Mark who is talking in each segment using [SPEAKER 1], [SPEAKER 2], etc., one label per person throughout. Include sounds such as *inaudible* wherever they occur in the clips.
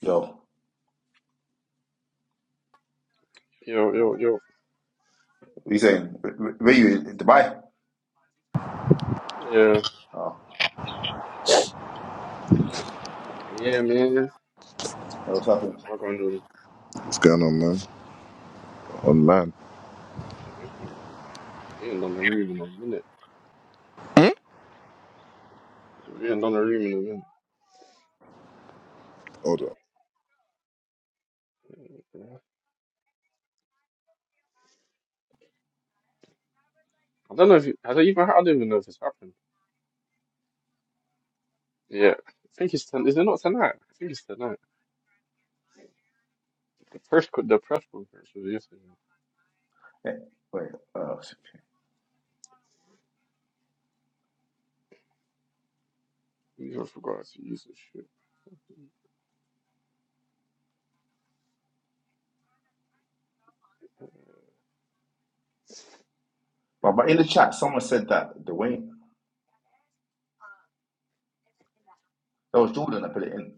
[SPEAKER 1] Yo,
[SPEAKER 2] Yo, yo, yo.
[SPEAKER 1] what you saying? Where where you in Dubai?
[SPEAKER 2] Yeah,
[SPEAKER 1] Oh,
[SPEAKER 2] yeah, man.
[SPEAKER 1] yeah, what's happening?
[SPEAKER 2] I'm gonna do
[SPEAKER 3] What's going on, man? On man.
[SPEAKER 2] this. Shit, they ping people. We ain't done the room in a minute. We ain't done the room in a minute.
[SPEAKER 3] Hold on.
[SPEAKER 2] Yeah. I don't know if you, I don't even I don't even know if it's happened. Yeah, I think it's ten. Is it not tonight? I think it's tonight. The press co- the press conference was yesterday.
[SPEAKER 1] Eh, Wait, uh,
[SPEAKER 2] We even forgot to use this shit.
[SPEAKER 1] but, but in the chat, someone said that the weight. That was Jordan that put it in.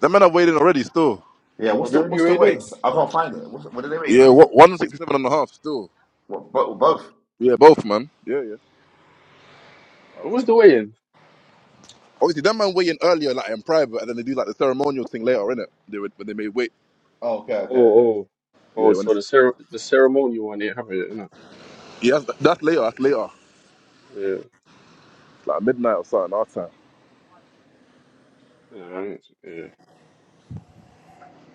[SPEAKER 3] That man are waiting already still.
[SPEAKER 1] Yeah,
[SPEAKER 2] Oh,
[SPEAKER 1] what's
[SPEAKER 2] they
[SPEAKER 1] the
[SPEAKER 2] already
[SPEAKER 1] what's the
[SPEAKER 2] weighed in.
[SPEAKER 1] weights? I can't find it. What's, what are they weighing
[SPEAKER 3] Yeah,
[SPEAKER 1] at?
[SPEAKER 3] what, 167 and a half, still.
[SPEAKER 1] What, bo- both?
[SPEAKER 3] Yeah, both, man. Yeah, yeah.
[SPEAKER 2] What
[SPEAKER 1] Okay.
[SPEAKER 2] was the weigh in?
[SPEAKER 3] Obviously, that man weigh in earlier, like in private, and then they do like the ceremonial thing later, innit? They would, when they made weight.
[SPEAKER 1] Oh, okay, okay,
[SPEAKER 2] Oh,
[SPEAKER 1] okay.
[SPEAKER 2] oh, oh.
[SPEAKER 3] Yeah, when
[SPEAKER 2] So
[SPEAKER 3] it's.
[SPEAKER 2] the cer the ceremony one, they have it, innit?
[SPEAKER 3] Yeah, that's, that's later, that's later.
[SPEAKER 2] Yeah,
[SPEAKER 3] It's like midnight or something, our time.
[SPEAKER 2] yeah, right. yeah.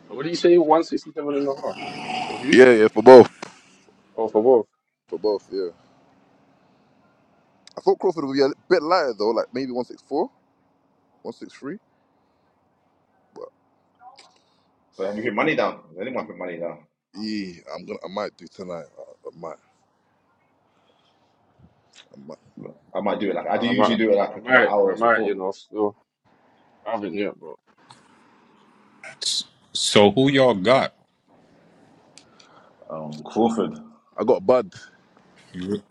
[SPEAKER 2] So what do you say? One sixty seven and a half. For who?
[SPEAKER 3] Yeah, yeah, for both.
[SPEAKER 2] Oh, for both.
[SPEAKER 3] For both, yeah. I thought Crawford would be a bit lighter, though, like maybe 164, 163.
[SPEAKER 1] But have you put money down? Has anyone put money down?
[SPEAKER 3] Yeah, I'm gonna, I might do tonight. I, I might, I might.
[SPEAKER 1] I might do it like I do
[SPEAKER 2] I
[SPEAKER 1] usually
[SPEAKER 2] might,
[SPEAKER 1] do it like
[SPEAKER 2] I
[SPEAKER 1] a couple of
[SPEAKER 2] might, I
[SPEAKER 1] hours
[SPEAKER 2] might, you
[SPEAKER 1] before.
[SPEAKER 2] know, still haven't yet, but
[SPEAKER 4] So who y'all got
[SPEAKER 1] Um, Crawford
[SPEAKER 3] I got a bud.
[SPEAKER 4] You-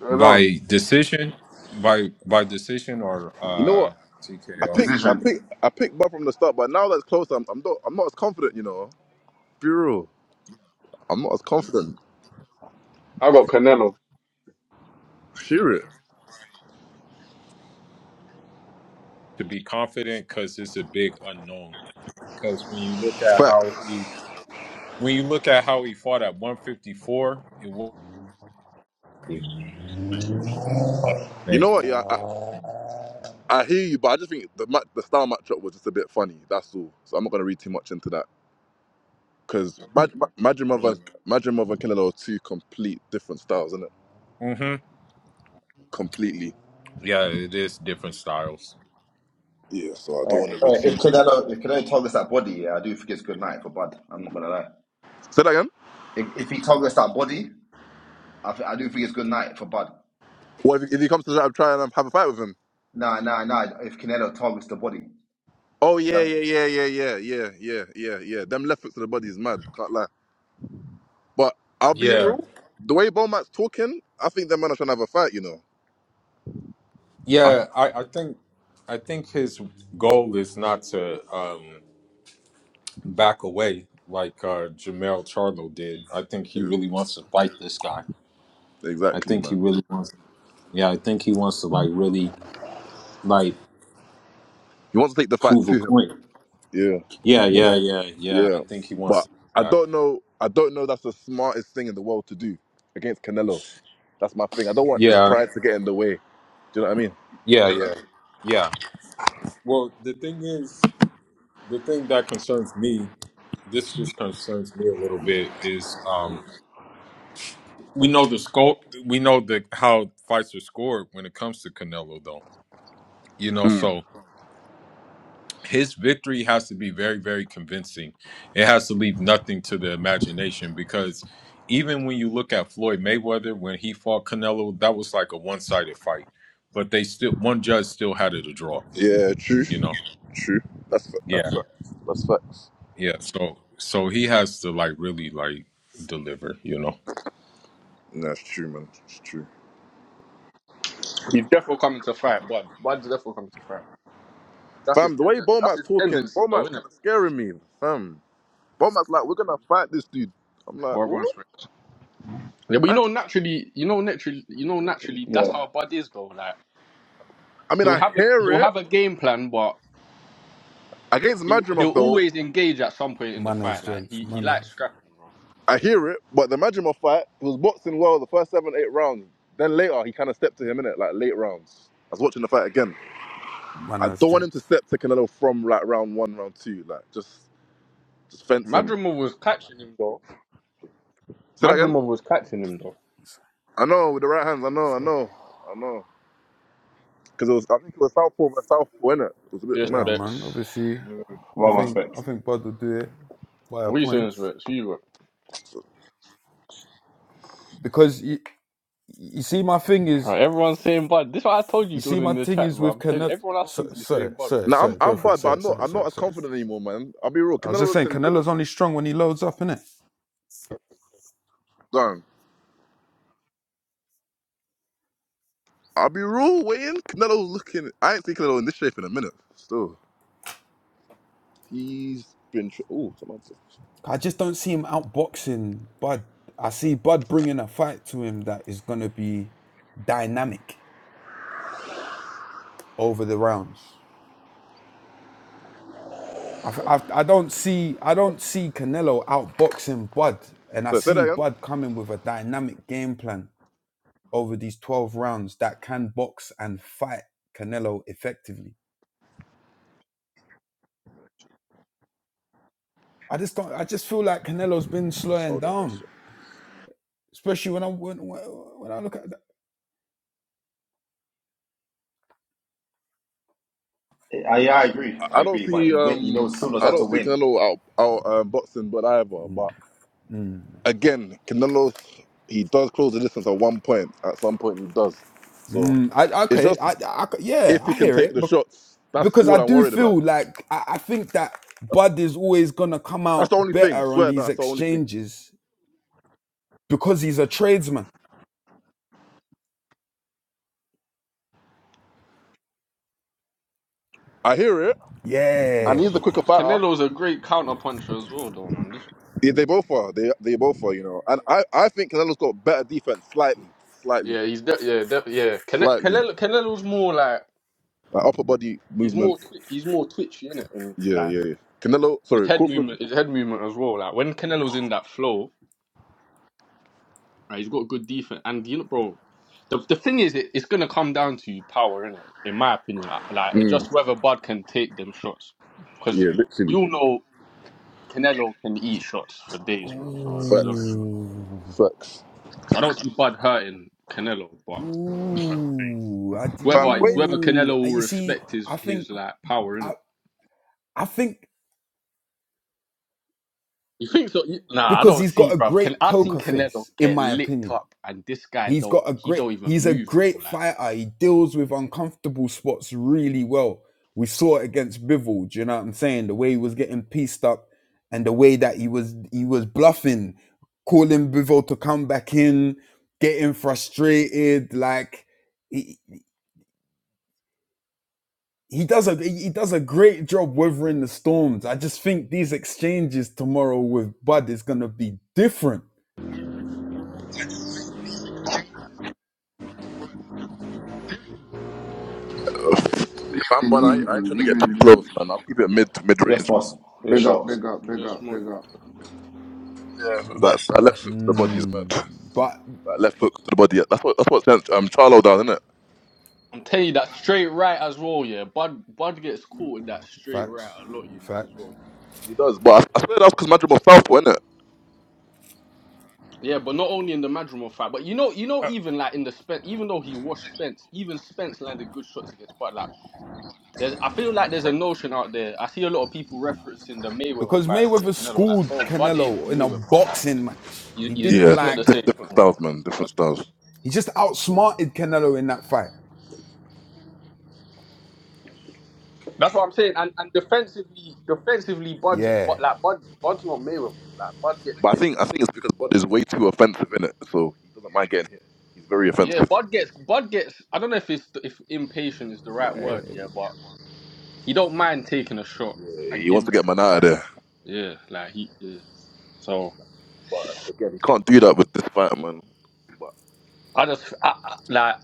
[SPEAKER 2] hold on.
[SPEAKER 4] by decision, by by decision or
[SPEAKER 3] You know
[SPEAKER 4] uh
[SPEAKER 3] what? I
[SPEAKER 4] TKO
[SPEAKER 3] picked, I
[SPEAKER 1] decision.
[SPEAKER 3] picked, I picked Buff from the start, but now that's close, I'm, I'm not, I'm not as confident. You know, be real. I'm not as confident.
[SPEAKER 2] I got Canelo.
[SPEAKER 3] Hear it.
[SPEAKER 4] to be confident because it's a big unknown. Because when you look at
[SPEAKER 3] Facts.
[SPEAKER 4] how he when you look at how he fought at 154, it was that's
[SPEAKER 3] You
[SPEAKER 4] the
[SPEAKER 3] know what? Yeah, I, Uh, I hear you, but I just think the ma- the style matchup was just a bit funny. That's all. So I'm not gonna read too much into that because Magic Mother, Magic Mother and Killer are two complete different styles, isn't it?
[SPEAKER 4] thing. hmm
[SPEAKER 3] Completely.
[SPEAKER 4] Yeah, it is different styles.
[SPEAKER 3] Yeah. So I
[SPEAKER 1] Uh,
[SPEAKER 3] don't want to read
[SPEAKER 1] uh,
[SPEAKER 3] too
[SPEAKER 1] if
[SPEAKER 3] much.
[SPEAKER 1] Canelo if Canelo targets that body, yeah, I do think it's good night for Bud. I'm not gonna lie.
[SPEAKER 3] Say that again.
[SPEAKER 1] If if he targets that body, I, th- I do think it's good night for Bud.
[SPEAKER 3] Well, if, if he comes to that, I'm trying to have a fight with him.
[SPEAKER 1] Nah, nah, nah. If Canelo targets the body,
[SPEAKER 3] Oh yeah,
[SPEAKER 1] that
[SPEAKER 3] yeah, yeah, yeah, yeah, yeah, yeah, yeah, yeah. Them left hooks to the body is mad. Can't lie. But I'll be
[SPEAKER 4] Yeah,
[SPEAKER 3] real. The way Beaumont's talking, I think that man are trying to have a fight. You know. I,
[SPEAKER 4] yeah. I I think I think his goal is not to. Um, back away like uh, Jamel Charlo did. I think he really wants to fight this guy. I
[SPEAKER 3] exactly,
[SPEAKER 4] think he
[SPEAKER 3] man.
[SPEAKER 4] really wants. Yeah, I think he wants to like really like
[SPEAKER 3] He wants to take the fight
[SPEAKER 4] prove a
[SPEAKER 3] to him.
[SPEAKER 4] point.
[SPEAKER 3] Yeah,
[SPEAKER 4] Yeah, yeah, yeah, yeah. I
[SPEAKER 3] yeah.
[SPEAKER 4] think he wants
[SPEAKER 3] But
[SPEAKER 4] to do
[SPEAKER 3] I
[SPEAKER 4] that.
[SPEAKER 3] don't know. I don't know. That's the smartest thing in the world to do against Canelo. That's my thing. I don't want his
[SPEAKER 4] Yeah,
[SPEAKER 3] pride to get in the way. Do you know what I mean?
[SPEAKER 4] yeah, yeah, yeah. Well, the thing is, the thing that concerns me, this just concerns me a little bit, is um, we know the scope, we know the how fights are scored when it comes to Canelo, though. You know,
[SPEAKER 3] Mm.
[SPEAKER 4] so his victory has to be very very convincing it has to leave nothing to the imagination because even when you look at floyd mayweather when he fought canelo that was like a one-sided fight but they still one judge still had it a draw
[SPEAKER 3] Yeah. True.
[SPEAKER 4] you know
[SPEAKER 3] True. That's fa- that's
[SPEAKER 4] yeah
[SPEAKER 3] facts. That's facts.
[SPEAKER 4] yeah so so he has to like really like deliver you know
[SPEAKER 3] Yeah, it's true, man. It's true.
[SPEAKER 2] He's definitely coming to fight, Bud. Bud's definitely coming to fight. That's his
[SPEAKER 3] Fam, the way
[SPEAKER 2] tendency. That's
[SPEAKER 3] Beaumont's
[SPEAKER 2] his
[SPEAKER 3] talking,
[SPEAKER 2] tendency, though,
[SPEAKER 3] Beaumont's
[SPEAKER 2] isn't
[SPEAKER 3] kind
[SPEAKER 2] it?
[SPEAKER 3] of scaring me, fam. Beaumont's like, we're gonna fight this dude. I'm like,
[SPEAKER 2] Or going straight.
[SPEAKER 3] what?
[SPEAKER 2] Yeah, but you know, naturally, you know, naturally, you know, naturally, that's
[SPEAKER 1] Yeah,
[SPEAKER 2] how Bud is, though. Like
[SPEAKER 3] I mean,
[SPEAKER 2] he'll
[SPEAKER 3] I
[SPEAKER 2] have a
[SPEAKER 3] hear
[SPEAKER 2] he'll
[SPEAKER 3] it
[SPEAKER 2] have a game plan, but
[SPEAKER 3] against
[SPEAKER 2] he'll, he'll
[SPEAKER 3] Madrimov though.
[SPEAKER 2] always engage at some point in the
[SPEAKER 5] manners,
[SPEAKER 2] fight. Like
[SPEAKER 5] gents,
[SPEAKER 2] he he
[SPEAKER 5] manners,
[SPEAKER 2] likes scrapping, bro.
[SPEAKER 3] I hear it, but the Madrimov fight he was boxing well the first seven, eight rounds. Then later he kind of stepped to him in it, like late rounds. I was watching the fight again. I
[SPEAKER 5] manners,
[SPEAKER 3] don't want him to
[SPEAKER 5] gents.
[SPEAKER 3] step to Canelo from like round one, round two. Like just, just fence him.
[SPEAKER 2] Madrimov was catching him though.
[SPEAKER 3] Say that again.
[SPEAKER 2] Madrimov was catching him though.
[SPEAKER 3] I know with the right hands. I know. I
[SPEAKER 5] So
[SPEAKER 3] know. I know. Because it was, I think it was southpaw, but southpaw in it. It was a bit
[SPEAKER 2] Yes,
[SPEAKER 3] mad.
[SPEAKER 5] yeah, man.
[SPEAKER 2] Bex.
[SPEAKER 5] Obviously, I
[SPEAKER 1] well
[SPEAKER 5] think I
[SPEAKER 1] respect.
[SPEAKER 5] think Bud will do it via
[SPEAKER 2] What are you saying,
[SPEAKER 5] points
[SPEAKER 2] Bex?
[SPEAKER 5] because you you see my thing
[SPEAKER 2] All
[SPEAKER 5] is
[SPEAKER 2] right, everyone's saying Bud. This is what I told you,
[SPEAKER 5] you see
[SPEAKER 2] Jordan,
[SPEAKER 5] my
[SPEAKER 2] in the
[SPEAKER 5] thing
[SPEAKER 2] chat,
[SPEAKER 5] is
[SPEAKER 2] bro.
[SPEAKER 5] with
[SPEAKER 2] I'm telling you,
[SPEAKER 5] Canelo.
[SPEAKER 2] everyone I
[SPEAKER 5] Sir,
[SPEAKER 2] speak to is
[SPEAKER 5] sir,
[SPEAKER 2] saying Bud, bro.
[SPEAKER 5] sir,
[SPEAKER 3] Now I'm,
[SPEAKER 5] sir, go
[SPEAKER 3] I'm
[SPEAKER 5] for it,
[SPEAKER 3] bad, but
[SPEAKER 5] sir,
[SPEAKER 3] I'm not,
[SPEAKER 5] sir,
[SPEAKER 3] I'm not
[SPEAKER 5] sir,
[SPEAKER 3] as
[SPEAKER 5] sir.
[SPEAKER 3] confident anymore, man. I'll be real.
[SPEAKER 5] I was
[SPEAKER 3] Canelo
[SPEAKER 5] just
[SPEAKER 3] looks
[SPEAKER 5] saying,
[SPEAKER 3] in
[SPEAKER 5] Canelo's only strong when he loads up, innit?
[SPEAKER 3] good. I'll be real waiting. Canelo's looking. I ain't seen Canelo in this shape in a minute. Still, he's been. Tr- oh, someone. said-
[SPEAKER 5] I just don't see him outboxing Bud. I see Bud bringing a fight to him that is gonna be dynamic over the rounds. I I I f- I don't see I don't see Canelo outboxing Bud, and I
[SPEAKER 3] So say that
[SPEAKER 5] see
[SPEAKER 3] again.
[SPEAKER 5] Bud coming with a dynamic game plan over these twelve rounds that can box and fight Canelo effectively. I just don't. I just feel like Canelo's been slowing
[SPEAKER 3] Hold on, that's
[SPEAKER 5] down,
[SPEAKER 3] it.
[SPEAKER 5] especially when I when, when I look at that.
[SPEAKER 1] I, yeah, I agree.
[SPEAKER 3] I
[SPEAKER 1] I
[SPEAKER 3] I don't
[SPEAKER 1] agree. But
[SPEAKER 3] see.
[SPEAKER 1] he win. He knows
[SPEAKER 3] Um,
[SPEAKER 1] still knows
[SPEAKER 3] I
[SPEAKER 1] how to
[SPEAKER 3] don't see
[SPEAKER 1] win.
[SPEAKER 3] Canelo out out um, boxing, but either.
[SPEAKER 5] Mm,
[SPEAKER 3] But
[SPEAKER 5] mm,
[SPEAKER 3] again, Canelo, he does close the distance at one point. At some point, he does. So
[SPEAKER 5] mm. I
[SPEAKER 3] it's
[SPEAKER 5] okay. I,
[SPEAKER 3] just
[SPEAKER 5] I c- yeah,
[SPEAKER 3] if he
[SPEAKER 5] I
[SPEAKER 3] can
[SPEAKER 5] hear
[SPEAKER 3] take
[SPEAKER 5] it,
[SPEAKER 3] the
[SPEAKER 5] but
[SPEAKER 3] shots. That's
[SPEAKER 5] because I
[SPEAKER 3] all I'm
[SPEAKER 5] do
[SPEAKER 3] worried about.
[SPEAKER 5] feel like I, I think that
[SPEAKER 3] That's,
[SPEAKER 5] Bud is always gonna come
[SPEAKER 3] that's the
[SPEAKER 5] out
[SPEAKER 3] only thing. I
[SPEAKER 5] better on
[SPEAKER 3] swear
[SPEAKER 5] these
[SPEAKER 3] that's the only thing.
[SPEAKER 5] exchanges because he's a tradesman
[SPEAKER 3] I hear it,
[SPEAKER 2] But
[SPEAKER 3] and
[SPEAKER 5] Yeah.
[SPEAKER 3] he's the
[SPEAKER 2] so,
[SPEAKER 3] quicker
[SPEAKER 2] C-
[SPEAKER 3] fighter.
[SPEAKER 2] Canelo's a great counter puncher as well, though, man. This-
[SPEAKER 3] They, they both are. They they both are. You know, and I I think Canelo's got better defense, slightly, slightly,
[SPEAKER 2] Yeah, he's de- yeah, de- yeah. Cane-
[SPEAKER 3] slightly.
[SPEAKER 2] Canelo, Canelo's more like
[SPEAKER 3] Like upper body
[SPEAKER 2] he's
[SPEAKER 3] movement.
[SPEAKER 2] more twi- he's more twitchy innit? and
[SPEAKER 3] Yeah,
[SPEAKER 2] like
[SPEAKER 3] yeah, yeah. Canelo,
[SPEAKER 2] his
[SPEAKER 3] sorry,
[SPEAKER 2] head
[SPEAKER 3] Crawford.
[SPEAKER 2] movement, his head movement as well. Like when Canelo's in that flow, right, he's got good defense, and you know, bro. The, the thing is, it, it's gonna come down to power, innit? In my opinion, like like, it's
[SPEAKER 3] Mm,
[SPEAKER 2] just whether Bud can take them shots, because
[SPEAKER 3] yeah,
[SPEAKER 2] we
[SPEAKER 3] literally.
[SPEAKER 2] all know. Canelo can eat shots for days, bro. So I don't,
[SPEAKER 3] Facts,
[SPEAKER 2] know.
[SPEAKER 5] Ooh.
[SPEAKER 3] facts.
[SPEAKER 2] I don't see Bud hurting Canelo, but I think
[SPEAKER 5] Ooh. I
[SPEAKER 2] whether
[SPEAKER 3] Fam,
[SPEAKER 2] it's
[SPEAKER 3] wait,
[SPEAKER 2] whether
[SPEAKER 5] do.
[SPEAKER 2] Canelo
[SPEAKER 5] I-
[SPEAKER 2] will
[SPEAKER 5] You see,
[SPEAKER 2] respect
[SPEAKER 5] I
[SPEAKER 2] his
[SPEAKER 5] think
[SPEAKER 2] his like power in
[SPEAKER 5] I,
[SPEAKER 2] it.
[SPEAKER 5] I think
[SPEAKER 2] You think so? You- Nah, I
[SPEAKER 5] because
[SPEAKER 2] don't
[SPEAKER 5] he's got
[SPEAKER 2] see,
[SPEAKER 5] a
[SPEAKER 2] bro. Can
[SPEAKER 5] great
[SPEAKER 2] I seen
[SPEAKER 5] poker
[SPEAKER 2] Canelo
[SPEAKER 5] face, in
[SPEAKER 2] get
[SPEAKER 5] my
[SPEAKER 2] licked
[SPEAKER 5] opinion.
[SPEAKER 2] up, and this guy
[SPEAKER 5] He's
[SPEAKER 2] don't.
[SPEAKER 5] got a
[SPEAKER 2] He
[SPEAKER 5] great.
[SPEAKER 2] don't even
[SPEAKER 5] He's a
[SPEAKER 2] move, bro.
[SPEAKER 5] great
[SPEAKER 2] Like,
[SPEAKER 5] fighter. He deals with uncomfortable spots really well. We saw it against Bivol. Do you know what I'm saying? The way he was getting pieced up, and the way that he was he was bluffing, calling Bivol to come back in, getting frustrated. Like he he does a he does a great job weathering the storms. I just think these exchanges tomorrow with Bud is gonna be different.
[SPEAKER 3] fam,
[SPEAKER 6] Evening,
[SPEAKER 3] but I, I ain't trying
[SPEAKER 6] evening,
[SPEAKER 3] to get too
[SPEAKER 6] evening, June.
[SPEAKER 3] close, man. I'll keep it mid mid
[SPEAKER 1] Yes,
[SPEAKER 3] range, man.
[SPEAKER 1] boss. Yes,
[SPEAKER 6] Big up,
[SPEAKER 1] sharks.
[SPEAKER 6] big up, big
[SPEAKER 2] Yes,
[SPEAKER 6] up,
[SPEAKER 2] man.
[SPEAKER 6] big up.
[SPEAKER 7] Yeah,
[SPEAKER 3] 'Cause That,
[SPEAKER 7] bless,
[SPEAKER 3] that left
[SPEAKER 7] bless.
[SPEAKER 3] hook to the body is mad.
[SPEAKER 5] Mm, but
[SPEAKER 3] That left hook to the body. yeah. That's what that's what sent um Charlo down, isn't it?
[SPEAKER 2] I'm telling you that straight right as well. Yeah, Bud Bud gets caught in that straight right
[SPEAKER 5] facts,
[SPEAKER 2] a lot, you know, as
[SPEAKER 5] facts.
[SPEAKER 2] well.
[SPEAKER 3] He does, but I, I swear that's because Madrid was southpaw, isn't it?
[SPEAKER 2] Yeah, but not only in the Madrimov fight, but you know, you know,
[SPEAKER 5] Uh,
[SPEAKER 2] even like in the Spence, even though he washed Spence, even Spence landed good shots against Bud. like. There's, I feel like there's a notion out there. I see a lot of people
[SPEAKER 5] No.
[SPEAKER 2] referencing the Mayweather
[SPEAKER 5] because
[SPEAKER 2] fight
[SPEAKER 5] Mayweather
[SPEAKER 2] against Canelo. Like,
[SPEAKER 5] schooled
[SPEAKER 2] bro, Bud ain't
[SPEAKER 5] Canelo in a
[SPEAKER 2] Mayweather. Like,
[SPEAKER 5] boxing match.
[SPEAKER 2] you,
[SPEAKER 5] He
[SPEAKER 2] you,
[SPEAKER 5] didn't
[SPEAKER 3] Yeah,
[SPEAKER 2] it's not the
[SPEAKER 3] diff-
[SPEAKER 5] like.
[SPEAKER 2] same,
[SPEAKER 3] different
[SPEAKER 2] thing,
[SPEAKER 3] styles,
[SPEAKER 2] bro.
[SPEAKER 3] man. Different styles.
[SPEAKER 5] He just outsmarted Canelo in that fight.
[SPEAKER 2] That's what I'm saying. And and defensively, defensively, Bud's
[SPEAKER 5] Yeah,
[SPEAKER 2] but like Bud, Bud's not Mayweather. Like, Bud gets
[SPEAKER 3] But I
[SPEAKER 2] hit.
[SPEAKER 3] think I think it's because Bud is way too offensive in it, so he doesn't mind getting hit. He's very
[SPEAKER 2] Yeah,
[SPEAKER 3] offensive.
[SPEAKER 2] Bud gets Bud gets. I don't know if it's if impatient is the right
[SPEAKER 5] yeah.
[SPEAKER 2] word. Yeah, but he don't mind taking a shot
[SPEAKER 3] Yeah,
[SPEAKER 2] and
[SPEAKER 3] he wants to
[SPEAKER 2] giving a
[SPEAKER 3] get man
[SPEAKER 2] shot
[SPEAKER 3] out of
[SPEAKER 2] back.
[SPEAKER 3] there,
[SPEAKER 2] Yeah, like he. Yeah. So
[SPEAKER 3] but again, he can't do that with this fight, man. But
[SPEAKER 2] I just I, I, like.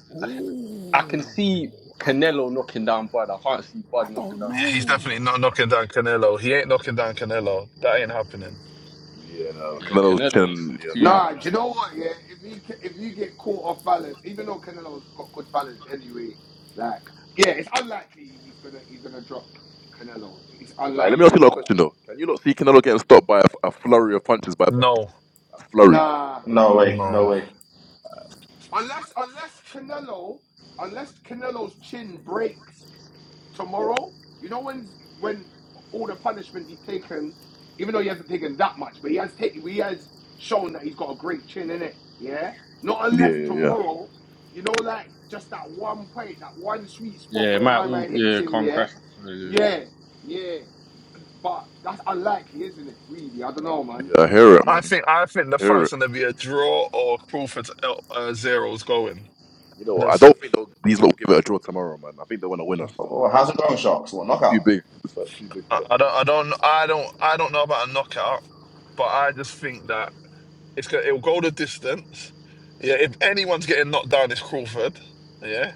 [SPEAKER 2] I can
[SPEAKER 5] Ooh,
[SPEAKER 2] see
[SPEAKER 5] I don't,
[SPEAKER 2] Canelo knocking down Bud. I can't see
[SPEAKER 5] I
[SPEAKER 2] Bud knocking
[SPEAKER 5] don't
[SPEAKER 2] down
[SPEAKER 7] Yeah, he's
[SPEAKER 2] Canelo.
[SPEAKER 5] know.
[SPEAKER 7] definitely not knocking down Canelo. He ain't knocking down Canelo. That ain't happening.
[SPEAKER 3] yeah, no,
[SPEAKER 2] Yeah,
[SPEAKER 3] Canelo's
[SPEAKER 2] Canelo's
[SPEAKER 3] chin, yeah,
[SPEAKER 2] too.
[SPEAKER 3] man.
[SPEAKER 6] Nah, do you know what? Yeah, if he ca- if you get caught off balance, even though Canelo's got good balance anyway, like yeah, it's unlikely he's gonna he's gonna drop Canelo. It's
[SPEAKER 3] All right, let me ask
[SPEAKER 6] unlikely,
[SPEAKER 3] you a
[SPEAKER 6] but
[SPEAKER 3] question though. Can you not see Canelo getting stopped by a, a flurry of punches by Bud?
[SPEAKER 7] No,
[SPEAKER 3] A flurry.
[SPEAKER 6] nah,
[SPEAKER 1] No way.
[SPEAKER 6] nah.
[SPEAKER 1] No
[SPEAKER 7] no.
[SPEAKER 1] way.
[SPEAKER 6] Unless unless Canelo unless Canelo's chin breaks tomorrow, you know when when all the punishment he's taken, even though he hasn't taken that much, but he has taken, he has shown that he's got a great chin in it. Yeah, not
[SPEAKER 3] Yeah,
[SPEAKER 6] unless
[SPEAKER 3] yeah, yeah.
[SPEAKER 6] tomorrow, you know, like just that one point, that one sweet spot
[SPEAKER 2] Yeah, it
[SPEAKER 6] where
[SPEAKER 2] might
[SPEAKER 6] my
[SPEAKER 2] all
[SPEAKER 6] man hits
[SPEAKER 2] yeah
[SPEAKER 6] him.
[SPEAKER 2] come
[SPEAKER 6] Yeah,
[SPEAKER 2] crash. Yeah.
[SPEAKER 6] yeah, yeah. But that's unlikely, isn't it? Really, I don't know, man.
[SPEAKER 3] Yeah, I hear it,
[SPEAKER 7] I
[SPEAKER 3] man.
[SPEAKER 7] think I think
[SPEAKER 3] I
[SPEAKER 7] the
[SPEAKER 3] hear
[SPEAKER 7] fight's
[SPEAKER 3] it.
[SPEAKER 7] gonna be a draw or Crawford's uh, zeros going.
[SPEAKER 3] You
[SPEAKER 7] I
[SPEAKER 3] know, I
[SPEAKER 7] don't,
[SPEAKER 3] don't think they'll, these lot will give it a draw tomorrow, man. I think they want to win us
[SPEAKER 1] Well, how's it going, sharks? What
[SPEAKER 3] It's too
[SPEAKER 1] knockout?
[SPEAKER 3] big. This fight's too big for them.
[SPEAKER 7] I don't, I don't, I don't, I don't know about a knockout, but I just think that it's gonna it'll go the distance. Yeah, if anyone's getting knocked down, it's Crawford. Yeah,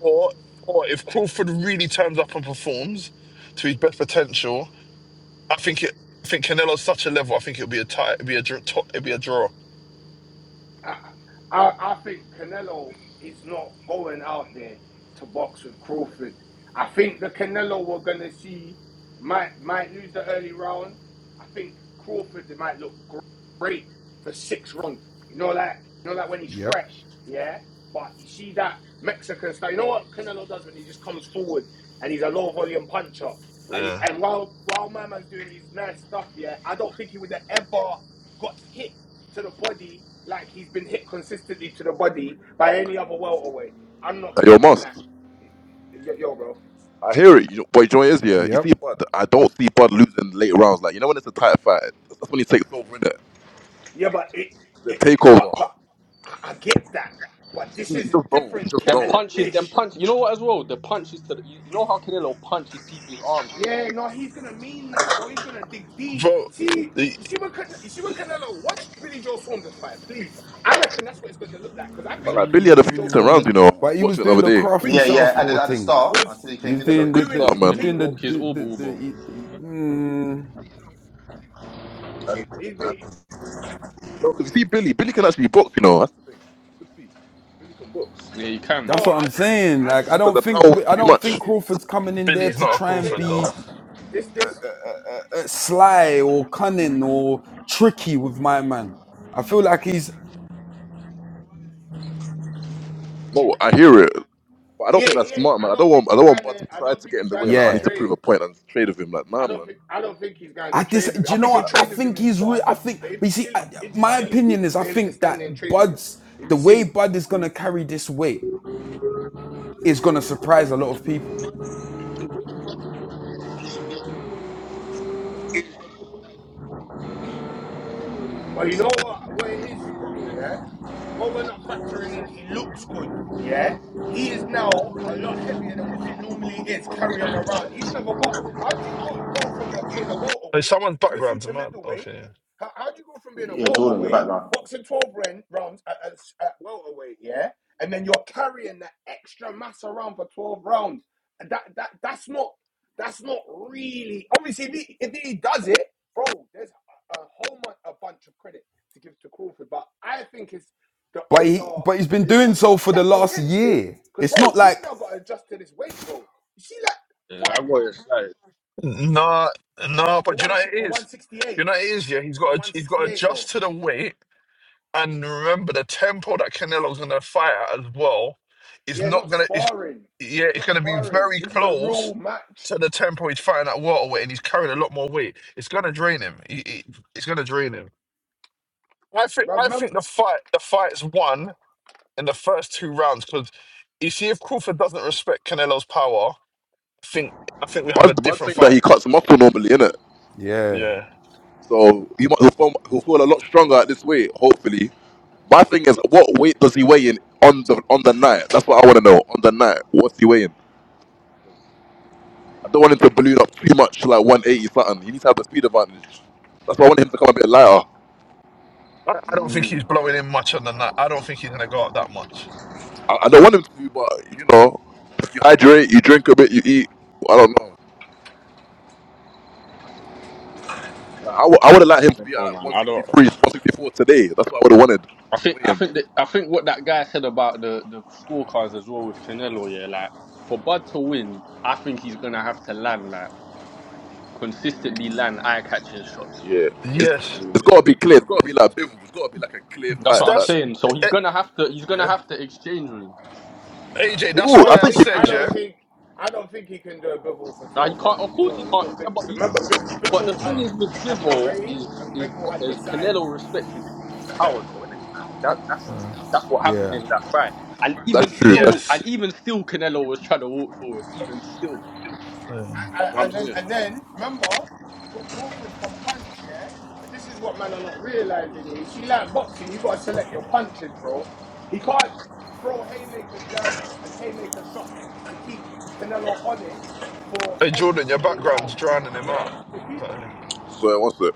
[SPEAKER 7] or or if Crawford really turns up and performs to his best potential, I think it. I think Canelo's such a level. I think it'll be a tie. It'll be a draw. It'll be a draw.
[SPEAKER 6] I, I think Canelo is not going out there to box with Crawford. I think the Canelo we're gonna see might might lose the early rounds. I think Crawford might look great for six rounds. You know, like you know, like when he's
[SPEAKER 5] Yep,
[SPEAKER 6] fresh, yeah. But you see that Mexican style. You know what Canelo does when he just comes forward and he's a low volume puncher. And he,
[SPEAKER 7] Yeah,
[SPEAKER 6] and while while my man's doing his nice stuff, yeah, I don't think he would have ever got hit to the body like he's been hit consistently to the body by any other welterweight. I'm not
[SPEAKER 3] Hey, Yo,
[SPEAKER 6] believing that.
[SPEAKER 3] Moss.
[SPEAKER 6] Yo, bro.
[SPEAKER 3] I hear it. You know, boy, Joy is here. You
[SPEAKER 5] yep.
[SPEAKER 3] see Bud. I don't see Bud losing late rounds. Like you know when it's a tight fight, that's when he takes over. Innit?
[SPEAKER 6] Yeah, but it,
[SPEAKER 3] The
[SPEAKER 6] it, it what?
[SPEAKER 3] takeover.
[SPEAKER 6] But
[SPEAKER 3] *laughs*
[SPEAKER 6] I, I get that. But this
[SPEAKER 3] You
[SPEAKER 6] is
[SPEAKER 3] just
[SPEAKER 6] a
[SPEAKER 3] don't. You
[SPEAKER 6] different
[SPEAKER 3] just
[SPEAKER 2] Them
[SPEAKER 6] kettle
[SPEAKER 3] don't.
[SPEAKER 6] of
[SPEAKER 2] punches, them
[SPEAKER 6] fish.
[SPEAKER 2] punch. You know what? As well, the punches to the, you, you know how Canelo punches people's arms. Yeah,
[SPEAKER 6] Yeah, no, he's gonna mean that, bro. He's gonna dig deep.
[SPEAKER 7] bro.
[SPEAKER 6] You see,
[SPEAKER 7] The,
[SPEAKER 6] you see what Can- you see what Canelo watch Billy Joe Saunders fight, please. I reckon that's what it's gonna look like because I
[SPEAKER 3] But
[SPEAKER 6] think
[SPEAKER 3] like Billy had a
[SPEAKER 6] Billy
[SPEAKER 3] few
[SPEAKER 6] Joe
[SPEAKER 3] decent rounds.
[SPEAKER 6] Saunders,
[SPEAKER 3] You know,
[SPEAKER 5] Mm,
[SPEAKER 3] I was
[SPEAKER 5] but he was
[SPEAKER 3] watching it the
[SPEAKER 5] doing
[SPEAKER 3] other
[SPEAKER 5] the
[SPEAKER 3] day.
[SPEAKER 5] crafty
[SPEAKER 6] Billy
[SPEAKER 1] yeah,
[SPEAKER 6] Joe
[SPEAKER 1] yeah. At
[SPEAKER 5] southpaw
[SPEAKER 1] the, at the
[SPEAKER 6] Saunders
[SPEAKER 5] thing.
[SPEAKER 1] start,
[SPEAKER 6] was
[SPEAKER 1] until he
[SPEAKER 5] He
[SPEAKER 1] came
[SPEAKER 5] was
[SPEAKER 3] He had
[SPEAKER 1] into
[SPEAKER 6] was
[SPEAKER 3] a
[SPEAKER 5] doing
[SPEAKER 1] it,
[SPEAKER 5] the,
[SPEAKER 3] good
[SPEAKER 6] doing
[SPEAKER 5] the
[SPEAKER 3] start,
[SPEAKER 6] his
[SPEAKER 5] he's
[SPEAKER 3] man.
[SPEAKER 2] then he
[SPEAKER 5] doing the
[SPEAKER 6] thing.
[SPEAKER 2] broke
[SPEAKER 5] the
[SPEAKER 2] his
[SPEAKER 5] the.
[SPEAKER 2] orbital bone.
[SPEAKER 5] the, the mm,
[SPEAKER 3] And,
[SPEAKER 6] He's been.
[SPEAKER 3] and no, 'cause you see Billy. Billy can actually box. You know, that's the thing. Good feet. Billy can box.
[SPEAKER 2] Yeah, he can.
[SPEAKER 5] that's
[SPEAKER 6] Oh,
[SPEAKER 5] what
[SPEAKER 6] I
[SPEAKER 5] I'm
[SPEAKER 6] just think,
[SPEAKER 5] saying.
[SPEAKER 6] I
[SPEAKER 3] It's
[SPEAKER 5] Like I
[SPEAKER 6] just
[SPEAKER 3] just that
[SPEAKER 5] don't
[SPEAKER 6] think,
[SPEAKER 3] the
[SPEAKER 6] you know
[SPEAKER 3] power
[SPEAKER 5] think
[SPEAKER 3] was
[SPEAKER 6] what
[SPEAKER 5] I
[SPEAKER 6] it
[SPEAKER 3] too
[SPEAKER 6] is.
[SPEAKER 5] don't
[SPEAKER 3] much.
[SPEAKER 5] think
[SPEAKER 6] This is
[SPEAKER 5] Crawford's coming in there
[SPEAKER 7] Billy's
[SPEAKER 6] this
[SPEAKER 5] to
[SPEAKER 7] not a
[SPEAKER 6] might be
[SPEAKER 5] try and
[SPEAKER 7] Crawford
[SPEAKER 6] Taylor.
[SPEAKER 5] be
[SPEAKER 7] though.
[SPEAKER 6] This
[SPEAKER 5] uh,
[SPEAKER 6] this
[SPEAKER 5] uh, uh, uh, uh, sly or cunning or tricky with my man. I feel like he's
[SPEAKER 3] No, I hear it. But I don't
[SPEAKER 6] yeah
[SPEAKER 3] think that's
[SPEAKER 6] yeah.
[SPEAKER 3] smart, man.
[SPEAKER 6] I
[SPEAKER 3] I don't
[SPEAKER 6] don't think
[SPEAKER 3] want. I
[SPEAKER 6] he's
[SPEAKER 3] don't want
[SPEAKER 6] going
[SPEAKER 3] Bud
[SPEAKER 6] there.
[SPEAKER 3] to
[SPEAKER 6] I
[SPEAKER 3] try
[SPEAKER 6] don't
[SPEAKER 3] to
[SPEAKER 6] think
[SPEAKER 3] get in
[SPEAKER 6] he's
[SPEAKER 3] the
[SPEAKER 6] going
[SPEAKER 3] way.
[SPEAKER 6] there
[SPEAKER 3] Like I
[SPEAKER 6] to
[SPEAKER 3] need
[SPEAKER 5] yeah.
[SPEAKER 3] to prove
[SPEAKER 6] trade.
[SPEAKER 3] a point and trade with him. Like nah,
[SPEAKER 6] I don't
[SPEAKER 3] man.
[SPEAKER 6] think I don't think he's going
[SPEAKER 5] I
[SPEAKER 6] to
[SPEAKER 5] dis.
[SPEAKER 6] trade with him.
[SPEAKER 5] Do
[SPEAKER 6] I
[SPEAKER 5] you know
[SPEAKER 6] think he'll
[SPEAKER 5] what? I
[SPEAKER 6] trade with him
[SPEAKER 5] think
[SPEAKER 6] in
[SPEAKER 5] he's real.
[SPEAKER 6] spots,
[SPEAKER 5] I think,
[SPEAKER 6] but it'd
[SPEAKER 5] but
[SPEAKER 6] be
[SPEAKER 5] you see, I,
[SPEAKER 6] silly. It'd be
[SPEAKER 5] my
[SPEAKER 6] silly
[SPEAKER 5] opinion is
[SPEAKER 3] Bud's,
[SPEAKER 5] I
[SPEAKER 6] for him to
[SPEAKER 5] think
[SPEAKER 6] stand there and
[SPEAKER 5] that
[SPEAKER 6] trade with him.
[SPEAKER 5] Bud's
[SPEAKER 6] It'd be
[SPEAKER 5] the way
[SPEAKER 6] silly.
[SPEAKER 5] Bud is gonna carry this weight is gonna surprise a lot of people.
[SPEAKER 6] But you know what? What it is, bro? Yeah. What we're not factoring in, he looks good. Yeah. He is now a lot heavier than what he normally is carrying around. He's never bought. How do you got go from a, being a
[SPEAKER 7] Hey,
[SPEAKER 6] welterweight
[SPEAKER 7] someone's
[SPEAKER 6] to a
[SPEAKER 7] background's a
[SPEAKER 6] super
[SPEAKER 7] man.
[SPEAKER 6] middleweight?
[SPEAKER 7] Okay.
[SPEAKER 6] How, how do you go from being a
[SPEAKER 1] Yeah, Jordan, your
[SPEAKER 6] welterweight
[SPEAKER 1] background.
[SPEAKER 6] boxing twelve round, rounds at, at, at welterweight? Yeah. And then you're carrying that extra mass around for twelve rounds. And That that that's not that's not really obviously if he, if he does it, bro. There's a whole mon- a bunch of credit to give to Crawford, but I think it's the
[SPEAKER 5] But
[SPEAKER 6] odds
[SPEAKER 5] he,
[SPEAKER 6] are
[SPEAKER 5] but he's
[SPEAKER 6] a
[SPEAKER 5] been doing
[SPEAKER 6] little
[SPEAKER 5] so
[SPEAKER 6] not
[SPEAKER 5] for the
[SPEAKER 6] stacked
[SPEAKER 5] last
[SPEAKER 6] against him
[SPEAKER 5] year.
[SPEAKER 6] because
[SPEAKER 5] It's not
[SPEAKER 6] bro, he's
[SPEAKER 5] like
[SPEAKER 6] now got to adjust to this weight, bro. You see, like
[SPEAKER 2] Yeah, I
[SPEAKER 6] five
[SPEAKER 2] got excited.
[SPEAKER 7] yeah. Nah, nah.
[SPEAKER 6] pounds for
[SPEAKER 7] But do you know
[SPEAKER 6] one
[SPEAKER 7] what
[SPEAKER 6] si-
[SPEAKER 7] it
[SPEAKER 6] for one
[SPEAKER 7] is.
[SPEAKER 6] sixty
[SPEAKER 7] You
[SPEAKER 6] eight
[SPEAKER 7] know what it is. Yeah, he's
[SPEAKER 6] to
[SPEAKER 7] got. To,
[SPEAKER 6] one
[SPEAKER 7] he's got to
[SPEAKER 6] sixty eight,
[SPEAKER 7] adjust
[SPEAKER 6] bro.
[SPEAKER 7] to the weight and remember the tempo that Canelo's gonna fight at as well. Is
[SPEAKER 6] Yeah,
[SPEAKER 7] not
[SPEAKER 6] not
[SPEAKER 7] gonna. Is
[SPEAKER 6] sparring.
[SPEAKER 7] yeah.
[SPEAKER 6] It's
[SPEAKER 7] It's
[SPEAKER 6] not
[SPEAKER 7] gonna be
[SPEAKER 6] sparring.
[SPEAKER 7] very
[SPEAKER 6] This is a
[SPEAKER 7] close.
[SPEAKER 6] real match,
[SPEAKER 7] To the tempo he's fighting at welterweight, and he's carrying a lot more weight. It's gonna drain him. He, he- it's gonna drain him. I think I
[SPEAKER 6] Remember?
[SPEAKER 7] think the fight the fight's won in the first two rounds because you see if Crawford doesn't respect Canelo's power, I think I think we have a
[SPEAKER 3] Bud's
[SPEAKER 7] different
[SPEAKER 3] saying that
[SPEAKER 7] fight.
[SPEAKER 3] he cuts muscle normally, innit?
[SPEAKER 5] yeah,
[SPEAKER 7] Yeah.
[SPEAKER 3] So he mu- he'll feel, he'll feel a lot stronger at this weight, hopefully. My thing is, what weight does he weigh in on the on the night? That's what I want to know. On the night, what's he weighing? I don't want him to balloon up too much, like 180 something. He needs to have the speed advantage. That's why I want him to come a bit lighter.
[SPEAKER 7] I, I don't think he's
[SPEAKER 6] Mm.
[SPEAKER 7] blowing in much on the night. I don't think he's gonna go up that much.
[SPEAKER 3] I, I don't want him to, but you know, if you hydrate, you drink a bit, you eat. I don't know. I w- I would have liked him
[SPEAKER 2] I
[SPEAKER 3] to
[SPEAKER 2] don't
[SPEAKER 3] be at
[SPEAKER 2] know,
[SPEAKER 3] like
[SPEAKER 2] man. I don't.
[SPEAKER 3] 163, 164 today. That's what I would have wanted.
[SPEAKER 2] I
[SPEAKER 3] The
[SPEAKER 2] think I
[SPEAKER 3] weigh-in.
[SPEAKER 2] think that, I think what that guy said about the the scorecards as well with Canelo. Yeah, like for Bud to win, I think he's gonna have to land like. consistently land eye-catching shots for
[SPEAKER 3] Yeah.
[SPEAKER 2] the judges
[SPEAKER 3] It's,
[SPEAKER 2] to give
[SPEAKER 7] Yes.
[SPEAKER 2] him
[SPEAKER 3] it's got
[SPEAKER 2] this.
[SPEAKER 3] to be
[SPEAKER 2] week.
[SPEAKER 3] clear. It's got to be like a It's got to be like a clear
[SPEAKER 2] That's
[SPEAKER 3] fight.
[SPEAKER 7] So
[SPEAKER 2] what I'm
[SPEAKER 3] Like,
[SPEAKER 7] that's
[SPEAKER 2] saying. So he's
[SPEAKER 7] eh,
[SPEAKER 2] gonna have to he's gonna
[SPEAKER 7] yeah.
[SPEAKER 2] have to exchange with him.
[SPEAKER 7] AJ,
[SPEAKER 3] He
[SPEAKER 7] that's
[SPEAKER 6] I
[SPEAKER 3] will. I
[SPEAKER 7] why
[SPEAKER 6] don't
[SPEAKER 7] I
[SPEAKER 3] think he
[SPEAKER 6] think. I
[SPEAKER 7] said
[SPEAKER 3] will.
[SPEAKER 7] yeah.
[SPEAKER 6] don't think. I don't think he can do a Bibble for
[SPEAKER 2] Now he
[SPEAKER 6] twelve
[SPEAKER 2] can't.
[SPEAKER 6] rounds.
[SPEAKER 2] Of
[SPEAKER 6] He's
[SPEAKER 2] course he
[SPEAKER 6] not. He's
[SPEAKER 2] can't.
[SPEAKER 6] not
[SPEAKER 2] Yeah,
[SPEAKER 6] big.
[SPEAKER 2] but you,
[SPEAKER 7] Uh,
[SPEAKER 6] Remember, Bibble,
[SPEAKER 2] but the
[SPEAKER 6] Bibble
[SPEAKER 2] thing
[SPEAKER 6] had
[SPEAKER 7] uh,
[SPEAKER 2] is with
[SPEAKER 6] had the
[SPEAKER 2] Bivol
[SPEAKER 6] range
[SPEAKER 2] is
[SPEAKER 6] and
[SPEAKER 2] is
[SPEAKER 6] Bibble had the
[SPEAKER 2] is
[SPEAKER 6] size.
[SPEAKER 2] Canelo respected Bivol's power though, isn't it? Like, that that's
[SPEAKER 7] uh.
[SPEAKER 2] that's what happened
[SPEAKER 5] yeah.
[SPEAKER 2] in that fight. And even
[SPEAKER 3] That's true. That's
[SPEAKER 2] still,
[SPEAKER 3] true.
[SPEAKER 2] and
[SPEAKER 7] Yes.
[SPEAKER 2] even still, Canelo was trying to walk forward. Even still, you know
[SPEAKER 7] Uh.
[SPEAKER 2] what
[SPEAKER 6] I,
[SPEAKER 2] I'm
[SPEAKER 6] and then
[SPEAKER 2] saying.
[SPEAKER 6] and then remember Crawford can punch, yeah. But this is what man are not realizing here. She like boxing, you gotta select your punches, bro. He can't throw haymaker jabs and haymaker shots to keep Canelo honest for
[SPEAKER 7] Hey
[SPEAKER 6] every
[SPEAKER 7] Jordan, your
[SPEAKER 6] single
[SPEAKER 7] background's
[SPEAKER 6] round.
[SPEAKER 7] drowning him
[SPEAKER 6] Yeah,
[SPEAKER 7] out.
[SPEAKER 6] if he do-
[SPEAKER 7] Uh,
[SPEAKER 3] So what's it?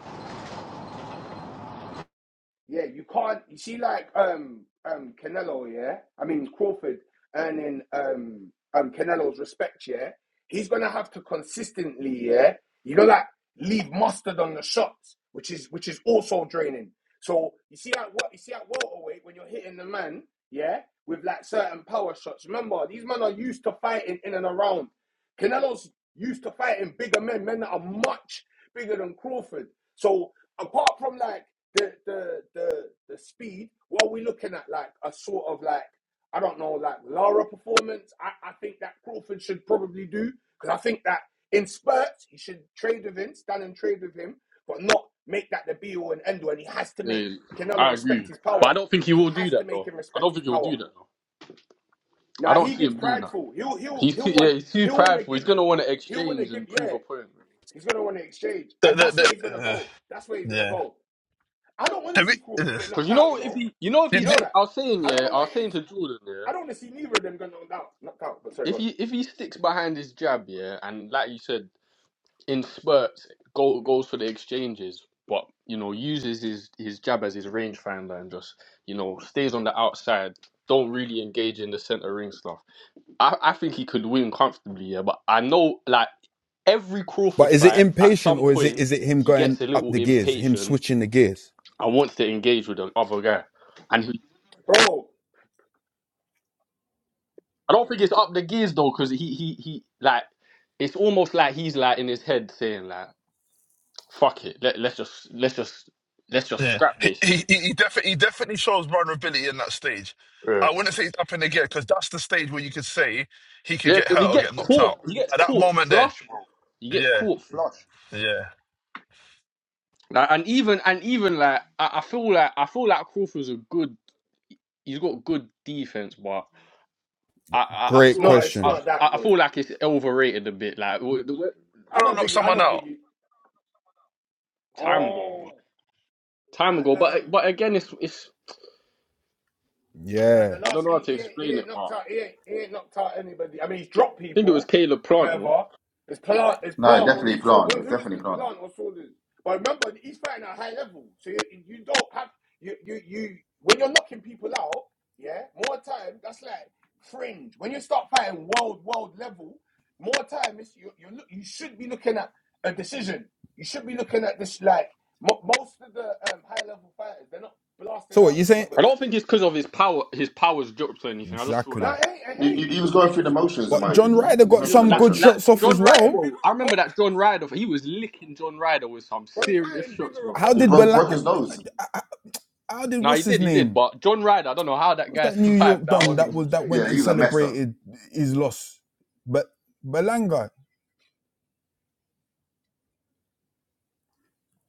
[SPEAKER 6] Yeah, you can't. You see, like um um Canelo, yeah. I mean Crawford earning um um Canelo's respect, yeah. He's gonna have to consistently, yeah. You know, like leave mustard on the shots, which is which is also draining. So you see, at what you see at welterweight when you're hitting the man, yeah, with like certain power shots. Remember, these men are used to fighting in and around. Canelo's used to fighting bigger men, men that are much bigger than Crawford. So apart from like the the the the speed, what are we looking at? Like a sort of like I don't know, like Lara performance. I, I think that Crawford should probably do because I think that in spurts he should trade with him, stand and trade with him, but not make that the be all and end all. And he has to make
[SPEAKER 2] Yeah,
[SPEAKER 6] Canelo
[SPEAKER 2] I
[SPEAKER 6] respect
[SPEAKER 2] agree.
[SPEAKER 6] his power.
[SPEAKER 2] But I don't think he
[SPEAKER 6] He
[SPEAKER 2] will do
[SPEAKER 6] has to
[SPEAKER 2] that
[SPEAKER 6] make
[SPEAKER 2] though.
[SPEAKER 6] him
[SPEAKER 2] I
[SPEAKER 6] respect
[SPEAKER 2] don't
[SPEAKER 6] his
[SPEAKER 2] think he will
[SPEAKER 6] power.
[SPEAKER 2] do that though. I
[SPEAKER 6] Now
[SPEAKER 2] don't
[SPEAKER 6] he
[SPEAKER 2] see
[SPEAKER 6] gets
[SPEAKER 2] him doing that.
[SPEAKER 6] prideful. He'll he'll
[SPEAKER 2] He's too,
[SPEAKER 6] he'll
[SPEAKER 2] *laughs* yeah,
[SPEAKER 6] want
[SPEAKER 2] he's too
[SPEAKER 6] he'll want to
[SPEAKER 2] prideful. He's
[SPEAKER 6] give
[SPEAKER 2] gonna want to
[SPEAKER 6] he'll want to
[SPEAKER 2] exchange
[SPEAKER 6] give
[SPEAKER 2] and prove
[SPEAKER 6] yeah.
[SPEAKER 2] a point.
[SPEAKER 6] He's gonna want to exchange,
[SPEAKER 7] the,
[SPEAKER 6] and that's
[SPEAKER 7] the,
[SPEAKER 6] where he's gonna
[SPEAKER 7] the, uh,
[SPEAKER 6] go. That's where he's gonna
[SPEAKER 7] yeah.
[SPEAKER 6] go. I don't want to
[SPEAKER 7] Have we,
[SPEAKER 6] see Crawford
[SPEAKER 7] uh,
[SPEAKER 6] get
[SPEAKER 2] Cause
[SPEAKER 6] knocked
[SPEAKER 2] you
[SPEAKER 6] out,
[SPEAKER 2] know
[SPEAKER 6] you
[SPEAKER 2] if
[SPEAKER 6] know.
[SPEAKER 2] he, you know if he
[SPEAKER 6] You
[SPEAKER 7] did,
[SPEAKER 6] know
[SPEAKER 2] stick,
[SPEAKER 6] that.
[SPEAKER 2] I was saying
[SPEAKER 6] I don't
[SPEAKER 2] yeah,
[SPEAKER 6] know
[SPEAKER 2] I
[SPEAKER 6] what
[SPEAKER 2] was
[SPEAKER 6] it
[SPEAKER 2] saying
[SPEAKER 6] is.
[SPEAKER 2] to Jordan
[SPEAKER 6] I don't
[SPEAKER 2] yeah,
[SPEAKER 6] want to see neither of them get knocked out. Knocked out, but sorry,
[SPEAKER 2] if
[SPEAKER 6] go on.
[SPEAKER 2] he if he sticks behind his jab yeah, and like you said in spurts go, goes for the exchanges, but you know uses his his jab as his range finder and just you know stays on the outside, don't really engage in the center ring stuff. I I think he could win comfortably yeah, but I know like every
[SPEAKER 5] But
[SPEAKER 2] Crawford
[SPEAKER 5] is it
[SPEAKER 2] fight at
[SPEAKER 5] impatient
[SPEAKER 2] some
[SPEAKER 5] or is it
[SPEAKER 2] point
[SPEAKER 5] is it him
[SPEAKER 2] he
[SPEAKER 5] going
[SPEAKER 2] gets a
[SPEAKER 5] up
[SPEAKER 2] little
[SPEAKER 5] the gears, him
[SPEAKER 2] impatient
[SPEAKER 5] switching the gears?
[SPEAKER 2] I wants to engage with the other guy, and he,
[SPEAKER 6] Bro,
[SPEAKER 2] I don't think it's up the gears though, because he he he like it's almost like he's like in his head saying like fuck it, let let's just let's just let's just
[SPEAKER 7] Yeah.
[SPEAKER 2] scrap
[SPEAKER 7] He he
[SPEAKER 2] basically.
[SPEAKER 7] he, he definitely he definitely shows vulnerability in that stage.
[SPEAKER 2] Yeah,
[SPEAKER 7] I wouldn't say he's up in the gear because that's the stage where you could say he could
[SPEAKER 2] yeah,
[SPEAKER 7] get
[SPEAKER 2] because he
[SPEAKER 7] hurt or
[SPEAKER 2] gets
[SPEAKER 7] get knocked out.
[SPEAKER 2] caught, he gets
[SPEAKER 7] At that
[SPEAKER 2] caught
[SPEAKER 7] moment there,
[SPEAKER 2] flush, bro. He gets
[SPEAKER 7] yeah,
[SPEAKER 2] caught flush.
[SPEAKER 7] yeah.
[SPEAKER 2] Like, and even and even like I, I feel like I feel like Crawford's a good. He's got good defense, but I I, I
[SPEAKER 6] it's
[SPEAKER 5] Great
[SPEAKER 2] feel
[SPEAKER 6] not. It's
[SPEAKER 2] I
[SPEAKER 5] question.
[SPEAKER 6] not that
[SPEAKER 2] I
[SPEAKER 6] good.
[SPEAKER 2] feel like it's overrated a bit. Like w- the way-
[SPEAKER 7] I
[SPEAKER 6] I
[SPEAKER 7] don't
[SPEAKER 6] don't
[SPEAKER 7] knock
[SPEAKER 6] think. It, I
[SPEAKER 7] someone
[SPEAKER 6] don't think.
[SPEAKER 7] out.
[SPEAKER 6] It,
[SPEAKER 2] time ago, bro.
[SPEAKER 6] oh,
[SPEAKER 2] time
[SPEAKER 6] no,
[SPEAKER 2] ago. But
[SPEAKER 6] um.
[SPEAKER 2] but again, it's it's
[SPEAKER 6] Uh,
[SPEAKER 5] Yeah.
[SPEAKER 6] the
[SPEAKER 2] I don't
[SPEAKER 6] last
[SPEAKER 2] know how
[SPEAKER 6] he,
[SPEAKER 2] to
[SPEAKER 6] he, ain't- he
[SPEAKER 2] explain it,
[SPEAKER 6] ain't
[SPEAKER 2] but
[SPEAKER 6] knocked
[SPEAKER 2] I
[SPEAKER 6] out he ain't, he ain't knocked out anybody. I mean he's dropped
[SPEAKER 2] think it was
[SPEAKER 6] people
[SPEAKER 2] Caleb
[SPEAKER 6] and
[SPEAKER 2] Plant. No,
[SPEAKER 6] whatever. His plant his
[SPEAKER 1] no,
[SPEAKER 6] plant was
[SPEAKER 1] definitely
[SPEAKER 6] sort
[SPEAKER 1] Plant. It
[SPEAKER 6] well,
[SPEAKER 1] was
[SPEAKER 6] who
[SPEAKER 1] definitely
[SPEAKER 6] was
[SPEAKER 1] Plant.
[SPEAKER 6] plant or Saunders? But remember he's fighting at a high level. So you, you don't have you, you you when you're knocking people out, yeah, more time, that's like fringe. When you start fighting world, world level, more time it's you you look you should be looking at a decision. You should be looking at this like mo- most of the um, high level fighters, they're not
[SPEAKER 5] So
[SPEAKER 6] blasting
[SPEAKER 5] what
[SPEAKER 6] out
[SPEAKER 5] you
[SPEAKER 6] each
[SPEAKER 5] saying?
[SPEAKER 6] other
[SPEAKER 2] I
[SPEAKER 6] like
[SPEAKER 2] don't think it's because of his power. His powers dropped or anything. I just feel
[SPEAKER 6] no,
[SPEAKER 2] like
[SPEAKER 5] Exactly.
[SPEAKER 6] it ain't, it
[SPEAKER 1] He,
[SPEAKER 6] ain't.
[SPEAKER 1] he, he was going through the motions, in
[SPEAKER 5] But
[SPEAKER 1] my
[SPEAKER 6] Sorry,
[SPEAKER 5] John
[SPEAKER 1] opinion.
[SPEAKER 5] Ryder
[SPEAKER 1] He was
[SPEAKER 5] got
[SPEAKER 2] we
[SPEAKER 1] going through
[SPEAKER 2] just
[SPEAKER 1] the
[SPEAKER 5] some
[SPEAKER 2] like
[SPEAKER 6] sorry.
[SPEAKER 5] good
[SPEAKER 2] like
[SPEAKER 1] motions.
[SPEAKER 5] shots
[SPEAKER 6] He's
[SPEAKER 5] off
[SPEAKER 6] just
[SPEAKER 5] as
[SPEAKER 2] John Ryder,
[SPEAKER 6] fighting
[SPEAKER 5] well.
[SPEAKER 2] bro.
[SPEAKER 6] bigger
[SPEAKER 2] I remember that
[SPEAKER 6] opponents,
[SPEAKER 2] John Ryder. He was licking John Ryder with some
[SPEAKER 6] bro. He's
[SPEAKER 2] serious
[SPEAKER 6] fighting
[SPEAKER 2] shots,
[SPEAKER 6] bigger
[SPEAKER 2] bro.
[SPEAKER 5] How
[SPEAKER 1] He
[SPEAKER 5] did
[SPEAKER 1] broke
[SPEAKER 6] opponents,
[SPEAKER 5] Bela-
[SPEAKER 1] broke his
[SPEAKER 6] bro.
[SPEAKER 1] nose.
[SPEAKER 5] how did
[SPEAKER 2] Now he
[SPEAKER 5] what's his
[SPEAKER 2] did, he did.
[SPEAKER 5] name?
[SPEAKER 2] But John Ryder, I don't know how that
[SPEAKER 5] What's
[SPEAKER 2] guy *laughs*
[SPEAKER 5] that New
[SPEAKER 2] survived
[SPEAKER 5] York
[SPEAKER 6] How?
[SPEAKER 2] that
[SPEAKER 5] Don
[SPEAKER 2] one.
[SPEAKER 5] that was that
[SPEAKER 6] Sorry,
[SPEAKER 5] went
[SPEAKER 1] Yeah,
[SPEAKER 5] and
[SPEAKER 1] he was a
[SPEAKER 6] what?
[SPEAKER 1] mess though.
[SPEAKER 5] celebrated his loss? But Belanga.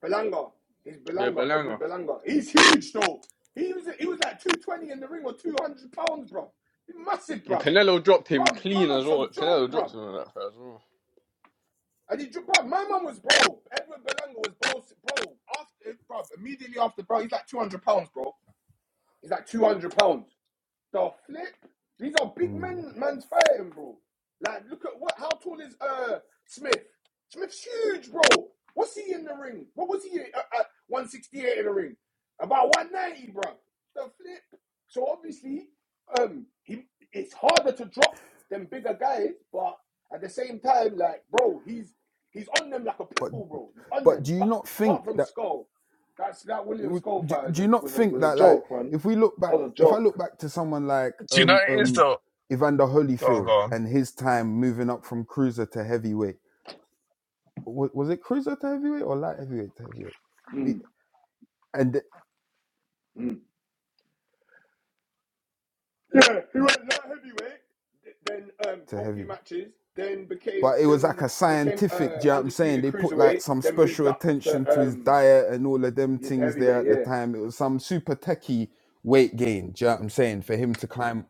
[SPEAKER 6] Belanga. He's
[SPEAKER 2] Yeah,
[SPEAKER 6] Belanga, Edward
[SPEAKER 2] Belanga.
[SPEAKER 6] Belanga. He's huge, though. He was he was like two twenty in the ring or two hundred pounds, bro. He's massive,
[SPEAKER 2] And
[SPEAKER 6] bro.
[SPEAKER 2] Canelo dropped him
[SPEAKER 6] Bro, my
[SPEAKER 2] clean as
[SPEAKER 6] man's
[SPEAKER 2] well.
[SPEAKER 6] some joke,
[SPEAKER 2] Canelo dropped
[SPEAKER 6] bro.
[SPEAKER 2] him on that first.
[SPEAKER 6] And he, ju- bro, my man was bro. Edward Belanga was bro, bro. After, bro, immediately after, bro, he's like two hundred pounds, bro. He's like two hundred pounds. The flip. These are big
[SPEAKER 5] Hmm.
[SPEAKER 6] men. Man's fighting, bro. Like, look at what? How tall is uh Smith? Smith's huge, bro. What's he in the ring? What was he at, at 168 in the ring? About 190, bro. The flip. So obviously, um, he it's harder to drop than bigger guys, but at the same time, like, bro, he's he's on them like a pit
[SPEAKER 5] But
[SPEAKER 6] bull, bro. He's on
[SPEAKER 5] but
[SPEAKER 6] them.
[SPEAKER 5] do you
[SPEAKER 6] Pa-
[SPEAKER 5] not
[SPEAKER 6] Apart
[SPEAKER 5] think
[SPEAKER 6] from
[SPEAKER 5] that
[SPEAKER 6] Skull, that's that William
[SPEAKER 5] do,
[SPEAKER 6] Skull fight was
[SPEAKER 5] do you
[SPEAKER 6] a
[SPEAKER 5] not
[SPEAKER 6] was a,
[SPEAKER 5] think
[SPEAKER 6] was a
[SPEAKER 5] that like
[SPEAKER 6] joke, man.
[SPEAKER 5] if we look back
[SPEAKER 6] That was a
[SPEAKER 5] if I
[SPEAKER 6] joke.
[SPEAKER 5] look back to someone like
[SPEAKER 7] Do you know
[SPEAKER 5] um
[SPEAKER 7] what it is
[SPEAKER 5] um
[SPEAKER 7] though?
[SPEAKER 5] Evander
[SPEAKER 7] Go on,
[SPEAKER 5] Holyfield
[SPEAKER 7] go on.
[SPEAKER 5] and his time moving up from cruiser to heavyweight was, was it cruiser to heavyweight or light heavyweight to heavyweight
[SPEAKER 6] Mm.
[SPEAKER 5] Be- and th-
[SPEAKER 6] Mm. *laughs* Yeah, he went light heavyweight, then um,
[SPEAKER 5] to
[SPEAKER 6] for a few
[SPEAKER 5] heavy
[SPEAKER 6] matches, then became
[SPEAKER 5] but it was like
[SPEAKER 6] then
[SPEAKER 5] a
[SPEAKER 6] became
[SPEAKER 5] scientific.
[SPEAKER 6] uh,
[SPEAKER 5] Do you know what I'm saying?
[SPEAKER 6] undisputed
[SPEAKER 5] They put like
[SPEAKER 6] cruiserweight,
[SPEAKER 5] some
[SPEAKER 6] then moved
[SPEAKER 5] special
[SPEAKER 6] up to
[SPEAKER 5] attention to his
[SPEAKER 6] um
[SPEAKER 5] diet and all of them
[SPEAKER 6] yeah, to
[SPEAKER 5] things there
[SPEAKER 6] heavyweight.
[SPEAKER 5] at the
[SPEAKER 6] Yeah,
[SPEAKER 5] time. It was some super techie weight gain. Do you know what I'm saying? For him to climb.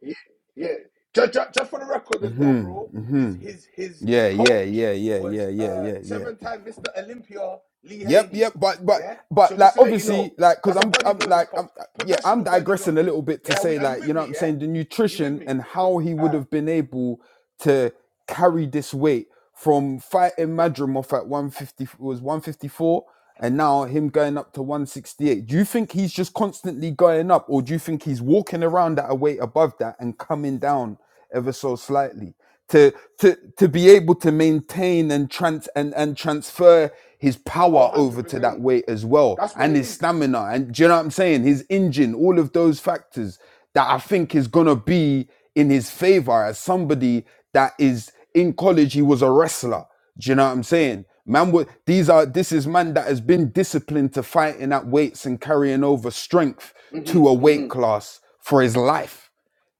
[SPEAKER 6] yeah. yeah. Just, just, just for the record as well, bro.
[SPEAKER 5] Mm-hmm. Mm-hmm.
[SPEAKER 6] His his his
[SPEAKER 5] Yeah, yeah,
[SPEAKER 6] coach
[SPEAKER 5] yeah, yeah, yeah,
[SPEAKER 6] was
[SPEAKER 5] yeah,
[SPEAKER 6] uh
[SPEAKER 5] yeah, yeah.
[SPEAKER 6] seven time Mr. Olympia Lee
[SPEAKER 5] Yep,
[SPEAKER 6] Haney.
[SPEAKER 5] yep, but but
[SPEAKER 6] Yeah,
[SPEAKER 5] but
[SPEAKER 6] so
[SPEAKER 5] like
[SPEAKER 6] just to let you
[SPEAKER 5] obviously
[SPEAKER 6] know,
[SPEAKER 5] like because
[SPEAKER 6] that's a
[SPEAKER 5] I'm I'm
[SPEAKER 6] bodybuilding
[SPEAKER 5] like
[SPEAKER 6] coach,
[SPEAKER 5] I'm yeah I'm
[SPEAKER 6] professional
[SPEAKER 5] digressing a
[SPEAKER 6] bodybuilding.
[SPEAKER 5] little bit to
[SPEAKER 6] Yeah, we
[SPEAKER 5] say
[SPEAKER 6] are you
[SPEAKER 5] like you
[SPEAKER 6] with
[SPEAKER 5] know what
[SPEAKER 6] me?
[SPEAKER 5] I'm
[SPEAKER 6] Yeah,
[SPEAKER 5] saying the
[SPEAKER 6] are you with
[SPEAKER 5] nutrition
[SPEAKER 6] me?
[SPEAKER 5] and
[SPEAKER 6] P-
[SPEAKER 5] how he would
[SPEAKER 6] Uh,
[SPEAKER 5] have been able to carry this weight from fighting Madrimov at 150 was 154 and now him going up to 168 do you think he's just constantly going up or do you think he's walking around at a weight above that and coming down ever so slightly to to to be able to maintain and trans and, and transfer his
[SPEAKER 6] oh,
[SPEAKER 5] power
[SPEAKER 6] 100
[SPEAKER 5] over to that
[SPEAKER 6] percent.
[SPEAKER 5] weight as well
[SPEAKER 6] That's what
[SPEAKER 5] and
[SPEAKER 6] it
[SPEAKER 5] his
[SPEAKER 6] is.
[SPEAKER 5] stamina and do you know what i'm saying his engine all of those factors that i think is going to be in his favor as somebody that is in college he was a wrestler do you know what I'm saying? Man, would these are this is man that has been disciplined to fighting at weights and carrying over strength to a
[SPEAKER 6] Mm-hmm. Mm-hmm.
[SPEAKER 5] weight class for his life.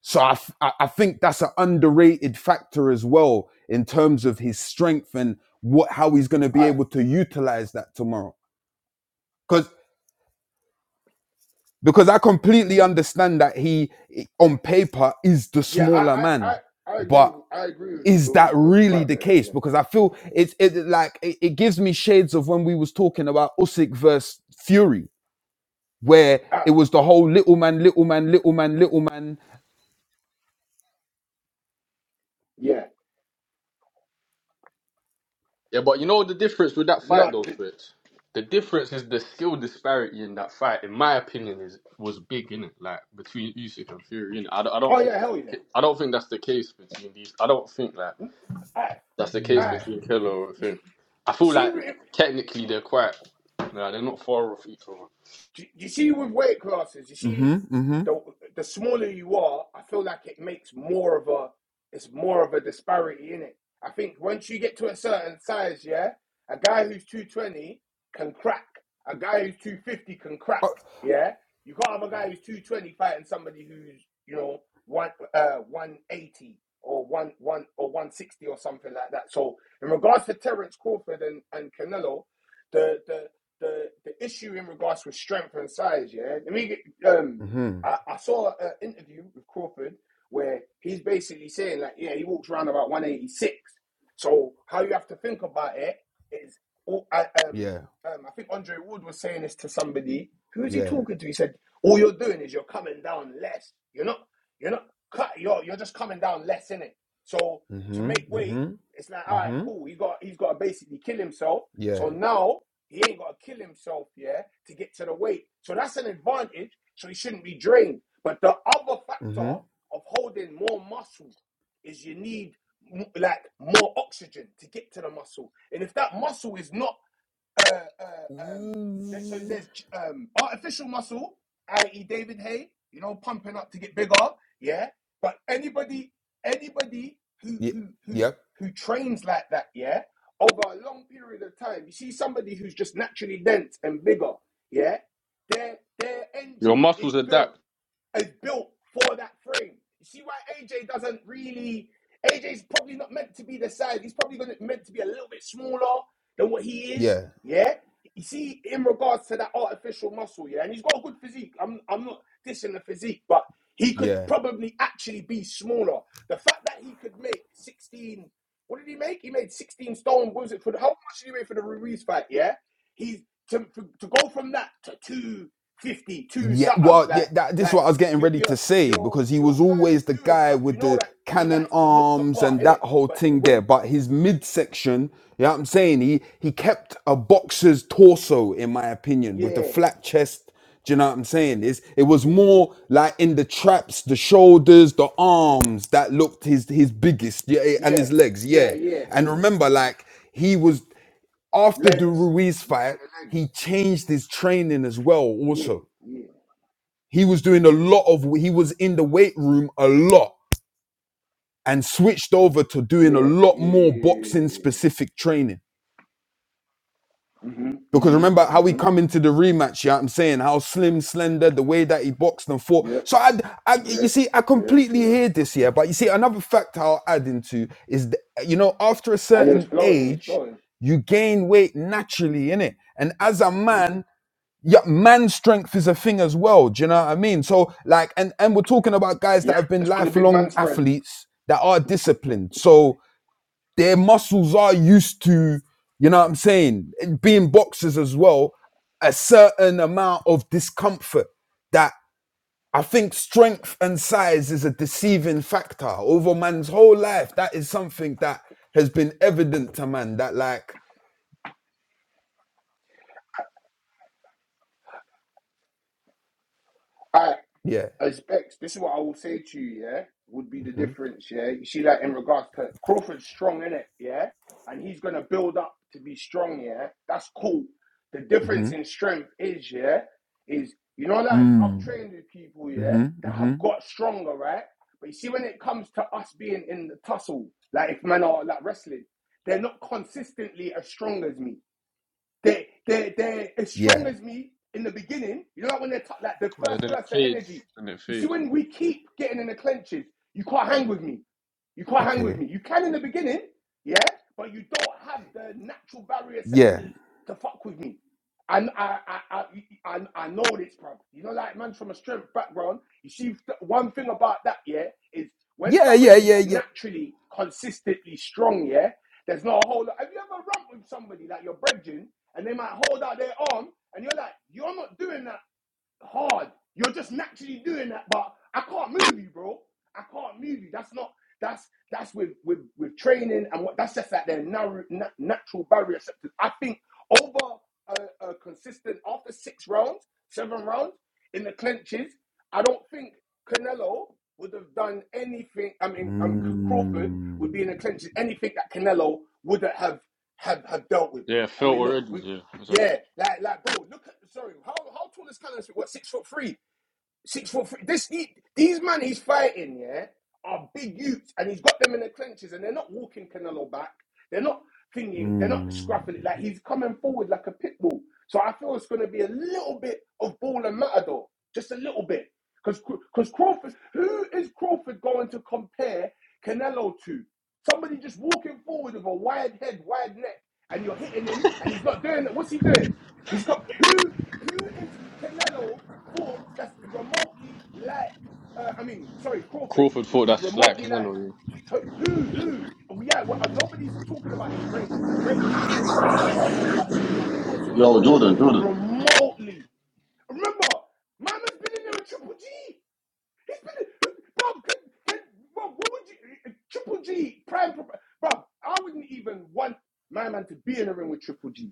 [SPEAKER 5] So I, f- I I think that's an underrated factor as well in terms of his strength and what how he's going to be
[SPEAKER 6] I
[SPEAKER 5] able to utilize that tomorrow. Because because I completely understand that he on paper is the
[SPEAKER 6] yeah, I
[SPEAKER 5] smaller
[SPEAKER 6] I I,
[SPEAKER 5] man,
[SPEAKER 6] I agree.
[SPEAKER 5] but.
[SPEAKER 6] with- I agree with
[SPEAKER 5] is that
[SPEAKER 6] with, um,
[SPEAKER 5] really
[SPEAKER 6] quite a
[SPEAKER 5] the
[SPEAKER 6] bit of that.
[SPEAKER 5] case?
[SPEAKER 6] Yeah.
[SPEAKER 5] Because I feel it's it, like it, it gives me shades of when we was talking about Usyk versus Fury, where
[SPEAKER 6] I,
[SPEAKER 5] it was the whole little man, little man, little man, little man.
[SPEAKER 6] yeah.
[SPEAKER 2] Yeah, but you know the difference with that fight though,
[SPEAKER 6] Not. The,
[SPEAKER 2] Fritz? The difference is the skill disparity in that fight, in my opinion, is was big in it, like between Usyk and Fury. Innit? I, don't- I don't
[SPEAKER 6] oh
[SPEAKER 2] think
[SPEAKER 6] yeah. Hell yeah.
[SPEAKER 2] I don't think that's the case between these. I don't think like
[SPEAKER 6] I
[SPEAKER 2] that's the case
[SPEAKER 6] I.
[SPEAKER 5] Mm.
[SPEAKER 2] between Killer and Finn. I
[SPEAKER 6] You
[SPEAKER 2] feel like
[SPEAKER 6] see.
[SPEAKER 2] technically they're quite, nah, they're not far off each other.
[SPEAKER 6] Do you do you see with weight classes, you
[SPEAKER 5] hmm
[SPEAKER 6] see
[SPEAKER 5] hmm
[SPEAKER 6] the the smaller you are, I feel like it makes more of a it's more of a disparity in it. I think once you get to a certain size, yeah, a guy who's two twenty can crack. A guy who's two fifty can crack. Yeah, you can't have a guy who's two twenty fighting somebody who's you know one uh one eighty or one one or one sixty or something like that. So in regards to Terence Crawford and and Canelo, the the the the issue in regards with strength and size. Yeah, let me get. Um,
[SPEAKER 5] hmm
[SPEAKER 6] I, I saw an interview with Crawford where he's basically saying like, yeah, he walks around about one eighty six. So how you have to think about it is, all, I, um,
[SPEAKER 5] Yeah.
[SPEAKER 6] um, I think Andre Wood was saying this to somebody. Who is he
[SPEAKER 5] Yeah.
[SPEAKER 6] talking to? He said, all you're doing is you're coming down less. You're not. You're not cut. You're you're just coming down less in it. So to
[SPEAKER 5] hmm
[SPEAKER 6] make weight,
[SPEAKER 5] hmm
[SPEAKER 6] it's like all right,
[SPEAKER 5] hmm
[SPEAKER 6] cool. He got he's got to basically kill himself. So
[SPEAKER 5] Yeah.
[SPEAKER 6] now he ain't got to kill himself, yeah, to get to the weight. So that's an advantage. So he shouldn't be drained. But the other factor
[SPEAKER 5] hmm
[SPEAKER 6] of holding more muscle is you need like more oxygen to get to the muscle. And if that muscle is not uh, uh, um, so there's um, artificial muscle, i.e., David Haye, you know, pumping up to get bigger, yeah. But anybody, anybody who
[SPEAKER 5] Yeah.
[SPEAKER 6] who who
[SPEAKER 5] Yep.
[SPEAKER 6] who trains like that, yeah, over a long period of time, you see somebody who's just naturally dense and bigger, yeah. Their their
[SPEAKER 2] Your
[SPEAKER 6] engine is
[SPEAKER 2] muscles
[SPEAKER 6] built
[SPEAKER 2] adapt,
[SPEAKER 6] is built for that frame. You see why AJ doesn't really. AJ's probably not meant to be the size. He's probably gonna, meant to be a little bit smaller than what he is.
[SPEAKER 5] Yeah.
[SPEAKER 6] Yeah. You see, in regards to that artificial muscle, yeah, and he's got a good physique. I'm, I'm not dissing the physique, but he could
[SPEAKER 5] Yeah.
[SPEAKER 6] probably actually be smaller. The fact that he could make 16, what did he make? He made 16 stone. What was it for? The, how much did he make for the Ruiz fight? Yeah, he's to to, go from that to 250, two
[SPEAKER 5] Yeah,
[SPEAKER 6] something
[SPEAKER 5] well, yeah,
[SPEAKER 6] like.
[SPEAKER 5] that, this is
[SPEAKER 6] Like
[SPEAKER 5] what I was getting
[SPEAKER 6] you,
[SPEAKER 5] ready
[SPEAKER 6] you
[SPEAKER 5] to say
[SPEAKER 6] you're
[SPEAKER 5] because he was
[SPEAKER 6] you're kind of
[SPEAKER 5] always the
[SPEAKER 6] doing
[SPEAKER 5] guy
[SPEAKER 6] stuff. You
[SPEAKER 5] with
[SPEAKER 6] know
[SPEAKER 5] the
[SPEAKER 6] that he
[SPEAKER 5] cannon
[SPEAKER 6] likes to look the
[SPEAKER 5] arms
[SPEAKER 6] part,
[SPEAKER 5] and that
[SPEAKER 6] innit?
[SPEAKER 5] whole
[SPEAKER 6] But
[SPEAKER 5] thing there.
[SPEAKER 6] when
[SPEAKER 5] But his midsection, you know what I'm saying? He he kept a boxer's torso, in my opinion, with the
[SPEAKER 6] yeah,
[SPEAKER 5] flat chest. Do you know what I'm saying? It's, it was more like in the traps, the shoulders, the arms that looked his his biggest, yeah, eh, and
[SPEAKER 6] yeah,
[SPEAKER 5] his legs, yeah.
[SPEAKER 6] yeah, yeah,
[SPEAKER 5] And remember, like he was after the
[SPEAKER 6] legs,
[SPEAKER 5] Ruiz
[SPEAKER 6] yeah,
[SPEAKER 5] fight,
[SPEAKER 6] the legs,
[SPEAKER 5] he changed his training as well,
[SPEAKER 6] yeah,
[SPEAKER 5] also
[SPEAKER 6] yeah,
[SPEAKER 5] he was doing a lot of, he was in the weight room a lot and switched over to doing
[SPEAKER 6] yeah,
[SPEAKER 5] a
[SPEAKER 6] yeah,
[SPEAKER 5] lot more boxing
[SPEAKER 6] yeah.
[SPEAKER 5] specific training.
[SPEAKER 6] Mhm,
[SPEAKER 5] Because
[SPEAKER 6] mhm,
[SPEAKER 5] remember how we
[SPEAKER 6] mhm.
[SPEAKER 5] come into the rematch, yeah, I'm saying how slim, slender, the way that he boxed and fought.
[SPEAKER 6] Yep,
[SPEAKER 5] So I, I you
[SPEAKER 6] yep,
[SPEAKER 5] see, I
[SPEAKER 6] yep,
[SPEAKER 5] completely
[SPEAKER 6] yep.
[SPEAKER 5] hear this, here. yeah. But you see, another fact I'll add into is, that, you know, after a
[SPEAKER 6] And he was
[SPEAKER 5] certain
[SPEAKER 6] floating. He's
[SPEAKER 5] age,
[SPEAKER 6] floating.
[SPEAKER 5] you gain weight naturally, innit? And as a man, yeah, man strength is a thing as well. Do you know what I mean? So like, and and we're talking about guys
[SPEAKER 6] Yeah,
[SPEAKER 5] that have been
[SPEAKER 6] that's what the big man
[SPEAKER 5] lifelong
[SPEAKER 6] spread.
[SPEAKER 5] athletes that are disciplined. So their muscles are used to, you know what I'm saying, being boxers as well. A certain amount of discomfort that I think strength and size is a deceiving factor over man's whole life. That is something that has been evident to man. That like,
[SPEAKER 6] All right,
[SPEAKER 5] yeah.
[SPEAKER 6] I expect this is what I will say to you, yeah, would be the
[SPEAKER 5] Mm-hmm.
[SPEAKER 6] difference, yeah. You see that in regards to Crawford's strong in it, yeah, and he's gonna build up to be strong, yeah. That's cool. The
[SPEAKER 5] Mm-hmm.
[SPEAKER 6] difference in strength is, yeah, is you know, like I've
[SPEAKER 5] Mm.
[SPEAKER 6] trained with people, yeah,
[SPEAKER 5] Mm-hmm.
[SPEAKER 6] that
[SPEAKER 5] Mm-hmm.
[SPEAKER 6] have got stronger, right? But you see, when it comes to us being in the tussle, like if men are like wrestling, they're not consistently as strong as me. They they they're as
[SPEAKER 5] Yeah.
[SPEAKER 6] strong as me in the beginning. You know, like when they're t- like the
[SPEAKER 2] and
[SPEAKER 6] first
[SPEAKER 2] then it
[SPEAKER 6] burst of
[SPEAKER 2] fades,
[SPEAKER 6] energy.
[SPEAKER 2] and it
[SPEAKER 6] You see,
[SPEAKER 2] fades.
[SPEAKER 6] when we keep getting in the clenches, you can't hang with me. You can't hang with
[SPEAKER 5] Okay.
[SPEAKER 6] me. You can in the beginning, yeah, but you don't have the natural barrier
[SPEAKER 5] Yeah.
[SPEAKER 6] receptors to fuck with me. And I I I I, I I know this, bro. You know, like man's from a strength background. You see, th- one thing about that, yeah, is when
[SPEAKER 5] Yeah. Yeah.
[SPEAKER 6] somebody's
[SPEAKER 5] Yeah. Yeah.
[SPEAKER 6] naturally consistently strong, yeah. There's no hold. Have you ever romped with somebody like your brethren and they might hold out their arm and you're like, you're not doing that hard. You're just naturally doing that, but I can't move you, bro. I can't move you. That's not that's that's with with with training and what that's just like their narrow, na- natural barrier sectors. I think over a, a consistent after six rounds, seven rounds in the clinches, I don't think Canelo would have done anything. I mean, um, C- Crawford
[SPEAKER 5] Mm.
[SPEAKER 6] would be in the clinches anything that Canelo wouldn't have have have dealt with.
[SPEAKER 2] Yeah,
[SPEAKER 6] I
[SPEAKER 2] felt
[SPEAKER 6] mean, look,
[SPEAKER 2] already.
[SPEAKER 6] we.
[SPEAKER 2] Yeah, it's like
[SPEAKER 6] Yeah, like like bro, look at sorry, how how tall is Callum Smith? What six foot three? Six foot three. This he, these man he's fighting, yeah, are big youths, and he's got them in the clenches, and they're not walking Canelo back. They're not thinking. They're not
[SPEAKER 5] Mm.
[SPEAKER 6] scrapping it. Like he's coming forward like a pit bull. So I feel it's going to be a little bit of ball and matador, just a little bit, because because Crawford, who is Crawford going to compare Canelo to? Somebody just walking forward with a wide head, wide neck, and you're hitting him, and he's not doing it. What's he doing? He's got who? Who is Canelo? for that's remotely like, uh, I mean, sorry, Crawford,
[SPEAKER 2] Crawford
[SPEAKER 6] who,
[SPEAKER 2] thought
[SPEAKER 6] who's
[SPEAKER 2] that's like
[SPEAKER 6] remotely like,
[SPEAKER 2] Canelo.
[SPEAKER 6] who, who, who? Yeah, well, uh, nobody's talking about his greatness. His greatness is great, yeah? But who has he
[SPEAKER 1] Yo,
[SPEAKER 6] fought
[SPEAKER 1] Jordan, Jordan.
[SPEAKER 6] remotely? Remember, man has been in there with Triple G. These bro, bro, what would you, Triple G, prime, bro, I wouldn't even want my man to be in a ring with Triple G.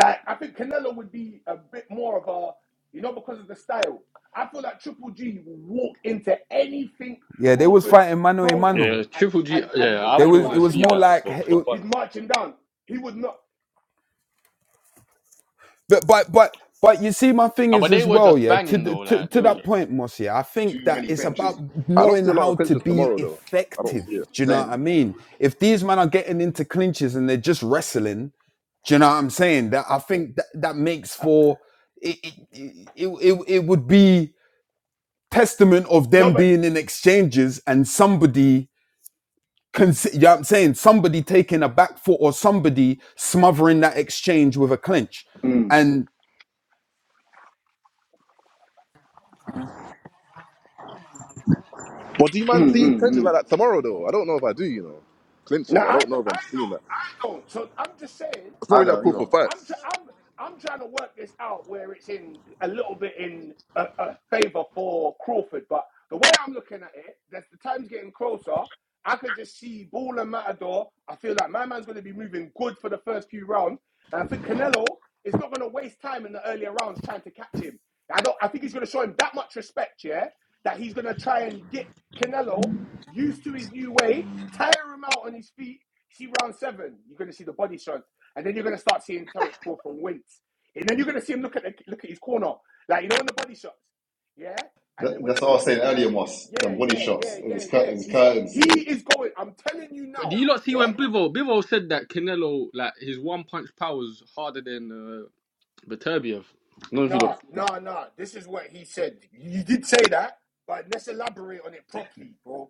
[SPEAKER 6] Like, I think Canelo would be a bit more of a, you know, because of the style. I feel like Triple G will walk into anything
[SPEAKER 5] Yeah. They was
[SPEAKER 6] Crawford
[SPEAKER 5] fighting mano a
[SPEAKER 6] throws at
[SPEAKER 2] Yeah,
[SPEAKER 5] mano.
[SPEAKER 2] Yeah,
[SPEAKER 6] him and
[SPEAKER 2] Triple G.
[SPEAKER 6] and and
[SPEAKER 2] Yeah, I
[SPEAKER 5] They
[SPEAKER 2] wouldn't
[SPEAKER 6] and
[SPEAKER 5] was. It
[SPEAKER 2] want to
[SPEAKER 6] march
[SPEAKER 5] was
[SPEAKER 6] him
[SPEAKER 2] see
[SPEAKER 5] more
[SPEAKER 6] down.
[SPEAKER 2] that,
[SPEAKER 5] like.
[SPEAKER 2] but
[SPEAKER 5] It,
[SPEAKER 2] for
[SPEAKER 5] wa-
[SPEAKER 2] fun.
[SPEAKER 6] He's marching down. He would not.
[SPEAKER 5] but but but but you see, my thing
[SPEAKER 2] No,
[SPEAKER 5] is
[SPEAKER 2] but they
[SPEAKER 5] as
[SPEAKER 2] were
[SPEAKER 5] well.
[SPEAKER 2] just
[SPEAKER 5] Yeah. To
[SPEAKER 2] banging
[SPEAKER 5] the-
[SPEAKER 2] though.
[SPEAKER 5] to
[SPEAKER 2] Like they
[SPEAKER 5] to
[SPEAKER 2] were
[SPEAKER 5] that
[SPEAKER 2] just.
[SPEAKER 5] point, Mosia, I think
[SPEAKER 1] Too
[SPEAKER 5] that
[SPEAKER 1] many
[SPEAKER 5] it's about
[SPEAKER 1] clenches.
[SPEAKER 3] I don't
[SPEAKER 5] knowing
[SPEAKER 3] see a lot of
[SPEAKER 5] how to
[SPEAKER 3] clinches
[SPEAKER 5] be
[SPEAKER 3] tomorrow though. I don't
[SPEAKER 5] effective.
[SPEAKER 3] see it.
[SPEAKER 5] Do you know what I
[SPEAKER 1] Same.
[SPEAKER 5] mean? If these men are getting into clinches and they're just wrestling, do you know what I'm saying? That I think that that makes for it. It it, it, it would be. testament of
[SPEAKER 6] No,
[SPEAKER 5] them
[SPEAKER 6] but
[SPEAKER 5] being in exchanges and somebody cons- you know what I'm saying somebody taking a back foot or somebody smothering that exchange with a clinch
[SPEAKER 6] mm,
[SPEAKER 5] and
[SPEAKER 3] But do you man
[SPEAKER 6] mm,
[SPEAKER 3] see
[SPEAKER 6] mm,
[SPEAKER 3] clinches like
[SPEAKER 6] mm.
[SPEAKER 3] that tomorrow though? I don't know if I do. You know,
[SPEAKER 6] no,
[SPEAKER 3] clinches. I
[SPEAKER 6] I
[SPEAKER 3] don't know
[SPEAKER 6] don't,
[SPEAKER 3] if
[SPEAKER 6] I
[SPEAKER 3] I'm seeing that.
[SPEAKER 6] don't. I don't. So I'm just saying.
[SPEAKER 3] It's not
[SPEAKER 1] I
[SPEAKER 3] really a
[SPEAKER 1] don't
[SPEAKER 3] call
[SPEAKER 1] either.
[SPEAKER 3] for
[SPEAKER 6] I'm try-
[SPEAKER 3] fights.
[SPEAKER 6] I'm I'm trying to work this out where it's in a little bit in a, a favor for Crawford, but the way I'm looking at it, as the time's getting closer. I could just see Ball and Matador. I feel like my man's going to be moving good for the first few rounds, and I think Canelo is not going to waste time in the earlier rounds trying to catch him. I don't. I think he's going to show him that much respect, yeah, that he's going to try and get Canelo used to his new way, tire him out on his feet. See round seven, you're going to see the body shots and then you're going to start seeing Terrence Crawl from weights, and then you're going to see him look at the, look at his corner, like you know, in the body shots, yeah. And then
[SPEAKER 1] That,
[SPEAKER 6] when
[SPEAKER 1] that's
[SPEAKER 6] they're
[SPEAKER 1] what I was
[SPEAKER 6] talking to
[SPEAKER 1] saying
[SPEAKER 6] him, he's
[SPEAKER 1] earlier,
[SPEAKER 6] like,
[SPEAKER 1] Moss.
[SPEAKER 6] yeah,
[SPEAKER 1] Them body
[SPEAKER 6] yeah, yeah,
[SPEAKER 1] shots,
[SPEAKER 6] yeah,
[SPEAKER 1] his, cur-
[SPEAKER 6] yeah. He's got, he
[SPEAKER 1] curtains.
[SPEAKER 6] is going. I'm telling you
[SPEAKER 2] But do
[SPEAKER 6] now,
[SPEAKER 2] you not see
[SPEAKER 6] yeah.
[SPEAKER 2] when Bivol Bivol said that Canelo like his one punch power was harder than uh, Beterbiev? I don't know if you
[SPEAKER 6] Nah,
[SPEAKER 2] don't see that.
[SPEAKER 6] nah, nah. This is what he said. You did say that, but let's elaborate on it properly, bro.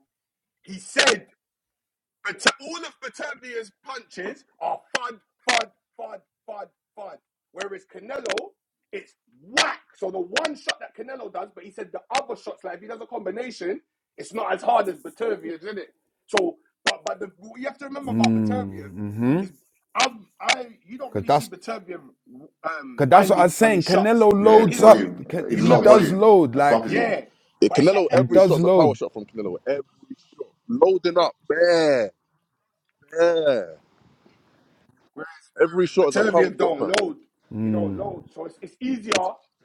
[SPEAKER 6] He said Bata- all of Batavia's punches are fud, fud, fud, fud, fud. Whereas Canelo, it's whack. So the one shot that Canelo does, but he said the other shots, like if he does a combination, it's not as hard as Batavia's, isn't it? So, but but the, what you have to remember about Batavia
[SPEAKER 5] mm-hmm,
[SPEAKER 6] is I I you don't
[SPEAKER 5] cause
[SPEAKER 6] really see
[SPEAKER 5] that's
[SPEAKER 6] Batavia um,
[SPEAKER 5] cause that's what I was
[SPEAKER 6] winding on
[SPEAKER 5] saying
[SPEAKER 6] his shots.
[SPEAKER 5] Canelo
[SPEAKER 2] Yeah.
[SPEAKER 1] Yeah,
[SPEAKER 6] He
[SPEAKER 1] it's
[SPEAKER 5] loads
[SPEAKER 6] doesn't do.
[SPEAKER 1] volume.
[SPEAKER 5] up Can-
[SPEAKER 6] You
[SPEAKER 1] It's a
[SPEAKER 5] he
[SPEAKER 1] lot of
[SPEAKER 6] never
[SPEAKER 5] does
[SPEAKER 6] see.
[SPEAKER 1] volume.
[SPEAKER 5] load
[SPEAKER 1] That's far
[SPEAKER 5] like
[SPEAKER 1] you.
[SPEAKER 6] Yeah,
[SPEAKER 3] Yeah,
[SPEAKER 6] but it's like
[SPEAKER 3] Canelo,
[SPEAKER 5] he
[SPEAKER 3] every
[SPEAKER 6] every.
[SPEAKER 5] does
[SPEAKER 3] shot's a power
[SPEAKER 5] load
[SPEAKER 3] shot from Canelo. Every shot, loading up, bare, bare. Every shot is a power
[SPEAKER 6] Servians
[SPEAKER 3] shot,
[SPEAKER 6] don't
[SPEAKER 3] fam.
[SPEAKER 6] load. He don't
[SPEAKER 5] mm,
[SPEAKER 6] load, so it's, it's easier
[SPEAKER 3] But
[SPEAKER 6] to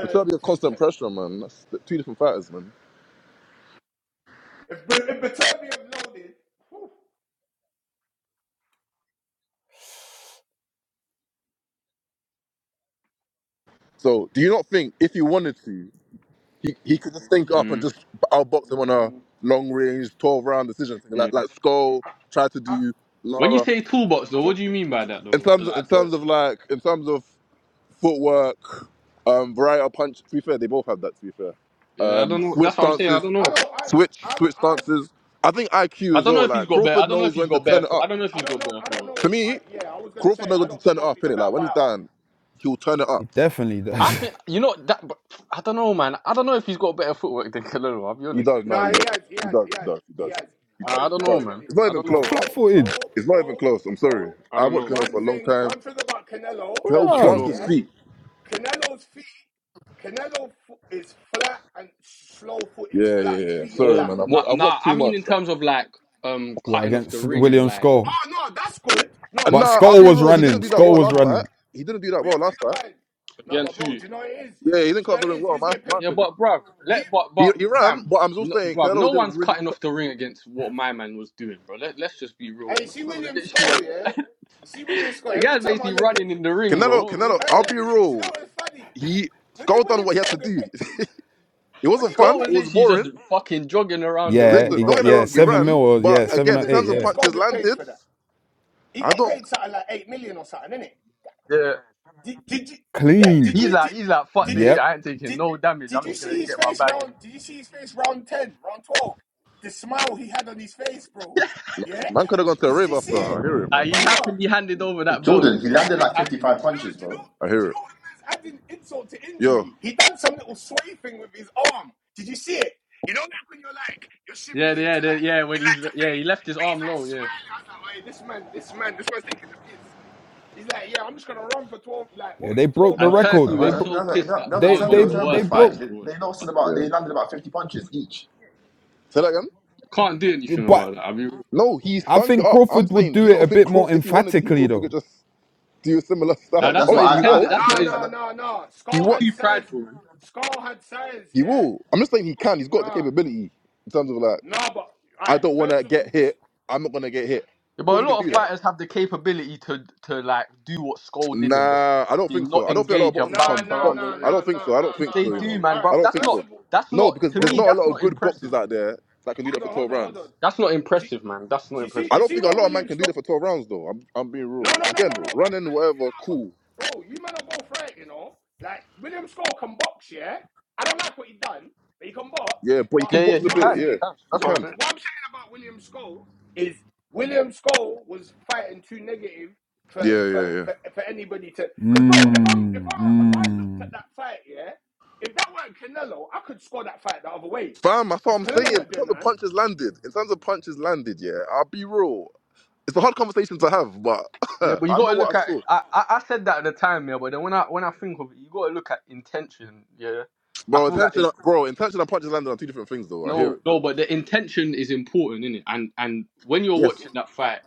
[SPEAKER 3] but that'll be a
[SPEAKER 6] to,
[SPEAKER 3] constant
[SPEAKER 6] to
[SPEAKER 3] pressure, man. That's two different fighters, man.
[SPEAKER 6] if if Batavian loaded. whew,
[SPEAKER 3] So do you not think if he wanted to? He, he could just think up and
[SPEAKER 2] Mm,
[SPEAKER 3] just outbox him on a
[SPEAKER 6] mm,
[SPEAKER 3] long range, twelve round decision thing. Like
[SPEAKER 2] yeah.
[SPEAKER 3] like Skull
[SPEAKER 6] I,
[SPEAKER 3] tried to
[SPEAKER 6] I,
[SPEAKER 3] do
[SPEAKER 2] When you
[SPEAKER 3] Lara.
[SPEAKER 2] say toolbox though, what
[SPEAKER 6] to,
[SPEAKER 2] do you mean by
[SPEAKER 6] to,
[SPEAKER 2] that
[SPEAKER 3] In
[SPEAKER 2] though?
[SPEAKER 3] terms
[SPEAKER 2] 'Cause
[SPEAKER 6] to,
[SPEAKER 2] I,
[SPEAKER 3] in
[SPEAKER 6] to,
[SPEAKER 3] terms of like in terms of footwork, um, variety of punch. To be fair, they both have that. To be fair,
[SPEAKER 2] yeah, I
[SPEAKER 3] um,
[SPEAKER 2] don't know.
[SPEAKER 3] switch
[SPEAKER 2] That's what I'm saying. I
[SPEAKER 3] stances,
[SPEAKER 2] don't
[SPEAKER 6] I
[SPEAKER 2] know.
[SPEAKER 6] don't I,
[SPEAKER 3] switch
[SPEAKER 6] I
[SPEAKER 3] switch
[SPEAKER 6] I
[SPEAKER 3] stances. I think IQ
[SPEAKER 2] I
[SPEAKER 3] as
[SPEAKER 2] don't know
[SPEAKER 3] well.
[SPEAKER 2] if he's
[SPEAKER 3] Like
[SPEAKER 2] got better. I
[SPEAKER 3] Crawford
[SPEAKER 2] don't know if
[SPEAKER 3] knows
[SPEAKER 2] he's
[SPEAKER 3] when to
[SPEAKER 2] got better.
[SPEAKER 3] turn it
[SPEAKER 2] Foot. I
[SPEAKER 3] up.
[SPEAKER 2] don't know if
[SPEAKER 6] I
[SPEAKER 2] he's
[SPEAKER 6] don't
[SPEAKER 2] got
[SPEAKER 6] know
[SPEAKER 2] better
[SPEAKER 6] I don't
[SPEAKER 2] footwork.
[SPEAKER 6] know
[SPEAKER 3] To
[SPEAKER 6] if I
[SPEAKER 3] me,
[SPEAKER 6] yeah I was gonna
[SPEAKER 3] Crawford
[SPEAKER 6] say
[SPEAKER 3] knows
[SPEAKER 6] I
[SPEAKER 3] when to
[SPEAKER 6] don't
[SPEAKER 3] turn it
[SPEAKER 6] know if
[SPEAKER 3] up.
[SPEAKER 6] he's a
[SPEAKER 3] Innit? Like
[SPEAKER 6] better
[SPEAKER 3] when he's
[SPEAKER 6] fighter.
[SPEAKER 3] down, he'll turn it up.
[SPEAKER 5] he definitely
[SPEAKER 2] I
[SPEAKER 5] does
[SPEAKER 2] think you know that. But I don't know, man. I don't know if he's got better footwork than Canelo. I'll be
[SPEAKER 3] He
[SPEAKER 2] honest. With
[SPEAKER 3] does.
[SPEAKER 6] No,
[SPEAKER 3] No, he
[SPEAKER 6] he
[SPEAKER 3] does.
[SPEAKER 6] has he
[SPEAKER 3] He
[SPEAKER 6] has
[SPEAKER 3] does.
[SPEAKER 6] he
[SPEAKER 3] He
[SPEAKER 6] has
[SPEAKER 3] does. He
[SPEAKER 6] he
[SPEAKER 3] does.
[SPEAKER 6] has.
[SPEAKER 3] He does. He
[SPEAKER 2] you.
[SPEAKER 6] Oh,
[SPEAKER 3] does.
[SPEAKER 2] I I
[SPEAKER 6] he's
[SPEAKER 2] don't
[SPEAKER 3] He
[SPEAKER 2] know,
[SPEAKER 3] does.
[SPEAKER 2] man.
[SPEAKER 6] definitely
[SPEAKER 3] It's not
[SPEAKER 2] I
[SPEAKER 3] even
[SPEAKER 5] *laughs*
[SPEAKER 2] don't
[SPEAKER 5] he's
[SPEAKER 2] know.
[SPEAKER 6] bro
[SPEAKER 3] close.
[SPEAKER 5] flat
[SPEAKER 6] bro
[SPEAKER 5] footed
[SPEAKER 3] It's not even
[SPEAKER 6] bro
[SPEAKER 3] close. I'm sorry.
[SPEAKER 6] bro.
[SPEAKER 2] I
[SPEAKER 3] I
[SPEAKER 2] don't
[SPEAKER 3] watched
[SPEAKER 2] know,
[SPEAKER 3] Canelo
[SPEAKER 2] man.
[SPEAKER 6] One
[SPEAKER 3] for a long
[SPEAKER 6] thing
[SPEAKER 3] time.
[SPEAKER 6] one thing about Canelo,
[SPEAKER 3] Canelo
[SPEAKER 2] I don't
[SPEAKER 3] plants
[SPEAKER 5] bruv
[SPEAKER 2] know,
[SPEAKER 3] his
[SPEAKER 2] man.
[SPEAKER 6] yeah.
[SPEAKER 3] feet.
[SPEAKER 6] Canelo's feet, Canelo is flat and slow footed. He's
[SPEAKER 3] Yeah, yeah,
[SPEAKER 6] flat. His
[SPEAKER 3] yeah. yeah.
[SPEAKER 6] feet are
[SPEAKER 3] Sorry,
[SPEAKER 6] flat.
[SPEAKER 2] No,
[SPEAKER 3] man. I've
[SPEAKER 2] nah,
[SPEAKER 3] watched, I've
[SPEAKER 2] nah.
[SPEAKER 3] watched
[SPEAKER 2] I
[SPEAKER 3] too
[SPEAKER 2] mean,
[SPEAKER 3] much.
[SPEAKER 2] in terms of like um
[SPEAKER 5] well
[SPEAKER 2] cutting off the
[SPEAKER 5] against
[SPEAKER 2] ring and
[SPEAKER 5] William
[SPEAKER 2] like
[SPEAKER 5] Skull
[SPEAKER 6] Oh no, that's good. No,
[SPEAKER 3] And
[SPEAKER 6] all
[SPEAKER 5] but
[SPEAKER 6] right,
[SPEAKER 3] nah, I'll
[SPEAKER 6] all
[SPEAKER 5] Skull
[SPEAKER 3] be
[SPEAKER 6] right.
[SPEAKER 5] was
[SPEAKER 3] real. He
[SPEAKER 6] So then
[SPEAKER 3] didn't
[SPEAKER 5] running
[SPEAKER 3] do
[SPEAKER 6] we have
[SPEAKER 3] that
[SPEAKER 6] to
[SPEAKER 5] Skull
[SPEAKER 3] well
[SPEAKER 5] was
[SPEAKER 3] last
[SPEAKER 6] define.
[SPEAKER 3] fight.
[SPEAKER 5] running
[SPEAKER 3] He didn't do that
[SPEAKER 6] We
[SPEAKER 3] well
[SPEAKER 6] have to
[SPEAKER 3] last fight.
[SPEAKER 6] define. No, but
[SPEAKER 2] against
[SPEAKER 6] bro,
[SPEAKER 2] who?
[SPEAKER 6] do you know what it is?
[SPEAKER 3] Yeah, he didn't
[SPEAKER 6] Do you
[SPEAKER 3] cut
[SPEAKER 6] know
[SPEAKER 3] off
[SPEAKER 6] what
[SPEAKER 3] the ring
[SPEAKER 6] it is?
[SPEAKER 3] well.
[SPEAKER 6] He's
[SPEAKER 3] My,
[SPEAKER 6] getting
[SPEAKER 3] my
[SPEAKER 6] paid.
[SPEAKER 2] Yeah,
[SPEAKER 3] opinion.
[SPEAKER 2] but bruv,
[SPEAKER 6] He,
[SPEAKER 2] let but
[SPEAKER 3] He,
[SPEAKER 2] but
[SPEAKER 3] he ran,
[SPEAKER 2] fam,
[SPEAKER 3] but I'm just
[SPEAKER 2] no,
[SPEAKER 3] saying
[SPEAKER 2] bruv,
[SPEAKER 3] Canelo
[SPEAKER 2] no
[SPEAKER 3] didn't
[SPEAKER 2] one's
[SPEAKER 3] really.
[SPEAKER 2] cutting
[SPEAKER 3] cut-
[SPEAKER 2] off the ring against what my man was doing, bro. Let let us just be real.
[SPEAKER 6] and you
[SPEAKER 2] My
[SPEAKER 6] see
[SPEAKER 2] man was
[SPEAKER 6] William
[SPEAKER 2] literally
[SPEAKER 6] Scott, yeah.
[SPEAKER 2] bruv, *laughs*
[SPEAKER 6] You see William
[SPEAKER 2] the
[SPEAKER 6] Scott. Every
[SPEAKER 2] guy's
[SPEAKER 6] time I
[SPEAKER 2] basically
[SPEAKER 6] look at,
[SPEAKER 2] running in the ring, bro.
[SPEAKER 3] Canelo,
[SPEAKER 2] What, what
[SPEAKER 3] Canelo.
[SPEAKER 2] the
[SPEAKER 6] hey,
[SPEAKER 3] I'll
[SPEAKER 6] hey,
[SPEAKER 2] fuck?
[SPEAKER 6] hey,
[SPEAKER 3] be
[SPEAKER 2] Is he
[SPEAKER 6] do
[SPEAKER 2] doing?
[SPEAKER 6] you know
[SPEAKER 3] real.
[SPEAKER 6] what's funny?
[SPEAKER 3] He
[SPEAKER 6] When did
[SPEAKER 3] scored done
[SPEAKER 6] William
[SPEAKER 3] what he had to
[SPEAKER 6] Scott get
[SPEAKER 3] do. *laughs*
[SPEAKER 6] paid?
[SPEAKER 3] it
[SPEAKER 6] When
[SPEAKER 3] wasn't
[SPEAKER 6] did he get
[SPEAKER 2] Skull
[SPEAKER 3] fun. It
[SPEAKER 2] was
[SPEAKER 6] paid?
[SPEAKER 3] was
[SPEAKER 2] literally just
[SPEAKER 3] boring.
[SPEAKER 2] fucking jogging around the
[SPEAKER 5] yeah
[SPEAKER 2] ring,
[SPEAKER 3] Listen,
[SPEAKER 5] he
[SPEAKER 3] don't
[SPEAKER 2] bro.
[SPEAKER 6] Hey,
[SPEAKER 5] got
[SPEAKER 3] get me
[SPEAKER 2] Like,
[SPEAKER 5] yeah
[SPEAKER 3] wrong. He
[SPEAKER 5] seven mil
[SPEAKER 3] ran,
[SPEAKER 5] or
[SPEAKER 3] but
[SPEAKER 5] yeah
[SPEAKER 6] when did
[SPEAKER 5] seven
[SPEAKER 6] when
[SPEAKER 3] again,
[SPEAKER 5] or
[SPEAKER 3] in
[SPEAKER 6] did
[SPEAKER 5] eight
[SPEAKER 3] terms of
[SPEAKER 5] yeah
[SPEAKER 6] William Scott
[SPEAKER 3] punches
[SPEAKER 6] get paid
[SPEAKER 3] landed,
[SPEAKER 6] for that? He
[SPEAKER 3] I
[SPEAKER 6] got
[SPEAKER 3] don't.
[SPEAKER 6] paid something like eight million or something, innit?
[SPEAKER 2] yeah,
[SPEAKER 6] Did, did you? Yeah. Did
[SPEAKER 5] clean.
[SPEAKER 2] he's
[SPEAKER 6] you? Did,
[SPEAKER 2] like he's like fuck
[SPEAKER 6] did
[SPEAKER 2] this
[SPEAKER 6] you?
[SPEAKER 2] shit.
[SPEAKER 5] Yep.
[SPEAKER 2] I ain't taking
[SPEAKER 6] Did
[SPEAKER 2] no damage.
[SPEAKER 6] Did
[SPEAKER 2] I'm
[SPEAKER 6] you
[SPEAKER 2] just gonna
[SPEAKER 6] see his
[SPEAKER 2] get my
[SPEAKER 6] face
[SPEAKER 2] bag and.
[SPEAKER 6] round? Did you see his face round ten, round twelve? The smile he had on his face, bro. Yeah.
[SPEAKER 3] Man
[SPEAKER 6] *laughs*
[SPEAKER 3] could
[SPEAKER 6] did
[SPEAKER 3] have gone to a rave
[SPEAKER 6] you see
[SPEAKER 3] after. I
[SPEAKER 6] it,
[SPEAKER 3] hear it,
[SPEAKER 2] Uh,
[SPEAKER 3] man.
[SPEAKER 2] he
[SPEAKER 6] brother?
[SPEAKER 2] happily handed over that belt,
[SPEAKER 1] Jordan,
[SPEAKER 2] you
[SPEAKER 1] he
[SPEAKER 6] Yeah.
[SPEAKER 2] know.
[SPEAKER 1] landed
[SPEAKER 6] I,
[SPEAKER 2] He
[SPEAKER 1] like 55
[SPEAKER 2] happily.
[SPEAKER 6] no,
[SPEAKER 1] punches,
[SPEAKER 6] do you know?
[SPEAKER 1] bro.
[SPEAKER 3] I
[SPEAKER 6] Do you
[SPEAKER 3] hear it.
[SPEAKER 6] know what? Man's adding insult to
[SPEAKER 3] Yo,
[SPEAKER 6] injury. He done some little sway thing with his arm. Did you see it? You know, like when you're like you're
[SPEAKER 2] Yeah,
[SPEAKER 6] shimmying to
[SPEAKER 2] yeah, the,
[SPEAKER 6] like
[SPEAKER 2] yeah. When
[SPEAKER 6] and
[SPEAKER 2] he's
[SPEAKER 6] like to
[SPEAKER 2] yeah, he
[SPEAKER 6] fade,
[SPEAKER 2] left his
[SPEAKER 6] but
[SPEAKER 2] arm
[SPEAKER 6] he's like
[SPEAKER 2] low. Yeah,
[SPEAKER 6] smiling. I was like, hey, this man, this man, this man's taking the piss. He's like, yeah, I'm just gonna run for twelve. Like, what
[SPEAKER 5] Yeah,
[SPEAKER 6] was
[SPEAKER 5] they
[SPEAKER 6] it?
[SPEAKER 5] broke
[SPEAKER 6] Twelve
[SPEAKER 5] the
[SPEAKER 2] and
[SPEAKER 6] rounds. I'm
[SPEAKER 2] Turkey
[SPEAKER 5] record.
[SPEAKER 6] gonna
[SPEAKER 5] They
[SPEAKER 1] Right,
[SPEAKER 2] was
[SPEAKER 6] run.
[SPEAKER 1] that,
[SPEAKER 5] bro-
[SPEAKER 2] so
[SPEAKER 1] that's a,
[SPEAKER 2] pissed
[SPEAKER 1] that,
[SPEAKER 2] that
[SPEAKER 1] that was a
[SPEAKER 2] that
[SPEAKER 5] they
[SPEAKER 2] was one
[SPEAKER 5] they
[SPEAKER 2] of
[SPEAKER 1] terrible,
[SPEAKER 2] the
[SPEAKER 1] terrible
[SPEAKER 5] they
[SPEAKER 2] worst fights
[SPEAKER 1] fight.
[SPEAKER 5] broke.
[SPEAKER 1] They,
[SPEAKER 2] I've
[SPEAKER 1] they
[SPEAKER 2] watched. Bro.
[SPEAKER 1] lost in about,
[SPEAKER 3] yeah.
[SPEAKER 1] they landed about 50 punches each.
[SPEAKER 3] Say that again.
[SPEAKER 2] Can't do anything
[SPEAKER 5] But
[SPEAKER 2] about that. I mean,
[SPEAKER 3] No, he
[SPEAKER 5] I
[SPEAKER 3] stunk it
[SPEAKER 5] think
[SPEAKER 3] up. I'm
[SPEAKER 5] Crawford would
[SPEAKER 3] saying, do
[SPEAKER 5] do
[SPEAKER 3] you
[SPEAKER 5] it
[SPEAKER 3] not
[SPEAKER 5] a
[SPEAKER 3] think
[SPEAKER 5] bit
[SPEAKER 3] Crawf-
[SPEAKER 5] more
[SPEAKER 3] if he wanted to,
[SPEAKER 5] emphatically,
[SPEAKER 3] Crawford could
[SPEAKER 5] though.
[SPEAKER 3] just do a similar *laughs* stuff?
[SPEAKER 2] now
[SPEAKER 1] That,
[SPEAKER 2] that's
[SPEAKER 1] that's
[SPEAKER 2] not
[SPEAKER 1] what
[SPEAKER 2] his
[SPEAKER 3] Obviously,
[SPEAKER 1] I,
[SPEAKER 3] he
[SPEAKER 1] I,
[SPEAKER 2] tender.
[SPEAKER 3] won't.
[SPEAKER 1] I,
[SPEAKER 2] That's not
[SPEAKER 6] No,
[SPEAKER 2] his.
[SPEAKER 1] I
[SPEAKER 6] no, no, no.
[SPEAKER 3] He
[SPEAKER 6] Skull
[SPEAKER 3] won't.
[SPEAKER 6] had
[SPEAKER 2] He's too
[SPEAKER 6] says,
[SPEAKER 2] prideful. Man.
[SPEAKER 6] Skull had says,
[SPEAKER 3] He
[SPEAKER 6] yeah.
[SPEAKER 3] will. I'm just saying he can. He's got the
[SPEAKER 6] No,
[SPEAKER 3] capability in terms of like,
[SPEAKER 6] no, but
[SPEAKER 3] I
[SPEAKER 6] alright.
[SPEAKER 3] don't want to
[SPEAKER 6] First of
[SPEAKER 3] get
[SPEAKER 6] all, this,
[SPEAKER 3] hit. I'm not gonna get hit.
[SPEAKER 2] Yeah, but
[SPEAKER 3] Crawford
[SPEAKER 2] a
[SPEAKER 3] can
[SPEAKER 2] lot of
[SPEAKER 3] do
[SPEAKER 6] yeah,
[SPEAKER 3] that.
[SPEAKER 6] but
[SPEAKER 2] fighters have the capability to to like do what Skull did and just
[SPEAKER 3] Nah, I don't think
[SPEAKER 2] fucking
[SPEAKER 3] so.
[SPEAKER 2] not
[SPEAKER 3] I don't think a lot of
[SPEAKER 2] engage and
[SPEAKER 3] boxers
[SPEAKER 6] no,
[SPEAKER 2] bounce
[SPEAKER 3] can
[SPEAKER 6] no,
[SPEAKER 2] around
[SPEAKER 3] box.
[SPEAKER 2] the
[SPEAKER 6] no, no,
[SPEAKER 3] I
[SPEAKER 2] ring.
[SPEAKER 3] don't
[SPEAKER 6] no, no, no,
[SPEAKER 3] think so. I don't
[SPEAKER 2] If
[SPEAKER 3] think
[SPEAKER 2] they
[SPEAKER 3] so. You know,
[SPEAKER 2] do,
[SPEAKER 6] no.
[SPEAKER 2] man,
[SPEAKER 6] Alright.
[SPEAKER 2] bro,
[SPEAKER 3] I don't
[SPEAKER 2] that's
[SPEAKER 3] think
[SPEAKER 6] First
[SPEAKER 3] so.
[SPEAKER 2] not
[SPEAKER 6] of all,
[SPEAKER 2] that's
[SPEAKER 3] No,
[SPEAKER 2] not
[SPEAKER 3] because
[SPEAKER 2] to
[SPEAKER 3] there's
[SPEAKER 2] me.
[SPEAKER 6] bro,
[SPEAKER 3] not a
[SPEAKER 2] That's
[SPEAKER 3] lot of
[SPEAKER 2] not
[SPEAKER 3] good
[SPEAKER 2] impressive.
[SPEAKER 3] boxers out there that can do that for
[SPEAKER 6] hold on,
[SPEAKER 3] 12
[SPEAKER 6] hold on, hold on.
[SPEAKER 3] rounds.
[SPEAKER 2] That's not
[SPEAKER 6] See,
[SPEAKER 2] impressive, man. That's not
[SPEAKER 6] see, see,
[SPEAKER 2] impressive.
[SPEAKER 3] I
[SPEAKER 6] you
[SPEAKER 3] don't
[SPEAKER 6] see
[SPEAKER 3] think a
[SPEAKER 6] what
[SPEAKER 3] lot of man
[SPEAKER 6] William
[SPEAKER 3] can do that
[SPEAKER 6] Scott.
[SPEAKER 3] for 12 rounds though. I'm I'm being
[SPEAKER 6] No,
[SPEAKER 3] real.
[SPEAKER 6] no, no, no,
[SPEAKER 3] Again,
[SPEAKER 6] no. Hey,
[SPEAKER 3] running
[SPEAKER 6] hey, you
[SPEAKER 3] whatever,
[SPEAKER 6] know, what?
[SPEAKER 3] cool.
[SPEAKER 6] bro, you man are both right, you know. Like William Score can box, yeah. I don't like what he done, but he can box.
[SPEAKER 3] Yeah, but you
[SPEAKER 6] But
[SPEAKER 2] Yeah,
[SPEAKER 3] can
[SPEAKER 2] yeah,
[SPEAKER 3] box a
[SPEAKER 2] he
[SPEAKER 6] what I'm
[SPEAKER 3] bit.
[SPEAKER 2] can. He
[SPEAKER 3] Yeah,
[SPEAKER 6] saying,
[SPEAKER 2] can.
[SPEAKER 3] you
[SPEAKER 2] That's what
[SPEAKER 6] what
[SPEAKER 2] I'm
[SPEAKER 3] can.
[SPEAKER 6] I'm,
[SPEAKER 2] saying.
[SPEAKER 6] what I'm saying about William Skull is William Skull was fighting too negative for
[SPEAKER 3] Yeah, yeah,
[SPEAKER 6] for
[SPEAKER 3] yeah.
[SPEAKER 6] for, for anybody to. Because bro, if I'm if
[SPEAKER 5] Mm,
[SPEAKER 6] I if I looked at
[SPEAKER 5] mm.
[SPEAKER 6] that fight, yeah, if that weren't Canelo, I could score that fight the other way.
[SPEAKER 3] Fam, that's what
[SPEAKER 6] Because
[SPEAKER 3] I'm saying.
[SPEAKER 6] Canelo
[SPEAKER 3] In
[SPEAKER 6] weren't doing
[SPEAKER 3] terms of
[SPEAKER 6] that.
[SPEAKER 3] punches landed, in terms of punches landed, yeah, I'll be real. It's a hard conversation to have, but *laughs*
[SPEAKER 2] Yeah,
[SPEAKER 3] I
[SPEAKER 2] but you
[SPEAKER 3] know
[SPEAKER 2] gotta
[SPEAKER 3] what
[SPEAKER 2] look
[SPEAKER 3] I
[SPEAKER 2] at.
[SPEAKER 3] saw.
[SPEAKER 2] I, I I said that at the time, yeah. But then when I when I think of it, you gotta look at intention. Yeah, I
[SPEAKER 3] Bro,
[SPEAKER 2] feel like it,
[SPEAKER 3] intention, bro, intention and punches landed are two different things, though. I hear
[SPEAKER 2] no,
[SPEAKER 3] it. Bro.
[SPEAKER 2] no, but the intention is important, is it? And and when you're
[SPEAKER 3] Yes.
[SPEAKER 2] watching that fight,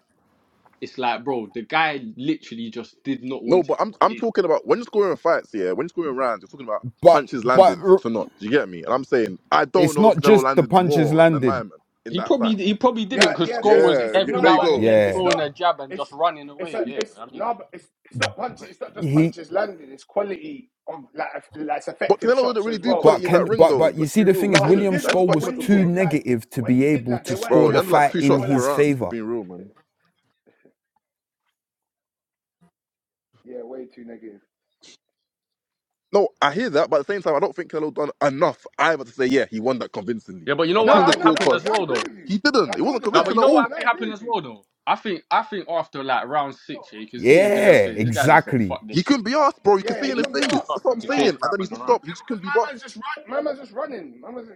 [SPEAKER 2] it's like, bro, the guy literally just did not
[SPEAKER 3] No,
[SPEAKER 2] want to.
[SPEAKER 3] but I'm, I'm
[SPEAKER 2] engage.
[SPEAKER 3] talking about when you're scoring fights, yeah, when you're scoring rounds, you're talking about
[SPEAKER 5] But
[SPEAKER 3] punches
[SPEAKER 5] but
[SPEAKER 3] landed
[SPEAKER 5] r-
[SPEAKER 3] to not. Do you get me? And I'm saying, I don't
[SPEAKER 5] it's
[SPEAKER 3] know if
[SPEAKER 5] not
[SPEAKER 3] Canelo
[SPEAKER 5] just the
[SPEAKER 3] landed
[SPEAKER 5] punches
[SPEAKER 3] more than
[SPEAKER 5] landed.
[SPEAKER 3] my man in
[SPEAKER 2] He
[SPEAKER 3] that fight.
[SPEAKER 2] probably he probably didn't
[SPEAKER 6] Yeah,
[SPEAKER 2] because
[SPEAKER 6] yeah, but
[SPEAKER 2] score
[SPEAKER 6] it's,
[SPEAKER 2] was
[SPEAKER 3] Yeah,
[SPEAKER 6] it's
[SPEAKER 3] yeah,
[SPEAKER 2] every
[SPEAKER 3] there
[SPEAKER 6] no,
[SPEAKER 3] you
[SPEAKER 2] now
[SPEAKER 6] but
[SPEAKER 2] and
[SPEAKER 3] go.
[SPEAKER 2] again
[SPEAKER 6] it's
[SPEAKER 5] Yeah,
[SPEAKER 2] throwing
[SPEAKER 6] not.
[SPEAKER 2] a jab and just
[SPEAKER 6] It's
[SPEAKER 2] running away.
[SPEAKER 6] it's a
[SPEAKER 2] Yeah,
[SPEAKER 6] it's
[SPEAKER 2] I mean,
[SPEAKER 6] no, but it's it's not punches. It's not just
[SPEAKER 5] he
[SPEAKER 6] punches landed. It's quality of like eff- like it's
[SPEAKER 3] But
[SPEAKER 6] effective
[SPEAKER 3] Canelo didn't
[SPEAKER 6] shots
[SPEAKER 3] really
[SPEAKER 6] as
[SPEAKER 3] do
[SPEAKER 6] well.
[SPEAKER 5] But
[SPEAKER 3] quality in
[SPEAKER 5] can
[SPEAKER 3] that ring,
[SPEAKER 5] but
[SPEAKER 3] though.
[SPEAKER 5] but you
[SPEAKER 3] Let's be
[SPEAKER 5] see the
[SPEAKER 3] real.
[SPEAKER 5] thing
[SPEAKER 3] He
[SPEAKER 5] is
[SPEAKER 6] No, he
[SPEAKER 3] didn't. He
[SPEAKER 5] William
[SPEAKER 6] did
[SPEAKER 3] tried to
[SPEAKER 6] them,
[SPEAKER 5] Scholl
[SPEAKER 6] but
[SPEAKER 3] back him
[SPEAKER 5] was
[SPEAKER 6] when
[SPEAKER 3] into a
[SPEAKER 6] he
[SPEAKER 5] too
[SPEAKER 3] corner.
[SPEAKER 6] did land,
[SPEAKER 5] negative to
[SPEAKER 6] when
[SPEAKER 5] be
[SPEAKER 6] he did
[SPEAKER 5] able
[SPEAKER 6] land, they
[SPEAKER 5] to
[SPEAKER 6] weren't
[SPEAKER 5] score
[SPEAKER 3] Bro, he
[SPEAKER 5] the
[SPEAKER 3] had
[SPEAKER 6] jabs. They
[SPEAKER 3] like
[SPEAKER 5] fight
[SPEAKER 6] were
[SPEAKER 3] two
[SPEAKER 6] they
[SPEAKER 5] in
[SPEAKER 3] shots
[SPEAKER 6] were
[SPEAKER 3] per
[SPEAKER 5] his
[SPEAKER 6] like
[SPEAKER 3] round, for
[SPEAKER 5] favor.
[SPEAKER 3] being real, man.
[SPEAKER 6] Yeah, way too negative.
[SPEAKER 3] No, I hear that, but at the same time, I don't think Canelo done enough either to say, yeah, he won that convincingly.
[SPEAKER 2] yeah, but you
[SPEAKER 3] i
[SPEAKER 2] know
[SPEAKER 3] have
[SPEAKER 6] no,
[SPEAKER 2] what
[SPEAKER 3] seen
[SPEAKER 2] I
[SPEAKER 6] I
[SPEAKER 3] the
[SPEAKER 2] think
[SPEAKER 6] know,
[SPEAKER 2] happened
[SPEAKER 6] no,
[SPEAKER 2] as
[SPEAKER 6] yeah,
[SPEAKER 3] scorecards.
[SPEAKER 6] I
[SPEAKER 2] well
[SPEAKER 6] agree
[SPEAKER 2] though.
[SPEAKER 6] with you,
[SPEAKER 3] He didn't.
[SPEAKER 6] uh,
[SPEAKER 3] It wasn't
[SPEAKER 6] Jordan.
[SPEAKER 2] No,
[SPEAKER 6] I
[SPEAKER 2] but
[SPEAKER 3] convincing
[SPEAKER 2] you
[SPEAKER 3] at
[SPEAKER 2] know what
[SPEAKER 3] all.
[SPEAKER 2] I
[SPEAKER 6] Jordan, I
[SPEAKER 2] think
[SPEAKER 6] agree
[SPEAKER 2] happened
[SPEAKER 6] with
[SPEAKER 2] as
[SPEAKER 6] you.
[SPEAKER 2] well though. I think I
[SPEAKER 6] I,
[SPEAKER 2] think after like round six, yeah, you can see it in Canelo's
[SPEAKER 5] Yeah,
[SPEAKER 2] face. This guy just said,
[SPEAKER 5] exactly.
[SPEAKER 2] "Fuck this
[SPEAKER 3] He couldn't
[SPEAKER 2] shit."
[SPEAKER 3] be asked, bro. You could
[SPEAKER 6] yeah,
[SPEAKER 3] see
[SPEAKER 6] he
[SPEAKER 2] Yeah,
[SPEAKER 3] in
[SPEAKER 2] He
[SPEAKER 3] his
[SPEAKER 6] couldn't be
[SPEAKER 3] face.
[SPEAKER 2] couldn't be
[SPEAKER 6] asked. He
[SPEAKER 3] That's what I'm
[SPEAKER 2] asked
[SPEAKER 6] couldn't
[SPEAKER 2] to
[SPEAKER 6] be asked.
[SPEAKER 3] saying.
[SPEAKER 2] chase
[SPEAKER 3] And
[SPEAKER 2] my
[SPEAKER 3] then he
[SPEAKER 2] man
[SPEAKER 3] just
[SPEAKER 2] around.
[SPEAKER 3] stopped. He
[SPEAKER 6] Yeah,
[SPEAKER 3] just
[SPEAKER 6] because
[SPEAKER 3] couldn't be
[SPEAKER 6] my
[SPEAKER 3] bothered.
[SPEAKER 6] man's just run. My man's just running. My man's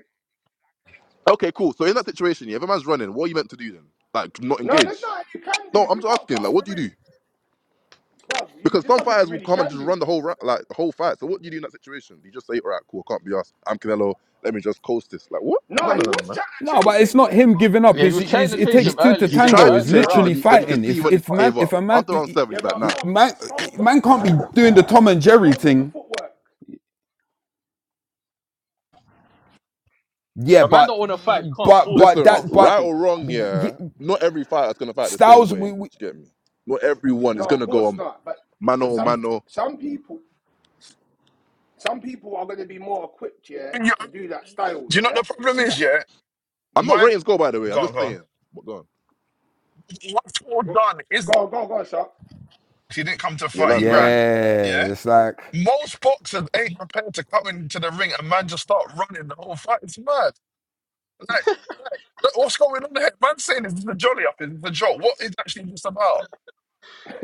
[SPEAKER 3] Okay, cool. So in that situation, yeah, if a man's running, what are you meant to do then? Like, not
[SPEAKER 6] no, there's
[SPEAKER 3] engage?
[SPEAKER 6] nothing you can do
[SPEAKER 3] No,
[SPEAKER 6] if
[SPEAKER 3] I'm
[SPEAKER 6] you
[SPEAKER 3] just
[SPEAKER 6] can't
[SPEAKER 3] asking.
[SPEAKER 6] cut
[SPEAKER 3] Like,
[SPEAKER 6] off
[SPEAKER 3] what
[SPEAKER 6] the
[SPEAKER 3] do you do?
[SPEAKER 6] ring, bro. You,
[SPEAKER 3] Because
[SPEAKER 6] there's
[SPEAKER 3] some
[SPEAKER 6] nothing you
[SPEAKER 3] fighters will
[SPEAKER 6] really
[SPEAKER 3] come and
[SPEAKER 6] can
[SPEAKER 3] just
[SPEAKER 6] do.
[SPEAKER 3] run the whole ra- like the whole fight. So what do you do in that situation? Do you just say, all right, cool, I can't be asked. I'm Canelo. Let me just coast this. Like, what?
[SPEAKER 6] No,
[SPEAKER 3] No,
[SPEAKER 6] he
[SPEAKER 3] no, no, no,
[SPEAKER 6] was
[SPEAKER 3] man.
[SPEAKER 6] trying
[SPEAKER 5] No,
[SPEAKER 6] to chase
[SPEAKER 5] but it's
[SPEAKER 6] him,
[SPEAKER 5] not
[SPEAKER 6] yeah,
[SPEAKER 5] him
[SPEAKER 6] but
[SPEAKER 5] giving up.
[SPEAKER 2] Yeah, he
[SPEAKER 5] It's,
[SPEAKER 2] was trying
[SPEAKER 5] it's
[SPEAKER 2] to
[SPEAKER 5] it
[SPEAKER 6] he,
[SPEAKER 2] chase
[SPEAKER 3] He,
[SPEAKER 5] takes
[SPEAKER 2] him
[SPEAKER 5] two to
[SPEAKER 2] earlier
[SPEAKER 6] he's
[SPEAKER 3] he
[SPEAKER 2] in the
[SPEAKER 5] tango.
[SPEAKER 3] tried
[SPEAKER 6] trying
[SPEAKER 3] to
[SPEAKER 5] It's
[SPEAKER 6] to,
[SPEAKER 2] earlier
[SPEAKER 3] chase him,
[SPEAKER 6] but
[SPEAKER 3] then,
[SPEAKER 5] literally
[SPEAKER 2] rounds,
[SPEAKER 3] he, then
[SPEAKER 2] but
[SPEAKER 3] you
[SPEAKER 2] then he
[SPEAKER 3] could
[SPEAKER 5] fighting.
[SPEAKER 3] see
[SPEAKER 2] just
[SPEAKER 5] If
[SPEAKER 3] when
[SPEAKER 2] said,
[SPEAKER 3] he
[SPEAKER 5] if
[SPEAKER 2] "Fuck
[SPEAKER 3] gave
[SPEAKER 5] man
[SPEAKER 2] this
[SPEAKER 5] if
[SPEAKER 3] up.
[SPEAKER 5] a
[SPEAKER 2] shit."
[SPEAKER 5] man
[SPEAKER 3] After
[SPEAKER 5] i-
[SPEAKER 3] round
[SPEAKER 5] i-
[SPEAKER 3] seven,
[SPEAKER 6] yeah,
[SPEAKER 3] he's like,
[SPEAKER 6] but
[SPEAKER 5] i-
[SPEAKER 3] nah.
[SPEAKER 6] bro,
[SPEAKER 5] man
[SPEAKER 6] Skull's
[SPEAKER 5] i-
[SPEAKER 6] got
[SPEAKER 5] man can't
[SPEAKER 6] Skull's
[SPEAKER 5] be doing the Tom and Jerry
[SPEAKER 6] Skull's got the
[SPEAKER 5] thing.
[SPEAKER 6] footwork.
[SPEAKER 5] Yeah,
[SPEAKER 2] The man
[SPEAKER 5] but
[SPEAKER 2] don't want to fight. You can't
[SPEAKER 5] but
[SPEAKER 2] force it. You
[SPEAKER 5] but
[SPEAKER 3] Listen,
[SPEAKER 2] can't
[SPEAKER 5] that but
[SPEAKER 2] force
[SPEAKER 3] right
[SPEAKER 2] him
[SPEAKER 3] or
[SPEAKER 2] to
[SPEAKER 3] wrong,
[SPEAKER 2] fight.
[SPEAKER 5] y-
[SPEAKER 3] yeah,
[SPEAKER 5] y-
[SPEAKER 3] not every fighter's going to fight the same
[SPEAKER 5] Styles
[SPEAKER 3] way.
[SPEAKER 5] we,
[SPEAKER 3] Do
[SPEAKER 5] we
[SPEAKER 3] you get me? Not everyone is
[SPEAKER 6] No,
[SPEAKER 3] going
[SPEAKER 6] of
[SPEAKER 3] to go
[SPEAKER 6] course
[SPEAKER 3] on
[SPEAKER 6] not. But
[SPEAKER 3] mano
[SPEAKER 6] but
[SPEAKER 3] or
[SPEAKER 6] some
[SPEAKER 7] You-
[SPEAKER 3] mano.
[SPEAKER 6] some people some people are going to be more equipped, yeah, to
[SPEAKER 7] do
[SPEAKER 6] do that style,
[SPEAKER 7] you know
[SPEAKER 6] yeah.
[SPEAKER 7] what the problem
[SPEAKER 6] See
[SPEAKER 7] is?
[SPEAKER 6] that?
[SPEAKER 7] Yeah,
[SPEAKER 3] I'm not
[SPEAKER 7] my
[SPEAKER 3] rating score, by the way.
[SPEAKER 7] go
[SPEAKER 3] I'm
[SPEAKER 7] on,
[SPEAKER 3] just
[SPEAKER 7] go on.
[SPEAKER 3] saying. But go on.
[SPEAKER 7] What Paul
[SPEAKER 6] Go
[SPEAKER 7] done is
[SPEAKER 6] go go, on, go shot.
[SPEAKER 7] he didn't come to
[SPEAKER 3] Yeah,
[SPEAKER 7] fight. He
[SPEAKER 3] land, land.
[SPEAKER 7] ran. Yeah.
[SPEAKER 5] yeah. It's like
[SPEAKER 7] Most boxers ain't prepared to come into the ring and man just start running the whole fight. It's mad. Like, like, look, what's going on here? Man's saying this is a jolly up, this is a jolt. What is actually this about?
[SPEAKER 6] *laughs*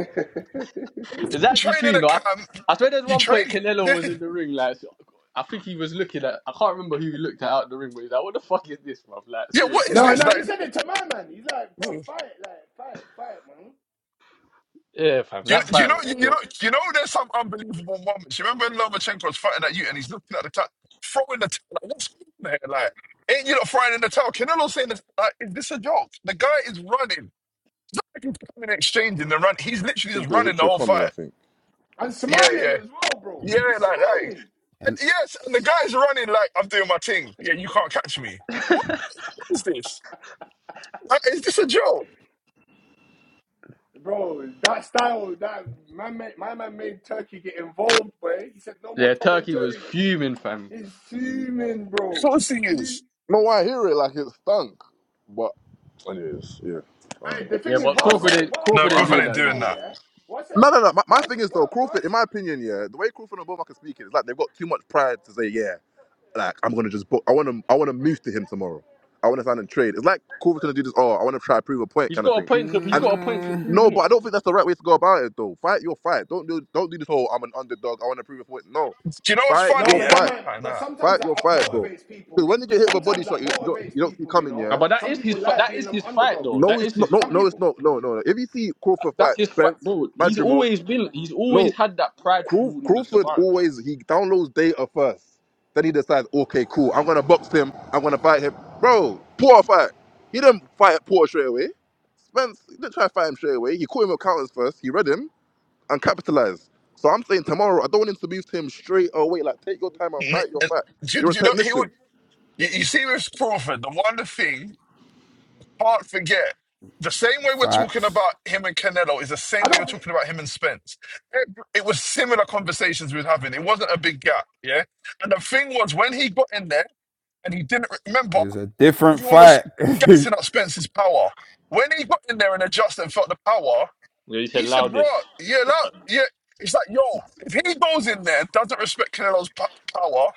[SPEAKER 2] It's
[SPEAKER 7] You
[SPEAKER 2] actually
[SPEAKER 7] train
[SPEAKER 2] true,
[SPEAKER 7] in
[SPEAKER 2] you
[SPEAKER 7] a
[SPEAKER 2] know. I,
[SPEAKER 7] camp,
[SPEAKER 2] I swear, there's
[SPEAKER 7] you
[SPEAKER 2] one point
[SPEAKER 7] train.
[SPEAKER 2] Canelo
[SPEAKER 7] *laughs*
[SPEAKER 2] was in the ring, like so- I think he was looking at. I can't remember who he looked at out the ring, but he's like, "What the fuck is this, bruv? Like,
[SPEAKER 7] Yeah, what
[SPEAKER 2] seriously."
[SPEAKER 7] is
[SPEAKER 6] no,
[SPEAKER 7] this?
[SPEAKER 6] no, he
[SPEAKER 7] Like,
[SPEAKER 6] said it to my man. He's like, bro,
[SPEAKER 7] do
[SPEAKER 6] fight, like fight, fight, man.
[SPEAKER 2] Yeah, fam,
[SPEAKER 7] you,
[SPEAKER 2] that
[SPEAKER 7] do you
[SPEAKER 2] fight
[SPEAKER 7] know,
[SPEAKER 2] was a
[SPEAKER 7] you,
[SPEAKER 6] Don't
[SPEAKER 7] know,
[SPEAKER 6] let.
[SPEAKER 2] joke.
[SPEAKER 7] you know, there's some unbelievable moments. You remember when Lomachenko's fighting at you and he's looking at the top, throwing the towel. Like, what's going on here? Like, ain't you not frying in the towel? Canelo's saying this. Like, is this a joke? The guy is running. It's not like he's coming and exchanging the run. He's
[SPEAKER 3] I
[SPEAKER 7] literally just
[SPEAKER 3] think it was
[SPEAKER 7] running the
[SPEAKER 3] Richard
[SPEAKER 7] whole
[SPEAKER 3] Comey, I
[SPEAKER 7] fight.
[SPEAKER 3] think.
[SPEAKER 6] And
[SPEAKER 7] Yeah,
[SPEAKER 6] smiling
[SPEAKER 7] yeah,
[SPEAKER 6] as well, bro.
[SPEAKER 7] yeah.
[SPEAKER 6] He's
[SPEAKER 7] Like that.
[SPEAKER 6] smiling.
[SPEAKER 7] And yes, and the guy's running like I'm doing my thing. Yeah, you can't catch me. What, what is this? Like, is this a joke?
[SPEAKER 6] Bro, that style, that my man, my man made Turkey get involved, boy. He said no more
[SPEAKER 2] Yeah,
[SPEAKER 6] Tom and
[SPEAKER 2] Turkey was
[SPEAKER 6] Jerry.
[SPEAKER 2] fuming, fam.
[SPEAKER 6] He's fuming,
[SPEAKER 7] Of
[SPEAKER 6] bro. He's
[SPEAKER 7] course he
[SPEAKER 6] fuming.
[SPEAKER 7] is.
[SPEAKER 3] No, I hear it like it stunk. But, anyways, yeah. I don't
[SPEAKER 6] Hey,
[SPEAKER 3] know.
[SPEAKER 6] the
[SPEAKER 2] Yeah,
[SPEAKER 6] thing is,
[SPEAKER 2] but
[SPEAKER 3] I
[SPEAKER 6] what I
[SPEAKER 3] don't
[SPEAKER 6] was
[SPEAKER 3] know.
[SPEAKER 2] Crawford
[SPEAKER 6] saying,
[SPEAKER 2] ain't
[SPEAKER 6] what I was
[SPEAKER 7] No,
[SPEAKER 2] Crawford
[SPEAKER 3] Wow.
[SPEAKER 6] saying
[SPEAKER 2] ain't
[SPEAKER 7] Cooper
[SPEAKER 2] doing
[SPEAKER 7] ain't
[SPEAKER 6] about
[SPEAKER 2] that
[SPEAKER 7] doing
[SPEAKER 6] Skull,
[SPEAKER 2] anyway.
[SPEAKER 7] that.
[SPEAKER 6] yeah.
[SPEAKER 2] Man.
[SPEAKER 6] What's it?
[SPEAKER 3] No, no, no. My, my
[SPEAKER 6] What's
[SPEAKER 3] thing
[SPEAKER 6] it?
[SPEAKER 3] is though,
[SPEAKER 6] What?
[SPEAKER 3] Crawford. In
[SPEAKER 6] What's?
[SPEAKER 3] my opinion,
[SPEAKER 6] What?
[SPEAKER 3] yeah, the way Crawford and Bowman can speak it, it's like they've got too much pride to say yeah. like I'm gonna just book. I want to I want to move to him tomorrow. I want to sign and trade. It's like Corver's gonna do this. Oh, I want to try to prove a point
[SPEAKER 2] He's
[SPEAKER 3] kind of
[SPEAKER 2] got a
[SPEAKER 3] thing.
[SPEAKER 2] point to he's
[SPEAKER 3] And
[SPEAKER 2] got a point to
[SPEAKER 5] Mm,
[SPEAKER 2] prove,
[SPEAKER 3] no, but
[SPEAKER 2] innit?
[SPEAKER 3] I don't think that's the right way to go about it though. Fight your fight. Don't do don't do this whole I'm an underdog. I want to prove a point. No,
[SPEAKER 7] Do you know what's
[SPEAKER 3] fight
[SPEAKER 6] No,
[SPEAKER 7] funny?
[SPEAKER 3] your
[SPEAKER 6] but
[SPEAKER 7] Yeah,
[SPEAKER 6] that
[SPEAKER 3] fight.
[SPEAKER 7] I
[SPEAKER 6] might. But
[SPEAKER 7] know.
[SPEAKER 6] sometimes
[SPEAKER 3] Fight
[SPEAKER 6] that
[SPEAKER 3] your
[SPEAKER 6] up-
[SPEAKER 3] fight,
[SPEAKER 7] Mm,
[SPEAKER 3] bro.
[SPEAKER 6] motivates
[SPEAKER 3] Because
[SPEAKER 6] people.
[SPEAKER 3] when you get hit with a body
[SPEAKER 6] Sometimes
[SPEAKER 3] shot,
[SPEAKER 6] that
[SPEAKER 3] you, you don't
[SPEAKER 6] motivates
[SPEAKER 3] you don't see
[SPEAKER 6] people. You
[SPEAKER 3] coming.
[SPEAKER 2] Ah,
[SPEAKER 3] Yeah.
[SPEAKER 6] know,
[SPEAKER 2] but that
[SPEAKER 6] some
[SPEAKER 2] is his
[SPEAKER 6] people
[SPEAKER 2] fi-
[SPEAKER 6] like
[SPEAKER 2] that is
[SPEAKER 6] being an
[SPEAKER 2] his fight
[SPEAKER 6] underdog.
[SPEAKER 2] though.
[SPEAKER 3] No,
[SPEAKER 2] That is
[SPEAKER 3] it's not.
[SPEAKER 2] his
[SPEAKER 3] No,
[SPEAKER 6] Some
[SPEAKER 2] fight. That-
[SPEAKER 3] no, it's
[SPEAKER 6] people.
[SPEAKER 3] not. No, no, no. If you see Crawford fight
[SPEAKER 2] That's his fight,
[SPEAKER 3] Spence,
[SPEAKER 2] bro. He's
[SPEAKER 3] Madrimov,
[SPEAKER 2] always been he's
[SPEAKER 3] no.
[SPEAKER 2] always had that
[SPEAKER 3] Craw-
[SPEAKER 2] pridefulness
[SPEAKER 3] Crawford
[SPEAKER 2] about him.
[SPEAKER 3] always he downloads data first. Then he decides, okay, cool, I'm gonna box him, I'm gonna fight him. Bro, Poor fight. He didn't fight Poor straight away. Spence he didn't try to fight him straight away. He caught him with counters first, he read him and capitalized. So I'm saying tomorrow, I don't want him to lose to him straight away. Like take your time and
[SPEAKER 7] N-
[SPEAKER 3] fight your
[SPEAKER 7] uh,
[SPEAKER 3] fight.
[SPEAKER 7] Do, you-
[SPEAKER 3] You're a
[SPEAKER 7] do you know he would?
[SPEAKER 3] technician.
[SPEAKER 7] You, you see, with Crawford, the one thing can't forget. The same way we're talking
[SPEAKER 5] facts
[SPEAKER 7] about him and Canelo is the same
[SPEAKER 6] I
[SPEAKER 7] way you're
[SPEAKER 6] don't think.
[SPEAKER 7] talking about him and Spence. It, it was similar conversations we were having. It wasn't a big gap, yeah. And the thing was, when he got in there and he didn't remember.
[SPEAKER 5] is a different
[SPEAKER 7] Everyone was
[SPEAKER 5] fight, *laughs*
[SPEAKER 7] guessing at Spence's power. When he got in there and adjusted and felt the power,
[SPEAKER 2] Yeah, he said
[SPEAKER 7] he said, "Bro,
[SPEAKER 2] loudest.
[SPEAKER 7] yeah, that, yeah." It's like, yo, if he goes in there and doesn't respect Canelo's p- power,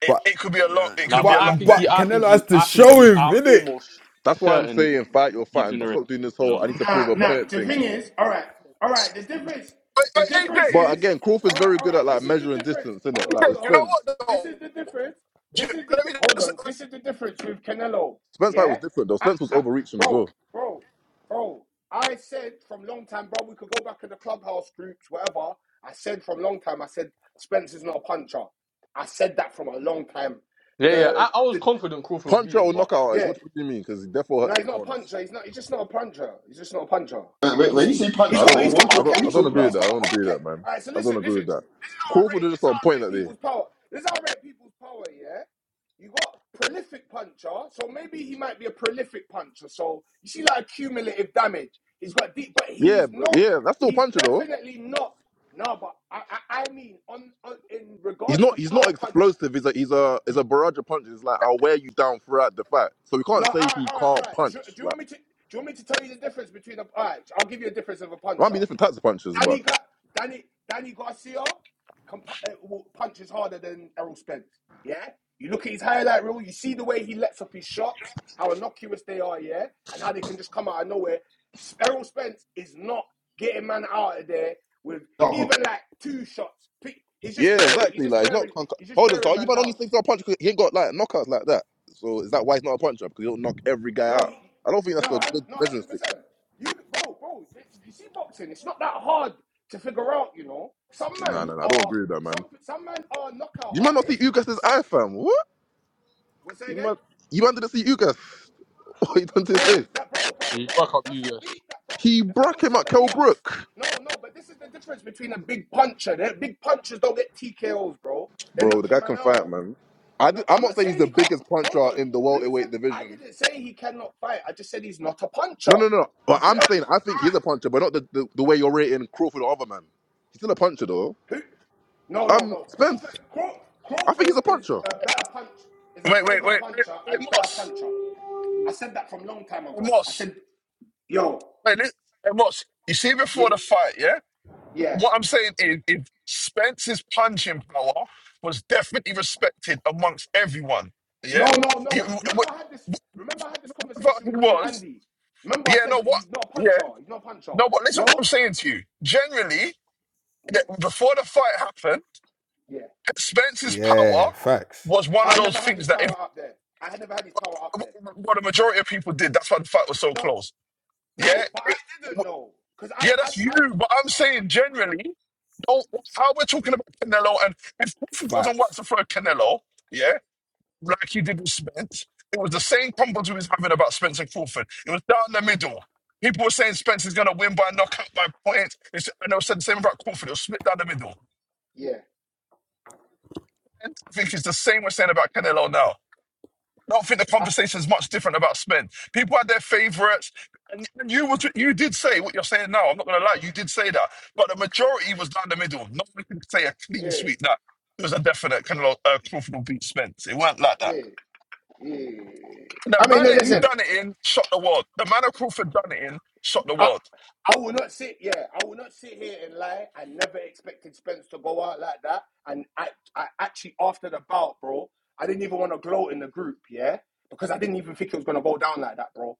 [SPEAKER 7] it,
[SPEAKER 5] but
[SPEAKER 7] it could be a long, it
[SPEAKER 2] Now,
[SPEAKER 7] could
[SPEAKER 2] but
[SPEAKER 7] be a
[SPEAKER 2] I
[SPEAKER 5] but
[SPEAKER 7] long
[SPEAKER 2] think
[SPEAKER 7] day.
[SPEAKER 2] he,
[SPEAKER 5] but
[SPEAKER 2] I think
[SPEAKER 5] Canelo has
[SPEAKER 2] he,
[SPEAKER 5] to
[SPEAKER 2] I think
[SPEAKER 5] show
[SPEAKER 2] he.
[SPEAKER 5] him,
[SPEAKER 2] I'm
[SPEAKER 5] innit?
[SPEAKER 2] almost
[SPEAKER 3] That's why I'm
[SPEAKER 2] certain
[SPEAKER 3] saying fight your
[SPEAKER 2] he's
[SPEAKER 3] fight and
[SPEAKER 2] gonna. win.
[SPEAKER 3] stop doing this
[SPEAKER 2] Yeah,
[SPEAKER 3] whole I need to
[SPEAKER 6] Uh,
[SPEAKER 3] prove a
[SPEAKER 7] No,
[SPEAKER 6] now
[SPEAKER 3] point
[SPEAKER 6] the
[SPEAKER 3] thing,
[SPEAKER 6] thing
[SPEAKER 3] man.
[SPEAKER 6] is, all right, all right. The difference,
[SPEAKER 7] wait,
[SPEAKER 6] the
[SPEAKER 7] wait, AJ,
[SPEAKER 6] difference
[SPEAKER 3] But
[SPEAKER 6] is,
[SPEAKER 3] again, Crawford's
[SPEAKER 6] all right,
[SPEAKER 3] very
[SPEAKER 6] all
[SPEAKER 3] good at
[SPEAKER 6] right.
[SPEAKER 3] like
[SPEAKER 6] This is the
[SPEAKER 3] measuring
[SPEAKER 6] difference.
[SPEAKER 3] distance, isn't it?
[SPEAKER 6] Hold
[SPEAKER 7] AJ,
[SPEAKER 6] on,
[SPEAKER 7] do
[SPEAKER 3] Like
[SPEAKER 6] hold
[SPEAKER 3] with
[SPEAKER 6] on,
[SPEAKER 7] you know
[SPEAKER 6] hold on.
[SPEAKER 3] Spence.
[SPEAKER 7] what
[SPEAKER 6] This is
[SPEAKER 7] though?
[SPEAKER 6] the difference.
[SPEAKER 7] Do
[SPEAKER 6] This is
[SPEAKER 7] you-
[SPEAKER 6] the
[SPEAKER 7] Let
[SPEAKER 6] di-
[SPEAKER 7] me
[SPEAKER 6] hold
[SPEAKER 7] just,
[SPEAKER 6] on. This is the difference with Canelo.
[SPEAKER 3] Spence fight was
[SPEAKER 6] Yeah,
[SPEAKER 3] different though.
[SPEAKER 6] I,
[SPEAKER 3] Spence was
[SPEAKER 6] I,
[SPEAKER 3] overreaching as well.
[SPEAKER 6] bro, bro, bro. I said from long time, bro. We could go back to the clubhouse groups, whatever. I said from long time. I said Spencer's not a puncher. I said that from a long time.
[SPEAKER 2] yeah. yeah. I,
[SPEAKER 6] The
[SPEAKER 2] I was
[SPEAKER 6] the
[SPEAKER 2] confident Crawford would
[SPEAKER 3] Punch
[SPEAKER 2] beat
[SPEAKER 3] out or
[SPEAKER 2] him, but
[SPEAKER 3] knock out artist.
[SPEAKER 6] yeah.
[SPEAKER 3] What, do you mean? Because he therefore
[SPEAKER 6] No,
[SPEAKER 3] hurts his
[SPEAKER 6] he's not a
[SPEAKER 3] opponents.
[SPEAKER 6] puncher. He's not. He's just not a puncher. He's just not a puncher. He's
[SPEAKER 1] when you
[SPEAKER 6] he,
[SPEAKER 1] say
[SPEAKER 3] No,
[SPEAKER 6] he's
[SPEAKER 3] I
[SPEAKER 1] puncher,
[SPEAKER 3] don't.
[SPEAKER 6] got
[SPEAKER 1] what,
[SPEAKER 6] he's
[SPEAKER 3] Agree.
[SPEAKER 1] what, are, you
[SPEAKER 6] got
[SPEAKER 3] I don't.
[SPEAKER 1] what are
[SPEAKER 3] I
[SPEAKER 1] you
[SPEAKER 6] okay.
[SPEAKER 3] don't
[SPEAKER 1] talking
[SPEAKER 3] agree with
[SPEAKER 6] He's
[SPEAKER 3] that.
[SPEAKER 1] about?
[SPEAKER 3] I
[SPEAKER 6] got
[SPEAKER 3] don't agree with
[SPEAKER 6] okay.
[SPEAKER 3] that, man.
[SPEAKER 6] All right. So
[SPEAKER 3] I don't
[SPEAKER 6] listen,
[SPEAKER 3] agree
[SPEAKER 6] listen.
[SPEAKER 3] with that.
[SPEAKER 6] This is how I
[SPEAKER 3] Crawford
[SPEAKER 6] rate.
[SPEAKER 3] was
[SPEAKER 6] This
[SPEAKER 3] just
[SPEAKER 6] is how
[SPEAKER 3] on
[SPEAKER 6] I
[SPEAKER 3] point
[SPEAKER 6] rate
[SPEAKER 3] that day.
[SPEAKER 6] people's power. This is how I rate people's power. Yeah. You got prolific puncher. So maybe he might be a prolific puncher. So you see like cumulative damage. He's got deep, but
[SPEAKER 3] Yeah,
[SPEAKER 6] he's
[SPEAKER 3] but-
[SPEAKER 6] not.
[SPEAKER 3] yeah. That's still a
[SPEAKER 6] He's
[SPEAKER 3] puncher though.
[SPEAKER 6] definitely not. No, but I I, I mean on, on in
[SPEAKER 3] He's
[SPEAKER 6] regards
[SPEAKER 3] not.
[SPEAKER 6] to
[SPEAKER 3] He's not
[SPEAKER 6] power punches.
[SPEAKER 3] explosive. He's a. He's a. He's a barrage of punches. It's like I'll wear you down throughout the fight. So we
[SPEAKER 6] No,
[SPEAKER 3] can't
[SPEAKER 6] all
[SPEAKER 3] say
[SPEAKER 6] right,
[SPEAKER 3] he
[SPEAKER 6] all right, all
[SPEAKER 3] can't
[SPEAKER 6] right. Do, do
[SPEAKER 3] punch.
[SPEAKER 6] you
[SPEAKER 3] Like
[SPEAKER 6] want me to? Do you want me to tell you the difference between a? All right, I'll give you a difference of a
[SPEAKER 3] there might be
[SPEAKER 6] puncher.
[SPEAKER 3] different types of punches, but
[SPEAKER 6] Danny, Ga- Danny, Danny Garcia can, pu- uh, will- punches harder than Errol Spence. Yeah, you look at his highlight reel. You see the way he lets off his shots, how innocuous they are. Yeah, and how they can just come out of nowhere. S- Errol Spence is not getting man out of there with
[SPEAKER 1] No,
[SPEAKER 6] even like two shots. Fi- He's just
[SPEAKER 3] yeah,
[SPEAKER 6] wearing. He's
[SPEAKER 3] exactly.
[SPEAKER 6] just
[SPEAKER 3] Like he's not.
[SPEAKER 6] wearing. He's just
[SPEAKER 3] Hold on,
[SPEAKER 6] wearing
[SPEAKER 3] so you
[SPEAKER 6] man
[SPEAKER 3] might only
[SPEAKER 6] down.
[SPEAKER 3] think he's a puncher because he ain't got like knockouts like that. So is that why he's not a puncher? Because he don't knock every guy
[SPEAKER 6] No,
[SPEAKER 3] out.
[SPEAKER 6] he-
[SPEAKER 3] I don't think
[SPEAKER 6] no,
[SPEAKER 3] that's a
[SPEAKER 6] hun-
[SPEAKER 3] good
[SPEAKER 6] no,
[SPEAKER 3] measuring
[SPEAKER 6] hundred
[SPEAKER 3] stick.
[SPEAKER 6] percent. You, bro, bro. th- You see, boxing. It's not that hard to figure out. You know, some
[SPEAKER 3] No,
[SPEAKER 6] men
[SPEAKER 3] no, no, I don't
[SPEAKER 6] are
[SPEAKER 3] agree with that, man.
[SPEAKER 6] some some men are knockout
[SPEAKER 3] You might not see
[SPEAKER 6] artists.
[SPEAKER 3] Ugas's
[SPEAKER 6] Some
[SPEAKER 3] eye, fam. What?
[SPEAKER 6] what's that
[SPEAKER 3] You
[SPEAKER 6] again,
[SPEAKER 3] might you might didn't see Ugas. *laughs* What he done to
[SPEAKER 6] bro?
[SPEAKER 3] his face?
[SPEAKER 6] That bro, bro,
[SPEAKER 2] he broke
[SPEAKER 6] bro.
[SPEAKER 2] up
[SPEAKER 6] That's
[SPEAKER 2] you
[SPEAKER 6] a
[SPEAKER 2] guys.
[SPEAKER 6] beat. That bro.
[SPEAKER 3] He
[SPEAKER 6] If that
[SPEAKER 3] broke
[SPEAKER 6] was
[SPEAKER 3] him at
[SPEAKER 6] somebody
[SPEAKER 3] Kell
[SPEAKER 6] else,
[SPEAKER 3] Brook.
[SPEAKER 6] no, no. But this is the difference between a big puncher. The big punchers don't get TKOs, bro. They're
[SPEAKER 3] Bro, the
[SPEAKER 6] knocking
[SPEAKER 3] guy
[SPEAKER 6] man
[SPEAKER 3] can fight,
[SPEAKER 6] out.
[SPEAKER 3] man. I
[SPEAKER 6] No,
[SPEAKER 3] am
[SPEAKER 6] I'm
[SPEAKER 3] not
[SPEAKER 6] not
[SPEAKER 3] saying he's
[SPEAKER 6] saying
[SPEAKER 3] the
[SPEAKER 6] he can't.
[SPEAKER 3] biggest
[SPEAKER 6] Hold
[SPEAKER 3] puncher
[SPEAKER 6] on.
[SPEAKER 3] in the
[SPEAKER 6] Who
[SPEAKER 3] welterweight
[SPEAKER 6] said I
[SPEAKER 3] division.
[SPEAKER 6] didn't say he cannot fight? I just said he's not a puncher.
[SPEAKER 3] No, no, no. But I'm saying I think he's a puncher, but not the, the, the way you're rating Crawford or other man. He's still a puncher though.
[SPEAKER 6] Who? No, no,
[SPEAKER 3] Um,
[SPEAKER 6] no. Crawford,
[SPEAKER 3] Spence,
[SPEAKER 6] Craw,
[SPEAKER 3] I think
[SPEAKER 6] Crawford
[SPEAKER 3] he's a
[SPEAKER 6] is
[SPEAKER 3] puncher.
[SPEAKER 6] a better punch, is a
[SPEAKER 7] wait, wait,
[SPEAKER 6] bigger
[SPEAKER 7] wait, wait,
[SPEAKER 6] puncher and
[SPEAKER 7] wait,
[SPEAKER 6] better
[SPEAKER 7] Moss,
[SPEAKER 6] puncher. I said that from long time
[SPEAKER 7] Hey,
[SPEAKER 6] ago. I
[SPEAKER 7] Moss,
[SPEAKER 6] said, yo,
[SPEAKER 7] wait, li- hey, Moss. You see,
[SPEAKER 6] yeah,
[SPEAKER 7] before the fight, yeah.
[SPEAKER 6] yeah.
[SPEAKER 7] What I'm saying is, if Spence's punching power was definitely respected amongst everyone,
[SPEAKER 6] No,
[SPEAKER 7] yeah,
[SPEAKER 6] no,
[SPEAKER 7] he,
[SPEAKER 6] no.
[SPEAKER 7] w- w-
[SPEAKER 6] Remember I had this. Remember I had this
[SPEAKER 7] whatever
[SPEAKER 6] conversation
[SPEAKER 7] he
[SPEAKER 6] with you and
[SPEAKER 7] was,
[SPEAKER 6] Andy. Remember I
[SPEAKER 7] yeah,
[SPEAKER 6] said
[SPEAKER 7] no, what,
[SPEAKER 6] he's not a puncher.
[SPEAKER 7] yeah,
[SPEAKER 6] He's not a puncher.
[SPEAKER 7] no, but listen,
[SPEAKER 6] No.
[SPEAKER 7] what I'm saying to you. Generally,
[SPEAKER 6] Yeah,
[SPEAKER 7] that before the fight happened,
[SPEAKER 6] yeah.
[SPEAKER 7] Spence's power
[SPEAKER 5] Yeah, facts,
[SPEAKER 7] was one of
[SPEAKER 6] I
[SPEAKER 7] those
[SPEAKER 6] never had
[SPEAKER 7] things
[SPEAKER 6] his
[SPEAKER 7] that
[SPEAKER 6] power
[SPEAKER 7] if
[SPEAKER 6] up there. I had never had his power up there.
[SPEAKER 7] what the majority of people did, that's why the fight was so
[SPEAKER 6] No,
[SPEAKER 7] close. Yeah,
[SPEAKER 6] no. But I
[SPEAKER 7] It-
[SPEAKER 6] didn't
[SPEAKER 7] it-
[SPEAKER 6] know because I,
[SPEAKER 7] yeah,
[SPEAKER 6] I,
[SPEAKER 7] that's
[SPEAKER 6] I,
[SPEAKER 7] you. But I'm saying generally, don't, how we're talking about Canelo, and if, if he doesn't
[SPEAKER 5] facts
[SPEAKER 7] work throw Canelo, yeah. like he did with Spence. It was the same problems we was having about Spence and Crawford. It was down the middle. People were saying Spence is going to win by knockout by points. It's- And they said the same about Crawford. It was split down the middle.
[SPEAKER 6] yeah,
[SPEAKER 7] And I think it's the same we're saying about Canelo now. I don't think the
[SPEAKER 6] I,
[SPEAKER 7] conversation is much different about Spence. People had their favourites. And and you was, you did say what you're saying now. I'm not going to lie. You did say that. But the majority was down the middle. Nobody one could say a clean
[SPEAKER 6] yeah,
[SPEAKER 7] sweep that it was a definite Canelo uh, Crawford will beat Spence. It weren't like that.
[SPEAKER 6] yeah, yeah.
[SPEAKER 7] The
[SPEAKER 6] I mean,
[SPEAKER 7] manner he
[SPEAKER 6] listen.
[SPEAKER 7] done it in shot the world. The manner Crawford done it in shot the
[SPEAKER 6] I,
[SPEAKER 7] world.
[SPEAKER 6] I will not sit. Yeah, I will not sit here and lie. I never expected Spence to go out like that. And I, I actually after the bout, bro, I didn't even want to gloat in the group. Yeah, because I didn't even think it was gonna go down like that, bro.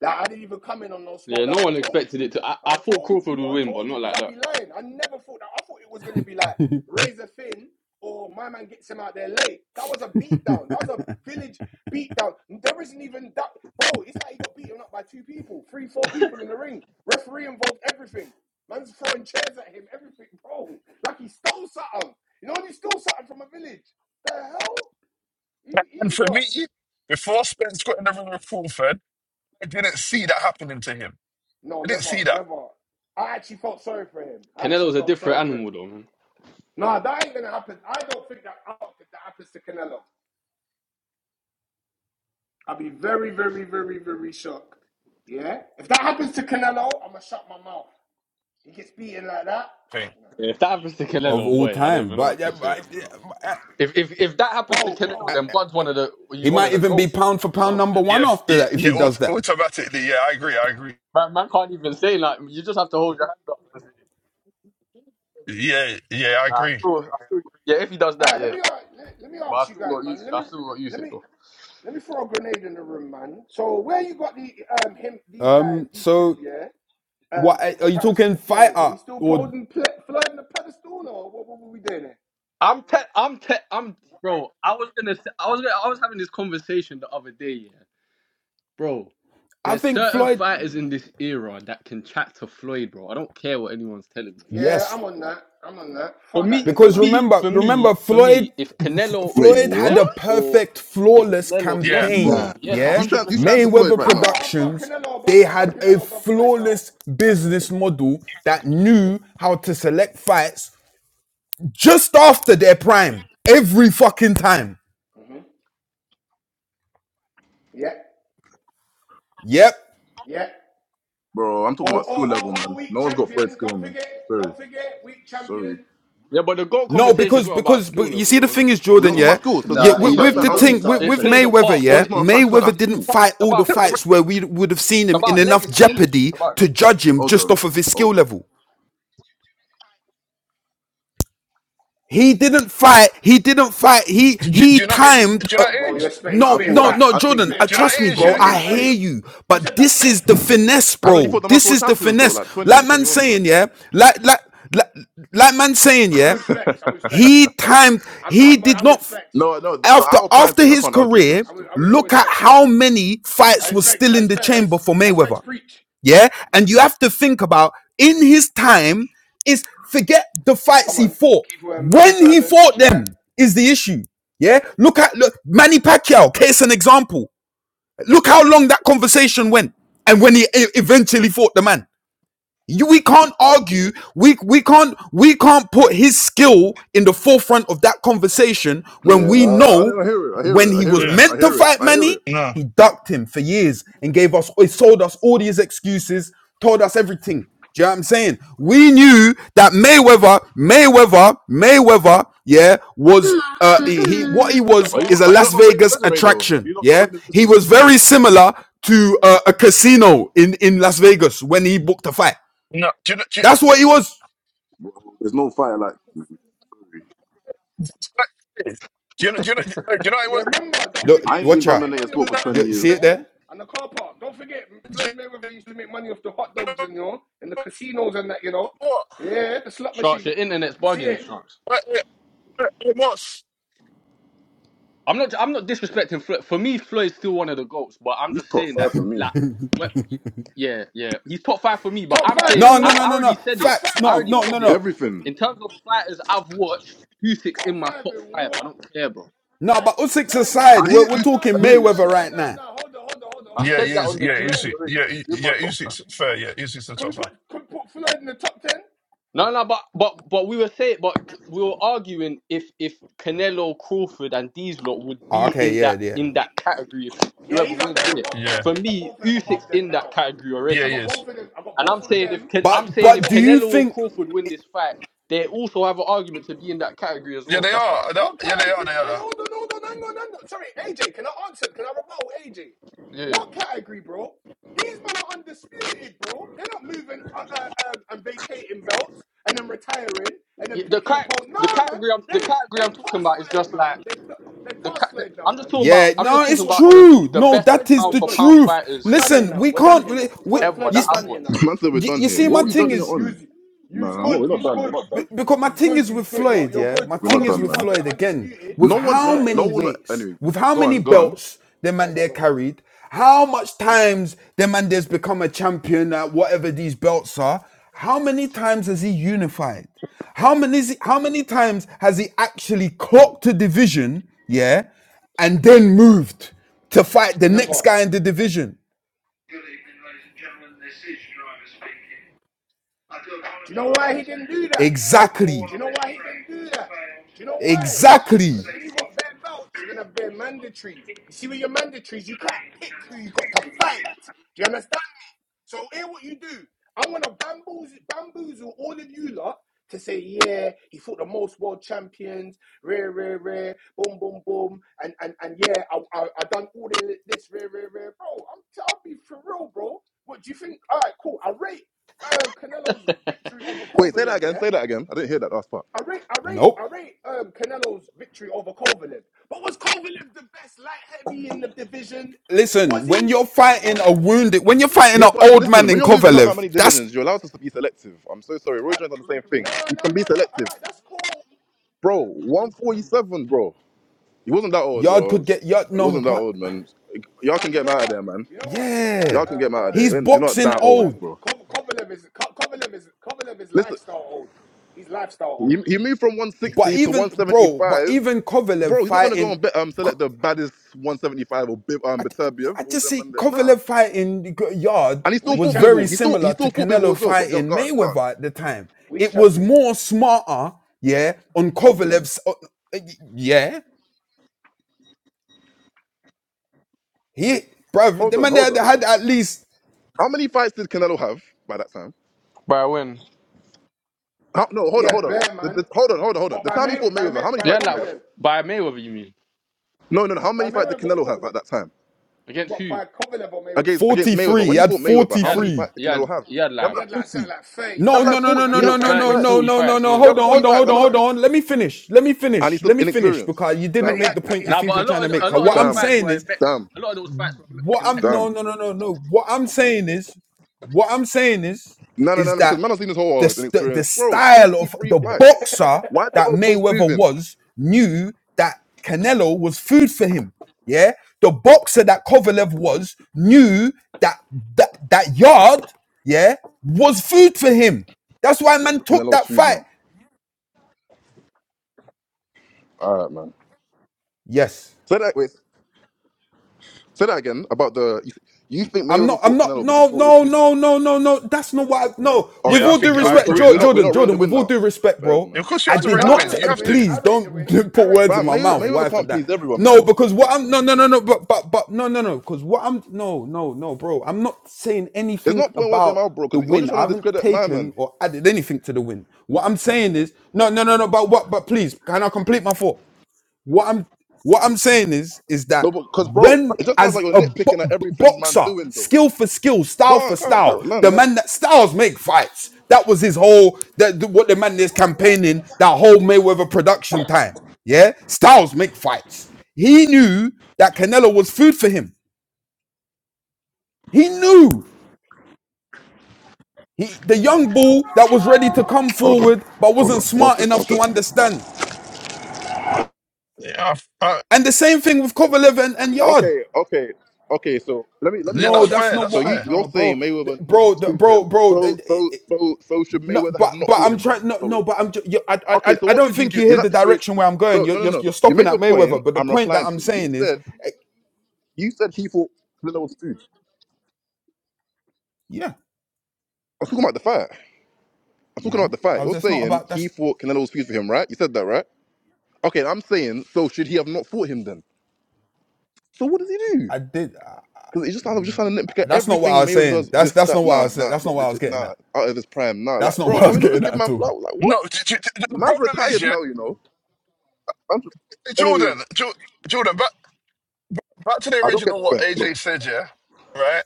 [SPEAKER 6] Like I didn't even come in on no
[SPEAKER 2] Yeah,
[SPEAKER 6] smoke.
[SPEAKER 2] no
[SPEAKER 6] Like I
[SPEAKER 2] one
[SPEAKER 6] told
[SPEAKER 2] expected
[SPEAKER 6] you,
[SPEAKER 2] it to. I, I
[SPEAKER 6] I
[SPEAKER 2] thought
[SPEAKER 6] told
[SPEAKER 2] Crawford
[SPEAKER 6] you,
[SPEAKER 2] would
[SPEAKER 6] I
[SPEAKER 2] win, but
[SPEAKER 6] told you.
[SPEAKER 2] not
[SPEAKER 6] Because
[SPEAKER 2] like
[SPEAKER 6] I'd
[SPEAKER 2] that.
[SPEAKER 6] be lying. I never thought that. I thought it was gonna be like Razor Finn or my man gets him out there late. That was a beatdown. That was a village beat down. There isn't even that, bro. It's like he got beaten up by two people, three, four people in the ring. Referee involved everything. Man's throwing chairs at him, everything, bro. Like he stole something. You know, when he stole something from a village. The hell? He,
[SPEAKER 7] And
[SPEAKER 6] he
[SPEAKER 7] for
[SPEAKER 6] got
[SPEAKER 7] me, before Spence got in the room with Crawford, I didn't see that happening to him.
[SPEAKER 6] no,
[SPEAKER 7] I didn't
[SPEAKER 6] never,
[SPEAKER 7] see that
[SPEAKER 6] never. I actually felt sorry for him. I actually
[SPEAKER 2] Canelo's a
[SPEAKER 6] felt
[SPEAKER 2] different
[SPEAKER 6] sorry for him.
[SPEAKER 2] animal, though, man.
[SPEAKER 6] Nah, that ain't gonna happen. I don't think that. I don't think that happens to Canelo. I'll be very, very, very, very shocked. Yeah. If that happens to Canelo, I'ma shut my mouth. He gets beaten like that.
[SPEAKER 7] thing.
[SPEAKER 6] Nah.
[SPEAKER 2] If that happens to
[SPEAKER 5] of
[SPEAKER 2] Canelo,
[SPEAKER 5] all
[SPEAKER 2] boy, I don't
[SPEAKER 5] time.
[SPEAKER 2] even know
[SPEAKER 5] But,
[SPEAKER 2] what
[SPEAKER 5] yeah,
[SPEAKER 2] to say,
[SPEAKER 5] but yeah,
[SPEAKER 2] bro.
[SPEAKER 5] but- yeah.
[SPEAKER 2] If if if that happens to
[SPEAKER 6] bro, bro.
[SPEAKER 2] Canelo,
[SPEAKER 6] All
[SPEAKER 2] then Bud's one of the
[SPEAKER 5] he
[SPEAKER 2] he's one of
[SPEAKER 5] might
[SPEAKER 2] the
[SPEAKER 5] even be
[SPEAKER 2] goats, bro.
[SPEAKER 5] pound for
[SPEAKER 2] I
[SPEAKER 5] pound
[SPEAKER 2] don't care,
[SPEAKER 5] number
[SPEAKER 2] man.
[SPEAKER 7] Yeah,
[SPEAKER 5] one
[SPEAKER 7] f- y-
[SPEAKER 5] after that if
[SPEAKER 7] yeah,
[SPEAKER 5] he does
[SPEAKER 7] aut-
[SPEAKER 5] that.
[SPEAKER 7] automatically. Yeah, I agree. I agree.
[SPEAKER 2] Man, man can't even say like you just have to hold your hand up. and say,
[SPEAKER 7] Yeah, yeah, I
[SPEAKER 2] Nah, I
[SPEAKER 7] agree.
[SPEAKER 2] still, I still, yeah. If he does that,
[SPEAKER 6] right, let
[SPEAKER 2] yeah.
[SPEAKER 6] me uh, let, let me
[SPEAKER 2] But I
[SPEAKER 6] ask you
[SPEAKER 2] still
[SPEAKER 6] guys,
[SPEAKER 2] got use
[SPEAKER 6] man.
[SPEAKER 2] it.
[SPEAKER 6] Let me
[SPEAKER 2] I still got use
[SPEAKER 6] let
[SPEAKER 2] it
[SPEAKER 6] me
[SPEAKER 2] though.
[SPEAKER 6] let me throw a grenade in the room, man. So where you got the um him these guys
[SPEAKER 5] Um,
[SPEAKER 6] these two
[SPEAKER 5] so
[SPEAKER 6] yeah um
[SPEAKER 5] what
[SPEAKER 6] in
[SPEAKER 5] are you
[SPEAKER 6] comparison
[SPEAKER 5] talking
[SPEAKER 6] to Floyd? Are
[SPEAKER 5] fighter
[SPEAKER 6] we still
[SPEAKER 5] or
[SPEAKER 6] holding pl- Floyd on the pedestal or what, what were we doing? Here?
[SPEAKER 2] I'm te- I'm te- I'm bro. I was gonna say, I was gonna, I was having this conversation the other day, yeah, bro.
[SPEAKER 5] I
[SPEAKER 2] There's
[SPEAKER 5] think
[SPEAKER 2] certain
[SPEAKER 5] Floyd?
[SPEAKER 2] fighters in this era that can chat to Floyd, bro. I don't care what anyone's telling me, fam.
[SPEAKER 6] Yeah,
[SPEAKER 5] Yes,
[SPEAKER 6] I'm on that. I'm on that.
[SPEAKER 2] For
[SPEAKER 6] Fuck that
[SPEAKER 2] me,
[SPEAKER 6] nigga,
[SPEAKER 2] for
[SPEAKER 5] Because
[SPEAKER 6] man.
[SPEAKER 2] me,
[SPEAKER 5] remember,
[SPEAKER 2] for
[SPEAKER 5] remember
[SPEAKER 2] me, for
[SPEAKER 5] Floyd
[SPEAKER 2] me, if
[SPEAKER 5] F-
[SPEAKER 2] Canelo,
[SPEAKER 3] Wait,
[SPEAKER 2] if
[SPEAKER 5] Floyd had
[SPEAKER 3] what?
[SPEAKER 5] a
[SPEAKER 2] Canelo or
[SPEAKER 5] perfect
[SPEAKER 2] if
[SPEAKER 5] flawless
[SPEAKER 2] Canelo,
[SPEAKER 7] Yeah.
[SPEAKER 2] yes,
[SPEAKER 5] campaign,
[SPEAKER 3] Nah,
[SPEAKER 2] bro, yes,
[SPEAKER 3] man.
[SPEAKER 2] one
[SPEAKER 5] yeah?
[SPEAKER 3] He's
[SPEAKER 2] hundred
[SPEAKER 3] trying he's
[SPEAKER 2] percent.
[SPEAKER 3] trying to Floyd
[SPEAKER 5] Mayweather
[SPEAKER 3] right
[SPEAKER 6] I've
[SPEAKER 3] now.
[SPEAKER 6] got I've got
[SPEAKER 5] Productions,
[SPEAKER 6] Canelo
[SPEAKER 5] they
[SPEAKER 6] above I've
[SPEAKER 5] had
[SPEAKER 6] got
[SPEAKER 5] a
[SPEAKER 6] Canelo above Floyd now.
[SPEAKER 5] flawless
[SPEAKER 6] By the
[SPEAKER 5] business
[SPEAKER 6] way.
[SPEAKER 5] model that knew how to select fights just after their prime every fucking time.
[SPEAKER 6] hmm Yeah,
[SPEAKER 5] Yep.
[SPEAKER 6] yeah.
[SPEAKER 3] Bro, I'm talking
[SPEAKER 6] Oh,
[SPEAKER 3] about skill
[SPEAKER 6] oh, oh,
[SPEAKER 3] level,
[SPEAKER 6] oh,
[SPEAKER 3] man.
[SPEAKER 6] weak
[SPEAKER 3] No one's got Floyd's
[SPEAKER 6] champion.
[SPEAKER 3] skill,
[SPEAKER 6] Don't
[SPEAKER 3] man.
[SPEAKER 6] forget,
[SPEAKER 3] Sorry.
[SPEAKER 6] don't forget, weak
[SPEAKER 3] Sorry.
[SPEAKER 6] champion.
[SPEAKER 2] Yeah, but the goal
[SPEAKER 5] No,
[SPEAKER 2] conversation is
[SPEAKER 5] because
[SPEAKER 2] not about
[SPEAKER 5] because
[SPEAKER 2] skill
[SPEAKER 5] but you
[SPEAKER 2] level,
[SPEAKER 5] see the
[SPEAKER 2] though, isn't it?
[SPEAKER 5] thing is
[SPEAKER 3] We're
[SPEAKER 2] It's
[SPEAKER 3] not
[SPEAKER 5] Jordan,
[SPEAKER 3] talking
[SPEAKER 2] not
[SPEAKER 3] about
[SPEAKER 5] yeah,
[SPEAKER 2] about.
[SPEAKER 3] skill, so
[SPEAKER 5] yeah.
[SPEAKER 3] skill's
[SPEAKER 1] Nah,
[SPEAKER 3] not a
[SPEAKER 5] With,
[SPEAKER 1] you know,
[SPEAKER 5] with
[SPEAKER 3] factor at
[SPEAKER 1] you
[SPEAKER 5] the
[SPEAKER 1] know, he
[SPEAKER 3] all.
[SPEAKER 5] thing with,
[SPEAKER 1] started to
[SPEAKER 2] It
[SPEAKER 5] with
[SPEAKER 1] chain
[SPEAKER 2] plays a
[SPEAKER 1] quick.
[SPEAKER 5] Mayweather,
[SPEAKER 2] part,
[SPEAKER 5] yeah,
[SPEAKER 3] Skill's
[SPEAKER 2] but
[SPEAKER 3] not a
[SPEAKER 2] it's
[SPEAKER 3] factor
[SPEAKER 2] just a,
[SPEAKER 5] Mayweather
[SPEAKER 3] at
[SPEAKER 2] it's, it's,
[SPEAKER 5] didn't
[SPEAKER 3] all.
[SPEAKER 2] it's
[SPEAKER 5] fight
[SPEAKER 2] it's
[SPEAKER 5] all the
[SPEAKER 2] about
[SPEAKER 7] No,
[SPEAKER 2] what
[SPEAKER 7] no,
[SPEAKER 2] you.
[SPEAKER 7] but
[SPEAKER 5] fights where we would have seen
[SPEAKER 2] It's
[SPEAKER 5] him in
[SPEAKER 2] about
[SPEAKER 5] enough
[SPEAKER 2] legacy, isn't it? It's
[SPEAKER 5] jeopardy
[SPEAKER 2] about
[SPEAKER 5] to
[SPEAKER 2] legacy.
[SPEAKER 5] judge him
[SPEAKER 3] Hold
[SPEAKER 5] just
[SPEAKER 3] on,
[SPEAKER 5] off of his skill
[SPEAKER 3] hold on.
[SPEAKER 5] level. He didn't fight. He didn't fight. He
[SPEAKER 7] Do, do-
[SPEAKER 5] he
[SPEAKER 7] do you know? It,
[SPEAKER 5] timed.
[SPEAKER 7] do you
[SPEAKER 5] Uh,
[SPEAKER 7] know
[SPEAKER 6] Ah,
[SPEAKER 7] what it
[SPEAKER 6] bro, you're
[SPEAKER 7] is?
[SPEAKER 6] spe- he's
[SPEAKER 3] I
[SPEAKER 5] no,
[SPEAKER 6] spitting
[SPEAKER 5] no,
[SPEAKER 3] thought
[SPEAKER 5] no,
[SPEAKER 6] facts.
[SPEAKER 3] I, I
[SPEAKER 6] He's
[SPEAKER 3] think
[SPEAKER 5] Jordan.
[SPEAKER 3] he's
[SPEAKER 5] Uh,
[SPEAKER 6] spitting
[SPEAKER 7] Do you know what
[SPEAKER 5] trust
[SPEAKER 6] facts.
[SPEAKER 5] me,
[SPEAKER 7] it is?
[SPEAKER 5] bro.
[SPEAKER 7] Yeah.
[SPEAKER 3] going
[SPEAKER 6] I'm
[SPEAKER 7] It,
[SPEAKER 6] with,
[SPEAKER 5] I
[SPEAKER 3] anyway. Let me.
[SPEAKER 5] hear
[SPEAKER 6] hey,
[SPEAKER 3] Look.
[SPEAKER 5] you,
[SPEAKER 6] who
[SPEAKER 5] but
[SPEAKER 6] said that?
[SPEAKER 5] this is the
[SPEAKER 6] Specs.
[SPEAKER 5] finesse,
[SPEAKER 3] Hasn't he
[SPEAKER 5] bro.
[SPEAKER 3] fought the most
[SPEAKER 5] This
[SPEAKER 3] world
[SPEAKER 5] is the
[SPEAKER 3] champions though?
[SPEAKER 5] finesse.
[SPEAKER 3] Like 20,
[SPEAKER 5] Like man
[SPEAKER 3] 21. or
[SPEAKER 5] saying,
[SPEAKER 3] something.
[SPEAKER 5] yeah, like like like, like man saying,
[SPEAKER 6] I'm
[SPEAKER 5] yeah.
[SPEAKER 6] with Specs. I'm with
[SPEAKER 5] He
[SPEAKER 6] Specs.
[SPEAKER 5] timed.
[SPEAKER 6] I'm,
[SPEAKER 5] He
[SPEAKER 6] I'm,
[SPEAKER 5] did
[SPEAKER 6] I'm with
[SPEAKER 5] not.
[SPEAKER 6] Specs.
[SPEAKER 3] No, no, the, the
[SPEAKER 5] after
[SPEAKER 3] Al Prime
[SPEAKER 5] after
[SPEAKER 3] thing. I
[SPEAKER 5] his
[SPEAKER 3] can't argue with that
[SPEAKER 5] career,
[SPEAKER 6] I'm with,
[SPEAKER 3] still.
[SPEAKER 6] I'm with, I'm
[SPEAKER 5] look
[SPEAKER 6] with
[SPEAKER 5] at
[SPEAKER 6] Specs.
[SPEAKER 5] how many fights
[SPEAKER 6] I
[SPEAKER 5] were
[SPEAKER 6] Specs,
[SPEAKER 5] still
[SPEAKER 6] I
[SPEAKER 5] in the chamber
[SPEAKER 6] Specs,
[SPEAKER 5] for
[SPEAKER 6] I
[SPEAKER 5] Mayweather.
[SPEAKER 6] Specs preach.
[SPEAKER 5] Yeah, and you have to think about in his time is forget the fights
[SPEAKER 6] Come
[SPEAKER 5] he
[SPEAKER 6] on.
[SPEAKER 5] fought.
[SPEAKER 6] Keep, um,
[SPEAKER 5] When
[SPEAKER 6] keep
[SPEAKER 5] he
[SPEAKER 6] firming.
[SPEAKER 5] fought
[SPEAKER 6] Keep
[SPEAKER 5] them
[SPEAKER 6] going.
[SPEAKER 5] is the issue. Yeah, look at look Manny Pacquiao. Case an example. Look how long that conversation went, and when he e- eventually fought the man. You, we can't argue. We we can't we can't put his skill in the forefront of that conversation when
[SPEAKER 3] Yeah, no,
[SPEAKER 5] we
[SPEAKER 3] I,
[SPEAKER 5] know
[SPEAKER 3] I, I hear it. I hear
[SPEAKER 5] when
[SPEAKER 3] it. I
[SPEAKER 5] he
[SPEAKER 3] hear
[SPEAKER 5] was
[SPEAKER 3] it.
[SPEAKER 7] yeah.
[SPEAKER 3] I
[SPEAKER 5] meant to
[SPEAKER 3] hear it.
[SPEAKER 5] fight
[SPEAKER 3] I hear
[SPEAKER 5] Manny,
[SPEAKER 3] it.
[SPEAKER 7] No.
[SPEAKER 5] he ducked him for years and gave us he sold us all these excuses, told us everything. Do you know what I'm saying? We knew that Mayweather, Mayweather, Mayweather, yeah, was uh he what he
[SPEAKER 6] Remember
[SPEAKER 5] was
[SPEAKER 3] Are you
[SPEAKER 5] is
[SPEAKER 3] not,
[SPEAKER 5] a
[SPEAKER 3] are you
[SPEAKER 6] Marco?
[SPEAKER 3] not
[SPEAKER 5] Las
[SPEAKER 3] not rating his
[SPEAKER 5] Vegas
[SPEAKER 3] resume though? Are
[SPEAKER 5] attraction.
[SPEAKER 3] you not not
[SPEAKER 5] Yeah,
[SPEAKER 3] rating his
[SPEAKER 5] he
[SPEAKER 3] resume?
[SPEAKER 5] was very similar to uh, a casino in in Las Vegas when he booked a fight.
[SPEAKER 7] No. Do you know? Do
[SPEAKER 5] That's what he was.
[SPEAKER 3] Bro, There's no fighter like. him.
[SPEAKER 7] you, do you know? what It is? Do you know? Do you know? Do you know it
[SPEAKER 6] Yeah,
[SPEAKER 7] was?
[SPEAKER 6] remember, don't
[SPEAKER 5] The-
[SPEAKER 3] I
[SPEAKER 6] forget
[SPEAKER 3] ain't
[SPEAKER 6] he
[SPEAKER 3] seen
[SPEAKER 5] watch
[SPEAKER 6] used to
[SPEAKER 5] out.
[SPEAKER 6] make
[SPEAKER 3] dominate a
[SPEAKER 6] money off
[SPEAKER 7] No,
[SPEAKER 3] sport
[SPEAKER 6] the
[SPEAKER 3] for
[SPEAKER 6] hot
[SPEAKER 3] twenty
[SPEAKER 5] You
[SPEAKER 6] dogs, you
[SPEAKER 5] see
[SPEAKER 3] years.
[SPEAKER 5] it
[SPEAKER 6] know,
[SPEAKER 5] there?
[SPEAKER 6] and the car park. Don't forget,
[SPEAKER 7] do
[SPEAKER 6] Floyd
[SPEAKER 7] you
[SPEAKER 6] Mayweather used to make money off the hot dogs and, you know, and the casinos and that, you know.
[SPEAKER 7] know
[SPEAKER 6] Yeah, the slot
[SPEAKER 2] Sharks,
[SPEAKER 6] machine.
[SPEAKER 2] your internet's
[SPEAKER 6] You see
[SPEAKER 2] bugging,
[SPEAKER 6] it?
[SPEAKER 2] Sharks.
[SPEAKER 7] what? It was.
[SPEAKER 2] I'm not. I'm not disrespecting Floyd. For me, Floyd's still one of the goats, but I'm
[SPEAKER 3] He's
[SPEAKER 2] just
[SPEAKER 3] top
[SPEAKER 2] saying that,
[SPEAKER 3] five for me.
[SPEAKER 2] like,
[SPEAKER 5] *laughs*
[SPEAKER 2] when, Yeah, yeah. He's top five for me, but
[SPEAKER 6] Top
[SPEAKER 2] I'm
[SPEAKER 6] five
[SPEAKER 2] saying
[SPEAKER 5] No,
[SPEAKER 6] in
[SPEAKER 5] no,
[SPEAKER 2] I,
[SPEAKER 5] no,
[SPEAKER 2] I
[SPEAKER 6] what?
[SPEAKER 5] no, no.
[SPEAKER 2] already said it.
[SPEAKER 6] Top
[SPEAKER 5] Facts.
[SPEAKER 6] five
[SPEAKER 2] I
[SPEAKER 5] No,
[SPEAKER 2] already
[SPEAKER 6] in
[SPEAKER 5] no, no,
[SPEAKER 2] said
[SPEAKER 6] what?
[SPEAKER 2] it.
[SPEAKER 5] no.
[SPEAKER 3] Everything.
[SPEAKER 2] In terms of fighters I've watched, Usyk's in
[SPEAKER 6] Top
[SPEAKER 2] my
[SPEAKER 6] five
[SPEAKER 2] top
[SPEAKER 6] in
[SPEAKER 2] five. I
[SPEAKER 6] what?
[SPEAKER 2] don't care, bro.
[SPEAKER 5] No,
[SPEAKER 6] Say,
[SPEAKER 5] but Usyk
[SPEAKER 6] say, no,
[SPEAKER 3] I
[SPEAKER 5] aside,
[SPEAKER 6] no,
[SPEAKER 5] we're,
[SPEAKER 3] hear
[SPEAKER 6] no,
[SPEAKER 5] we're
[SPEAKER 6] no,
[SPEAKER 5] talking
[SPEAKER 3] Usyk. I
[SPEAKER 6] no,
[SPEAKER 3] hear
[SPEAKER 6] no,
[SPEAKER 5] Mayweather
[SPEAKER 3] Usyk.
[SPEAKER 6] no,
[SPEAKER 5] right
[SPEAKER 6] no,
[SPEAKER 5] now.
[SPEAKER 6] no. Hold on, hold on, hold on,
[SPEAKER 2] I
[SPEAKER 6] hold
[SPEAKER 7] Yeah,
[SPEAKER 6] on.
[SPEAKER 7] he
[SPEAKER 2] said that
[SPEAKER 7] is.
[SPEAKER 2] on the
[SPEAKER 7] Yeah,
[SPEAKER 6] Wait,
[SPEAKER 2] GC
[SPEAKER 7] Usyk.
[SPEAKER 2] already.
[SPEAKER 7] Yeah, U-
[SPEAKER 2] He's in my
[SPEAKER 7] yeah,
[SPEAKER 2] top five.
[SPEAKER 7] Usyk's fair.
[SPEAKER 6] w-
[SPEAKER 7] Yeah, Usyk's the
[SPEAKER 6] can
[SPEAKER 7] top
[SPEAKER 6] we
[SPEAKER 7] five.
[SPEAKER 6] put can we put Floyd in the top ten?
[SPEAKER 2] No, no, but but but we were saying, but we were arguing if if Canelo, Crawford, and these lot would
[SPEAKER 5] Oh,
[SPEAKER 2] be in
[SPEAKER 5] Okay, yeah,
[SPEAKER 2] that
[SPEAKER 5] yeah.
[SPEAKER 2] in that category if
[SPEAKER 6] Yeah,
[SPEAKER 2] whoever
[SPEAKER 6] he's up
[SPEAKER 2] wins
[SPEAKER 6] there
[SPEAKER 2] in it.
[SPEAKER 6] above
[SPEAKER 7] Yeah,
[SPEAKER 6] both
[SPEAKER 2] For
[SPEAKER 6] of them,
[SPEAKER 2] me,
[SPEAKER 6] both of them
[SPEAKER 2] Usyk's
[SPEAKER 6] above them
[SPEAKER 2] in that
[SPEAKER 6] now.
[SPEAKER 2] category
[SPEAKER 7] yeah,
[SPEAKER 6] I
[SPEAKER 2] already.
[SPEAKER 7] he
[SPEAKER 6] got
[SPEAKER 7] is.
[SPEAKER 6] both of them. I got
[SPEAKER 2] And I'm
[SPEAKER 6] both of
[SPEAKER 2] saying if
[SPEAKER 6] them.
[SPEAKER 2] Can- I'm
[SPEAKER 5] But
[SPEAKER 2] saying
[SPEAKER 6] I
[SPEAKER 5] but
[SPEAKER 2] if
[SPEAKER 5] do
[SPEAKER 6] got.
[SPEAKER 5] you
[SPEAKER 2] Canelo or
[SPEAKER 5] think?
[SPEAKER 2] Crawford win this fight, they also have an argument to be in that category as
[SPEAKER 7] Yeah,
[SPEAKER 2] well.
[SPEAKER 7] they
[SPEAKER 2] That's what I'm.
[SPEAKER 7] are. They are-
[SPEAKER 6] What can
[SPEAKER 7] Yeah, they are.
[SPEAKER 6] category?
[SPEAKER 7] They
[SPEAKER 6] Wait,
[SPEAKER 7] are.
[SPEAKER 6] hold on, hold on, hang on, hang on. Sorry, AJ, can I answer? Can I rebuttal AJ?
[SPEAKER 2] Yeah,
[SPEAKER 6] What category, bro? These men are undisputed, bro. They're not moving uh, uh, uh, and vacating belts and then retiring and then
[SPEAKER 2] Yeah, the
[SPEAKER 6] picking up
[SPEAKER 2] cat,
[SPEAKER 6] on. Nah,
[SPEAKER 2] the
[SPEAKER 6] man.
[SPEAKER 2] category, I'm,
[SPEAKER 6] They
[SPEAKER 2] the
[SPEAKER 6] they
[SPEAKER 2] category I'm talking
[SPEAKER 6] passed
[SPEAKER 2] about is
[SPEAKER 6] Floyd,
[SPEAKER 2] just like
[SPEAKER 6] man. They they
[SPEAKER 2] the.
[SPEAKER 6] passed
[SPEAKER 2] Cat,
[SPEAKER 6] Floyd now,
[SPEAKER 2] I'm just
[SPEAKER 6] man.
[SPEAKER 2] talking
[SPEAKER 5] Yeah,
[SPEAKER 2] about. I'm
[SPEAKER 5] no,
[SPEAKER 2] just
[SPEAKER 6] Floyd's thing
[SPEAKER 5] it's
[SPEAKER 2] talking
[SPEAKER 6] was
[SPEAKER 2] about
[SPEAKER 6] good.
[SPEAKER 2] the
[SPEAKER 5] true.
[SPEAKER 2] the
[SPEAKER 5] No,
[SPEAKER 2] best
[SPEAKER 5] that
[SPEAKER 6] Floyd's
[SPEAKER 5] is
[SPEAKER 6] thing
[SPEAKER 2] pound
[SPEAKER 5] the
[SPEAKER 6] was
[SPEAKER 2] for
[SPEAKER 6] good.
[SPEAKER 2] pound
[SPEAKER 5] truth.
[SPEAKER 2] fighters
[SPEAKER 6] We're done here
[SPEAKER 5] Listen,
[SPEAKER 6] now.
[SPEAKER 5] we
[SPEAKER 6] We're done
[SPEAKER 5] can't.
[SPEAKER 6] here
[SPEAKER 5] We,
[SPEAKER 6] now. Floyd,
[SPEAKER 2] ever
[SPEAKER 6] Floyd
[SPEAKER 2] that
[SPEAKER 6] we're
[SPEAKER 2] I've
[SPEAKER 6] done here
[SPEAKER 2] watched.
[SPEAKER 6] now.
[SPEAKER 3] Man said we're
[SPEAKER 5] you,
[SPEAKER 3] done
[SPEAKER 5] you
[SPEAKER 3] here.
[SPEAKER 5] see,
[SPEAKER 3] What
[SPEAKER 6] Use,
[SPEAKER 3] are
[SPEAKER 5] my
[SPEAKER 3] we
[SPEAKER 6] use,
[SPEAKER 5] thing
[SPEAKER 3] judging it
[SPEAKER 5] is
[SPEAKER 3] on?
[SPEAKER 6] use,
[SPEAKER 3] No,
[SPEAKER 6] use
[SPEAKER 3] nah, no, we're
[SPEAKER 6] good.
[SPEAKER 3] not
[SPEAKER 6] Use
[SPEAKER 3] done. We're
[SPEAKER 6] good.
[SPEAKER 3] not
[SPEAKER 5] Be-
[SPEAKER 3] done. We're
[SPEAKER 5] Because
[SPEAKER 3] not
[SPEAKER 5] my
[SPEAKER 6] He's
[SPEAKER 3] done.
[SPEAKER 5] thing
[SPEAKER 6] good.
[SPEAKER 5] is with
[SPEAKER 6] He's good. You're
[SPEAKER 5] Floyd,
[SPEAKER 6] you're
[SPEAKER 5] yeah. My
[SPEAKER 6] good.
[SPEAKER 3] We're
[SPEAKER 5] thing
[SPEAKER 3] not
[SPEAKER 6] Other
[SPEAKER 5] is
[SPEAKER 3] done,
[SPEAKER 5] with
[SPEAKER 6] people are
[SPEAKER 3] man.
[SPEAKER 6] getting
[SPEAKER 5] Floyd again.
[SPEAKER 6] undisputed,
[SPEAKER 5] With
[SPEAKER 3] No
[SPEAKER 6] and
[SPEAKER 3] one,
[SPEAKER 6] you're
[SPEAKER 3] we're
[SPEAKER 5] how
[SPEAKER 3] not,
[SPEAKER 6] out here
[SPEAKER 3] no
[SPEAKER 5] many
[SPEAKER 6] just
[SPEAKER 3] one.
[SPEAKER 5] weights,
[SPEAKER 3] Anyway,
[SPEAKER 5] with how
[SPEAKER 3] go
[SPEAKER 5] many
[SPEAKER 3] on, go on.
[SPEAKER 5] belts the
[SPEAKER 6] go
[SPEAKER 5] man
[SPEAKER 6] go
[SPEAKER 5] there
[SPEAKER 6] go.
[SPEAKER 5] carried, how much times the man there's become a champion at whatever these belts are. How many times has he unified? How many? Is he, how many times has he actually clocked a division? Yeah, and then moved to fight the next
[SPEAKER 6] Never.
[SPEAKER 5] guy in the division.
[SPEAKER 6] Do you know why he didn't do that?
[SPEAKER 5] Exactly.
[SPEAKER 6] Do you know why he didn't do that? Do you know why?
[SPEAKER 5] Exactly.
[SPEAKER 6] Because when you got bare belts, you're gonna bear mandatories. You see, with your mandatories, you can't pick who you got to fight. Do you understand? So hear what you do. I'm gonna bamboozle, bamboozle all of you lot to say, yeah, he fought the most world champions, rare, rare, rare, boom, boom, boom, and and and yeah, I I, I done all the, this, rare, rare, rare, bro. I'm t- I'll be for real, bro. What do you think? All right, cool. I rate uh, Canelo's victory over
[SPEAKER 3] Wait, say that
[SPEAKER 6] Kovalev,
[SPEAKER 3] again.
[SPEAKER 6] yeah.
[SPEAKER 3] Say that again. I didn't hear that last part.
[SPEAKER 6] I rate, I rate,
[SPEAKER 5] Nope.
[SPEAKER 6] I rate um, Canelo's victory over Kovalev. But was Kovalev the best light heavy in the division?
[SPEAKER 5] Listen,
[SPEAKER 6] Was
[SPEAKER 5] when
[SPEAKER 6] he?
[SPEAKER 5] you're fighting
[SPEAKER 6] All
[SPEAKER 5] a
[SPEAKER 6] right, cool.
[SPEAKER 5] wounded, when
[SPEAKER 6] So
[SPEAKER 5] you're
[SPEAKER 6] what do you
[SPEAKER 5] fighting
[SPEAKER 3] Yeah,
[SPEAKER 5] an
[SPEAKER 6] think
[SPEAKER 3] but
[SPEAKER 6] Floyd
[SPEAKER 5] old
[SPEAKER 6] done
[SPEAKER 3] listen,
[SPEAKER 5] man
[SPEAKER 6] for
[SPEAKER 3] when
[SPEAKER 5] in
[SPEAKER 6] his
[SPEAKER 3] you're
[SPEAKER 6] whole
[SPEAKER 3] moving up
[SPEAKER 6] career?
[SPEAKER 3] that
[SPEAKER 5] Kovalev,
[SPEAKER 3] many
[SPEAKER 5] that's
[SPEAKER 3] divisions, you're allowed to be selective. I'm so sorry. Roy
[SPEAKER 6] Uh,
[SPEAKER 3] Jones done the same
[SPEAKER 6] no,
[SPEAKER 3] thing. You
[SPEAKER 6] no,
[SPEAKER 3] can be
[SPEAKER 6] no, no. All
[SPEAKER 3] selective,
[SPEAKER 6] right, that's cool.
[SPEAKER 3] bro. 147, bro. He wasn't that old,
[SPEAKER 5] Yard
[SPEAKER 3] bro. It,
[SPEAKER 5] could
[SPEAKER 3] was,
[SPEAKER 5] get Yard.
[SPEAKER 3] it
[SPEAKER 5] No,
[SPEAKER 3] wasn't that
[SPEAKER 5] but
[SPEAKER 3] old, man. Y'all
[SPEAKER 6] Now,
[SPEAKER 3] can
[SPEAKER 6] do
[SPEAKER 3] get
[SPEAKER 6] you
[SPEAKER 3] him
[SPEAKER 6] know
[SPEAKER 3] out of there,
[SPEAKER 6] what?
[SPEAKER 3] man.
[SPEAKER 6] You know what?
[SPEAKER 3] Y'all
[SPEAKER 5] yeah,
[SPEAKER 6] Uh,
[SPEAKER 3] can get him
[SPEAKER 6] uh,
[SPEAKER 3] out of there.
[SPEAKER 5] he's
[SPEAKER 3] You're not
[SPEAKER 6] uh,
[SPEAKER 5] boxing
[SPEAKER 3] that
[SPEAKER 6] um,
[SPEAKER 3] old,
[SPEAKER 5] old.
[SPEAKER 6] um,
[SPEAKER 3] bro.
[SPEAKER 6] Kov- Kovalev is Kovalev is Kovalev is
[SPEAKER 3] Listen,
[SPEAKER 6] lifestyle old. He's lifestyle
[SPEAKER 3] he,
[SPEAKER 6] old.
[SPEAKER 3] he moved from
[SPEAKER 5] But
[SPEAKER 3] 160 to
[SPEAKER 5] even bro, but
[SPEAKER 3] 175
[SPEAKER 5] even Kovalev
[SPEAKER 3] Bro, he's not gonna go
[SPEAKER 5] fighting,
[SPEAKER 3] and bet, um, select
[SPEAKER 5] Ko-
[SPEAKER 3] the baddest 175 or Biv, um,
[SPEAKER 5] I, I
[SPEAKER 3] Beterbiev
[SPEAKER 5] I
[SPEAKER 3] or
[SPEAKER 5] just
[SPEAKER 3] them
[SPEAKER 5] see
[SPEAKER 3] and that. Nah.
[SPEAKER 5] Kovalev fighting Yard
[SPEAKER 3] And he still
[SPEAKER 6] Weak
[SPEAKER 5] was
[SPEAKER 3] fought
[SPEAKER 5] very
[SPEAKER 3] Bivol. He
[SPEAKER 6] champion.
[SPEAKER 3] still he
[SPEAKER 5] similar to
[SPEAKER 3] still fought Bivol
[SPEAKER 5] Canelo
[SPEAKER 3] as well. But go, go
[SPEAKER 5] fighting
[SPEAKER 3] on, go on.
[SPEAKER 5] Mayweather at the time.
[SPEAKER 6] Weak
[SPEAKER 5] It was
[SPEAKER 6] champion.
[SPEAKER 5] more smarter, yeah, on Kovalev's. uh, Yeah, he, bruv,
[SPEAKER 3] Hold
[SPEAKER 5] the
[SPEAKER 3] on,
[SPEAKER 5] man
[SPEAKER 3] hold
[SPEAKER 5] there
[SPEAKER 3] on.
[SPEAKER 5] had at least
[SPEAKER 3] How many fights did Canelo have by that time?
[SPEAKER 2] *laughs* By when?
[SPEAKER 3] How, no,
[SPEAKER 6] He
[SPEAKER 3] hold on, hold
[SPEAKER 6] had
[SPEAKER 3] on.
[SPEAKER 6] bear
[SPEAKER 3] The,
[SPEAKER 6] man.
[SPEAKER 3] the, hold on, hold on, hold on.
[SPEAKER 6] What
[SPEAKER 3] The
[SPEAKER 6] by
[SPEAKER 3] time he
[SPEAKER 6] May
[SPEAKER 3] fought
[SPEAKER 6] by
[SPEAKER 3] Mayweather,
[SPEAKER 6] May,
[SPEAKER 3] how many
[SPEAKER 6] by
[SPEAKER 2] Yeah,
[SPEAKER 3] fights did he
[SPEAKER 2] like
[SPEAKER 3] have?
[SPEAKER 2] f-
[SPEAKER 6] Kovalev
[SPEAKER 2] by Mayweather, you mean?
[SPEAKER 3] No, no, no. How
[SPEAKER 6] by
[SPEAKER 3] many fights did
[SPEAKER 6] Mayweather or
[SPEAKER 3] Canelo have at
[SPEAKER 6] Kovalev?
[SPEAKER 3] that time
[SPEAKER 2] Against
[SPEAKER 6] What
[SPEAKER 2] who?
[SPEAKER 6] by Kovalev or Mayweather?
[SPEAKER 3] against against
[SPEAKER 5] 43.
[SPEAKER 3] Mayweather?
[SPEAKER 5] He
[SPEAKER 3] When he
[SPEAKER 5] had
[SPEAKER 3] fought Mayweather, how
[SPEAKER 2] Yeah,
[SPEAKER 3] many
[SPEAKER 5] 43.
[SPEAKER 3] fights did
[SPEAKER 2] yeah,
[SPEAKER 3] Canelo have?
[SPEAKER 2] yeah,
[SPEAKER 3] He had
[SPEAKER 2] like
[SPEAKER 6] He
[SPEAKER 3] like
[SPEAKER 6] had like
[SPEAKER 3] 40.
[SPEAKER 6] something
[SPEAKER 3] He
[SPEAKER 6] like thirty
[SPEAKER 3] had
[SPEAKER 5] No, no,
[SPEAKER 3] like
[SPEAKER 6] fights,
[SPEAKER 5] no,
[SPEAKER 6] bro.
[SPEAKER 5] no,
[SPEAKER 3] 40.
[SPEAKER 5] no,
[SPEAKER 3] He
[SPEAKER 6] Remember
[SPEAKER 3] had
[SPEAKER 6] he's
[SPEAKER 5] no,
[SPEAKER 2] four-
[SPEAKER 5] no,
[SPEAKER 6] fighting
[SPEAKER 3] 40
[SPEAKER 6] in
[SPEAKER 2] thirty,
[SPEAKER 5] no,
[SPEAKER 3] fights.
[SPEAKER 5] no,
[SPEAKER 6] Mexico,
[SPEAKER 2] 40
[SPEAKER 5] no, no,
[SPEAKER 2] fights.
[SPEAKER 5] no.
[SPEAKER 2] Yeah,
[SPEAKER 3] He had
[SPEAKER 5] Hold on,
[SPEAKER 2] something like
[SPEAKER 3] 40
[SPEAKER 5] hold
[SPEAKER 2] that.
[SPEAKER 5] on,
[SPEAKER 3] fights.
[SPEAKER 5] hold
[SPEAKER 3] I'm
[SPEAKER 5] on,
[SPEAKER 6] forty
[SPEAKER 3] not
[SPEAKER 5] hold
[SPEAKER 3] supposed to.
[SPEAKER 5] on.
[SPEAKER 6] fights.
[SPEAKER 5] Let me finish. Let me
[SPEAKER 3] And he's
[SPEAKER 5] finish.
[SPEAKER 3] still
[SPEAKER 5] Let me
[SPEAKER 6] *laughs* See,
[SPEAKER 5] finish
[SPEAKER 3] inexperienced.
[SPEAKER 5] because you
[SPEAKER 6] and
[SPEAKER 5] didn't
[SPEAKER 6] he
[SPEAKER 3] Damn,
[SPEAKER 5] make the
[SPEAKER 6] had and
[SPEAKER 5] point
[SPEAKER 6] he
[SPEAKER 5] you
[SPEAKER 6] had
[SPEAKER 2] Nah,
[SPEAKER 5] think
[SPEAKER 2] but a
[SPEAKER 5] you're trying
[SPEAKER 2] lot
[SPEAKER 5] to
[SPEAKER 2] of
[SPEAKER 5] make.
[SPEAKER 2] a
[SPEAKER 5] 'Cause
[SPEAKER 2] lot
[SPEAKER 6] he
[SPEAKER 2] of
[SPEAKER 5] what
[SPEAKER 6] had
[SPEAKER 2] those
[SPEAKER 5] I'm
[SPEAKER 6] more
[SPEAKER 3] damn,
[SPEAKER 2] fights
[SPEAKER 5] saying
[SPEAKER 6] fights
[SPEAKER 2] were in
[SPEAKER 5] is,
[SPEAKER 2] Mexico.
[SPEAKER 3] damn,
[SPEAKER 2] A lot of those fights were
[SPEAKER 5] what
[SPEAKER 2] in
[SPEAKER 5] I'm
[SPEAKER 2] Mexico.
[SPEAKER 3] damn.
[SPEAKER 5] no, no, no, no, no. What I'm saying is, what I'm saying is,
[SPEAKER 3] No, no, no,
[SPEAKER 5] is
[SPEAKER 3] no, because
[SPEAKER 5] that
[SPEAKER 3] man, I've seen this whole
[SPEAKER 5] the,
[SPEAKER 3] is
[SPEAKER 5] st- the
[SPEAKER 3] inexperienced. Bro,
[SPEAKER 5] style of
[SPEAKER 3] 43
[SPEAKER 5] the
[SPEAKER 6] than
[SPEAKER 3] fights.
[SPEAKER 6] Mayweather.
[SPEAKER 5] boxer
[SPEAKER 3] Why is the
[SPEAKER 5] that
[SPEAKER 3] goalpost
[SPEAKER 5] Mayweather
[SPEAKER 3] moving?
[SPEAKER 5] was knew that Canelo was food for him. Yeah, the boxer that Kovalev was knew that that, that yard, yeah, was food for him. That's why man took
[SPEAKER 3] Canelo's
[SPEAKER 5] that
[SPEAKER 3] food
[SPEAKER 5] fight.
[SPEAKER 3] now. All right, man.
[SPEAKER 5] Yes.
[SPEAKER 3] Say that, wait, say that again about the. You, you think
[SPEAKER 5] I'm not.
[SPEAKER 3] Mayweather
[SPEAKER 5] I'm
[SPEAKER 3] fought
[SPEAKER 5] not.
[SPEAKER 3] Canelo because
[SPEAKER 5] No.
[SPEAKER 3] he thought it was
[SPEAKER 5] No.
[SPEAKER 3] food for him?
[SPEAKER 5] No. No. No. No. That's not what. I, no. With
[SPEAKER 7] Yeah,
[SPEAKER 3] Okay,
[SPEAKER 7] I
[SPEAKER 5] all
[SPEAKER 3] so,
[SPEAKER 5] due
[SPEAKER 7] think
[SPEAKER 3] so,
[SPEAKER 7] I
[SPEAKER 3] we, so
[SPEAKER 5] respect,
[SPEAKER 7] agree
[SPEAKER 3] we-
[SPEAKER 7] with
[SPEAKER 5] Jor-
[SPEAKER 3] we're
[SPEAKER 7] that.
[SPEAKER 3] not we're
[SPEAKER 5] Jordan.
[SPEAKER 3] not rating the
[SPEAKER 5] Jordan. With
[SPEAKER 3] win
[SPEAKER 5] all
[SPEAKER 3] now.
[SPEAKER 5] due respect,
[SPEAKER 3] Fairs,
[SPEAKER 5] bro.
[SPEAKER 7] Of
[SPEAKER 3] man.
[SPEAKER 7] course, you
[SPEAKER 5] I
[SPEAKER 7] have
[SPEAKER 2] I
[SPEAKER 7] to
[SPEAKER 2] you
[SPEAKER 6] *laughs*
[SPEAKER 5] did
[SPEAKER 6] no,
[SPEAKER 7] rate the
[SPEAKER 2] ready
[SPEAKER 6] I
[SPEAKER 5] not.
[SPEAKER 7] wins.
[SPEAKER 2] win.
[SPEAKER 6] rate
[SPEAKER 7] You
[SPEAKER 5] uh,
[SPEAKER 6] the
[SPEAKER 7] have
[SPEAKER 6] win.
[SPEAKER 7] to.
[SPEAKER 5] please
[SPEAKER 6] I rate the
[SPEAKER 5] don't *laughs*
[SPEAKER 6] win.
[SPEAKER 5] d-
[SPEAKER 6] I
[SPEAKER 5] put
[SPEAKER 6] rate the
[SPEAKER 5] words in
[SPEAKER 3] Fam,
[SPEAKER 5] my
[SPEAKER 6] win. I
[SPEAKER 3] Mayweather,
[SPEAKER 5] mouth.
[SPEAKER 6] rate the
[SPEAKER 3] Mayweather
[SPEAKER 5] Why for
[SPEAKER 6] win.
[SPEAKER 3] can't
[SPEAKER 6] *laughs*
[SPEAKER 5] that?
[SPEAKER 3] please everyone,
[SPEAKER 5] No,
[SPEAKER 3] man.
[SPEAKER 5] because what I'm. No. No. No. No. But. But. But. No. No. No. Because what I'm. No. No. No, bro. I'm not saying
[SPEAKER 3] It's
[SPEAKER 5] anything
[SPEAKER 3] not point words in
[SPEAKER 5] about
[SPEAKER 3] my mouth, bro,
[SPEAKER 5] the
[SPEAKER 3] because you're just
[SPEAKER 5] win. I
[SPEAKER 3] trying to
[SPEAKER 5] haven't
[SPEAKER 3] discredit my man.
[SPEAKER 5] taken or added anything to the win. What I'm saying is. No. No. No. No. But what? But please, can I complete my thought? What I'm what I'm saying is is that
[SPEAKER 3] No, because, bro,
[SPEAKER 5] when
[SPEAKER 3] it just sounds
[SPEAKER 5] as
[SPEAKER 3] like you're
[SPEAKER 5] a
[SPEAKER 3] nitpicking at
[SPEAKER 5] bo- b-
[SPEAKER 3] everything's man
[SPEAKER 5] boxer,
[SPEAKER 3] doing, though.
[SPEAKER 5] skill for skill,
[SPEAKER 3] Go
[SPEAKER 5] style
[SPEAKER 3] on,
[SPEAKER 5] for
[SPEAKER 3] go on, go on,
[SPEAKER 5] style,
[SPEAKER 3] land,
[SPEAKER 5] the
[SPEAKER 3] land.
[SPEAKER 5] man that styles make fights. That was his whole that th- what the man is campaigning that whole Mayweather production time. Yeah, styles make fights. He knew that Canelo was food for him. He knew he the young bull that was ready to come
[SPEAKER 3] Hold on,
[SPEAKER 5] forward but
[SPEAKER 3] hold on.
[SPEAKER 5] wasn't
[SPEAKER 3] One
[SPEAKER 5] smart
[SPEAKER 3] sec, one
[SPEAKER 5] enough to
[SPEAKER 3] sec.
[SPEAKER 5] understand.
[SPEAKER 7] Yeah, I've- I,
[SPEAKER 5] And the same thing with Kovalev and, and Yard.
[SPEAKER 3] Okay, okay, okay. So let me let me
[SPEAKER 7] yeah,
[SPEAKER 3] call
[SPEAKER 5] No,
[SPEAKER 7] that's
[SPEAKER 3] it that.
[SPEAKER 5] that's
[SPEAKER 7] fair.
[SPEAKER 5] not
[SPEAKER 7] That's
[SPEAKER 3] So
[SPEAKER 5] what
[SPEAKER 3] you
[SPEAKER 5] I'm.
[SPEAKER 7] fair.
[SPEAKER 3] you're
[SPEAKER 5] No,
[SPEAKER 3] saying
[SPEAKER 5] bro, Th-
[SPEAKER 3] Mayweather knew he
[SPEAKER 5] bro,
[SPEAKER 3] was
[SPEAKER 5] th-
[SPEAKER 3] feeding
[SPEAKER 5] bro,
[SPEAKER 3] him.
[SPEAKER 5] bro.
[SPEAKER 3] So
[SPEAKER 5] th- it-
[SPEAKER 3] so
[SPEAKER 5] it-
[SPEAKER 3] so so should
[SPEAKER 5] No,
[SPEAKER 3] Mayweather have
[SPEAKER 5] but
[SPEAKER 3] not
[SPEAKER 5] but
[SPEAKER 3] fought
[SPEAKER 5] I'm
[SPEAKER 3] him then?
[SPEAKER 5] trying. No,
[SPEAKER 3] So
[SPEAKER 5] no, but I'm. ju- You, I, I
[SPEAKER 3] okay.
[SPEAKER 5] I
[SPEAKER 3] So
[SPEAKER 5] I
[SPEAKER 3] what
[SPEAKER 5] don't
[SPEAKER 3] should he
[SPEAKER 5] think
[SPEAKER 3] do
[SPEAKER 5] you
[SPEAKER 3] in
[SPEAKER 5] hear
[SPEAKER 3] that
[SPEAKER 5] the
[SPEAKER 3] situation?
[SPEAKER 5] direction where I'm going.
[SPEAKER 3] No
[SPEAKER 5] You're
[SPEAKER 3] no no
[SPEAKER 5] you're,
[SPEAKER 3] no.
[SPEAKER 5] you're
[SPEAKER 3] You
[SPEAKER 5] stopping
[SPEAKER 3] made your
[SPEAKER 5] at Mayweather.
[SPEAKER 3] point.
[SPEAKER 5] But the
[SPEAKER 3] I'm
[SPEAKER 5] point that
[SPEAKER 3] replying
[SPEAKER 5] I'm
[SPEAKER 3] to it. You
[SPEAKER 5] saying is,
[SPEAKER 3] said
[SPEAKER 5] eh,
[SPEAKER 3] you said he fought Canelo's food.
[SPEAKER 5] yeah,
[SPEAKER 3] I'm talking about the fight. I'm talking about the
[SPEAKER 5] no,
[SPEAKER 3] fight.
[SPEAKER 5] I was.
[SPEAKER 3] You're
[SPEAKER 5] That's not
[SPEAKER 3] saying
[SPEAKER 5] about.
[SPEAKER 3] he
[SPEAKER 5] That's
[SPEAKER 3] fought Canelo's food for him, right? You said that, right? Okay. I'm saying so should he have not fought him then? So what does he do?
[SPEAKER 5] I did. I,
[SPEAKER 3] Because it's just like I'm just trying to nitpick at
[SPEAKER 5] that's not what I
[SPEAKER 3] everything
[SPEAKER 5] was
[SPEAKER 3] Mayweather
[SPEAKER 5] saying.
[SPEAKER 3] does.
[SPEAKER 5] That's
[SPEAKER 3] This,
[SPEAKER 5] that's
[SPEAKER 3] that,
[SPEAKER 5] not what I
[SPEAKER 3] nah,
[SPEAKER 5] was saying.
[SPEAKER 3] nah, it's
[SPEAKER 5] That's not
[SPEAKER 3] not
[SPEAKER 5] what I was
[SPEAKER 3] legit.
[SPEAKER 5] getting
[SPEAKER 3] Nah,
[SPEAKER 5] at.
[SPEAKER 3] out of his prime. Nah,
[SPEAKER 5] That's
[SPEAKER 3] like,
[SPEAKER 5] not *laughs*
[SPEAKER 3] bro,
[SPEAKER 5] what I
[SPEAKER 3] can
[SPEAKER 5] was
[SPEAKER 3] we not just
[SPEAKER 5] getting at
[SPEAKER 3] give
[SPEAKER 5] at
[SPEAKER 3] man
[SPEAKER 5] all.
[SPEAKER 3] flowers? Like, what?
[SPEAKER 7] No, d- d- d- the
[SPEAKER 3] Man's
[SPEAKER 7] problem is,
[SPEAKER 3] retired
[SPEAKER 7] yeah,
[SPEAKER 3] now, you know. Man's anyway,
[SPEAKER 7] Jordan, Jor- Jordan, back back to the
[SPEAKER 3] I don't get the
[SPEAKER 7] original what
[SPEAKER 3] point. I don't-
[SPEAKER 7] AJ said, yeah, right.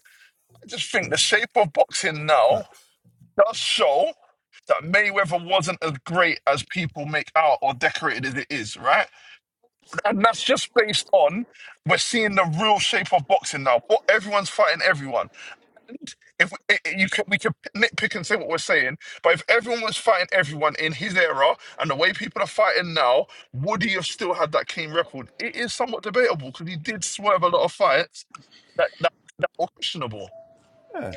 [SPEAKER 7] I just think the shape of boxing now
[SPEAKER 5] Facts.
[SPEAKER 7] does show that Mayweather wasn't as great as people make out or decorated as it is, right? And that's just based on we're seeing the real shape of boxing now. What everyone's fighting everyone. If we, i i- you can, we can nitpick and say what we're saying, but if everyone was fighting everyone in his era and the way people are fighting now, would he have still had that clean record? It is somewhat debatable because he did swerve a lot of fights that that that were questionable.
[SPEAKER 5] Yeah,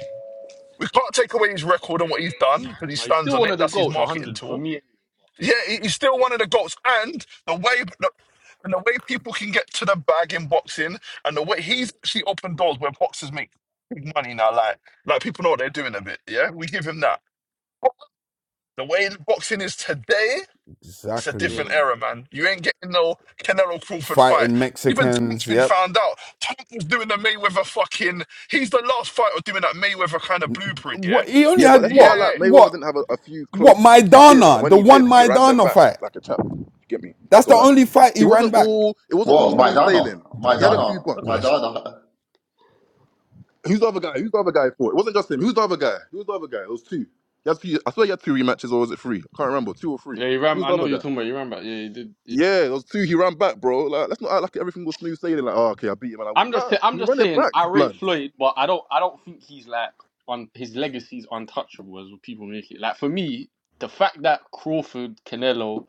[SPEAKER 7] We can't take away his record and what he's done because he
[SPEAKER 2] Like, he's
[SPEAKER 7] stands
[SPEAKER 2] still
[SPEAKER 7] on
[SPEAKER 2] one
[SPEAKER 7] it.
[SPEAKER 2] of the
[SPEAKER 7] That's his
[SPEAKER 2] goals,
[SPEAKER 7] marketing
[SPEAKER 2] 100 for
[SPEAKER 7] tool
[SPEAKER 2] me.
[SPEAKER 7] yeah, he- he's still one of the goats. And the way the, and the way people can get to the bag in boxing, and the way he's actually opened doors where boxers make big money now. Like, like people know what they're doing a bit. Yeah, we give him that. The way boxing is today, it's a
[SPEAKER 5] exactly.
[SPEAKER 2] Yeah,
[SPEAKER 7] different era, man. You ain't getting no Canelo Crawford fight.
[SPEAKER 5] Fighting
[SPEAKER 7] Even Tank's
[SPEAKER 5] Mexicans.
[SPEAKER 7] been
[SPEAKER 5] Yep.
[SPEAKER 7] found out. Tank was doing the Mayweather fucking. He's the last fighter doing that Mayweather kind of blueprint. Yeah,
[SPEAKER 5] What he only
[SPEAKER 3] Yeah, but
[SPEAKER 5] had?
[SPEAKER 3] that's not
[SPEAKER 5] What?
[SPEAKER 3] like Mayweather
[SPEAKER 5] What?
[SPEAKER 3] didn't have a, a few close
[SPEAKER 5] What
[SPEAKER 3] calls. He did, and
[SPEAKER 5] Maidana?
[SPEAKER 3] when
[SPEAKER 5] The
[SPEAKER 3] he
[SPEAKER 5] one
[SPEAKER 3] did, he ran them
[SPEAKER 5] Maidana
[SPEAKER 3] back
[SPEAKER 5] fight.
[SPEAKER 3] like a champ. You get me?
[SPEAKER 5] That's
[SPEAKER 3] So
[SPEAKER 5] the
[SPEAKER 3] like,
[SPEAKER 5] only fight
[SPEAKER 3] it
[SPEAKER 5] he ran
[SPEAKER 3] wasn't
[SPEAKER 5] back.
[SPEAKER 3] all it wasn't all
[SPEAKER 1] Whoa,
[SPEAKER 3] smooth
[SPEAKER 1] Maidana,
[SPEAKER 3] sailing. He had a few
[SPEAKER 1] Maidana,
[SPEAKER 3] bumps.
[SPEAKER 7] yeah. *laughs*
[SPEAKER 1] Maidana.
[SPEAKER 3] Who's the other guy? Who's the other guy for? It wasn't just him. Who's the other guy? Who's the other guy? It was two. He had two. I swear he had two rematches, or was it three? I can't remember. Two or three.
[SPEAKER 2] yeah, he ran.
[SPEAKER 3] Who's
[SPEAKER 2] I
[SPEAKER 3] the
[SPEAKER 2] know
[SPEAKER 3] other
[SPEAKER 2] you're
[SPEAKER 3] guy?
[SPEAKER 2] talking about. He ran back. Yeah, he did. Yeah.
[SPEAKER 3] Yeah, there was two. He ran back, bro. Like, let's not act like everything was smooth sailing. Like, oh, okay, I beat him, and I went,
[SPEAKER 2] I'm just,
[SPEAKER 3] nah.
[SPEAKER 2] sa- I'm
[SPEAKER 3] He
[SPEAKER 2] just
[SPEAKER 3] ran it
[SPEAKER 2] saying.
[SPEAKER 3] back,
[SPEAKER 2] I rate
[SPEAKER 3] blood.
[SPEAKER 2] Floyd, but I don't, I don't think he's like on his legacy's untouchable as what people make it. Like for me, the fact that Crawford, Canelo,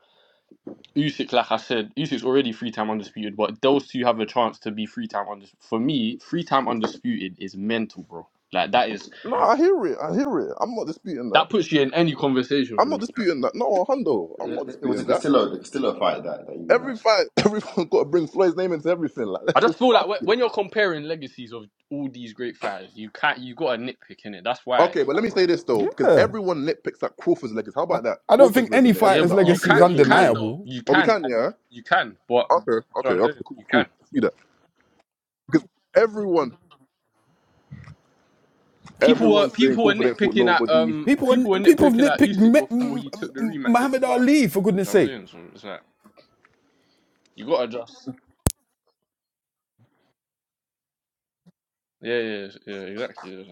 [SPEAKER 2] Usyk, like I said, Usyk's already three time undisputed, but those two have a chance to be three time undisputed. For me, three time undisputed is mental, bro. Like that is
[SPEAKER 3] No, I hear it. I hear it. I'm not disputing that.
[SPEAKER 2] that puts you in any conversation
[SPEAKER 3] I'm
[SPEAKER 2] for
[SPEAKER 3] not
[SPEAKER 2] me.
[SPEAKER 3] disputing that. No, Hondo, I'm not
[SPEAKER 1] It, it was a
[SPEAKER 3] disputing that.
[SPEAKER 1] Castillo, the Castillo fight that that you know.
[SPEAKER 3] Every fight, *laughs* everyone's got to bring Floyd's name into everything. Like,
[SPEAKER 2] I
[SPEAKER 3] let's
[SPEAKER 2] just
[SPEAKER 3] just
[SPEAKER 2] feel like
[SPEAKER 3] fuck
[SPEAKER 2] when
[SPEAKER 3] it.
[SPEAKER 2] when you're comparing legacies of all these great fighters, you can't. You got a nitpick in it. That's why.
[SPEAKER 3] Okay, but let me say this though, because
[SPEAKER 5] Yeah,
[SPEAKER 3] everyone nitpicks at Crawford's legs. How
[SPEAKER 5] I,
[SPEAKER 3] about that?
[SPEAKER 5] I don't
[SPEAKER 3] Crawford's
[SPEAKER 5] think any
[SPEAKER 3] resume.
[SPEAKER 2] Yeah,
[SPEAKER 3] Everyone's
[SPEAKER 5] fighter's
[SPEAKER 3] like,
[SPEAKER 2] but
[SPEAKER 3] oh,
[SPEAKER 2] you
[SPEAKER 5] legacy is
[SPEAKER 2] can.
[SPEAKER 3] Crawford
[SPEAKER 2] You
[SPEAKER 3] fought no
[SPEAKER 2] can
[SPEAKER 3] one.
[SPEAKER 2] though.
[SPEAKER 5] undeniable.
[SPEAKER 2] You
[SPEAKER 3] Oh, we
[SPEAKER 2] can.
[SPEAKER 3] can,
[SPEAKER 2] and
[SPEAKER 3] yeah.
[SPEAKER 2] You can. But
[SPEAKER 3] Okay,
[SPEAKER 2] that's what
[SPEAKER 3] okay,
[SPEAKER 2] I'm
[SPEAKER 3] okay,
[SPEAKER 2] saying.
[SPEAKER 3] cool,
[SPEAKER 2] You can.
[SPEAKER 3] cool. Let's do that because everyone,
[SPEAKER 2] People were
[SPEAKER 3] everyone's
[SPEAKER 5] Facts.
[SPEAKER 3] saying
[SPEAKER 2] people were
[SPEAKER 3] Crawford ain't fought
[SPEAKER 2] nitpicking at
[SPEAKER 3] nobody.
[SPEAKER 2] um
[SPEAKER 5] People
[SPEAKER 2] people were
[SPEAKER 5] and people have
[SPEAKER 2] nitpicking at
[SPEAKER 5] nitpicked
[SPEAKER 2] Usyk before he took the rematch with
[SPEAKER 5] Muhammad
[SPEAKER 2] Dubois.
[SPEAKER 5] Ali for goodness
[SPEAKER 2] Do you know what I'm
[SPEAKER 5] sake.
[SPEAKER 2] saying? So it's like you gotta just yeah yeah yeah exactly. Yeah, like, Do you know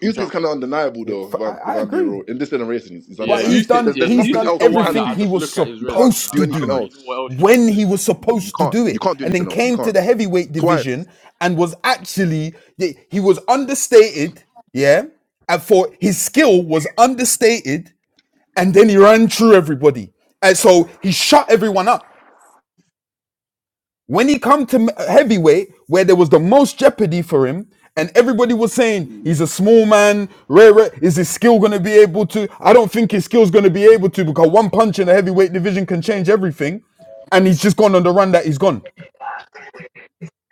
[SPEAKER 3] You think
[SPEAKER 2] what
[SPEAKER 3] it's
[SPEAKER 2] I'm
[SPEAKER 3] kind
[SPEAKER 2] saying?
[SPEAKER 3] of undeniable,
[SPEAKER 5] It's,
[SPEAKER 3] though. If I'm if
[SPEAKER 5] I, I
[SPEAKER 3] I'm being
[SPEAKER 5] agree.
[SPEAKER 3] real, in this generation, it's, it's
[SPEAKER 2] yeah
[SPEAKER 5] But he's
[SPEAKER 3] undeniable. There's,
[SPEAKER 2] Usyk
[SPEAKER 5] done
[SPEAKER 3] there's
[SPEAKER 2] yeah
[SPEAKER 3] there's
[SPEAKER 5] he's
[SPEAKER 3] nothing
[SPEAKER 5] done
[SPEAKER 2] Usyk's
[SPEAKER 3] else
[SPEAKER 2] the
[SPEAKER 3] he
[SPEAKER 2] one
[SPEAKER 3] can
[SPEAKER 2] that
[SPEAKER 5] everything
[SPEAKER 2] I
[SPEAKER 3] do.
[SPEAKER 5] he
[SPEAKER 2] just
[SPEAKER 5] was
[SPEAKER 2] look at his
[SPEAKER 3] You
[SPEAKER 2] resume.
[SPEAKER 3] can't
[SPEAKER 5] supposed
[SPEAKER 3] do
[SPEAKER 2] I,
[SPEAKER 5] to
[SPEAKER 2] I
[SPEAKER 3] anything
[SPEAKER 2] don't
[SPEAKER 5] do
[SPEAKER 2] really know what
[SPEAKER 3] else.
[SPEAKER 2] else you can
[SPEAKER 5] when
[SPEAKER 2] say
[SPEAKER 5] he
[SPEAKER 2] to
[SPEAKER 5] was
[SPEAKER 2] him.
[SPEAKER 3] You
[SPEAKER 5] supposed to
[SPEAKER 3] can't
[SPEAKER 5] do
[SPEAKER 3] you
[SPEAKER 5] it
[SPEAKER 3] can't do
[SPEAKER 5] and then
[SPEAKER 3] anything else. You
[SPEAKER 5] came to
[SPEAKER 3] can't
[SPEAKER 5] the heavyweight
[SPEAKER 3] twice.
[SPEAKER 5] division and was actually yeah, he was understated, yeah? And for his skill was understated and then he ran through everybody. And so he shut everyone up. When he come to m- heavyweight, where there was the most jeopardy for him, and everybody was saying he's a small man, rare, rare. Is his skill going to be able to? I don't think his skill's going to be able to because one punch in the heavyweight division can change everything. And he's just gone on the run that he's gone.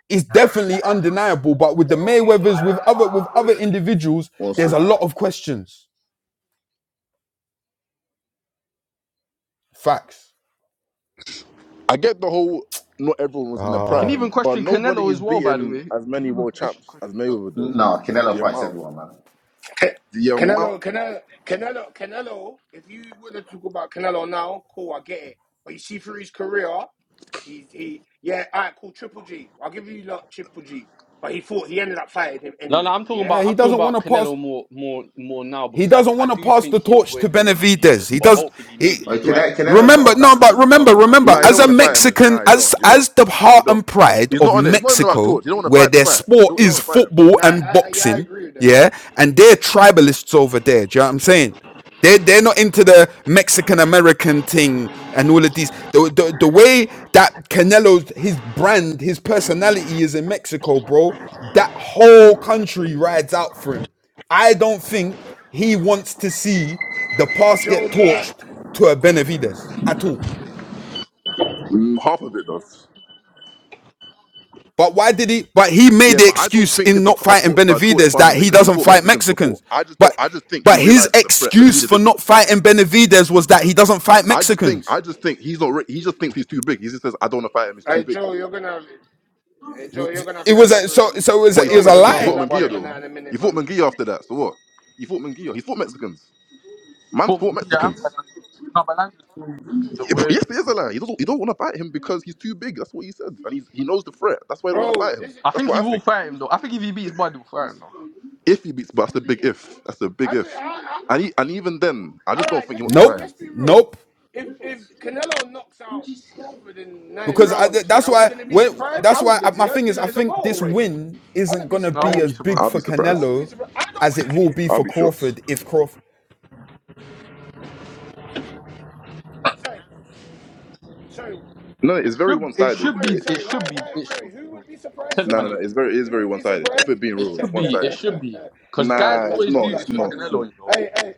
[SPEAKER 5] It's definitely undeniable. But with the Mayweathers, with other with other individuals,
[SPEAKER 3] Also,
[SPEAKER 5] there's a lot of questions. Facts.
[SPEAKER 3] I get the whole not everyone was in the
[SPEAKER 2] You can
[SPEAKER 5] Oh,
[SPEAKER 2] even
[SPEAKER 3] prime, but
[SPEAKER 2] question
[SPEAKER 3] nobody
[SPEAKER 2] Canelo
[SPEAKER 3] is
[SPEAKER 2] as well, by the
[SPEAKER 3] beating
[SPEAKER 2] way. You
[SPEAKER 3] as
[SPEAKER 2] can
[SPEAKER 3] many
[SPEAKER 2] even
[SPEAKER 3] world
[SPEAKER 2] question
[SPEAKER 3] champs as
[SPEAKER 2] Canelo.
[SPEAKER 3] Mayweather though.
[SPEAKER 1] No, Canelo
[SPEAKER 3] The
[SPEAKER 1] fights
[SPEAKER 3] amount,
[SPEAKER 1] everyone, man.
[SPEAKER 6] Can-
[SPEAKER 3] the amount.
[SPEAKER 6] Canelo, Canelo, Canelo, Canelo. If you want to talk about Canelo now, cool, I get it. But you see through his career, he's he yeah, all right, cool, Triple G. I'll give you lot Triple G. But he fought. he ended up fighting him
[SPEAKER 2] No, no,
[SPEAKER 6] anyway.
[SPEAKER 2] I'm talking
[SPEAKER 6] Yeah,
[SPEAKER 5] yeah.
[SPEAKER 2] about
[SPEAKER 5] He
[SPEAKER 2] I'm talking
[SPEAKER 5] doesn't want
[SPEAKER 2] about
[SPEAKER 5] to pass.
[SPEAKER 2] Canelo more more more now
[SPEAKER 5] He
[SPEAKER 2] because I
[SPEAKER 5] doesn't
[SPEAKER 2] I
[SPEAKER 5] want to
[SPEAKER 2] do
[SPEAKER 5] pass
[SPEAKER 2] think
[SPEAKER 5] the
[SPEAKER 2] he
[SPEAKER 5] torch to
[SPEAKER 2] avoided
[SPEAKER 5] Benavidez.
[SPEAKER 2] Benavides,
[SPEAKER 5] He
[SPEAKER 2] but
[SPEAKER 5] does.
[SPEAKER 2] hopefully
[SPEAKER 5] He
[SPEAKER 2] maybe he
[SPEAKER 1] Like,
[SPEAKER 2] fight
[SPEAKER 1] Cane-
[SPEAKER 2] he
[SPEAKER 1] Canelo's
[SPEAKER 2] fights him
[SPEAKER 1] not
[SPEAKER 5] remember
[SPEAKER 1] a
[SPEAKER 2] after.
[SPEAKER 5] no,
[SPEAKER 1] ducker,
[SPEAKER 5] but
[SPEAKER 1] man. Come
[SPEAKER 5] remember,
[SPEAKER 1] on, man.
[SPEAKER 5] remember.
[SPEAKER 3] Nah,
[SPEAKER 1] We're,
[SPEAKER 3] you
[SPEAKER 1] we're
[SPEAKER 3] don't
[SPEAKER 5] As a
[SPEAKER 3] want to fight
[SPEAKER 1] reaching.
[SPEAKER 3] him.
[SPEAKER 5] Mexican,
[SPEAKER 3] Nah, you
[SPEAKER 5] as
[SPEAKER 3] don't. You don't.
[SPEAKER 5] as the
[SPEAKER 3] You
[SPEAKER 5] heart
[SPEAKER 3] don't.
[SPEAKER 5] and pride
[SPEAKER 3] He's
[SPEAKER 5] of
[SPEAKER 3] not on it. It's not even about
[SPEAKER 5] Mexico,
[SPEAKER 3] torch. You don't want to
[SPEAKER 5] where
[SPEAKER 3] fight the
[SPEAKER 5] their
[SPEAKER 3] fight. You don't,
[SPEAKER 5] sport
[SPEAKER 3] you
[SPEAKER 5] is
[SPEAKER 3] don't want to
[SPEAKER 5] football
[SPEAKER 6] no,
[SPEAKER 5] and
[SPEAKER 6] I, I, yeah, I
[SPEAKER 5] boxing,
[SPEAKER 6] agree with that.
[SPEAKER 5] yeah, and they're tribalists over there. Do you know what I'm saying? They they're not into the Mexican American thing and all of these. The, the the way that Canelo's his brand, his personality is in Mexico, bro. That whole country rides out for him. I don't think he wants to see the pass
[SPEAKER 6] Joe
[SPEAKER 5] get torched
[SPEAKER 6] Black.
[SPEAKER 5] to a Benavides at all.
[SPEAKER 3] fight him. Mm, half of it does.
[SPEAKER 5] But why did he? But he
[SPEAKER 3] Yeah,
[SPEAKER 5] made the
[SPEAKER 3] but I don't
[SPEAKER 5] excuse
[SPEAKER 3] think
[SPEAKER 5] in
[SPEAKER 3] it's a,
[SPEAKER 5] not
[SPEAKER 3] t- a,
[SPEAKER 5] fighting
[SPEAKER 3] por- a torch
[SPEAKER 5] Benavides
[SPEAKER 3] passing
[SPEAKER 5] that
[SPEAKER 3] thing
[SPEAKER 5] he
[SPEAKER 3] because he's
[SPEAKER 5] doesn't
[SPEAKER 3] fought
[SPEAKER 5] fight
[SPEAKER 3] Mexicans before.
[SPEAKER 5] Mexicans.
[SPEAKER 3] I just don't.
[SPEAKER 5] But
[SPEAKER 3] I just think he
[SPEAKER 5] but his
[SPEAKER 3] realizes a threat.
[SPEAKER 5] excuse
[SPEAKER 3] Benavides
[SPEAKER 5] for
[SPEAKER 3] is.
[SPEAKER 5] not fighting Benavides was that he doesn't fight
[SPEAKER 3] I just think. I
[SPEAKER 5] Mexicans.
[SPEAKER 3] just think he's not. re- He just thinks he's too big. He just says, "I don't want to fight him. He's too
[SPEAKER 6] Hey
[SPEAKER 3] big."
[SPEAKER 6] Joe, you're gonna have hey Joe, you're gonna have
[SPEAKER 5] It
[SPEAKER 6] to
[SPEAKER 5] was a, so
[SPEAKER 6] elaborate.
[SPEAKER 5] so it was
[SPEAKER 6] Hey
[SPEAKER 3] But he
[SPEAKER 5] a, it
[SPEAKER 6] Joe,
[SPEAKER 3] fought
[SPEAKER 5] was
[SPEAKER 2] But
[SPEAKER 5] a
[SPEAKER 6] you're gonna have
[SPEAKER 3] Mexicans. He
[SPEAKER 2] Everyone
[SPEAKER 6] to
[SPEAKER 3] fought
[SPEAKER 5] lie.
[SPEAKER 2] got
[SPEAKER 3] Munguia
[SPEAKER 2] bad,
[SPEAKER 6] elaborate
[SPEAKER 2] you
[SPEAKER 6] on
[SPEAKER 3] though.
[SPEAKER 6] that
[SPEAKER 2] know.
[SPEAKER 6] in a
[SPEAKER 3] He
[SPEAKER 6] minute,
[SPEAKER 3] fought
[SPEAKER 6] man.
[SPEAKER 3] Munguia after that. So what? He fought Munguia. He fought Mexicans. Man's fought
[SPEAKER 2] Football yeah, and
[SPEAKER 3] Mexicans.
[SPEAKER 2] Balanga. No, Balanga's the word.
[SPEAKER 3] Yes, he is a lie. He doesn't. He don't want to fight him because he's too big. That's what he said, and he's, he knows the threat. That's why I don't want
[SPEAKER 6] Bro,
[SPEAKER 3] to fight him.
[SPEAKER 6] this is
[SPEAKER 2] I
[SPEAKER 3] That's
[SPEAKER 6] it,
[SPEAKER 2] think
[SPEAKER 3] what
[SPEAKER 2] he
[SPEAKER 3] I
[SPEAKER 2] will
[SPEAKER 3] think.
[SPEAKER 2] fight him though. I think if he beats Bud, he'll fight him though.
[SPEAKER 3] If he beats, but that's a big if. That's a
[SPEAKER 6] I,
[SPEAKER 3] big
[SPEAKER 6] I,
[SPEAKER 3] if.
[SPEAKER 6] I,
[SPEAKER 3] And he,
[SPEAKER 6] I,
[SPEAKER 3] and even then, I just
[SPEAKER 6] all
[SPEAKER 3] don't
[SPEAKER 6] right.
[SPEAKER 3] think he
[SPEAKER 6] Let,
[SPEAKER 3] wants to
[SPEAKER 6] let's
[SPEAKER 3] fight
[SPEAKER 5] Nope,
[SPEAKER 6] let's
[SPEAKER 3] him.
[SPEAKER 6] be real.
[SPEAKER 5] nope.
[SPEAKER 6] If if Canelo knocks out Crawford in nine
[SPEAKER 5] because I, th-
[SPEAKER 6] rounds, yeah,
[SPEAKER 5] that's
[SPEAKER 6] are we
[SPEAKER 5] why
[SPEAKER 6] gonna be
[SPEAKER 5] when
[SPEAKER 6] surprised?
[SPEAKER 5] that's
[SPEAKER 6] I
[SPEAKER 5] why I,
[SPEAKER 6] wouldn't
[SPEAKER 5] my
[SPEAKER 6] be. I'd
[SPEAKER 5] thing
[SPEAKER 6] be
[SPEAKER 5] is I
[SPEAKER 6] like, it's a
[SPEAKER 5] think this
[SPEAKER 6] welterweight.
[SPEAKER 5] win
[SPEAKER 6] I
[SPEAKER 5] isn't
[SPEAKER 6] wouldn't be
[SPEAKER 5] gonna
[SPEAKER 2] No, I
[SPEAKER 5] be
[SPEAKER 6] surprised.
[SPEAKER 2] won't
[SPEAKER 5] as
[SPEAKER 2] be
[SPEAKER 5] big
[SPEAKER 2] surprised.
[SPEAKER 3] I'll be
[SPEAKER 5] for
[SPEAKER 6] I
[SPEAKER 3] surprised.
[SPEAKER 6] wouldn't be
[SPEAKER 5] Canelo
[SPEAKER 6] surprised. I don't
[SPEAKER 5] as
[SPEAKER 6] want
[SPEAKER 5] it
[SPEAKER 6] to
[SPEAKER 5] will
[SPEAKER 6] see.
[SPEAKER 5] be
[SPEAKER 3] I'll
[SPEAKER 5] for
[SPEAKER 3] be shocked.
[SPEAKER 5] Crawford if Crawford.
[SPEAKER 6] Sorry, sorry.
[SPEAKER 3] No, no,
[SPEAKER 2] It
[SPEAKER 3] it's very
[SPEAKER 2] should
[SPEAKER 3] one
[SPEAKER 2] it
[SPEAKER 3] sided.
[SPEAKER 2] should
[SPEAKER 6] Sorry,
[SPEAKER 2] be it
[SPEAKER 6] sorry. Why,
[SPEAKER 2] should be it
[SPEAKER 6] why? Sorry.
[SPEAKER 2] should be.
[SPEAKER 6] Who
[SPEAKER 2] though.
[SPEAKER 6] would be
[SPEAKER 2] I'm
[SPEAKER 6] surprised?
[SPEAKER 2] telling you,
[SPEAKER 3] No, no,
[SPEAKER 2] man,
[SPEAKER 3] no.
[SPEAKER 2] it,
[SPEAKER 6] Sorry,
[SPEAKER 3] It's very, it's
[SPEAKER 6] who
[SPEAKER 3] very
[SPEAKER 6] would
[SPEAKER 3] one
[SPEAKER 6] be
[SPEAKER 3] sided. If we're being
[SPEAKER 6] surprised?
[SPEAKER 2] it
[SPEAKER 3] real, it's
[SPEAKER 2] should
[SPEAKER 3] one
[SPEAKER 2] be it
[SPEAKER 3] sided.
[SPEAKER 2] should
[SPEAKER 6] *laughs*
[SPEAKER 2] be because
[SPEAKER 6] Hey, Joe
[SPEAKER 2] guys
[SPEAKER 3] Nah, it's
[SPEAKER 6] Black.
[SPEAKER 2] always
[SPEAKER 6] Joe
[SPEAKER 3] not.
[SPEAKER 2] do
[SPEAKER 3] It's
[SPEAKER 6] Black's
[SPEAKER 2] this with
[SPEAKER 3] not.
[SPEAKER 6] funny,
[SPEAKER 3] It's
[SPEAKER 6] man.
[SPEAKER 2] Canelo,
[SPEAKER 3] not.
[SPEAKER 2] you know.
[SPEAKER 6] Hey, hey,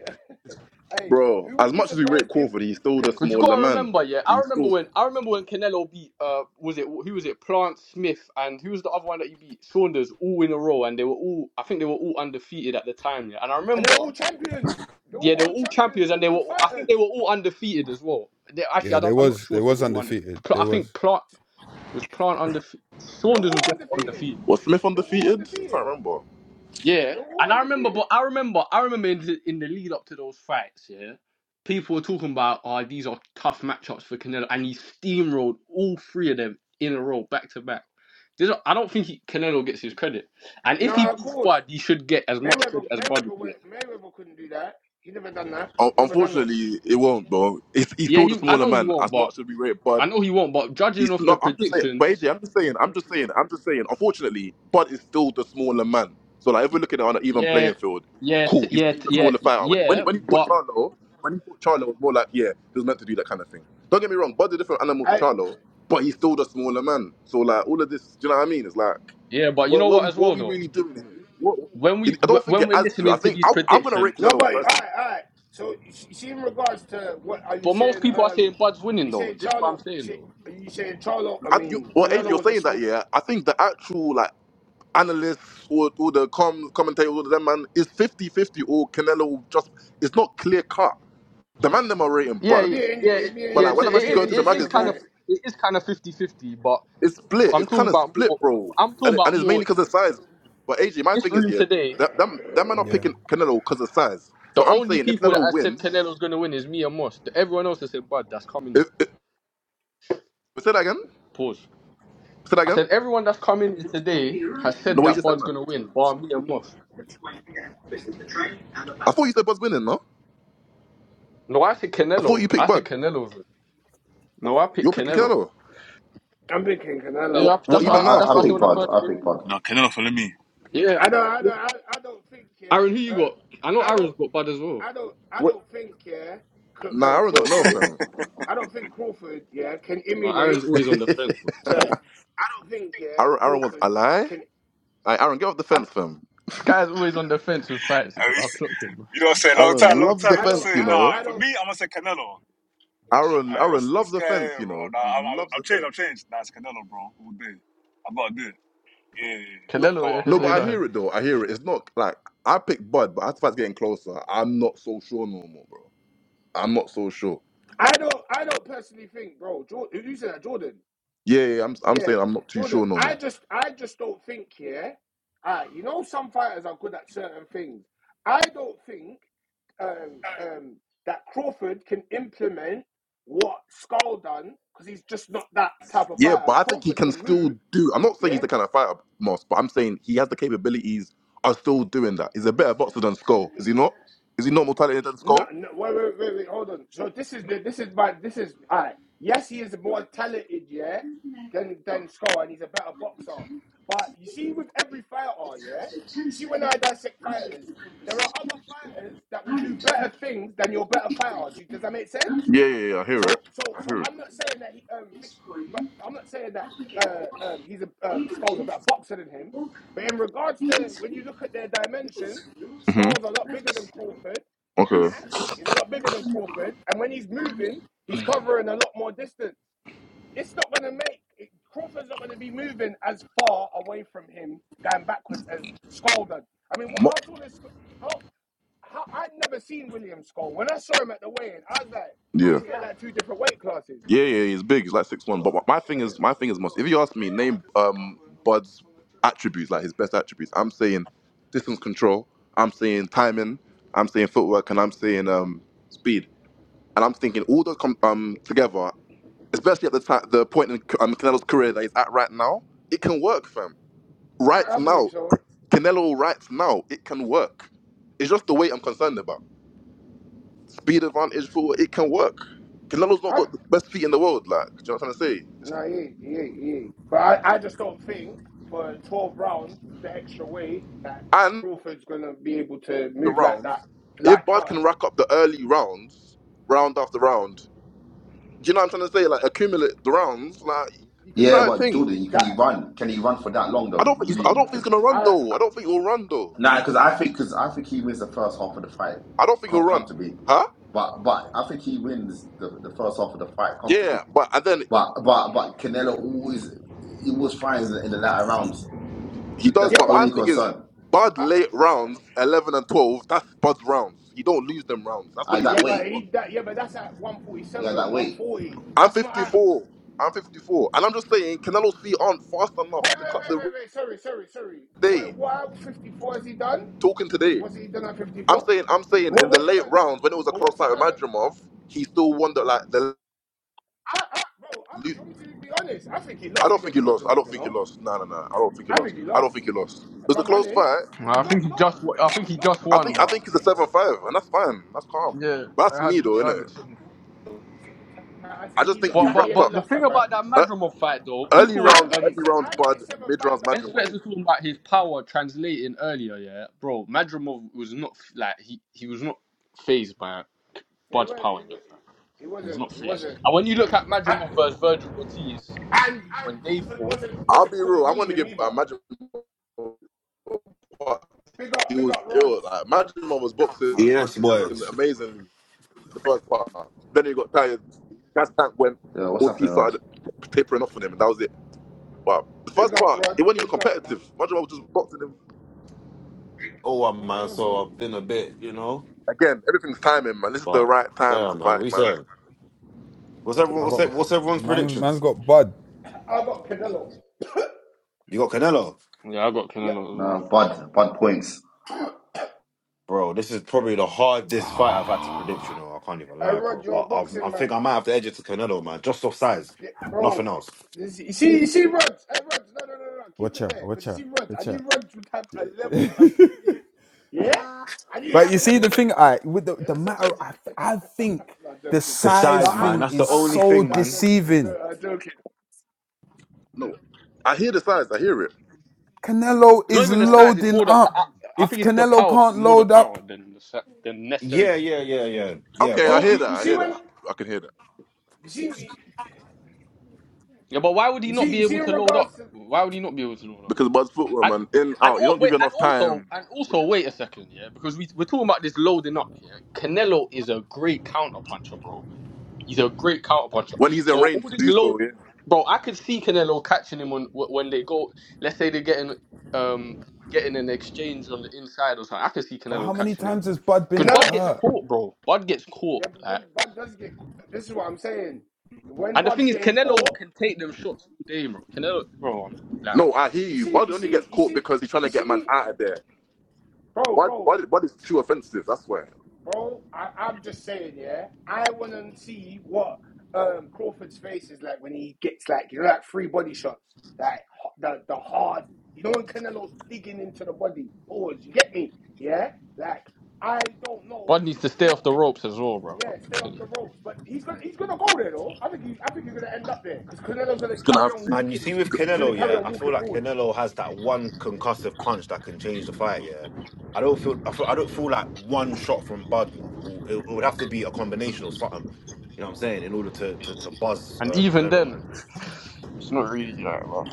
[SPEAKER 6] *laughs* hey.
[SPEAKER 3] Bro,
[SPEAKER 6] Who
[SPEAKER 3] as
[SPEAKER 6] would be
[SPEAKER 3] much as we rate
[SPEAKER 6] surprised if?
[SPEAKER 3] Crawford, he's still the
[SPEAKER 6] Can,
[SPEAKER 2] Cause you
[SPEAKER 3] smaller
[SPEAKER 2] gotta
[SPEAKER 3] man.
[SPEAKER 2] remember, yeah. I
[SPEAKER 3] He's
[SPEAKER 2] remember
[SPEAKER 3] still.
[SPEAKER 2] when I remember when Canelo beat uh was it who was it Plant Smith and who was the other one that he beat Saunders all in a row and they were all I think they were all undefeated at the time, yeah. And I
[SPEAKER 6] and they're
[SPEAKER 2] remember,
[SPEAKER 6] all champions. They're all
[SPEAKER 2] yeah, they were
[SPEAKER 6] world
[SPEAKER 2] all champions
[SPEAKER 6] champions.
[SPEAKER 2] and
[SPEAKER 6] All
[SPEAKER 2] they were
[SPEAKER 6] good
[SPEAKER 2] I think
[SPEAKER 6] fighters.
[SPEAKER 2] they were all undefeated as well. They, actually, I
[SPEAKER 5] Yeah, they
[SPEAKER 2] don't I'm not
[SPEAKER 5] was
[SPEAKER 2] sure
[SPEAKER 5] they
[SPEAKER 2] if they
[SPEAKER 5] was
[SPEAKER 2] were all under.
[SPEAKER 5] undefeated.
[SPEAKER 2] Pl-
[SPEAKER 5] They
[SPEAKER 2] I think
[SPEAKER 5] was.
[SPEAKER 2] Plant was Plant undefeated.
[SPEAKER 6] They're all
[SPEAKER 2] Saunders was definitely
[SPEAKER 6] undefeated.
[SPEAKER 2] undefeated.
[SPEAKER 3] Was Smith
[SPEAKER 6] They're all
[SPEAKER 3] undefeated? I can't
[SPEAKER 6] undefeated.
[SPEAKER 3] remember.
[SPEAKER 2] Yeah,
[SPEAKER 6] They're all
[SPEAKER 2] and I remember,
[SPEAKER 6] undefeated.
[SPEAKER 2] but I remember, I remember in the, in the lead up to those fights, yeah, people were talking about, oh, these are tough matchups for Canelo, and he steamrolled all three of them in a row, back to back. There's a- I don't think he, Canelo gets his credit, and if he
[SPEAKER 6] Nah, of
[SPEAKER 2] beats
[SPEAKER 6] course.
[SPEAKER 2] Bud, he should get as much
[SPEAKER 6] Mayweather,
[SPEAKER 2] credit as Bud
[SPEAKER 6] Mayweather,
[SPEAKER 2] would
[SPEAKER 6] wa-
[SPEAKER 2] get.
[SPEAKER 6] Mayweather couldn't do that. He never done that.
[SPEAKER 3] Un-
[SPEAKER 6] He never done that.
[SPEAKER 3] Unfortunately, it won't, bro. He's, he's
[SPEAKER 2] Yeah,
[SPEAKER 3] still the
[SPEAKER 2] he, I
[SPEAKER 3] smaller
[SPEAKER 2] know he
[SPEAKER 3] man.
[SPEAKER 2] won't,
[SPEAKER 3] As
[SPEAKER 2] but
[SPEAKER 3] much as we rate
[SPEAKER 2] I
[SPEAKER 3] Bud,
[SPEAKER 2] know he won't, but judging
[SPEAKER 3] He's
[SPEAKER 2] off the
[SPEAKER 3] not. I'm just saying, but
[SPEAKER 2] predictions,
[SPEAKER 3] AJ, I'm just saying, I'm just saying, I'm just saying. Unfortunately, Bud is still the smaller man. So like, if we look at it on an even playing
[SPEAKER 2] yeah,
[SPEAKER 3] field,
[SPEAKER 2] yeah, t-
[SPEAKER 3] cool. He's
[SPEAKER 2] yeah,
[SPEAKER 3] being the
[SPEAKER 2] t- yeah,
[SPEAKER 3] smaller fighter. When, when, he,
[SPEAKER 2] yeah,
[SPEAKER 3] when he fought
[SPEAKER 2] but
[SPEAKER 3] Charlo, when he fought Charlo, it was more like, yeah, he was meant to do that kind of thing. Don't get me wrong, Bud's a different animal to
[SPEAKER 6] Hey,
[SPEAKER 3] Charlo, but he's still the smaller man. So like, all of this, do you know what I mean? It's like,
[SPEAKER 2] yeah, but you
[SPEAKER 3] what,
[SPEAKER 2] know
[SPEAKER 3] what
[SPEAKER 2] what
[SPEAKER 3] we,
[SPEAKER 2] as
[SPEAKER 3] what
[SPEAKER 2] well
[SPEAKER 3] we
[SPEAKER 2] though,
[SPEAKER 3] really doing? here? What,
[SPEAKER 2] when we
[SPEAKER 3] it- I don't
[SPEAKER 2] wh-
[SPEAKER 3] think
[SPEAKER 2] when
[SPEAKER 3] it
[SPEAKER 2] we're
[SPEAKER 3] adds to it. I
[SPEAKER 2] listening to
[SPEAKER 3] think
[SPEAKER 2] these
[SPEAKER 3] I, I'm gonna rate
[SPEAKER 2] predictions.
[SPEAKER 3] Canelo
[SPEAKER 6] Nobody. All
[SPEAKER 3] personally.
[SPEAKER 6] right, all right. So you see, you see in regards to what are you
[SPEAKER 2] But most
[SPEAKER 6] saying?
[SPEAKER 2] people are saying
[SPEAKER 6] Um,
[SPEAKER 2] Bud's winning
[SPEAKER 6] you
[SPEAKER 2] though.
[SPEAKER 6] saying
[SPEAKER 2] This is what I'm
[SPEAKER 6] Charlo? You
[SPEAKER 2] saying
[SPEAKER 6] say
[SPEAKER 2] though.
[SPEAKER 6] are you saying Charlo? I
[SPEAKER 3] I, you,
[SPEAKER 6] mean,
[SPEAKER 3] well, AJ,
[SPEAKER 6] Canelo
[SPEAKER 3] you're
[SPEAKER 6] was a
[SPEAKER 3] saying that,
[SPEAKER 6] smooth.
[SPEAKER 3] yeah. I think the actual like analysts or, or the com- commentators or them man is fifty-fifty or Canelo just it's not clear cut. The man them are rating
[SPEAKER 2] Yeah,
[SPEAKER 6] It'll
[SPEAKER 3] Bud,
[SPEAKER 2] yeah,
[SPEAKER 6] be an inter-
[SPEAKER 2] yeah. It,
[SPEAKER 6] it'll be an
[SPEAKER 3] but
[SPEAKER 2] yeah,
[SPEAKER 3] like when
[SPEAKER 6] interesting
[SPEAKER 3] I'm
[SPEAKER 2] it
[SPEAKER 6] it'll be
[SPEAKER 3] actually
[SPEAKER 6] an
[SPEAKER 2] is.
[SPEAKER 3] going to the
[SPEAKER 2] It is
[SPEAKER 6] interesting
[SPEAKER 2] kind of.
[SPEAKER 3] magazines,
[SPEAKER 6] fight.
[SPEAKER 2] It is kind of fifty-fifty. But
[SPEAKER 3] it's split.
[SPEAKER 2] I'm
[SPEAKER 3] It's
[SPEAKER 2] talking
[SPEAKER 3] kind of
[SPEAKER 2] about
[SPEAKER 3] split,
[SPEAKER 2] more.
[SPEAKER 3] bro,
[SPEAKER 2] I'm, I'm talking
[SPEAKER 3] and, it, and
[SPEAKER 2] about
[SPEAKER 3] it's mainly
[SPEAKER 2] more.
[SPEAKER 3] because of size. But AJ, my
[SPEAKER 2] This
[SPEAKER 3] thing is
[SPEAKER 2] room
[SPEAKER 3] yeah,
[SPEAKER 2] today.
[SPEAKER 3] that them them are not
[SPEAKER 5] Yeah,
[SPEAKER 3] picking
[SPEAKER 6] Uh,
[SPEAKER 3] Canelo because of size. So
[SPEAKER 2] The
[SPEAKER 3] I'm
[SPEAKER 2] only
[SPEAKER 3] saying if
[SPEAKER 2] people that
[SPEAKER 3] Canelo
[SPEAKER 2] I said
[SPEAKER 3] wins,
[SPEAKER 2] Canelo's going to win is me and Moss. The- Everyone else has said Bud. That's coming in.
[SPEAKER 3] if, if say that again,
[SPEAKER 2] Pause.
[SPEAKER 3] say that
[SPEAKER 2] I
[SPEAKER 3] again.
[SPEAKER 2] said everyone that's coming in today has
[SPEAKER 3] No,
[SPEAKER 2] said
[SPEAKER 3] what you
[SPEAKER 2] that
[SPEAKER 3] just said,
[SPEAKER 2] Bud's
[SPEAKER 3] man.
[SPEAKER 2] going to win, bar me and Moss.
[SPEAKER 3] I thought you said Bud's winning, no?
[SPEAKER 2] No, I said
[SPEAKER 3] I thought you
[SPEAKER 2] Canelo.
[SPEAKER 3] picked
[SPEAKER 2] I said
[SPEAKER 3] Bud.
[SPEAKER 2] Canelo's. win. No, I
[SPEAKER 3] You're
[SPEAKER 2] picked
[SPEAKER 3] picking
[SPEAKER 2] Canelo.
[SPEAKER 3] Canelo.
[SPEAKER 6] I'm thinking
[SPEAKER 2] Yeah,
[SPEAKER 6] Canelo.
[SPEAKER 3] What?
[SPEAKER 2] I-
[SPEAKER 3] What
[SPEAKER 2] that's
[SPEAKER 1] No,
[SPEAKER 3] even
[SPEAKER 2] what I,
[SPEAKER 3] now
[SPEAKER 2] that's
[SPEAKER 1] I, I
[SPEAKER 2] what I said
[SPEAKER 3] still?
[SPEAKER 1] pick
[SPEAKER 2] when I
[SPEAKER 1] Pod.
[SPEAKER 2] first
[SPEAKER 1] I
[SPEAKER 2] came
[SPEAKER 1] pick
[SPEAKER 2] in.
[SPEAKER 1] Pod.
[SPEAKER 8] No, Canelo for me.
[SPEAKER 2] Yeah,
[SPEAKER 6] I don't I don't I, I don't think yeah.
[SPEAKER 2] Aaron, who you
[SPEAKER 6] Uh,
[SPEAKER 2] got? I know
[SPEAKER 6] I
[SPEAKER 2] Aaron's
[SPEAKER 6] don't
[SPEAKER 2] got Bud as well.
[SPEAKER 6] I don't I
[SPEAKER 3] What?
[SPEAKER 6] don't think yeah. C-
[SPEAKER 3] Nah, I
[SPEAKER 6] Um,
[SPEAKER 3] really don't know,
[SPEAKER 6] Crawford.
[SPEAKER 3] fam.
[SPEAKER 6] I don't think Crawford yeah can
[SPEAKER 2] Uh, Aaron's
[SPEAKER 6] emulate.
[SPEAKER 2] always on
[SPEAKER 3] *laughs*
[SPEAKER 2] the fence. Bro.
[SPEAKER 6] So I don't think yeah
[SPEAKER 3] Aaron, Aaron was
[SPEAKER 6] Crawford
[SPEAKER 3] a lie.
[SPEAKER 6] can.
[SPEAKER 3] Like, Aaron, get off the
[SPEAKER 6] I, do
[SPEAKER 3] fence, fam.
[SPEAKER 2] This guy's always on the fence with fights. If
[SPEAKER 8] Aye,
[SPEAKER 2] I clocked him, bro.
[SPEAKER 8] *laughs* you know what I'm saying? Long
[SPEAKER 3] Aaron
[SPEAKER 8] time,
[SPEAKER 6] hey,
[SPEAKER 8] long
[SPEAKER 3] loves
[SPEAKER 8] time.
[SPEAKER 3] the
[SPEAKER 8] You know
[SPEAKER 6] I
[SPEAKER 8] what
[SPEAKER 6] don't
[SPEAKER 3] fence,
[SPEAKER 8] I'm
[SPEAKER 3] you
[SPEAKER 8] saying?
[SPEAKER 6] I
[SPEAKER 8] Nah,
[SPEAKER 3] know.
[SPEAKER 6] I
[SPEAKER 8] for
[SPEAKER 6] don't.
[SPEAKER 8] me, I'm gonna say Canelo.
[SPEAKER 3] Aaron,
[SPEAKER 8] Hey, what's
[SPEAKER 3] Aaron
[SPEAKER 8] this
[SPEAKER 3] loves the fence,
[SPEAKER 8] guy,
[SPEAKER 3] you
[SPEAKER 8] bro?
[SPEAKER 3] know.
[SPEAKER 8] Nah,
[SPEAKER 3] He
[SPEAKER 8] I'm, I'm,
[SPEAKER 3] loves
[SPEAKER 8] I'm
[SPEAKER 3] the
[SPEAKER 8] changed. I'm
[SPEAKER 3] fence.
[SPEAKER 8] changed. Nah, it's Canelo, bro. All day. I'm about to do it. Yeah,
[SPEAKER 3] No,
[SPEAKER 8] come
[SPEAKER 2] Kalelo,
[SPEAKER 8] on,
[SPEAKER 2] yeah,
[SPEAKER 3] no,
[SPEAKER 2] so
[SPEAKER 3] but
[SPEAKER 2] you
[SPEAKER 8] bro.
[SPEAKER 3] I
[SPEAKER 2] know,
[SPEAKER 3] hear it though. I hear it. It's not like I picked Bud, but as far as getting closer, I'm not so sure no more, bro. I'm not so sure.
[SPEAKER 6] I don't. I don't personally think, bro. Jordan, you said that, Jordan.
[SPEAKER 3] Yeah, yeah, I'm, I'm
[SPEAKER 6] Yeah,
[SPEAKER 3] saying I'm not too sure
[SPEAKER 6] Jordan.
[SPEAKER 3] no
[SPEAKER 6] I
[SPEAKER 3] more.
[SPEAKER 6] just, I just don't think. Yeah, uh, you know, some fighters are good at certain things. I don't think um, um, that Crawford can implement what Skull done because he's just not that type of
[SPEAKER 3] Yeah, but
[SPEAKER 6] fighter.
[SPEAKER 3] I think he
[SPEAKER 6] Crawford
[SPEAKER 3] can
[SPEAKER 6] can move.
[SPEAKER 3] still do. I'm not saying he's
[SPEAKER 6] Yeah,
[SPEAKER 3] the kind of fighter, Moss, but I'm saying he has the capabilities of still doing that. He's a better boxer than Skull, is he not? Is he not more talented than
[SPEAKER 6] No,
[SPEAKER 3] Skull?
[SPEAKER 6] no, wait, wait, wait, wait, hold on. So this is the this is my this is all right. Yes, he is more talented, yeah, than than Skull, and he's a better boxer. But you see, with every fighter, yeah, you see, when I dissect fighters, there are other fighters that will do better things than your better fighter. Do, you- does that make sense?
[SPEAKER 3] Yeah, yeah, yeah. I
[SPEAKER 6] So
[SPEAKER 3] hear it.
[SPEAKER 6] so
[SPEAKER 3] I
[SPEAKER 6] so
[SPEAKER 3] hear
[SPEAKER 6] I'm not
[SPEAKER 3] it.
[SPEAKER 6] saying that he um fi- but I'm not saying that uh um he's a um Skull's a better boxer than him. But in regards to when you look at their dimensions,
[SPEAKER 3] hmm
[SPEAKER 6] Skull's a lot bigger than Crawford. Yeah?
[SPEAKER 3] Okay.
[SPEAKER 6] He's a lot bigger than Crawford. And when he's moving, he's covering a lot more distance. It's not gonna make it, Crawford's not gonna be moving as far away from him going backwards as Skull does. I mean what
[SPEAKER 3] Mo-
[SPEAKER 6] how tall is Skull? How how I would never seen Williams score When I saw him at the weigh-in, I was like,
[SPEAKER 3] yeah.
[SPEAKER 6] these look like two different weight classes.
[SPEAKER 3] Yeah, yeah, he's big. He's like six one. But my my thing is, my thing is, most. If you ask me, name um Bud's attributes, like his best attributes. I'm saying distance control. I'm saying timing. I'm saying footwork, and I'm saying um speed. And I'm thinking all those com- um together, especially at the time, the point in um, Canelo's career that he's at right now, it can work, fam. Right
[SPEAKER 6] I, I believe
[SPEAKER 3] now,
[SPEAKER 6] so.
[SPEAKER 3] Canelo right now, it can work. It's just the weight I'm concerned about. be the advantage for it can work. Canelo's not
[SPEAKER 6] I
[SPEAKER 3] got the best feet in the world, like, do you know what I'm trying to say?
[SPEAKER 6] no, he ain't, he ain't, he ain't. But I, I just don't think for 12 rounds with the extra weight that
[SPEAKER 3] And
[SPEAKER 6] Crawford's gonna be able to
[SPEAKER 3] the
[SPEAKER 6] move like that,
[SPEAKER 3] rounds, if
[SPEAKER 6] like
[SPEAKER 3] Bud
[SPEAKER 6] how
[SPEAKER 3] can rack up the early rounds, round after round, do you know what I'm trying to say? Like, accumulate the rounds, like, you could
[SPEAKER 1] Yeah,
[SPEAKER 3] try a
[SPEAKER 1] but
[SPEAKER 3] thing.
[SPEAKER 1] Jordan, can he
[SPEAKER 6] that.
[SPEAKER 1] run? Can he run for that long
[SPEAKER 3] I
[SPEAKER 1] though?
[SPEAKER 3] don't think he's, I
[SPEAKER 1] Really?
[SPEAKER 3] don't think he's
[SPEAKER 1] Because
[SPEAKER 3] gonna run
[SPEAKER 6] I
[SPEAKER 3] though. I don't think he'll run though.
[SPEAKER 1] nah, because I think because I think he wins the first half of the fight
[SPEAKER 3] I don't think he'll
[SPEAKER 1] com-
[SPEAKER 3] run.
[SPEAKER 1] comfortably.
[SPEAKER 3] Huh?
[SPEAKER 1] But but I think he wins the, the first half of the fight comfortably.
[SPEAKER 3] Yeah, but and then
[SPEAKER 1] But but but Canelo always he always finds it in the latter rounds.
[SPEAKER 3] he
[SPEAKER 1] Th- That's
[SPEAKER 3] does.
[SPEAKER 6] yeah,
[SPEAKER 1] the
[SPEAKER 3] But my
[SPEAKER 6] but
[SPEAKER 1] only
[SPEAKER 3] thing is,
[SPEAKER 1] concern.
[SPEAKER 3] Bud
[SPEAKER 6] uh,
[SPEAKER 3] late rounds, 11 and 12, that's Bud's rounds. You don't lose them rounds. That's
[SPEAKER 1] I
[SPEAKER 3] when he
[SPEAKER 1] that
[SPEAKER 6] yeah,
[SPEAKER 3] switches
[SPEAKER 6] but
[SPEAKER 1] weight.
[SPEAKER 3] on.
[SPEAKER 6] he that yeah, but that's at
[SPEAKER 1] Yeah,
[SPEAKER 6] 147,
[SPEAKER 1] that weight.
[SPEAKER 6] 140.
[SPEAKER 3] I'm
[SPEAKER 6] That's not at.
[SPEAKER 3] 54. I'm 54, and I'm just saying Canelo's feet aren't fast
[SPEAKER 6] Wait,
[SPEAKER 3] enough
[SPEAKER 6] wait,
[SPEAKER 3] to cut the
[SPEAKER 6] wait,
[SPEAKER 3] r-
[SPEAKER 6] wait, wait. Sorry, sorry, sorry.
[SPEAKER 3] day.
[SPEAKER 6] Wait, what? 54 has he done?
[SPEAKER 3] Talking today,
[SPEAKER 6] Was he done at
[SPEAKER 3] I'm
[SPEAKER 6] 54?
[SPEAKER 3] saying I'm saying in
[SPEAKER 6] What
[SPEAKER 3] the
[SPEAKER 6] was he
[SPEAKER 3] late
[SPEAKER 6] done?
[SPEAKER 3] rounds when it was a
[SPEAKER 6] But
[SPEAKER 3] close
[SPEAKER 6] what's he
[SPEAKER 3] fight with
[SPEAKER 6] done? At,
[SPEAKER 3] Madrimov, he still won the like the.
[SPEAKER 6] I, I, bro, I, do you want me to be honest? I think he
[SPEAKER 3] I
[SPEAKER 6] lost
[SPEAKER 3] don't think he
[SPEAKER 6] against
[SPEAKER 3] lost. I
[SPEAKER 6] Madrimov,
[SPEAKER 3] don't
[SPEAKER 6] you
[SPEAKER 3] think he
[SPEAKER 6] know?
[SPEAKER 3] lost. No, no, no. I don't think he
[SPEAKER 6] I
[SPEAKER 3] lost.
[SPEAKER 6] think he
[SPEAKER 3] I don't
[SPEAKER 6] lost.
[SPEAKER 3] think he lost. It
[SPEAKER 6] If
[SPEAKER 3] was a
[SPEAKER 6] I'm
[SPEAKER 3] close
[SPEAKER 6] honest,
[SPEAKER 3] fight.
[SPEAKER 2] Nah, I
[SPEAKER 6] not
[SPEAKER 2] think he
[SPEAKER 6] not
[SPEAKER 2] just, I
[SPEAKER 6] not
[SPEAKER 2] think he
[SPEAKER 6] not
[SPEAKER 2] just
[SPEAKER 3] I
[SPEAKER 6] a-
[SPEAKER 2] won,
[SPEAKER 3] think
[SPEAKER 6] not
[SPEAKER 3] I
[SPEAKER 2] but
[SPEAKER 6] a
[SPEAKER 3] think it's a
[SPEAKER 6] robbery.
[SPEAKER 3] seven five, and that's fine. That's calm.
[SPEAKER 2] yeah,
[SPEAKER 3] That's
[SPEAKER 2] I had
[SPEAKER 3] me
[SPEAKER 2] it,
[SPEAKER 3] though,
[SPEAKER 2] I had it.
[SPEAKER 3] innit?
[SPEAKER 2] somewhere.
[SPEAKER 6] I I
[SPEAKER 3] I
[SPEAKER 6] say
[SPEAKER 3] just
[SPEAKER 6] he
[SPEAKER 3] think
[SPEAKER 6] lo-
[SPEAKER 3] he
[SPEAKER 2] But
[SPEAKER 6] that
[SPEAKER 2] but
[SPEAKER 6] year
[SPEAKER 3] wrapped
[SPEAKER 6] he
[SPEAKER 3] up
[SPEAKER 2] but the
[SPEAKER 6] lost
[SPEAKER 2] thing
[SPEAKER 6] that fight.
[SPEAKER 2] about that
[SPEAKER 3] uh,
[SPEAKER 2] Madrimov fight though,
[SPEAKER 3] early
[SPEAKER 2] people were
[SPEAKER 6] I
[SPEAKER 3] rounds.
[SPEAKER 6] got
[SPEAKER 2] um,
[SPEAKER 6] it.
[SPEAKER 3] Early
[SPEAKER 6] se-
[SPEAKER 3] rounds,
[SPEAKER 6] I got
[SPEAKER 3] bad.
[SPEAKER 6] it seven
[SPEAKER 3] Mid
[SPEAKER 6] five
[SPEAKER 3] rounds,
[SPEAKER 6] the
[SPEAKER 2] when
[SPEAKER 6] other way.
[SPEAKER 3] Madrimov.
[SPEAKER 2] Spence was talking about his power translating earlier, yeah, bro, Madrimov was not f- like he he was not phased by
[SPEAKER 6] Yeah, he
[SPEAKER 2] Bud's
[SPEAKER 6] was
[SPEAKER 2] power.
[SPEAKER 6] he,
[SPEAKER 2] in
[SPEAKER 6] wa-
[SPEAKER 2] that fight.
[SPEAKER 6] he
[SPEAKER 2] He was
[SPEAKER 6] wasn't
[SPEAKER 2] not
[SPEAKER 6] he
[SPEAKER 2] phased.
[SPEAKER 6] wasn't
[SPEAKER 2] And when you look
[SPEAKER 6] and
[SPEAKER 2] at
[SPEAKER 6] I,
[SPEAKER 2] Madrimov versus Virgil Ortiz
[SPEAKER 6] and and
[SPEAKER 2] when they
[SPEAKER 6] Crawford
[SPEAKER 2] fought,
[SPEAKER 6] wasn't
[SPEAKER 3] I'll be
[SPEAKER 6] wasn't
[SPEAKER 3] real.
[SPEAKER 6] couldn't
[SPEAKER 3] I
[SPEAKER 6] bully
[SPEAKER 3] want to
[SPEAKER 6] him
[SPEAKER 3] give uh,
[SPEAKER 6] either.
[SPEAKER 3] Madrimov
[SPEAKER 6] Big
[SPEAKER 3] he
[SPEAKER 6] up big
[SPEAKER 3] was
[SPEAKER 6] up
[SPEAKER 3] ill.
[SPEAKER 6] Rods.
[SPEAKER 3] Like Madrimov was boxing
[SPEAKER 2] like,
[SPEAKER 9] Yes,
[SPEAKER 2] Roger, you know?
[SPEAKER 9] boys.
[SPEAKER 3] amazing the first part. Then he got tired. Gas tank went.
[SPEAKER 1] Yeah, what's
[SPEAKER 3] OT
[SPEAKER 1] happening? Rod?
[SPEAKER 3] started tapering off on him, and that was it. But the
[SPEAKER 6] Big
[SPEAKER 3] first
[SPEAKER 6] up
[SPEAKER 3] part, it
[SPEAKER 6] Rods.
[SPEAKER 3] wasn't even
[SPEAKER 6] Big up
[SPEAKER 3] competitive.
[SPEAKER 6] man.
[SPEAKER 3] Madrimov was just boxing him
[SPEAKER 9] oh I'm man,
[SPEAKER 6] hmm
[SPEAKER 9] so I've been a bit, you know.
[SPEAKER 3] again. Everything's timing, man. This is the
[SPEAKER 9] But
[SPEAKER 3] right time to
[SPEAKER 9] damn man, we
[SPEAKER 3] fight, man.
[SPEAKER 9] said what's everyone
[SPEAKER 5] I
[SPEAKER 9] what's,
[SPEAKER 5] got
[SPEAKER 9] ev- what's everyone's
[SPEAKER 5] man's man's
[SPEAKER 9] predictions?
[SPEAKER 5] got Bud.
[SPEAKER 6] I got Canelo.
[SPEAKER 9] You got Canelo,
[SPEAKER 2] yeah, I got
[SPEAKER 6] Yep.
[SPEAKER 2] Canelo as well.
[SPEAKER 1] Nah, Bud Bud points.
[SPEAKER 9] bro. This is probably the hardest fight I've had to predict. You
[SPEAKER 5] Ah,
[SPEAKER 9] know, I can't even
[SPEAKER 6] Hey,
[SPEAKER 9] lie,
[SPEAKER 6] Rod,
[SPEAKER 9] bro.
[SPEAKER 6] you're a
[SPEAKER 9] But i I
[SPEAKER 6] boxing
[SPEAKER 9] think
[SPEAKER 6] man,
[SPEAKER 9] I might have to edge it to Canelo, man, just off size,
[SPEAKER 6] Get-
[SPEAKER 9] nothing
[SPEAKER 6] bro.
[SPEAKER 9] else.
[SPEAKER 6] This, you see, you see, *laughs* Rod. Hey, Rod, no, no, no, no, keep
[SPEAKER 5] watch
[SPEAKER 6] it
[SPEAKER 5] out,
[SPEAKER 6] there, because
[SPEAKER 5] watch
[SPEAKER 6] you
[SPEAKER 5] out,
[SPEAKER 6] see, Rod. I
[SPEAKER 5] watch
[SPEAKER 6] knew
[SPEAKER 5] out.
[SPEAKER 6] Rod would have
[SPEAKER 5] *laughs*
[SPEAKER 6] a level opinion. Yeah,
[SPEAKER 9] It's
[SPEAKER 6] I knew he'd
[SPEAKER 5] but you
[SPEAKER 6] have a
[SPEAKER 5] see
[SPEAKER 6] level
[SPEAKER 5] the thing,
[SPEAKER 6] opinion.
[SPEAKER 5] I with the,
[SPEAKER 6] Yeah,
[SPEAKER 5] the
[SPEAKER 6] let's not
[SPEAKER 5] matter,
[SPEAKER 6] change
[SPEAKER 5] I
[SPEAKER 6] it.
[SPEAKER 5] I think
[SPEAKER 6] *laughs* no, I'm
[SPEAKER 5] the
[SPEAKER 6] joking.
[SPEAKER 9] the
[SPEAKER 6] No,
[SPEAKER 5] size
[SPEAKER 9] size,
[SPEAKER 6] I,
[SPEAKER 9] man.
[SPEAKER 5] thing
[SPEAKER 9] That's the
[SPEAKER 5] is
[SPEAKER 6] I,
[SPEAKER 9] only
[SPEAKER 6] I
[SPEAKER 5] so
[SPEAKER 9] thing,
[SPEAKER 6] no, I'm
[SPEAKER 9] man.
[SPEAKER 6] joking. I'm
[SPEAKER 5] deceiving.
[SPEAKER 6] jo- I'm joking.
[SPEAKER 3] No, I hear the size. I hear it.
[SPEAKER 5] Canelo
[SPEAKER 2] It's not
[SPEAKER 5] is
[SPEAKER 2] even the size. It's
[SPEAKER 5] loading
[SPEAKER 2] more the. I,
[SPEAKER 5] up.
[SPEAKER 2] I
[SPEAKER 5] If
[SPEAKER 2] think it's the
[SPEAKER 5] Canelo
[SPEAKER 2] power,
[SPEAKER 5] can't
[SPEAKER 2] more the
[SPEAKER 5] load
[SPEAKER 2] power
[SPEAKER 5] up,
[SPEAKER 2] than the sa- than necessary.
[SPEAKER 9] Yeah, yeah, yeah, yeah, yeah.
[SPEAKER 3] Okay, I
[SPEAKER 9] But
[SPEAKER 6] So
[SPEAKER 3] hear
[SPEAKER 6] you,
[SPEAKER 3] that.
[SPEAKER 6] you
[SPEAKER 3] I
[SPEAKER 6] see
[SPEAKER 3] hear
[SPEAKER 6] when
[SPEAKER 3] that. I can hear that
[SPEAKER 6] you see
[SPEAKER 2] Yeah, but why would he
[SPEAKER 6] you
[SPEAKER 2] not
[SPEAKER 6] see
[SPEAKER 2] be
[SPEAKER 6] you see
[SPEAKER 2] able
[SPEAKER 6] in
[SPEAKER 2] to load
[SPEAKER 6] regards
[SPEAKER 2] up?
[SPEAKER 6] to
[SPEAKER 2] Why would he not be able to load up?
[SPEAKER 3] because Bud's footwear,
[SPEAKER 2] And
[SPEAKER 3] man, in
[SPEAKER 2] and
[SPEAKER 3] out. You
[SPEAKER 2] all,
[SPEAKER 3] don't give
[SPEAKER 2] wait,
[SPEAKER 3] you
[SPEAKER 2] and
[SPEAKER 3] enough
[SPEAKER 2] also
[SPEAKER 3] time
[SPEAKER 2] and also wait a second, yeah, because we we're talking about this loading up here. Canelo is a great counter puncher, bro. He's a great counterpuncher.
[SPEAKER 3] when he's in
[SPEAKER 2] So
[SPEAKER 3] range
[SPEAKER 2] all
[SPEAKER 3] to
[SPEAKER 2] this
[SPEAKER 3] do so.
[SPEAKER 2] load,
[SPEAKER 3] Yeah.
[SPEAKER 2] bro. I could see Canelo catching him on wh- when they go. Let's say they're getting um getting an exchange on the inside or something. I could see
[SPEAKER 5] But how
[SPEAKER 2] Canelo
[SPEAKER 5] many
[SPEAKER 2] catching him
[SPEAKER 5] times has Bud been
[SPEAKER 2] because Bud
[SPEAKER 6] Canelo.
[SPEAKER 2] gets
[SPEAKER 6] Can,
[SPEAKER 5] hurt?
[SPEAKER 2] caught, bro. Bud gets caught.
[SPEAKER 6] yeah,
[SPEAKER 2] Like,
[SPEAKER 6] but Bud does get. This is what I'm saying. When
[SPEAKER 2] and the
[SPEAKER 6] Bud's
[SPEAKER 2] thing is,
[SPEAKER 6] getting caught,
[SPEAKER 2] Canelo can take them shots all day, bro. Canelo, bro. I'm, like,
[SPEAKER 3] No, I hear
[SPEAKER 6] you
[SPEAKER 3] you.
[SPEAKER 6] see,
[SPEAKER 3] Bud
[SPEAKER 6] you
[SPEAKER 3] only gets
[SPEAKER 6] see, you
[SPEAKER 3] caught
[SPEAKER 6] see,
[SPEAKER 3] because he's trying to
[SPEAKER 6] you
[SPEAKER 3] get man
[SPEAKER 6] see,
[SPEAKER 3] out of there.
[SPEAKER 6] bro,
[SPEAKER 3] What
[SPEAKER 6] bro.
[SPEAKER 3] what what is too offensive? That's why
[SPEAKER 6] bro. I, I'm just saying, yeah. I want to see what um, Crawford's face is like when he gets like you know, like three body shots, like the the hard. You know when Canelo's digging into the body, pause. You get me? Yeah. Like I don't know
[SPEAKER 2] Bud needs to stay
[SPEAKER 6] what.
[SPEAKER 2] off the ropes as well, bro. I'm
[SPEAKER 6] Yeah, stay
[SPEAKER 2] telling
[SPEAKER 6] off
[SPEAKER 2] you.
[SPEAKER 6] the ropes, but he's going he's gonna go there though. I think he, I think he's gonna end up there because Canelo's gonna
[SPEAKER 3] it's gonna
[SPEAKER 6] carry
[SPEAKER 3] have
[SPEAKER 6] on
[SPEAKER 3] to.
[SPEAKER 9] And you
[SPEAKER 6] walking.
[SPEAKER 9] see with
[SPEAKER 6] He's gonna
[SPEAKER 9] Canelo,
[SPEAKER 6] carry
[SPEAKER 9] yeah,
[SPEAKER 6] on
[SPEAKER 9] I feel
[SPEAKER 6] walking
[SPEAKER 9] like
[SPEAKER 6] forward.
[SPEAKER 9] Canelo has that one concussive punch that can change the fight. Yeah, I don't feel I feel I don't feel like one shot from Bud. Will, will, it, it would have to be a combination or something. You know what I'm saying? In order to to, to buzz
[SPEAKER 2] And
[SPEAKER 9] um,
[SPEAKER 2] even
[SPEAKER 9] Canelo,
[SPEAKER 2] then,
[SPEAKER 9] man.
[SPEAKER 2] it's not really like, bro.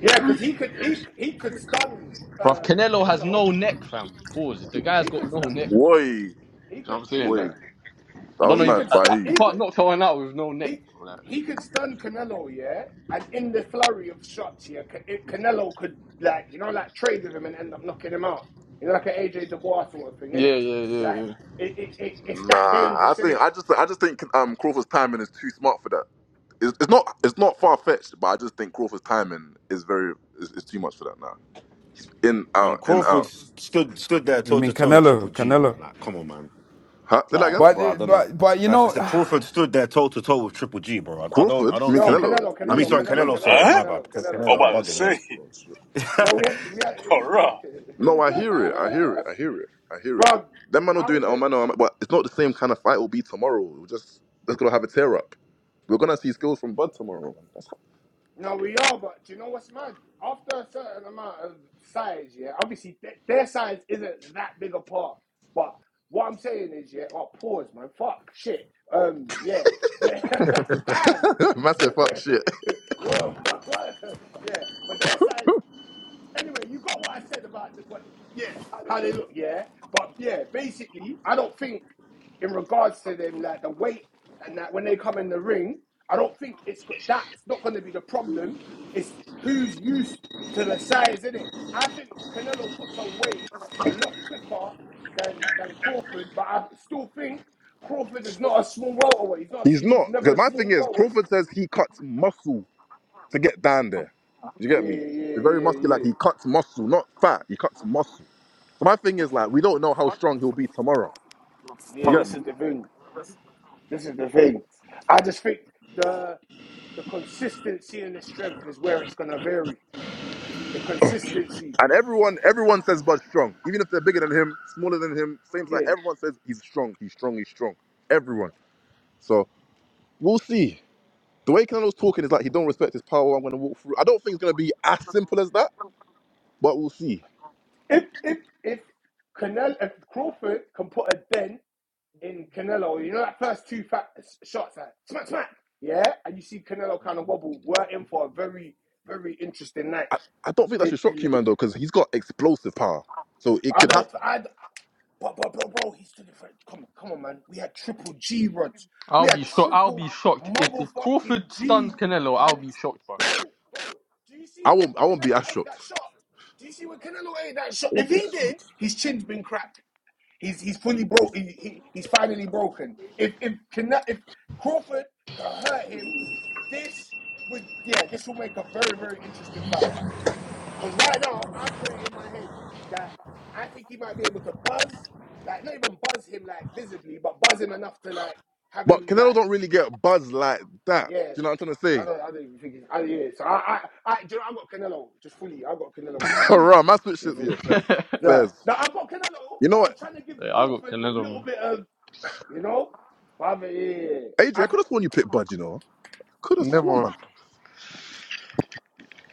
[SPEAKER 6] Yeah, because he could he he could stun
[SPEAKER 2] Bro,
[SPEAKER 6] um,
[SPEAKER 2] Canelo has
[SPEAKER 6] Canelo.
[SPEAKER 2] no neck, fam. Pause. The
[SPEAKER 6] He
[SPEAKER 2] guy's got
[SPEAKER 6] could
[SPEAKER 2] no
[SPEAKER 6] stun. *laughs*
[SPEAKER 2] neck.
[SPEAKER 3] Wait,
[SPEAKER 6] He
[SPEAKER 2] You know what
[SPEAKER 6] could.
[SPEAKER 2] I'm
[SPEAKER 6] He
[SPEAKER 2] saying? Like.
[SPEAKER 6] could.
[SPEAKER 3] wait.
[SPEAKER 2] I
[SPEAKER 3] That
[SPEAKER 2] don't
[SPEAKER 3] was
[SPEAKER 2] know
[SPEAKER 6] He
[SPEAKER 2] if
[SPEAKER 3] mad
[SPEAKER 6] could
[SPEAKER 2] I,
[SPEAKER 3] by
[SPEAKER 6] stu-
[SPEAKER 2] I-
[SPEAKER 3] he.
[SPEAKER 2] you
[SPEAKER 6] he could
[SPEAKER 2] can't knock someone out with no neck.
[SPEAKER 6] he
[SPEAKER 2] bro, Like,
[SPEAKER 6] he could stun Canelo, yeah, and in the flurry of shots, yeah, Ca- Canelo could like you know like trade with him and end up knocking him out. You know, like an AJ Dubois sort of thing, innit?
[SPEAKER 2] yeah, yeah, yeah,
[SPEAKER 6] Like
[SPEAKER 2] yeah.
[SPEAKER 6] it, it, it it's that
[SPEAKER 3] Nah, I
[SPEAKER 6] dangerous,
[SPEAKER 3] think
[SPEAKER 6] innit?
[SPEAKER 3] I just I just think um Crawford's timing is too smart for that. It's, it's not it's not far fetched, but I just think Crawford's timing is very is, is too much for that now. In
[SPEAKER 9] And
[SPEAKER 3] out in
[SPEAKER 9] Crawford
[SPEAKER 3] out.
[SPEAKER 9] stood stood there
[SPEAKER 5] You
[SPEAKER 9] toe
[SPEAKER 5] mean
[SPEAKER 9] to toe with
[SPEAKER 5] Canelo?
[SPEAKER 9] Triple G,
[SPEAKER 5] Canelo.
[SPEAKER 9] man. Like, come on, man.
[SPEAKER 3] Huh? Say that again.
[SPEAKER 9] Like, bro, I
[SPEAKER 5] But
[SPEAKER 9] don't know.
[SPEAKER 5] but but you
[SPEAKER 9] That's, that's
[SPEAKER 5] know,
[SPEAKER 9] the Crawford stood there toe to toe with Triple G, bro. I, I don't
[SPEAKER 3] Crawford?
[SPEAKER 9] I
[SPEAKER 3] You
[SPEAKER 9] don't
[SPEAKER 3] mean
[SPEAKER 6] No,
[SPEAKER 9] see.
[SPEAKER 3] Canelo?
[SPEAKER 6] Canelo,
[SPEAKER 3] You
[SPEAKER 9] I
[SPEAKER 3] mean
[SPEAKER 9] mean,
[SPEAKER 6] Canelo,
[SPEAKER 3] you
[SPEAKER 9] sorry,
[SPEAKER 3] mean
[SPEAKER 6] Canelo,
[SPEAKER 3] Canelo?
[SPEAKER 9] Canelo. Sorry,
[SPEAKER 6] Canelo,
[SPEAKER 8] Huh?
[SPEAKER 9] my bad.
[SPEAKER 6] Canelo, Canelo,
[SPEAKER 8] I'm
[SPEAKER 9] Canelo, I'm
[SPEAKER 8] about
[SPEAKER 6] Canelo,
[SPEAKER 8] to
[SPEAKER 9] bugging.
[SPEAKER 6] Canelo.
[SPEAKER 8] say,
[SPEAKER 9] Yeah.
[SPEAKER 6] No, we
[SPEAKER 9] *laughs*
[SPEAKER 6] had, we
[SPEAKER 8] *laughs* all right.
[SPEAKER 3] No, I
[SPEAKER 6] had,
[SPEAKER 3] hear it. I hear it. I hear it. I hear it.
[SPEAKER 6] *laughs* bro.
[SPEAKER 3] That man not
[SPEAKER 6] I
[SPEAKER 3] doing it.
[SPEAKER 6] would.
[SPEAKER 3] Oh man, oh, but it's not the same kind of fight. Will be tomorrow. We're just that's gonna have a tear up. We're gonna see skills from Bud tomorrow. That's
[SPEAKER 6] No, we are, but do you know what's mad? After a certain amount of size, yeah, obviously th- their size isn't that big a part. But what I'm saying is, yeah, oh, pause, man. Fuck, shit. Um, yeah. *laughs* Damn.
[SPEAKER 3] *laughs* massive
[SPEAKER 6] *laughs*
[SPEAKER 3] fuck shit.
[SPEAKER 6] Whoa, *laughs* yeah, but their size Anyway, you got what I said about the, what, yeah, how they look, yeah. But yeah, basically, I don't think in regards to them, like the weight and that when they come in the ring, I don't think it's that's not going to be the problem. It's who's used to the size, is not it? I think Canelo puts on weight a lot quicker than than Crawford, but I still think Crawford is not a small welterweight. He's
[SPEAKER 3] *laughs*
[SPEAKER 6] not.
[SPEAKER 3] He's
[SPEAKER 6] He was
[SPEAKER 3] not
[SPEAKER 6] never
[SPEAKER 3] because
[SPEAKER 6] a
[SPEAKER 3] my thing
[SPEAKER 6] small
[SPEAKER 3] is
[SPEAKER 6] welterweight.
[SPEAKER 3] Crawford says he cuts muscle to get down there. Do you get
[SPEAKER 6] Yeah,
[SPEAKER 3] me? He's
[SPEAKER 6] yeah,
[SPEAKER 3] very muscular.
[SPEAKER 6] yeah,
[SPEAKER 3] Like
[SPEAKER 6] yeah.
[SPEAKER 3] he cuts muscle, not fat. He cuts muscle. So my thing is like we don't know how strong he'll be tomorrow.
[SPEAKER 6] Yeah,
[SPEAKER 3] You get
[SPEAKER 6] this
[SPEAKER 3] me?
[SPEAKER 6] is the thing. This is the thing. I just think the the consistency and the strength is where it's gonna vary. The consistency,
[SPEAKER 3] And everyone, everyone says Bud's strong. Even if they're bigger than him, smaller than him, same size.
[SPEAKER 6] yeah.
[SPEAKER 3] Everyone says he's strong. He's strong. He's strong. Everyone. So we'll see. The way Canelo's talking is like he don't respect his power. I'm gonna walk through. I don't think it's gonna be as simple as that, but we'll see.
[SPEAKER 6] If if if Canelo, if Crawford can put a dent in Canelo, you know that first two fat shots, like, smack smack, yeah, and you see Canelo kind of wobble. We're in for a very very interesting night.
[SPEAKER 3] I don't think that should shock you, man,
[SPEAKER 6] But
[SPEAKER 3] though, because he's got explosive power. So it
[SPEAKER 6] I
[SPEAKER 3] could
[SPEAKER 6] don't,
[SPEAKER 3] happen.
[SPEAKER 6] I. don't- Bro, bro, bro, bro, he's too different. Come on, come on, man. We had triple G rods.
[SPEAKER 2] I'll
[SPEAKER 6] We
[SPEAKER 2] be
[SPEAKER 6] had
[SPEAKER 2] shocked. I'll be
[SPEAKER 6] triple
[SPEAKER 2] shocked if, if Crawford
[SPEAKER 6] motherfucking
[SPEAKER 2] stuns
[SPEAKER 6] G.
[SPEAKER 2] Canelo. I'll
[SPEAKER 6] and.
[SPEAKER 2] be shocked, bro.
[SPEAKER 6] bro, bro, do you
[SPEAKER 3] I
[SPEAKER 6] see when
[SPEAKER 3] won't. I won't be
[SPEAKER 6] Canelo
[SPEAKER 3] as
[SPEAKER 6] ate
[SPEAKER 3] shocked.
[SPEAKER 6] that shot? Do you see when Canelo ate that shot?
[SPEAKER 3] I
[SPEAKER 6] If
[SPEAKER 3] won't be
[SPEAKER 6] he
[SPEAKER 3] as
[SPEAKER 6] did,
[SPEAKER 3] shocked.
[SPEAKER 6] his chin's been cracked. He's he's fully broke. He, he, he's finally broken. If if Canelo, if Crawford could hurt him, this would yeah, this will make a very very interesting fight. Because right now I've got it in my head that I think he might be able to buzz, like not even buzz him like visibly, but buzz him enough to like have
[SPEAKER 3] But
[SPEAKER 6] him like
[SPEAKER 3] Canelo don't really get buzz like that.
[SPEAKER 6] yeah.
[SPEAKER 3] Do you know what I'm trying to
[SPEAKER 6] So I
[SPEAKER 3] say?
[SPEAKER 6] don't, I don't even think it's, I, yeah. So I, I, I, do you know, I got Canelo just fully. I got Canelo
[SPEAKER 3] *laughs*
[SPEAKER 6] fully.
[SPEAKER 3] Right, my switch shit.
[SPEAKER 6] If
[SPEAKER 3] Yeah,
[SPEAKER 6] it,
[SPEAKER 2] *laughs*
[SPEAKER 3] Fez.
[SPEAKER 2] yeah,
[SPEAKER 6] yeah.
[SPEAKER 3] Fez.
[SPEAKER 6] Now I got Canelo,
[SPEAKER 3] You know
[SPEAKER 6] but I
[SPEAKER 3] what?
[SPEAKER 6] was trying to give
[SPEAKER 2] I got
[SPEAKER 6] Crawford a
[SPEAKER 2] Canelo.
[SPEAKER 6] little
[SPEAKER 2] Man.
[SPEAKER 6] bit of, you know, but I mean, yeah, yeah.
[SPEAKER 3] AJ,
[SPEAKER 6] I,
[SPEAKER 3] I
[SPEAKER 6] thi-
[SPEAKER 3] could have sworn you picked Bud. You know, could have sworn,
[SPEAKER 2] Never.
[SPEAKER 3] man.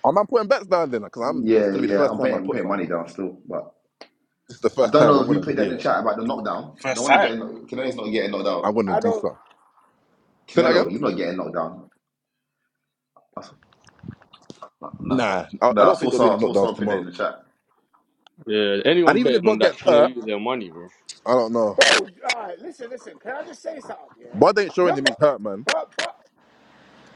[SPEAKER 3] Oh, I'm not putting bets down then, because I'm. It's
[SPEAKER 1] Yeah,
[SPEAKER 3] gonna be the
[SPEAKER 1] yeah.
[SPEAKER 3] first
[SPEAKER 1] I'm
[SPEAKER 3] time I
[SPEAKER 1] paying, I'm
[SPEAKER 3] put
[SPEAKER 1] paying
[SPEAKER 3] something.
[SPEAKER 1] money down still, but
[SPEAKER 3] This is the
[SPEAKER 1] I
[SPEAKER 3] first
[SPEAKER 1] don't
[SPEAKER 3] time
[SPEAKER 1] know
[SPEAKER 3] I'm
[SPEAKER 1] who
[SPEAKER 3] gonna.
[SPEAKER 1] played that in the
[SPEAKER 3] Yeah,
[SPEAKER 1] chat about the knockdown. No
[SPEAKER 8] First
[SPEAKER 1] one
[SPEAKER 8] time.
[SPEAKER 1] getting Canelo's not getting knocked
[SPEAKER 3] I'm
[SPEAKER 1] out.
[SPEAKER 3] gonna
[SPEAKER 6] I
[SPEAKER 3] do
[SPEAKER 6] don't,
[SPEAKER 3] something. Say that again.
[SPEAKER 1] Canelo, he's not getting knocked down. No, no.
[SPEAKER 3] Nah, I,
[SPEAKER 1] No,
[SPEAKER 3] I
[SPEAKER 1] I
[SPEAKER 3] don't think
[SPEAKER 1] saw
[SPEAKER 3] there'll be any
[SPEAKER 1] someone, I saw
[SPEAKER 3] knockdowns
[SPEAKER 1] someone put that
[SPEAKER 3] tomorrow.
[SPEAKER 1] in the chat.
[SPEAKER 2] Yeah,
[SPEAKER 3] And
[SPEAKER 2] anyone
[SPEAKER 3] even if
[SPEAKER 2] betting on
[SPEAKER 3] Bud
[SPEAKER 2] that's
[SPEAKER 3] gets
[SPEAKER 2] trying to
[SPEAKER 3] hurt,
[SPEAKER 2] lose their money, bro.
[SPEAKER 3] I don't know.
[SPEAKER 6] bro. All right, listen, listen. Can I just say something? Yeah.
[SPEAKER 3] Bud ain't showing him
[SPEAKER 6] Remember,
[SPEAKER 3] he's hurt, man.
[SPEAKER 6] but, but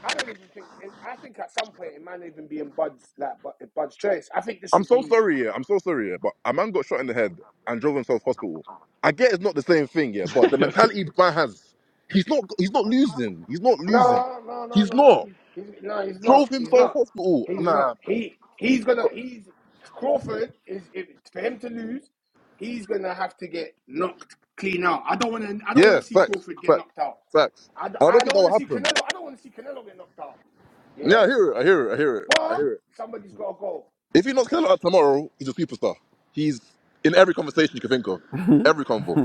[SPEAKER 6] I don't even think. I think at some point it might not even be in Bud's like, but Bud's choice. I think this
[SPEAKER 3] I'm
[SPEAKER 6] would
[SPEAKER 3] so
[SPEAKER 6] be
[SPEAKER 3] sorry, yeah. I'm so sorry, yeah. But a man got shot in the head and drove himself hospital. I get it's not the same thing, yeah. But
[SPEAKER 2] *laughs*
[SPEAKER 3] the mentality man has, he's not, he's not losing. He's not losing.
[SPEAKER 6] No, no, no,
[SPEAKER 3] He's
[SPEAKER 6] no.
[SPEAKER 3] not
[SPEAKER 6] He's, no, he's not.
[SPEAKER 3] drove
[SPEAKER 6] He's
[SPEAKER 3] himself
[SPEAKER 6] not.
[SPEAKER 3] hospital.
[SPEAKER 6] He's
[SPEAKER 3] Nah.
[SPEAKER 6] not. He he's gonna. He's Crawford is if, for him to lose. He's gonna have to get knocked clean out. I don't want to. I don't want
[SPEAKER 3] Yeah,
[SPEAKER 6] to see
[SPEAKER 3] facts,
[SPEAKER 6] Crawford get
[SPEAKER 3] facts,
[SPEAKER 6] knocked out.
[SPEAKER 3] facts.
[SPEAKER 6] I, d-
[SPEAKER 3] And I
[SPEAKER 6] I
[SPEAKER 3] don't think
[SPEAKER 6] don't
[SPEAKER 3] that
[SPEAKER 6] want
[SPEAKER 3] will
[SPEAKER 6] to see
[SPEAKER 3] happen.
[SPEAKER 6] Canelo. I don't want to see Canelo get knocked out.
[SPEAKER 3] Yeah,
[SPEAKER 6] Yeah,
[SPEAKER 3] I hear it. I hear it. I hear it. I
[SPEAKER 6] but
[SPEAKER 3] hear it.
[SPEAKER 6] somebody's got to go.
[SPEAKER 3] If he knocks
[SPEAKER 6] So,
[SPEAKER 3] Canelo out tomorrow, he's a superstar. He's in every conversation you can think of, every
[SPEAKER 5] *sighs* *laughs*
[SPEAKER 3] convo.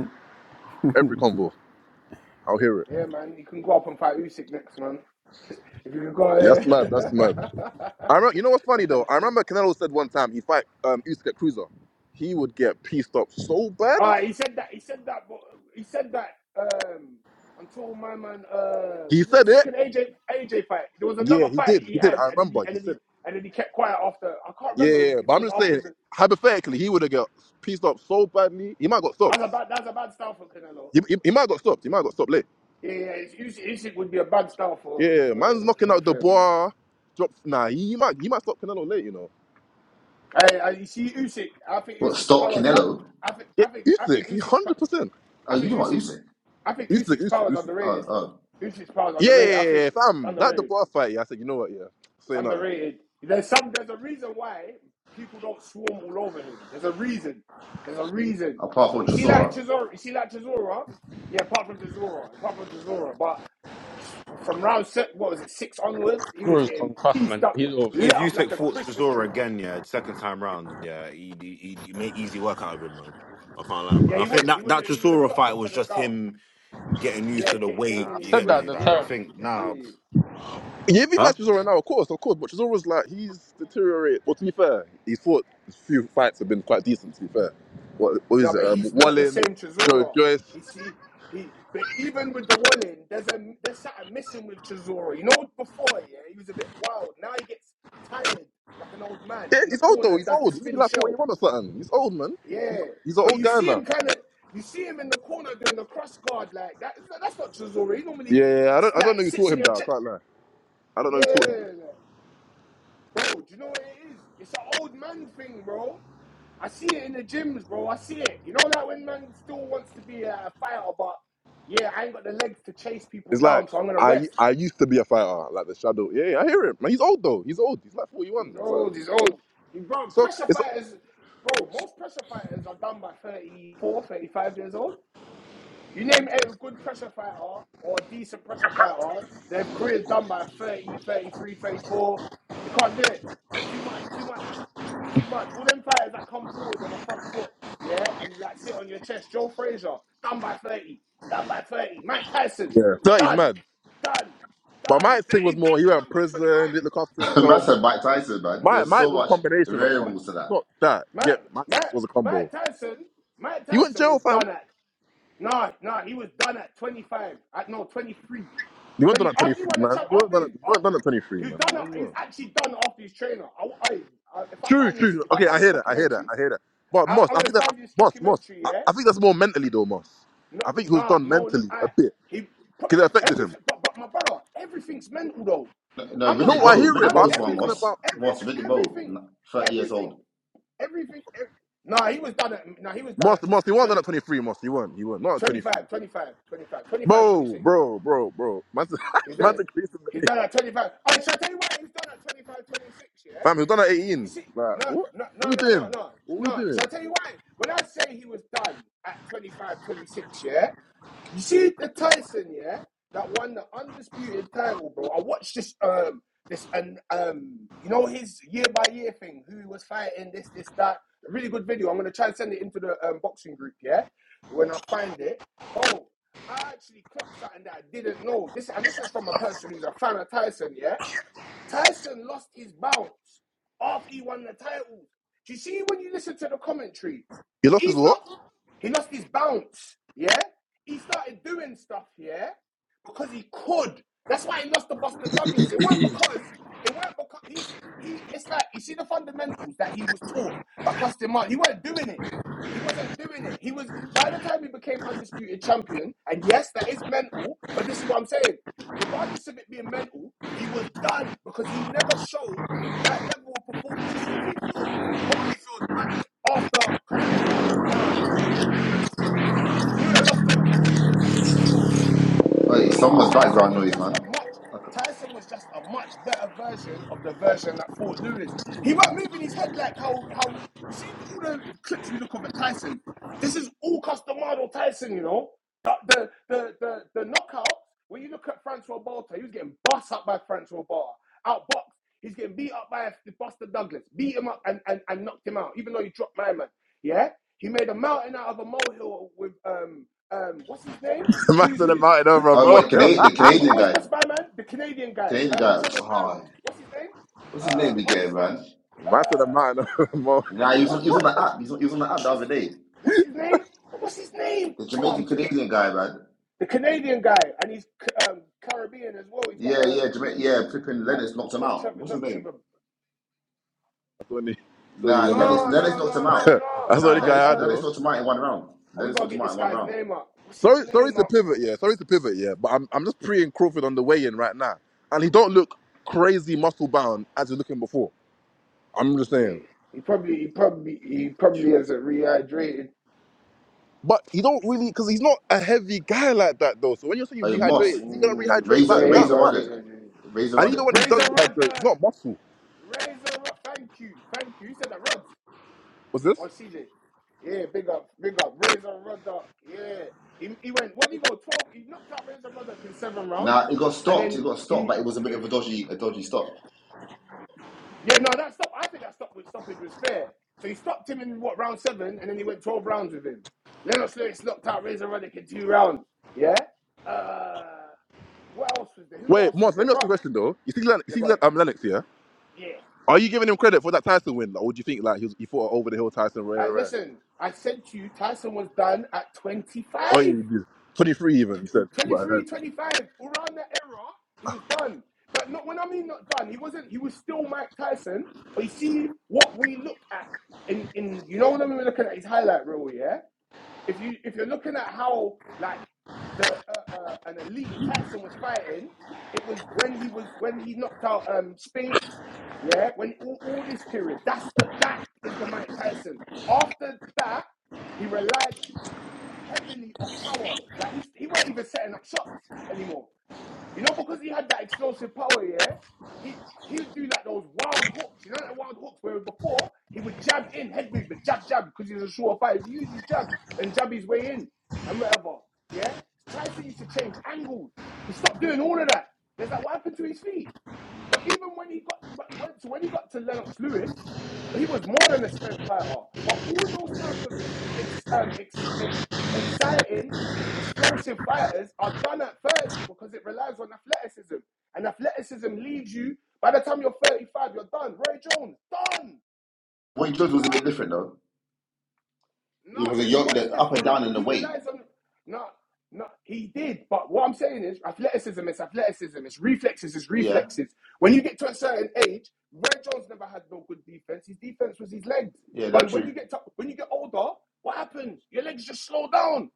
[SPEAKER 3] Every convo. I'll hear it.
[SPEAKER 6] yeah, man, you can go up and fight Usyk next, man. If you can go
[SPEAKER 3] That's mad. That's mad.
[SPEAKER 6] there. *laughs*
[SPEAKER 3] I remember, you know what's funny though? I remember Canelo said one time he fight um Usyk Cruiser. He would get pieced up so bad.
[SPEAKER 6] All right, he said that. He said that. But he said that. Um, until my man, uh,
[SPEAKER 3] He
[SPEAKER 6] was it the
[SPEAKER 3] said it.
[SPEAKER 6] second AJ AJ fight? There was
[SPEAKER 3] Yeah,
[SPEAKER 6] another
[SPEAKER 3] he
[SPEAKER 6] fight
[SPEAKER 3] did.
[SPEAKER 6] he
[SPEAKER 3] He did.
[SPEAKER 6] had,
[SPEAKER 3] I
[SPEAKER 6] and then he
[SPEAKER 3] remember.
[SPEAKER 6] and
[SPEAKER 3] He
[SPEAKER 6] then
[SPEAKER 3] said.
[SPEAKER 6] he
[SPEAKER 3] It.
[SPEAKER 6] and then he kept quiet after. I can't
[SPEAKER 3] Yeah,
[SPEAKER 6] remember
[SPEAKER 3] yeah. yeah.
[SPEAKER 6] if
[SPEAKER 3] But
[SPEAKER 6] it
[SPEAKER 3] I'm
[SPEAKER 6] was
[SPEAKER 3] just
[SPEAKER 6] after
[SPEAKER 3] saying,
[SPEAKER 6] the.
[SPEAKER 3] hypothetically, he would have got pieced up so badly. He might got
[SPEAKER 6] That's
[SPEAKER 3] stopped.
[SPEAKER 6] a bad. That's a bad style for Canelo.
[SPEAKER 3] He, he, he might got stopped. He might got stopped late.
[SPEAKER 6] Yeah, yeah. Usyk Usyk would be a bad style
[SPEAKER 3] Yeah,
[SPEAKER 6] for
[SPEAKER 3] yeah, yeah.
[SPEAKER 6] for
[SPEAKER 3] man's knocking
[SPEAKER 6] for,
[SPEAKER 3] out the
[SPEAKER 6] for him.
[SPEAKER 3] bar. Drops. Nah, he, he might he might stop Canelo late. You know.
[SPEAKER 6] I, I you see Usyk. I think
[SPEAKER 1] What
[SPEAKER 6] Usyk's
[SPEAKER 1] stop
[SPEAKER 6] powers. I
[SPEAKER 1] Canelo?
[SPEAKER 6] I think
[SPEAKER 3] Yeah,
[SPEAKER 6] I think I
[SPEAKER 3] Usyk.
[SPEAKER 6] think
[SPEAKER 3] He
[SPEAKER 6] Usyk's. po-
[SPEAKER 3] Hundred percent.
[SPEAKER 1] Oh,
[SPEAKER 6] I
[SPEAKER 1] you
[SPEAKER 6] think
[SPEAKER 1] know what
[SPEAKER 6] Usyk.
[SPEAKER 1] Usyk?
[SPEAKER 6] I think
[SPEAKER 3] Usyk.
[SPEAKER 6] Usyk's
[SPEAKER 3] Usyk.
[SPEAKER 6] powers
[SPEAKER 3] Usyk.
[SPEAKER 1] Oh,
[SPEAKER 6] underrated.
[SPEAKER 1] oh,
[SPEAKER 6] Usyk's powers
[SPEAKER 3] Yeah, yeah,
[SPEAKER 6] underrated. I
[SPEAKER 3] yeah,
[SPEAKER 6] think
[SPEAKER 3] yeah,
[SPEAKER 6] it's
[SPEAKER 3] fam. That the
[SPEAKER 6] underrated.
[SPEAKER 3] bar fight, yeah. I said, you know what, yeah. Say
[SPEAKER 6] It's
[SPEAKER 3] nothing.
[SPEAKER 6] underrated. There's some. There's a reason why people don't swarm all over him. There's a reason. There's a reason.
[SPEAKER 1] apart from
[SPEAKER 6] You see, like
[SPEAKER 1] Chisora,
[SPEAKER 6] Chisora. You see, like Chisora. Yeah, apart from Chisora, apart from Chisora, but from round set, what was it, six onwards, he was
[SPEAKER 2] Draws
[SPEAKER 6] getting
[SPEAKER 2] concussed,
[SPEAKER 6] pieced
[SPEAKER 2] man.
[SPEAKER 6] up,
[SPEAKER 2] He's
[SPEAKER 6] lit
[SPEAKER 9] If
[SPEAKER 2] awful.
[SPEAKER 6] up
[SPEAKER 9] you
[SPEAKER 6] like
[SPEAKER 9] take
[SPEAKER 6] a
[SPEAKER 9] Fortress
[SPEAKER 6] Christmas
[SPEAKER 9] Aura
[SPEAKER 6] tree.
[SPEAKER 9] again, yeah, the second time round, yeah, he he he made easy work out of him, man. I can't lie, man.
[SPEAKER 6] Yeah,
[SPEAKER 9] I
[SPEAKER 6] he
[SPEAKER 9] think
[SPEAKER 6] would. He
[SPEAKER 9] that
[SPEAKER 6] would.
[SPEAKER 9] that
[SPEAKER 6] He would have
[SPEAKER 9] Trisora
[SPEAKER 6] clocked
[SPEAKER 9] fight
[SPEAKER 6] onto
[SPEAKER 9] was
[SPEAKER 6] the
[SPEAKER 9] just
[SPEAKER 6] skull.
[SPEAKER 9] him getting used
[SPEAKER 6] Yeah,
[SPEAKER 9] to the
[SPEAKER 6] get,
[SPEAKER 2] Yeah,
[SPEAKER 9] weight.
[SPEAKER 2] I
[SPEAKER 6] gaining
[SPEAKER 9] You
[SPEAKER 6] his
[SPEAKER 2] said
[SPEAKER 9] get
[SPEAKER 2] that at
[SPEAKER 6] grip.
[SPEAKER 9] me?
[SPEAKER 2] the
[SPEAKER 9] Like I
[SPEAKER 6] Yeah,
[SPEAKER 2] time.
[SPEAKER 9] think now,
[SPEAKER 6] yeah.
[SPEAKER 3] Yeah, if he
[SPEAKER 9] huh?
[SPEAKER 3] fights Chisora now, of course, of course. But Chisora's like, he's deteriorated. Well, to be fair, he's fought a few fights have been quite decent, to be fair. What, what is
[SPEAKER 6] No,
[SPEAKER 3] it?
[SPEAKER 6] but
[SPEAKER 3] Um,
[SPEAKER 6] he's not the
[SPEAKER 3] Wallin,
[SPEAKER 6] same
[SPEAKER 3] Joe
[SPEAKER 6] Chisora.
[SPEAKER 3] Joyce.
[SPEAKER 6] He see he but even with the one in, there's a there's something missing with Chisora. You know before, yeah, he was a bit wild. Now he gets tired like an old man
[SPEAKER 3] Yeah,
[SPEAKER 6] in the
[SPEAKER 3] he's old
[SPEAKER 6] corner
[SPEAKER 3] though.
[SPEAKER 6] and
[SPEAKER 3] He's
[SPEAKER 6] does
[SPEAKER 3] old.
[SPEAKER 6] this
[SPEAKER 3] He's
[SPEAKER 6] Philly
[SPEAKER 3] like
[SPEAKER 6] show.
[SPEAKER 3] 41 or something. He's old, man. He's,
[SPEAKER 6] Yeah.
[SPEAKER 3] he's an
[SPEAKER 6] But
[SPEAKER 3] old
[SPEAKER 6] you
[SPEAKER 3] guy
[SPEAKER 6] see
[SPEAKER 3] now.
[SPEAKER 6] him kinda you see him in the corner doing the cross guard like that that's not Chisora. He normally
[SPEAKER 3] Yeah, yeah, yeah. I don't, I don't know
[SPEAKER 6] like
[SPEAKER 3] who
[SPEAKER 6] sits
[SPEAKER 3] taught
[SPEAKER 6] on
[SPEAKER 3] him
[SPEAKER 6] your
[SPEAKER 3] that. I
[SPEAKER 6] chest.
[SPEAKER 3] can't lie. I don't know
[SPEAKER 6] Yeah,
[SPEAKER 3] who taught him that.
[SPEAKER 6] like, Bro, do you know what it is? It's an old man thing, bro. I see it in the gyms, bro. I see it. You know that when man still wants to be a fighter, but yeah, I ain't got the legs to chase people
[SPEAKER 3] It's like,
[SPEAKER 6] down, so I'm gonna
[SPEAKER 3] I
[SPEAKER 6] rest.
[SPEAKER 3] I used to be a fighter, like the shadow. Yeah, yeah, I hear him. Man, he's old though. He's old. He's like 41
[SPEAKER 6] He's
[SPEAKER 3] or
[SPEAKER 6] old.
[SPEAKER 3] something.
[SPEAKER 6] He's old. He, bro,
[SPEAKER 3] So,
[SPEAKER 6] pressure
[SPEAKER 3] it's,
[SPEAKER 6] fighters, bro. Most pressure fighters are done by 34, 35 years old. You name a good pressure fighter or a decent pressure fighter, their career's done by 30, 33, 34. They can't do it. It's too much. It's too much. It's too much. All them fighters that come forward on the front foot, yeah, and like sit on your chest. Joe Frazier, done by 30. Done by 30. Mike Tyson,
[SPEAKER 3] yeah. 30's
[SPEAKER 6] done.
[SPEAKER 3] mad.
[SPEAKER 6] Done.
[SPEAKER 3] But
[SPEAKER 6] Done.
[SPEAKER 3] Mike's thing
[SPEAKER 6] They,
[SPEAKER 3] was
[SPEAKER 6] they-
[SPEAKER 3] more he went
[SPEAKER 6] they're
[SPEAKER 3] in
[SPEAKER 6] done by 25.
[SPEAKER 3] prison, didn't look after
[SPEAKER 1] *laughs* man
[SPEAKER 3] himself.
[SPEAKER 1] said Mike Tyson, man.
[SPEAKER 3] Mike,
[SPEAKER 1] There's
[SPEAKER 3] Mike
[SPEAKER 1] so
[SPEAKER 3] was a
[SPEAKER 1] much
[SPEAKER 3] combination of stuff.
[SPEAKER 6] Mike.
[SPEAKER 1] variables to
[SPEAKER 3] It's
[SPEAKER 1] that.
[SPEAKER 3] not that. Get
[SPEAKER 6] Mike, Mike,
[SPEAKER 3] Max was a combo.
[SPEAKER 6] Mike Tyson, Mike
[SPEAKER 3] He went
[SPEAKER 6] Tyson
[SPEAKER 3] jail,
[SPEAKER 6] was
[SPEAKER 3] fam.
[SPEAKER 6] done at, nah, nah, he was done at 25. At, no, 23.
[SPEAKER 3] You weren't done
[SPEAKER 6] Twenty
[SPEAKER 3] at
[SPEAKER 6] after he
[SPEAKER 3] 23,
[SPEAKER 6] won the
[SPEAKER 3] man.
[SPEAKER 6] champ,
[SPEAKER 3] You weren't
[SPEAKER 6] after
[SPEAKER 3] done at,
[SPEAKER 6] he's
[SPEAKER 3] you weren't
[SPEAKER 6] off,
[SPEAKER 3] done at 23,
[SPEAKER 6] he's
[SPEAKER 3] man. No,
[SPEAKER 6] done.
[SPEAKER 3] you
[SPEAKER 6] a- He's
[SPEAKER 3] weren't.
[SPEAKER 6] actually done after his trainer. I, I, I- if I
[SPEAKER 3] True,
[SPEAKER 6] find this,
[SPEAKER 3] true.
[SPEAKER 6] if I
[SPEAKER 3] Okay, I
[SPEAKER 6] find this
[SPEAKER 3] hear that. I hear that.
[SPEAKER 6] documentary,
[SPEAKER 3] I hear that. But
[SPEAKER 6] I,
[SPEAKER 3] Moss,
[SPEAKER 6] I'm
[SPEAKER 3] I
[SPEAKER 6] gonna
[SPEAKER 3] think that I
[SPEAKER 6] find
[SPEAKER 3] think,
[SPEAKER 6] this
[SPEAKER 3] Moss, Moss.
[SPEAKER 6] documentary.
[SPEAKER 3] I,
[SPEAKER 6] Yeah,
[SPEAKER 3] I think that's more mentally though, Moss.
[SPEAKER 6] no,
[SPEAKER 3] I think he was
[SPEAKER 6] no,
[SPEAKER 3] done
[SPEAKER 6] no.
[SPEAKER 3] mentally a
[SPEAKER 6] I
[SPEAKER 3] bit
[SPEAKER 6] he
[SPEAKER 3] because it affected him.
[SPEAKER 6] everything, but, but my brother, everything's mental though.
[SPEAKER 1] No, no,
[SPEAKER 6] I'm not.
[SPEAKER 1] Riddick
[SPEAKER 3] No,
[SPEAKER 6] I,
[SPEAKER 3] I
[SPEAKER 1] Bowe,
[SPEAKER 3] hear it,
[SPEAKER 1] Riddick
[SPEAKER 6] I'm
[SPEAKER 3] but I'm
[SPEAKER 1] Bowe's one,
[SPEAKER 3] talking
[SPEAKER 6] everything,
[SPEAKER 1] Moss.
[SPEAKER 3] about
[SPEAKER 6] everything,
[SPEAKER 1] Moss, Riddick Bowe,
[SPEAKER 6] everything,
[SPEAKER 1] n- 30 years
[SPEAKER 6] everything,
[SPEAKER 1] old.
[SPEAKER 6] everything. ev- Nah, he was done at. Nah, he was done at
[SPEAKER 3] Moss. Moss, he weren't done at
[SPEAKER 6] 20,
[SPEAKER 3] 23, Moss. He weren't. He weren't. Not at
[SPEAKER 6] twenty
[SPEAKER 3] 23.
[SPEAKER 6] five, 25, 25, 25, twenty six.
[SPEAKER 3] Bro, bro, bro, bro. Man's, *laughs*
[SPEAKER 6] He's
[SPEAKER 3] man's
[SPEAKER 6] done.
[SPEAKER 3] increasing the age.
[SPEAKER 6] He's done at 25. Oh, shall I tell you why he's done at 25, 26. yeah?
[SPEAKER 3] Fam, he was done at
[SPEAKER 6] You
[SPEAKER 3] 18.
[SPEAKER 6] see,
[SPEAKER 3] Like,
[SPEAKER 6] no,
[SPEAKER 3] what?
[SPEAKER 6] no,
[SPEAKER 3] What
[SPEAKER 6] no,
[SPEAKER 3] we
[SPEAKER 6] no, no,
[SPEAKER 3] doing?
[SPEAKER 6] no,
[SPEAKER 3] What we
[SPEAKER 6] no. Shall
[SPEAKER 3] doing?
[SPEAKER 6] I tell you why? When I say he was done at 25, 26. yeah? You see the Tyson, yeah, that won the undisputed title, bro. I watched this, um, this, and um, you know his year by year thing. Who he was fighting this, this, that? A really good video. I'm gonna try and send it into the um, boxing group, yeah, when I find it, bro. I actually clocked something that I didn't know. This, and this is from a person who's a fan of Tyson, yeah. Tyson lost his bounce after he won the title. Do you see when you listen to the commentary?
[SPEAKER 3] He lost his
[SPEAKER 6] He's
[SPEAKER 3] what?
[SPEAKER 6] not. He lost his bounce. Yeah. He started doing stuff. Yeah. Because he could. That's why he lost to Buster Douglas. It weren't because. It weren't because he's he. It's like you see the fundamentals that he was taught by Custom Martin. He weren't doing it. He wasn't doing it. He was by the time he became undisputed champion. And yes, that is mental. But this is what I'm saying regardless of it being mental, he was done because he never showed that level of performance. You see, if he fought Holyfield back after Customato died, yeah, he'd have lost the he would, he would have lost the, the Holyfield back then as well
[SPEAKER 1] Hey,
[SPEAKER 6] because
[SPEAKER 1] someone's
[SPEAKER 6] Tyson
[SPEAKER 1] background
[SPEAKER 6] was
[SPEAKER 1] noise,
[SPEAKER 6] just a
[SPEAKER 1] man.
[SPEAKER 6] much
[SPEAKER 1] Okay.
[SPEAKER 6] Tyson was just a much better version of the version that fought Lewis. He weren't moving his head like how how you see all the clips we look of at Tyson. This is all Customado Tyson, you know. The the the the, the knockout. When you look at Francois Balta, he was getting bust up by Francois Balta, outboxed. He's getting beat up by Buster Douglas, beat him up and, and, and knocked him out, even though he dropped my man. Yeah, he made a mountain out of a molehill with um um what's his name?
[SPEAKER 3] *laughs* Man
[SPEAKER 6] Who
[SPEAKER 3] to the
[SPEAKER 6] who?
[SPEAKER 3] mountain
[SPEAKER 6] who
[SPEAKER 3] over,
[SPEAKER 1] Oh, what,
[SPEAKER 3] bro.
[SPEAKER 1] the,
[SPEAKER 3] *laughs*
[SPEAKER 6] uh,
[SPEAKER 1] Cana- the
[SPEAKER 6] you- uh, what-
[SPEAKER 1] Canadian
[SPEAKER 6] what's,
[SPEAKER 1] guy?
[SPEAKER 6] what's my man? The Canadian guy.
[SPEAKER 1] Canadian
[SPEAKER 6] Um,
[SPEAKER 1] guy.
[SPEAKER 6] Trevor.
[SPEAKER 1] Oh,
[SPEAKER 6] Um, what's his name?
[SPEAKER 1] what's his
[SPEAKER 6] Uh,
[SPEAKER 1] name
[SPEAKER 6] Hulk
[SPEAKER 1] again, man?
[SPEAKER 6] Smash. Uh,
[SPEAKER 3] Man to the mountain
[SPEAKER 6] oh,
[SPEAKER 3] over, bro.
[SPEAKER 1] Nah, he was on,
[SPEAKER 6] what's
[SPEAKER 1] he was on
[SPEAKER 6] what,
[SPEAKER 1] the
[SPEAKER 6] what
[SPEAKER 1] app. He was on, he was on the
[SPEAKER 6] what
[SPEAKER 1] app the other
[SPEAKER 6] what's
[SPEAKER 1] day.
[SPEAKER 6] what's his name? What's his name?
[SPEAKER 1] The
[SPEAKER 6] Oh, I'm
[SPEAKER 1] Jamaican
[SPEAKER 6] forget
[SPEAKER 1] Canadian guy, man.
[SPEAKER 6] the Canadian guy, and he's C- um, Caribbean as well. He's
[SPEAKER 1] Yeah,
[SPEAKER 6] got
[SPEAKER 1] yeah,
[SPEAKER 6] um,
[SPEAKER 1] Jama- yeah. Pippin
[SPEAKER 6] uh,
[SPEAKER 1] Lennox knocked him
[SPEAKER 6] not
[SPEAKER 1] out.
[SPEAKER 6] Trevor,
[SPEAKER 1] What's his
[SPEAKER 6] not
[SPEAKER 1] name?
[SPEAKER 6] Trevor.
[SPEAKER 3] That's only, that's only
[SPEAKER 1] Nah,
[SPEAKER 3] one man.
[SPEAKER 1] Lennox
[SPEAKER 6] No,
[SPEAKER 1] Lennox
[SPEAKER 6] no,
[SPEAKER 1] knocked
[SPEAKER 6] no,
[SPEAKER 1] him
[SPEAKER 6] no,
[SPEAKER 3] *laughs*
[SPEAKER 1] out.
[SPEAKER 6] no,
[SPEAKER 3] That's the
[SPEAKER 1] Nah,
[SPEAKER 6] no.
[SPEAKER 3] only
[SPEAKER 1] Lennox
[SPEAKER 3] guy I
[SPEAKER 6] Um,
[SPEAKER 1] Lennox
[SPEAKER 3] know.
[SPEAKER 1] knocked him out in one round.
[SPEAKER 6] oh, we
[SPEAKER 1] Lennox
[SPEAKER 6] gotta
[SPEAKER 1] knocked him
[SPEAKER 6] get
[SPEAKER 1] out
[SPEAKER 6] this
[SPEAKER 1] in one
[SPEAKER 6] guy's
[SPEAKER 1] round.
[SPEAKER 6] name up. What's his
[SPEAKER 3] Sorry, sorry
[SPEAKER 6] name
[SPEAKER 3] to
[SPEAKER 6] up?
[SPEAKER 3] pivot, yeah. Sorry to pivot, yeah. But I'm, I'm just preying Crawford on the way in right now, and he don't look crazy muscle bound as he's looking before. I'm just
[SPEAKER 6] Yeah,
[SPEAKER 3] saying.
[SPEAKER 6] he probably, he probably, he probably has a rehydrated.
[SPEAKER 3] But he don't really, because he's not a heavy guy like that though. So when you're saying you
[SPEAKER 1] Oh, Moss,
[SPEAKER 3] rehydrate, is he gonna
[SPEAKER 6] Mm,
[SPEAKER 3] rehydrate like
[SPEAKER 6] yeah,
[SPEAKER 1] Razor
[SPEAKER 6] ain't
[SPEAKER 3] that
[SPEAKER 1] Razor
[SPEAKER 6] gotta
[SPEAKER 3] much?
[SPEAKER 6] read
[SPEAKER 1] Roddick,
[SPEAKER 6] that. James.
[SPEAKER 1] Razor
[SPEAKER 3] And even
[SPEAKER 1] Roddick.
[SPEAKER 3] when he does
[SPEAKER 6] Razor Rod
[SPEAKER 3] rehydrate, it's
[SPEAKER 6] there.
[SPEAKER 3] not muscle.
[SPEAKER 6] Razor Rod. Thank you. Thank you. You said that Rod
[SPEAKER 3] What's this?
[SPEAKER 6] or CJ. Yeah, big up, big up. Razor Ruddock. Yeah. He, he went, what did he go? 12. He knocked out Razor Ruddock in seven rounds.
[SPEAKER 1] Nah, it got
[SPEAKER 6] And
[SPEAKER 1] stopped.
[SPEAKER 6] then
[SPEAKER 1] It got stopped,
[SPEAKER 6] he,
[SPEAKER 1] but it was a bit of a dodgy a dodgy stop.
[SPEAKER 6] yeah, no, that stop. I think that stop with stoppage was fair. So he stopped him in what, round seven? And then he went 12 rounds with him. Lennox Lewis knocked out Razor Ruddock in two rounds. Yeah. Uh, what else was there? Who
[SPEAKER 3] Wait,
[SPEAKER 6] else was
[SPEAKER 3] Moss, let
[SPEAKER 6] there?
[SPEAKER 3] me ask you a
[SPEAKER 6] Brother.
[SPEAKER 3] question though. You see, Len- you
[SPEAKER 6] Yeah,
[SPEAKER 3] see
[SPEAKER 6] go
[SPEAKER 3] Len-
[SPEAKER 6] ahead.
[SPEAKER 3] um, Lennox here.
[SPEAKER 6] Yeah.
[SPEAKER 3] Are you giving him credit for that Tyson win? Like, what do you think? Like, he, was, he fought over the hill Tyson, rare,
[SPEAKER 6] I,
[SPEAKER 3] rare. rare.
[SPEAKER 6] listen, I said to you, Tyson was done at twenty
[SPEAKER 3] Oh, yeah,
[SPEAKER 6] five,
[SPEAKER 3] he did. 23 even, he said. But,
[SPEAKER 6] twenty
[SPEAKER 3] I
[SPEAKER 6] three,
[SPEAKER 3] heard.
[SPEAKER 6] 25. Around that era, he was done. But not when I mean not done, he wasn't, he was still Mike Tyson. But you see what we look at in, in you know, when we were looking at his highlight reel, yeah? if you if you're looking at how like the uh, uh, an elite Tyson was fighting, it was when he was when he knocked out um Spinks, yeah, when all, all this period. That's the that is the Mike Tyson. After that, he relied heavily on power. Like he he weren't even setting up shots anymore. You know, because he had that explosive power, yeah, he he would do like those wild hooks. You know that wild hooks where before he would jab in, head movement, jab, jab, because he's a sure fighter. He'd use his jab and jab his way in and whatever. Yeah? Tyson used to change angles. He stopped doing all of that. There's like what happened to his feet? But even when he got when, so when he got to Lennox Lewis, he was more than a spent fighter. But all those type of ex, um, ex, ex, exciting, explosive fighters are done at 30 because it relies on athleticism. And athleticism leads you, by the time you're 35, you're done. Roy Jones, done.
[SPEAKER 1] What
[SPEAKER 6] He
[SPEAKER 1] he
[SPEAKER 6] was
[SPEAKER 1] did was a
[SPEAKER 6] done.
[SPEAKER 1] bit different though.
[SPEAKER 6] No,
[SPEAKER 1] It was a
[SPEAKER 6] he
[SPEAKER 1] yo-
[SPEAKER 6] was
[SPEAKER 1] up and
[SPEAKER 6] different,
[SPEAKER 1] down
[SPEAKER 6] but
[SPEAKER 1] in the
[SPEAKER 6] he
[SPEAKER 1] weight.
[SPEAKER 6] relies on. No, no, he did. But what I'm saying is, athleticism is athleticism. It's reflexes is
[SPEAKER 1] Yeah,
[SPEAKER 6] reflexes. When you get to a certain age, Ray Jones never had no good defense. His defense was his legs.
[SPEAKER 1] yeah, that's
[SPEAKER 6] But when
[SPEAKER 1] true.
[SPEAKER 6] you get to, when you get older, what happens? Your legs just slow down.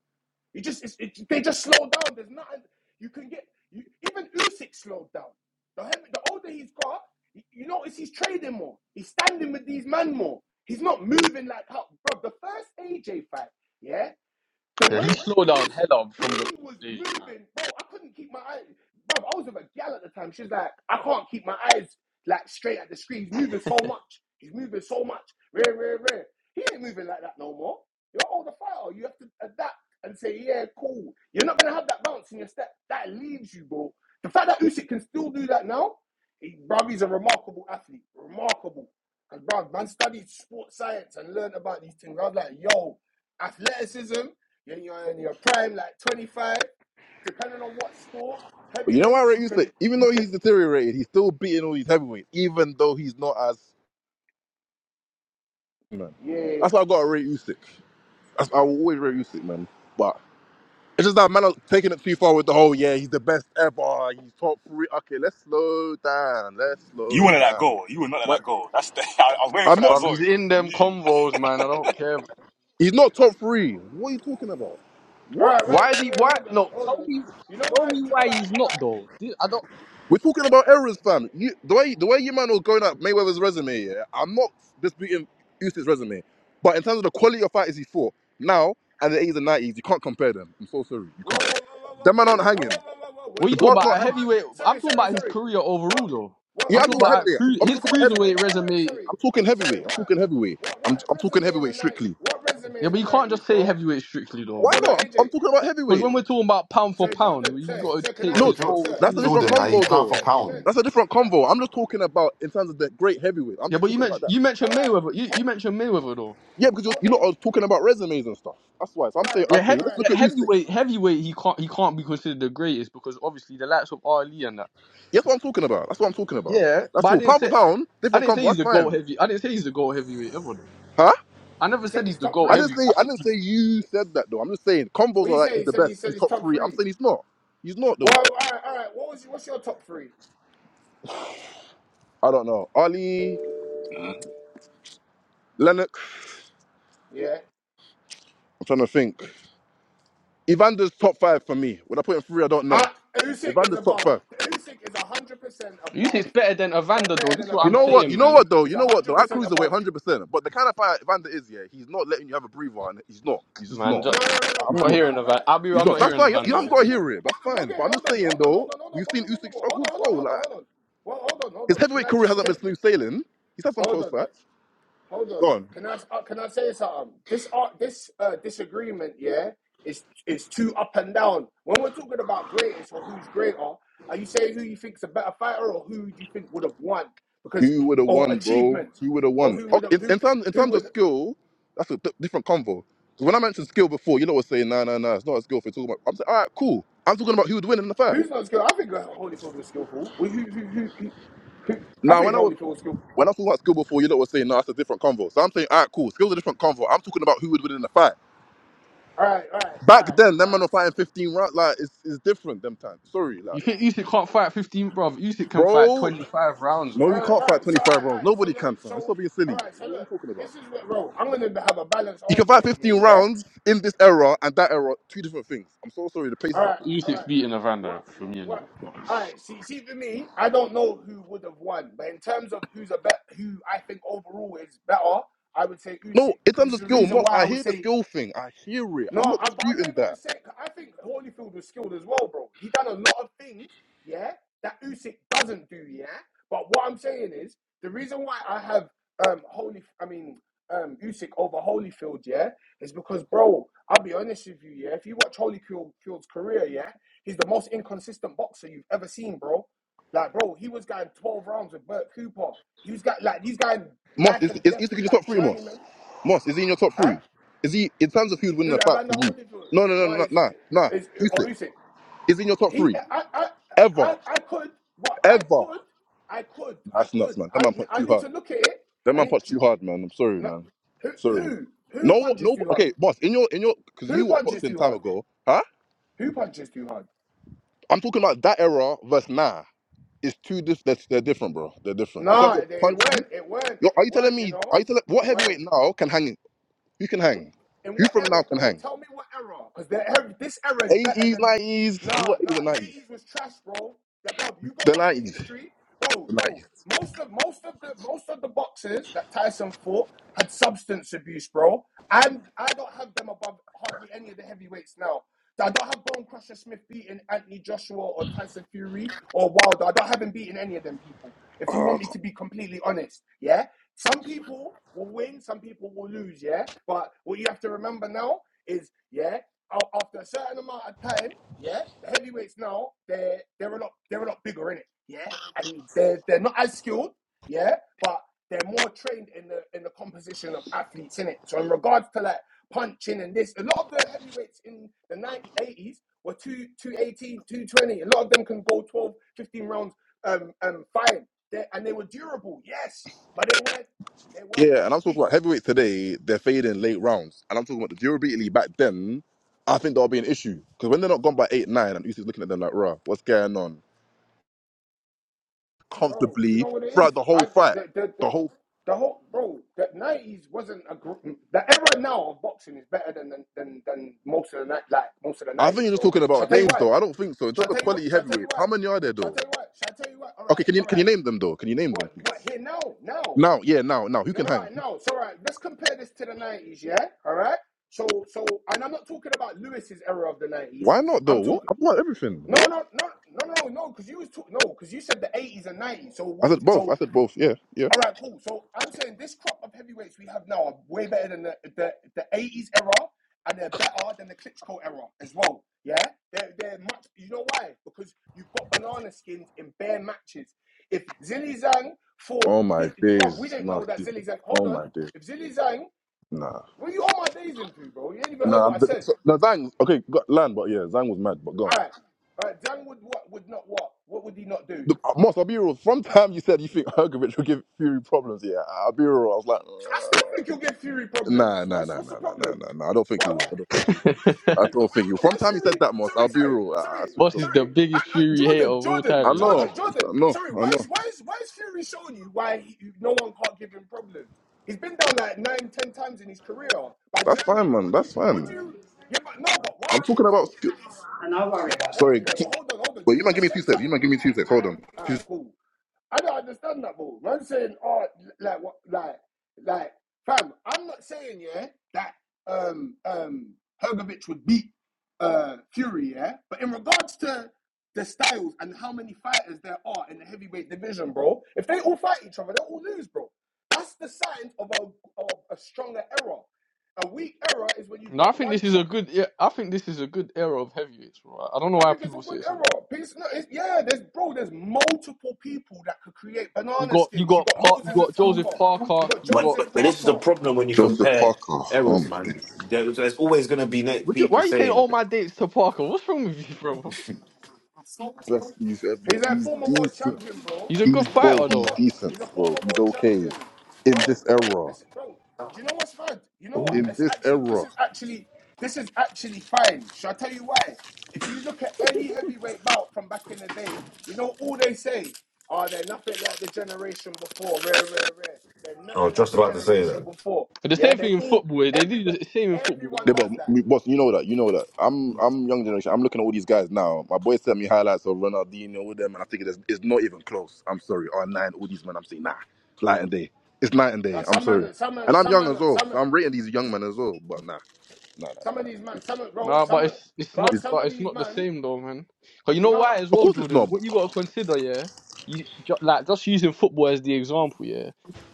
[SPEAKER 6] It just it's, it, they just slowed down. There's nothing you can get. You, even Usyk slowed down. The, the older he's got, you, you notice he's trading more. He's standing with these men more. He's not moving like how, bro. The first AJ fight, yeah. The
[SPEAKER 2] Yeah,
[SPEAKER 6] way,
[SPEAKER 2] he slowed down
[SPEAKER 6] listen,
[SPEAKER 2] hell up
[SPEAKER 6] he
[SPEAKER 2] from the first
[SPEAKER 6] was
[SPEAKER 2] day. man.
[SPEAKER 6] moving, bro. I couldn't keep my eyes, bro. I was with a gal at the time. She's like, I can't keep my eyes like straight at the screen. He's moving so much. He's moving so much. Rare, rare, rare. He ain't moving like that no more. You're an older fighter. You have to adapt and say, yeah, cool. You're not gonna have that bounce in your step. That leaves you, bro. The fact that Usyk can still do that now, he, bro, he's a remarkable athlete. Remarkable. Because, bro, man studied sports science and learned about these things. I was like, yo, athleticism yeah, you're in your prime, like 25, depending on what sport.
[SPEAKER 3] but you know what
[SPEAKER 6] Heavyweights,
[SPEAKER 3] I
[SPEAKER 6] you
[SPEAKER 3] used to
[SPEAKER 6] can,
[SPEAKER 3] Even
[SPEAKER 6] you
[SPEAKER 3] though
[SPEAKER 6] can,
[SPEAKER 3] he's deteriorated, he's still beating all these heavyweights, even though he's not as, you know.
[SPEAKER 6] yeah.
[SPEAKER 3] That's why I got to rate Usyk. That's, I will always rate Usyk, man. But it's just that man are taking it too far with the whole, yeah, he's the best ever. He's top three. Okay, let's slow down. Let's
[SPEAKER 8] You
[SPEAKER 3] slow
[SPEAKER 8] wanted that
[SPEAKER 3] down.
[SPEAKER 8] goal. You would not let
[SPEAKER 3] What?
[SPEAKER 8] that go. That's the. *laughs* I, I was waiting
[SPEAKER 3] I'm
[SPEAKER 8] for
[SPEAKER 3] not.
[SPEAKER 8] that
[SPEAKER 2] Bro,
[SPEAKER 8] goal.
[SPEAKER 2] he's
[SPEAKER 8] You
[SPEAKER 2] in them
[SPEAKER 8] know.
[SPEAKER 2] convos, man. I don't care. man.
[SPEAKER 3] He's not top three. What are you talking about?
[SPEAKER 6] All
[SPEAKER 3] What?
[SPEAKER 6] right, wait,
[SPEAKER 2] Why is
[SPEAKER 6] wait,
[SPEAKER 2] he?
[SPEAKER 6] wait,
[SPEAKER 2] Why?
[SPEAKER 6] hold on,
[SPEAKER 2] No,
[SPEAKER 6] hold
[SPEAKER 2] tell
[SPEAKER 6] on.
[SPEAKER 2] me.
[SPEAKER 6] You know
[SPEAKER 2] Tell
[SPEAKER 6] what?
[SPEAKER 2] me why
[SPEAKER 6] All right,
[SPEAKER 2] he's
[SPEAKER 6] all
[SPEAKER 2] not
[SPEAKER 6] right,
[SPEAKER 2] though. Thi- I don't.
[SPEAKER 3] We're talking
[SPEAKER 6] hold
[SPEAKER 3] about
[SPEAKER 6] on.
[SPEAKER 3] errors, fam. You, the way the way your man was going at Mayweather's resume, yeah, I'm not disputing Usyk's resume, but in terms of the quality of fighters he fought now and the 80s and 90s, you can't compare them. I'm so sorry, you
[SPEAKER 6] Whoa,
[SPEAKER 3] can't.
[SPEAKER 6] whoa, whoa, whoa, whoa,
[SPEAKER 3] Them
[SPEAKER 6] whoa,
[SPEAKER 3] man aren't
[SPEAKER 6] whoa, whoa, whoa,
[SPEAKER 3] hanging.
[SPEAKER 6] whoa, whoa, whoa,
[SPEAKER 2] What are
[SPEAKER 3] The
[SPEAKER 2] you talking
[SPEAKER 3] bar's
[SPEAKER 2] about?
[SPEAKER 3] not
[SPEAKER 2] A
[SPEAKER 6] what
[SPEAKER 3] hanging.
[SPEAKER 6] part?
[SPEAKER 2] heavyweight? I'm
[SPEAKER 6] Sorry,
[SPEAKER 2] talking
[SPEAKER 6] sorry,
[SPEAKER 2] about his
[SPEAKER 6] sorry.
[SPEAKER 2] career
[SPEAKER 6] Whoa,
[SPEAKER 2] overall, though.
[SPEAKER 6] whoa, whoa,
[SPEAKER 3] Yeah,
[SPEAKER 2] I'm
[SPEAKER 3] I'm
[SPEAKER 2] talking
[SPEAKER 6] whoa,
[SPEAKER 3] talking
[SPEAKER 6] hold
[SPEAKER 3] about
[SPEAKER 2] about
[SPEAKER 6] on.
[SPEAKER 3] heavyweight.
[SPEAKER 2] cru-
[SPEAKER 3] I'm, I'm
[SPEAKER 2] his
[SPEAKER 6] What?
[SPEAKER 3] talking about
[SPEAKER 6] Sorry, sorry,
[SPEAKER 3] heavyweight.
[SPEAKER 2] cruiserweight
[SPEAKER 6] whatever.
[SPEAKER 2] resume.
[SPEAKER 6] Sorry,
[SPEAKER 3] I'm talking
[SPEAKER 6] sorry,
[SPEAKER 3] heavyweight. I'm
[SPEAKER 6] what?
[SPEAKER 3] talking heavyweight.
[SPEAKER 6] What?
[SPEAKER 3] I'm,
[SPEAKER 6] What
[SPEAKER 3] I'm talking
[SPEAKER 6] resume in
[SPEAKER 3] heavyweight
[SPEAKER 6] the 90s?
[SPEAKER 3] strictly.
[SPEAKER 6] What resume
[SPEAKER 2] Yeah,
[SPEAKER 6] in the
[SPEAKER 2] but you can't just
[SPEAKER 6] 90s,
[SPEAKER 2] say
[SPEAKER 6] bro?
[SPEAKER 2] heavyweight strictly, though.
[SPEAKER 3] Why
[SPEAKER 6] Hold on,
[SPEAKER 3] not? I'm,
[SPEAKER 2] Because
[SPEAKER 3] I'm
[SPEAKER 6] AJ.
[SPEAKER 3] talking about heavyweight.
[SPEAKER 2] when we're talking about pound for
[SPEAKER 6] Sir
[SPEAKER 2] pound,
[SPEAKER 6] Jordan,
[SPEAKER 2] you
[SPEAKER 6] say,
[SPEAKER 2] got to
[SPEAKER 6] sir, can I
[SPEAKER 2] take
[SPEAKER 3] No,
[SPEAKER 2] his
[SPEAKER 6] object,
[SPEAKER 2] whole
[SPEAKER 6] sir?
[SPEAKER 3] that's
[SPEAKER 2] thing.
[SPEAKER 3] a
[SPEAKER 2] into-
[SPEAKER 3] different
[SPEAKER 1] Jordan, man,
[SPEAKER 6] Gents,
[SPEAKER 1] he's
[SPEAKER 3] combo
[SPEAKER 6] gents,
[SPEAKER 1] pound
[SPEAKER 3] though.
[SPEAKER 1] for
[SPEAKER 6] gents,
[SPEAKER 1] pound.
[SPEAKER 3] That's a different
[SPEAKER 6] gents.
[SPEAKER 3] combo. I'm just talking about in terms of the great heavyweight. I'm
[SPEAKER 2] Yeah,
[SPEAKER 3] just
[SPEAKER 2] but you
[SPEAKER 3] talking about
[SPEAKER 2] mentioned
[SPEAKER 3] that.
[SPEAKER 2] you
[SPEAKER 6] All
[SPEAKER 2] mentioned
[SPEAKER 6] right.
[SPEAKER 2] Mayweather. You,
[SPEAKER 6] Hold,
[SPEAKER 2] you mentioned Mayweather, though.
[SPEAKER 3] Yeah, because you
[SPEAKER 6] hold
[SPEAKER 3] you
[SPEAKER 6] on.
[SPEAKER 3] lot are
[SPEAKER 6] All
[SPEAKER 3] talking about resumes and stuff. That's why. So I'm
[SPEAKER 6] right,
[SPEAKER 3] saying,
[SPEAKER 2] Yeah,
[SPEAKER 6] right,
[SPEAKER 3] okay,
[SPEAKER 6] all
[SPEAKER 2] heavy,
[SPEAKER 3] let's
[SPEAKER 6] right.
[SPEAKER 3] look
[SPEAKER 2] yeah,
[SPEAKER 3] at
[SPEAKER 6] Uh,
[SPEAKER 3] Usyks.
[SPEAKER 2] heavyweight, heavyweight. He can't he can't be considered the greatest because obviously the likes of Ali and that.
[SPEAKER 3] Yeah, That's what I'm talking about. That's what I'm talking about.
[SPEAKER 2] Yeah, but
[SPEAKER 3] That's
[SPEAKER 2] I
[SPEAKER 3] all.
[SPEAKER 2] didn't
[SPEAKER 3] Pound for
[SPEAKER 2] say
[SPEAKER 3] pound,
[SPEAKER 2] I
[SPEAKER 3] different
[SPEAKER 2] didn't say
[SPEAKER 3] combo.
[SPEAKER 2] he's
[SPEAKER 3] That's
[SPEAKER 2] the gold
[SPEAKER 3] fine.
[SPEAKER 2] heavy. I didn't say he's the gold heavyweight ever, though.
[SPEAKER 3] Huh?
[SPEAKER 2] I never
[SPEAKER 6] He said
[SPEAKER 2] said he's
[SPEAKER 6] he's
[SPEAKER 2] the
[SPEAKER 6] top
[SPEAKER 2] gold
[SPEAKER 3] I
[SPEAKER 6] three.
[SPEAKER 2] heavy.
[SPEAKER 3] didn't say
[SPEAKER 2] I
[SPEAKER 3] I
[SPEAKER 2] said
[SPEAKER 3] didn't say you said that though. I'm just saying combos
[SPEAKER 6] What did he
[SPEAKER 3] are like
[SPEAKER 6] say?
[SPEAKER 3] he's
[SPEAKER 6] He
[SPEAKER 3] the
[SPEAKER 6] said he
[SPEAKER 3] best.
[SPEAKER 6] said
[SPEAKER 3] He's
[SPEAKER 6] he's
[SPEAKER 3] top
[SPEAKER 6] top
[SPEAKER 3] three. I'm
[SPEAKER 6] three.
[SPEAKER 3] saying he's not. He's not
[SPEAKER 6] Well,
[SPEAKER 3] though.
[SPEAKER 6] all right, all right. What was what's your top three?
[SPEAKER 3] I don't know. Ali,
[SPEAKER 8] Yeah.
[SPEAKER 3] Lennox.
[SPEAKER 6] Yeah.
[SPEAKER 3] I'm trying to think. Evander's top five for me. Would I put him three? I don't
[SPEAKER 6] Uh,
[SPEAKER 3] know.
[SPEAKER 6] Usyk is
[SPEAKER 3] Evander's top
[SPEAKER 6] above.
[SPEAKER 3] five.
[SPEAKER 6] Usyk is one hundred percent
[SPEAKER 2] you say
[SPEAKER 6] above,
[SPEAKER 2] it's better than
[SPEAKER 6] be-
[SPEAKER 2] Evander, though.
[SPEAKER 6] better
[SPEAKER 2] This
[SPEAKER 6] than
[SPEAKER 2] is what
[SPEAKER 3] You
[SPEAKER 2] I'm
[SPEAKER 6] Evander
[SPEAKER 3] know what?
[SPEAKER 2] saying,
[SPEAKER 3] You
[SPEAKER 6] Holyfield.
[SPEAKER 3] know
[SPEAKER 2] man.
[SPEAKER 3] what though?
[SPEAKER 6] He's
[SPEAKER 3] You know
[SPEAKER 6] one
[SPEAKER 3] what
[SPEAKER 6] hundred
[SPEAKER 3] though? At
[SPEAKER 6] percent
[SPEAKER 3] cruiserweight,
[SPEAKER 6] above.
[SPEAKER 3] hundred percent. But the kind of fighter Evander is, yeah, he's not letting you have a breather, and he's not. He's just
[SPEAKER 2] Man,
[SPEAKER 3] not.
[SPEAKER 6] No,
[SPEAKER 2] ju-
[SPEAKER 6] no, no, no.
[SPEAKER 2] I'm
[SPEAKER 3] He's
[SPEAKER 6] All
[SPEAKER 2] not
[SPEAKER 6] right,
[SPEAKER 3] not.
[SPEAKER 6] all
[SPEAKER 2] hearing
[SPEAKER 6] right,
[SPEAKER 2] a
[SPEAKER 6] all
[SPEAKER 2] van.
[SPEAKER 6] right.
[SPEAKER 2] I'll be.
[SPEAKER 6] So,
[SPEAKER 3] He's
[SPEAKER 2] I'm
[SPEAKER 3] not.
[SPEAKER 2] not
[SPEAKER 6] so,
[SPEAKER 3] That's
[SPEAKER 2] hearing
[SPEAKER 3] fine.
[SPEAKER 2] a
[SPEAKER 6] listen,
[SPEAKER 3] You,
[SPEAKER 6] so
[SPEAKER 2] van
[SPEAKER 3] you haven't
[SPEAKER 6] listen,
[SPEAKER 2] though.
[SPEAKER 3] got
[SPEAKER 6] so
[SPEAKER 3] to
[SPEAKER 6] listen.
[SPEAKER 3] hear it. That's
[SPEAKER 6] Hold on,
[SPEAKER 3] fine. But
[SPEAKER 6] again,
[SPEAKER 3] I'm just
[SPEAKER 6] Hold on,
[SPEAKER 3] saying
[SPEAKER 6] hold on, hold
[SPEAKER 3] though,
[SPEAKER 6] on, hold on.
[SPEAKER 3] we've seen
[SPEAKER 6] whoa, whoa, whoa,
[SPEAKER 3] Usyk
[SPEAKER 6] whoa. Hold
[SPEAKER 3] struggle
[SPEAKER 6] on,
[SPEAKER 3] as
[SPEAKER 6] hold on,
[SPEAKER 3] well.
[SPEAKER 6] hold
[SPEAKER 3] Like
[SPEAKER 6] on, hold on. Well, hold on, hold
[SPEAKER 3] his
[SPEAKER 6] on. Can
[SPEAKER 3] heavyweight
[SPEAKER 6] I
[SPEAKER 3] career
[SPEAKER 6] just?
[SPEAKER 3] hasn't
[SPEAKER 6] Can,
[SPEAKER 3] been smooth sailing. He's had some
[SPEAKER 6] hold
[SPEAKER 3] close
[SPEAKER 6] on.
[SPEAKER 3] fights.
[SPEAKER 6] Hold on.
[SPEAKER 3] Gone.
[SPEAKER 6] Can I uh, can I say something? This art, this uh, disagreement, yeah, is is too up and down. When we're talking about greatest or who's greater, are you saying who you think's a better fighter or who do you think would have won? Because
[SPEAKER 3] Who would have
[SPEAKER 6] or
[SPEAKER 3] won, bro?
[SPEAKER 6] achievements
[SPEAKER 3] Who would have
[SPEAKER 6] or
[SPEAKER 3] won?
[SPEAKER 6] who would have
[SPEAKER 3] Okay, in,
[SPEAKER 6] who
[SPEAKER 3] in terms in
[SPEAKER 6] who
[SPEAKER 3] terms of
[SPEAKER 6] would
[SPEAKER 3] skill, that's a d- different convo. 'Cause When I mentioned skill before, you know what's saying, nah, nah, nah, it's not a skill for talking about. I'm saying, all right, cool. I'm talking about who would win in the fight.
[SPEAKER 6] who's not skillful? I think uh, Holyfield was skillful. Who, who, who, who, who, who, I
[SPEAKER 3] Now,
[SPEAKER 6] think
[SPEAKER 3] when I was
[SPEAKER 6] Holyfield was skillful.
[SPEAKER 3] when I was talking about skill before, you lot were saying, no, that's a different convo. So I'm saying, all right, cool. Skill's a different convo. I'm talking about who would win in a fight.
[SPEAKER 6] All right, all right, all
[SPEAKER 3] Back
[SPEAKER 6] right,
[SPEAKER 3] then,
[SPEAKER 6] all
[SPEAKER 3] them men
[SPEAKER 6] right,
[SPEAKER 3] were
[SPEAKER 6] so,
[SPEAKER 3] fighting 15 rounds. Like, it's, it's different, them times. Sorry, like,
[SPEAKER 2] You think Usyk can't fight 15, bro? Usyk can fight
[SPEAKER 3] bro.
[SPEAKER 2] 25 rounds,
[SPEAKER 3] No,
[SPEAKER 6] all
[SPEAKER 3] you
[SPEAKER 2] bro.
[SPEAKER 6] right,
[SPEAKER 3] can't
[SPEAKER 6] all
[SPEAKER 3] fight
[SPEAKER 6] right. So all
[SPEAKER 3] 25
[SPEAKER 6] right, all
[SPEAKER 3] rounds.
[SPEAKER 6] right. So
[SPEAKER 3] Nobody
[SPEAKER 6] the,
[SPEAKER 3] can, fam. It's not
[SPEAKER 6] so
[SPEAKER 3] being
[SPEAKER 6] all
[SPEAKER 3] silly.
[SPEAKER 6] right. So
[SPEAKER 3] What are we
[SPEAKER 6] look,
[SPEAKER 3] talking about?
[SPEAKER 6] this is what bro. I'm gonna have a balanced
[SPEAKER 3] You can fight
[SPEAKER 6] argument
[SPEAKER 3] 15
[SPEAKER 6] here, yeah
[SPEAKER 3] rounds in this era and that era, two different things. I'm so sorry. The pace.
[SPEAKER 6] All
[SPEAKER 2] bro
[SPEAKER 6] right, all
[SPEAKER 2] Usyk's
[SPEAKER 6] right.
[SPEAKER 2] beating a van
[SPEAKER 6] What,
[SPEAKER 2] for
[SPEAKER 6] what,
[SPEAKER 2] me anyway.
[SPEAKER 6] what?
[SPEAKER 2] But-
[SPEAKER 6] All right. See, see, for me, I don't know who would have won, but in terms of who's a bet, who I think overall is better, I would say
[SPEAKER 3] No,
[SPEAKER 6] Usyk.
[SPEAKER 3] in
[SPEAKER 6] And
[SPEAKER 3] terms
[SPEAKER 6] this is
[SPEAKER 3] of
[SPEAKER 6] the
[SPEAKER 3] skill,
[SPEAKER 6] reason
[SPEAKER 3] Moss,
[SPEAKER 6] why
[SPEAKER 3] I
[SPEAKER 6] I would
[SPEAKER 3] hear the
[SPEAKER 6] say
[SPEAKER 3] skill thing. I hear it.
[SPEAKER 6] no,
[SPEAKER 3] I'm not
[SPEAKER 6] I, but I'm not
[SPEAKER 3] disputing
[SPEAKER 6] even
[SPEAKER 3] that.
[SPEAKER 6] just saying. 'cause I think Holyfield was skilled as well, bro. He done a lot of things, yeah, that Usyk doesn't do, yeah. But what I'm saying is the reason why I have um Holy, I mean um Usyk over Holyfield, yeah, is because, bro, I'll be honest with you, yeah. If you watch Holyfield's career, yeah, he's the most inconsistent boxer you've ever seen, bro. Like, bro, he was going 12 rounds with Burt Cooper. He was got like he's going
[SPEAKER 3] Moss
[SPEAKER 6] life
[SPEAKER 3] is
[SPEAKER 6] and
[SPEAKER 3] is
[SPEAKER 6] death
[SPEAKER 3] Easter in
[SPEAKER 6] with
[SPEAKER 3] your top
[SPEAKER 6] like
[SPEAKER 3] three, Moss.
[SPEAKER 6] journeyman,
[SPEAKER 3] Moss is he in your top
[SPEAKER 6] huh?
[SPEAKER 3] three? Is he in terms of who's winning
[SPEAKER 6] who
[SPEAKER 3] the
[SPEAKER 6] have
[SPEAKER 3] fight
[SPEAKER 6] I
[SPEAKER 3] for
[SPEAKER 6] not
[SPEAKER 3] you?
[SPEAKER 6] only for
[SPEAKER 3] No, no, no,
[SPEAKER 6] no
[SPEAKER 3] no,
[SPEAKER 6] is
[SPEAKER 3] no, no.
[SPEAKER 6] is
[SPEAKER 3] Usyk
[SPEAKER 6] or you say
[SPEAKER 3] is he in your top
[SPEAKER 6] he
[SPEAKER 3] three
[SPEAKER 6] I I
[SPEAKER 3] ever,
[SPEAKER 6] I I could but I
[SPEAKER 3] ever.
[SPEAKER 6] could
[SPEAKER 3] Nah,
[SPEAKER 6] I could I
[SPEAKER 3] that's nuts,
[SPEAKER 6] could
[SPEAKER 3] man. That
[SPEAKER 6] I
[SPEAKER 3] man punched
[SPEAKER 6] I
[SPEAKER 3] too
[SPEAKER 6] need
[SPEAKER 3] hard.
[SPEAKER 6] to look at it.
[SPEAKER 3] That
[SPEAKER 6] I
[SPEAKER 3] man
[SPEAKER 6] need
[SPEAKER 3] punched too hard, man. I'm sorry,
[SPEAKER 6] no,
[SPEAKER 3] man.
[SPEAKER 6] who
[SPEAKER 3] Sorry.
[SPEAKER 6] who who
[SPEAKER 3] No,
[SPEAKER 6] punches
[SPEAKER 3] no.
[SPEAKER 6] too hard?
[SPEAKER 3] Okay, Moss, in your in your because
[SPEAKER 6] Who
[SPEAKER 3] you watched
[SPEAKER 6] punches
[SPEAKER 3] boxing
[SPEAKER 6] too
[SPEAKER 3] time
[SPEAKER 6] hard?
[SPEAKER 3] ago, huh?
[SPEAKER 6] Who punches too hard?
[SPEAKER 3] I'm talking about that era versus now. It's two. Dif- they're, they're different, bro. They're different in
[SPEAKER 6] Nah,
[SPEAKER 3] terms of
[SPEAKER 6] it, it
[SPEAKER 3] punching.
[SPEAKER 6] weren't it weren't
[SPEAKER 3] Yo, are
[SPEAKER 6] it
[SPEAKER 3] you telling
[SPEAKER 6] weren't you
[SPEAKER 3] me?
[SPEAKER 6] know
[SPEAKER 3] Are you telling what
[SPEAKER 6] it weren't.
[SPEAKER 3] heavyweight now can hang? Who can
[SPEAKER 6] Wh-
[SPEAKER 3] hang?
[SPEAKER 6] In
[SPEAKER 3] Who
[SPEAKER 6] what
[SPEAKER 3] from now
[SPEAKER 6] era,
[SPEAKER 3] can
[SPEAKER 6] bro?
[SPEAKER 3] hang?
[SPEAKER 6] Tell me what era. Because era, this era is better
[SPEAKER 3] 80s,
[SPEAKER 6] than.
[SPEAKER 3] 90s.
[SPEAKER 6] Nah,
[SPEAKER 3] What 80s
[SPEAKER 6] nah.
[SPEAKER 3] and 90s?
[SPEAKER 6] 80s was trash, bro. That, bro, you go
[SPEAKER 3] The
[SPEAKER 6] back in
[SPEAKER 3] 90s.
[SPEAKER 6] history, bro,
[SPEAKER 3] The
[SPEAKER 6] bro.
[SPEAKER 3] 90s.
[SPEAKER 6] Most of most of the most of the boxers that Tyson fought had substance abuse, bro. And I don't have them above hardly any of the heavyweights now. I don't have Bone Crusher Smith beating Anthony Joshua or Tyson Fury or Wilder. I don't have him beating any of them people. If you want
[SPEAKER 3] Oh,
[SPEAKER 6] me
[SPEAKER 3] God.
[SPEAKER 6] to be completely honest, yeah. Some people will win, some people will lose, yeah? But what you have to remember now is, yeah, after a certain amount of time, yeah, the heavyweights now, they're they're a lot they're a lot bigger, innit? Yeah. And they're they're not as skilled, yeah, but they're more trained in the in the composition of athletes, innit? So in regards to like punching and this, a lot of the heavyweights in the 90s, 80s were two, 218, A lot of them can go 12 15 rounds um, um, fine. They're, and they were durable, yes but they weren't they weren't
[SPEAKER 3] yeah, and
[SPEAKER 6] as
[SPEAKER 3] I'm talking
[SPEAKER 6] big.
[SPEAKER 3] about heavyweights today, they're fading late rounds. And I'm talking about the durability back then, I think that'll be an issue. Because when they're not gone by 8 9, and Usyk's looking at them like, rah, what's going on?
[SPEAKER 6] Bro, do you
[SPEAKER 3] Comfortably
[SPEAKER 6] know what it
[SPEAKER 3] throughout
[SPEAKER 6] is?
[SPEAKER 3] the whole
[SPEAKER 6] I
[SPEAKER 3] fight.
[SPEAKER 6] the the
[SPEAKER 3] The
[SPEAKER 6] the,
[SPEAKER 3] whole.
[SPEAKER 6] the whole bro, the nineties wasn't a group. the era now of boxing is better than than than, most of the night like most of the
[SPEAKER 3] I think
[SPEAKER 6] nineties,
[SPEAKER 3] you're just
[SPEAKER 6] bro.
[SPEAKER 3] talking
[SPEAKER 6] Shall I
[SPEAKER 3] about
[SPEAKER 6] tell you
[SPEAKER 3] names,
[SPEAKER 6] why?
[SPEAKER 3] though. I don't think so. In
[SPEAKER 6] Shall I
[SPEAKER 3] terms of
[SPEAKER 6] tell you what?
[SPEAKER 3] quality
[SPEAKER 6] Shall I tell you
[SPEAKER 3] heavyweights, how
[SPEAKER 6] what?
[SPEAKER 3] many are there,
[SPEAKER 6] Shall I
[SPEAKER 3] though?
[SPEAKER 6] tell you what? Shall I tell you what? All
[SPEAKER 3] Okay,
[SPEAKER 6] right,
[SPEAKER 3] can you
[SPEAKER 6] all
[SPEAKER 3] can you
[SPEAKER 6] right.
[SPEAKER 3] name them, though? Can you name them,
[SPEAKER 6] What what
[SPEAKER 3] please?
[SPEAKER 6] here now? Now
[SPEAKER 3] Now, yeah, now, now, who
[SPEAKER 6] you're
[SPEAKER 3] can
[SPEAKER 6] all
[SPEAKER 3] hang?
[SPEAKER 6] right now. So all right, let's compare this to the nineties, yeah. All right. So so, and I'm not talking about Lewis's era of the nineties.
[SPEAKER 3] Why not, though?
[SPEAKER 6] I'm
[SPEAKER 3] What?
[SPEAKER 6] talking.
[SPEAKER 3] I have want everything.
[SPEAKER 6] No,
[SPEAKER 3] What?
[SPEAKER 6] no, no, no, no, no. Because you was talk- no, because you said the eighties and nineties. So,
[SPEAKER 3] I
[SPEAKER 6] w-
[SPEAKER 3] said
[SPEAKER 6] so
[SPEAKER 3] both. I
[SPEAKER 6] all
[SPEAKER 3] said both. Yeah, yeah.
[SPEAKER 6] right, cool. So I'm saying this crop of heavyweights we have now are way better than the the the eighties era, and they're better than the Klitschko era as well. Yeah, they're they're much. You know why? Because you've got banana skins in bare matches. If Zilly Zhang fought,
[SPEAKER 3] All my
[SPEAKER 6] thi- bruv, we
[SPEAKER 3] days,
[SPEAKER 6] don't
[SPEAKER 3] nah.
[SPEAKER 6] know that
[SPEAKER 3] dude.
[SPEAKER 6] Zilly Zhang.
[SPEAKER 3] All
[SPEAKER 6] Hold on,
[SPEAKER 3] my days,
[SPEAKER 6] if Zilly Zhang,
[SPEAKER 3] nah.
[SPEAKER 6] what are you all my days into, bro? You ain't even heard
[SPEAKER 3] Nah,
[SPEAKER 6] what I
[SPEAKER 3] th- th-
[SPEAKER 6] said.
[SPEAKER 3] so, nah, Zhang, okay, got land, but yeah, Zhang was mad, but gone.
[SPEAKER 6] All right, all right. Zhang would what? Would not what? What would he not do?
[SPEAKER 3] The, uh, Moss, I'll be real. From time you said you think *laughs* Hergovic will give Fury problems, yeah, I'll be real. I was like,
[SPEAKER 6] I still
[SPEAKER 3] uh,
[SPEAKER 6] think you'll get Fury problems.
[SPEAKER 3] nah, nah,
[SPEAKER 6] What's
[SPEAKER 3] nah,
[SPEAKER 6] what's the
[SPEAKER 3] nah, nah, nah,
[SPEAKER 6] problem?
[SPEAKER 3] nah, nah. I don't think
[SPEAKER 6] Why
[SPEAKER 3] he will. I
[SPEAKER 6] What?
[SPEAKER 3] don't
[SPEAKER 6] why
[SPEAKER 3] think he will.
[SPEAKER 6] where's Fury?
[SPEAKER 3] I
[SPEAKER 2] *laughs*
[SPEAKER 3] don't
[SPEAKER 6] Wait,
[SPEAKER 3] think he will.
[SPEAKER 6] hold on,
[SPEAKER 3] From
[SPEAKER 6] where's
[SPEAKER 3] time you
[SPEAKER 6] Fury?
[SPEAKER 3] said that, Moss, I'll
[SPEAKER 6] Sorry,
[SPEAKER 3] be
[SPEAKER 6] sorry,
[SPEAKER 3] real. I, I
[SPEAKER 6] sorry,
[SPEAKER 3] switched
[SPEAKER 2] Boss
[SPEAKER 3] off.
[SPEAKER 2] is the
[SPEAKER 6] sorry. I,
[SPEAKER 2] biggest
[SPEAKER 6] I,
[SPEAKER 2] Fury hater
[SPEAKER 6] Jordan,
[SPEAKER 2] of all time,
[SPEAKER 6] Jordan,
[SPEAKER 3] I
[SPEAKER 2] you know. I
[SPEAKER 6] Jordan,
[SPEAKER 3] know,
[SPEAKER 2] think.
[SPEAKER 3] I
[SPEAKER 6] Jordan.
[SPEAKER 3] know,
[SPEAKER 6] Sorry,
[SPEAKER 3] I
[SPEAKER 6] why
[SPEAKER 3] know.
[SPEAKER 6] is why is why is Fury showing you why he, no one can't give him problems? He's been down like nine, ten times in his career by
[SPEAKER 3] That's fine,
[SPEAKER 6] journeyman.
[SPEAKER 3] man.
[SPEAKER 6] What do you
[SPEAKER 3] That's fine.
[SPEAKER 6] what do you yeah but no but why
[SPEAKER 3] I'm
[SPEAKER 6] are you
[SPEAKER 3] talking
[SPEAKER 6] thinking
[SPEAKER 3] about skill.
[SPEAKER 6] that he's yeah but what
[SPEAKER 3] Sorry.
[SPEAKER 6] wait
[SPEAKER 3] T-
[SPEAKER 6] but hold on, hold on.
[SPEAKER 3] Wait, you
[SPEAKER 6] You
[SPEAKER 3] might give
[SPEAKER 6] just
[SPEAKER 3] me two
[SPEAKER 6] said
[SPEAKER 3] seconds. You
[SPEAKER 6] something.
[SPEAKER 3] might give me two seconds. Hold on.
[SPEAKER 6] Ah,
[SPEAKER 3] Two-
[SPEAKER 6] cool. I don't understand that, bro. Man saying, oh, like what, like, like, fam. I'm not saying yeah that um um Hergovich would beat uh Fury, yeah. But in regards to the styles and how many fighters there are in the heavyweight division, bro, if they all fight each other, they all lose, bro. That's the sign of a of a stronger era. A weak era is when you've
[SPEAKER 2] No, I
[SPEAKER 6] got
[SPEAKER 2] think this
[SPEAKER 6] one
[SPEAKER 2] is a
[SPEAKER 6] champ.
[SPEAKER 2] good. e- I think this is a good era of heavyweights, bro. I don't know
[SPEAKER 6] I
[SPEAKER 2] why
[SPEAKER 6] think it's a
[SPEAKER 2] people say
[SPEAKER 6] good
[SPEAKER 2] so.
[SPEAKER 6] error. Peace, no, it's, yeah, there's bro, there's multiple people that could create
[SPEAKER 2] You
[SPEAKER 6] banana
[SPEAKER 2] got, you
[SPEAKER 6] skins. You
[SPEAKER 2] got,
[SPEAKER 6] got
[SPEAKER 2] Par- you
[SPEAKER 6] Moses
[SPEAKER 2] got Joseph
[SPEAKER 6] Atalma, you
[SPEAKER 2] Parker.
[SPEAKER 6] got
[SPEAKER 2] You
[SPEAKER 9] But
[SPEAKER 2] got.
[SPEAKER 6] Joseph
[SPEAKER 9] but, but this is the
[SPEAKER 6] Parker,
[SPEAKER 9] problem when you
[SPEAKER 3] Joseph
[SPEAKER 9] compare
[SPEAKER 3] Parker. Oh,
[SPEAKER 9] errors,
[SPEAKER 3] my
[SPEAKER 9] man.
[SPEAKER 3] days.
[SPEAKER 9] There's, there's always gonna be ne-
[SPEAKER 2] What you, why
[SPEAKER 9] people
[SPEAKER 2] are you saying
[SPEAKER 9] saying.
[SPEAKER 2] all my dates to Parker? What's wrong with you, bro?
[SPEAKER 3] Bless he's
[SPEAKER 6] He's
[SPEAKER 3] bless-
[SPEAKER 6] a
[SPEAKER 3] he's
[SPEAKER 6] former world
[SPEAKER 3] decent.
[SPEAKER 6] champion, bro.
[SPEAKER 2] He's a
[SPEAKER 3] He's
[SPEAKER 2] good
[SPEAKER 6] He's a
[SPEAKER 3] bro.
[SPEAKER 2] fighter
[SPEAKER 6] former
[SPEAKER 3] He's
[SPEAKER 2] though.
[SPEAKER 6] world.
[SPEAKER 3] decent,
[SPEAKER 6] He's a former
[SPEAKER 3] bro. He's
[SPEAKER 6] world
[SPEAKER 3] okay
[SPEAKER 6] champion,
[SPEAKER 3] in
[SPEAKER 6] bro.
[SPEAKER 3] this
[SPEAKER 6] Bro,
[SPEAKER 3] era.
[SPEAKER 6] this is bro. Do you know what's mad? You know what?
[SPEAKER 3] In
[SPEAKER 6] It's
[SPEAKER 3] this
[SPEAKER 6] actually this
[SPEAKER 3] era.
[SPEAKER 6] is actually this is actually fine. Shall I tell you why? If you look at any heavyweight bout from back in the day, you know all they say are they're nothing like the generation before. Rare, rare, rare. They're
[SPEAKER 9] I was
[SPEAKER 6] nothing like
[SPEAKER 9] just
[SPEAKER 6] the
[SPEAKER 9] about to say
[SPEAKER 6] generation
[SPEAKER 9] that.
[SPEAKER 6] before.
[SPEAKER 2] But the
[SPEAKER 6] Yeah,
[SPEAKER 2] same
[SPEAKER 6] they
[SPEAKER 2] thing in
[SPEAKER 6] all
[SPEAKER 2] football. eh? They do the
[SPEAKER 6] everybody,
[SPEAKER 2] same in football as
[SPEAKER 3] Yeah,
[SPEAKER 6] everyone
[SPEAKER 2] well. You
[SPEAKER 3] but
[SPEAKER 6] does
[SPEAKER 2] know?
[SPEAKER 6] that.
[SPEAKER 3] m- boss, you know that. You know that. I'm I'm young generation. I'm looking at all these guys now. My boy sent me highlights of Ronaldinho with them, and I think it's, it's not even close. I'm sorry. R nine, all these men. I'm saying nah. It's night and day. It's night and
[SPEAKER 6] Now
[SPEAKER 3] day. I'm
[SPEAKER 6] some
[SPEAKER 3] sorry.
[SPEAKER 6] man, some
[SPEAKER 3] And
[SPEAKER 6] man,
[SPEAKER 3] I'm
[SPEAKER 6] some
[SPEAKER 3] young
[SPEAKER 6] man,
[SPEAKER 3] as well,
[SPEAKER 6] some
[SPEAKER 3] so
[SPEAKER 6] man.
[SPEAKER 3] I'm rating these young men as well. But nah, nah, nah, nah,
[SPEAKER 6] Some of
[SPEAKER 3] nah. nah.
[SPEAKER 6] these man,
[SPEAKER 3] It's-
[SPEAKER 6] some of bro,
[SPEAKER 2] Nah, but
[SPEAKER 6] some
[SPEAKER 2] it's it's
[SPEAKER 6] bro,
[SPEAKER 2] not
[SPEAKER 3] it's-
[SPEAKER 6] some
[SPEAKER 2] but
[SPEAKER 6] of
[SPEAKER 2] it's
[SPEAKER 6] these
[SPEAKER 2] not the
[SPEAKER 6] man,
[SPEAKER 2] same though, man. But you know why
[SPEAKER 6] not
[SPEAKER 2] as
[SPEAKER 3] of
[SPEAKER 2] well,
[SPEAKER 3] course it's
[SPEAKER 2] Jordan.
[SPEAKER 3] not.
[SPEAKER 2] What you gotta consider, yeah. You ju- like just using football as the example, yeah.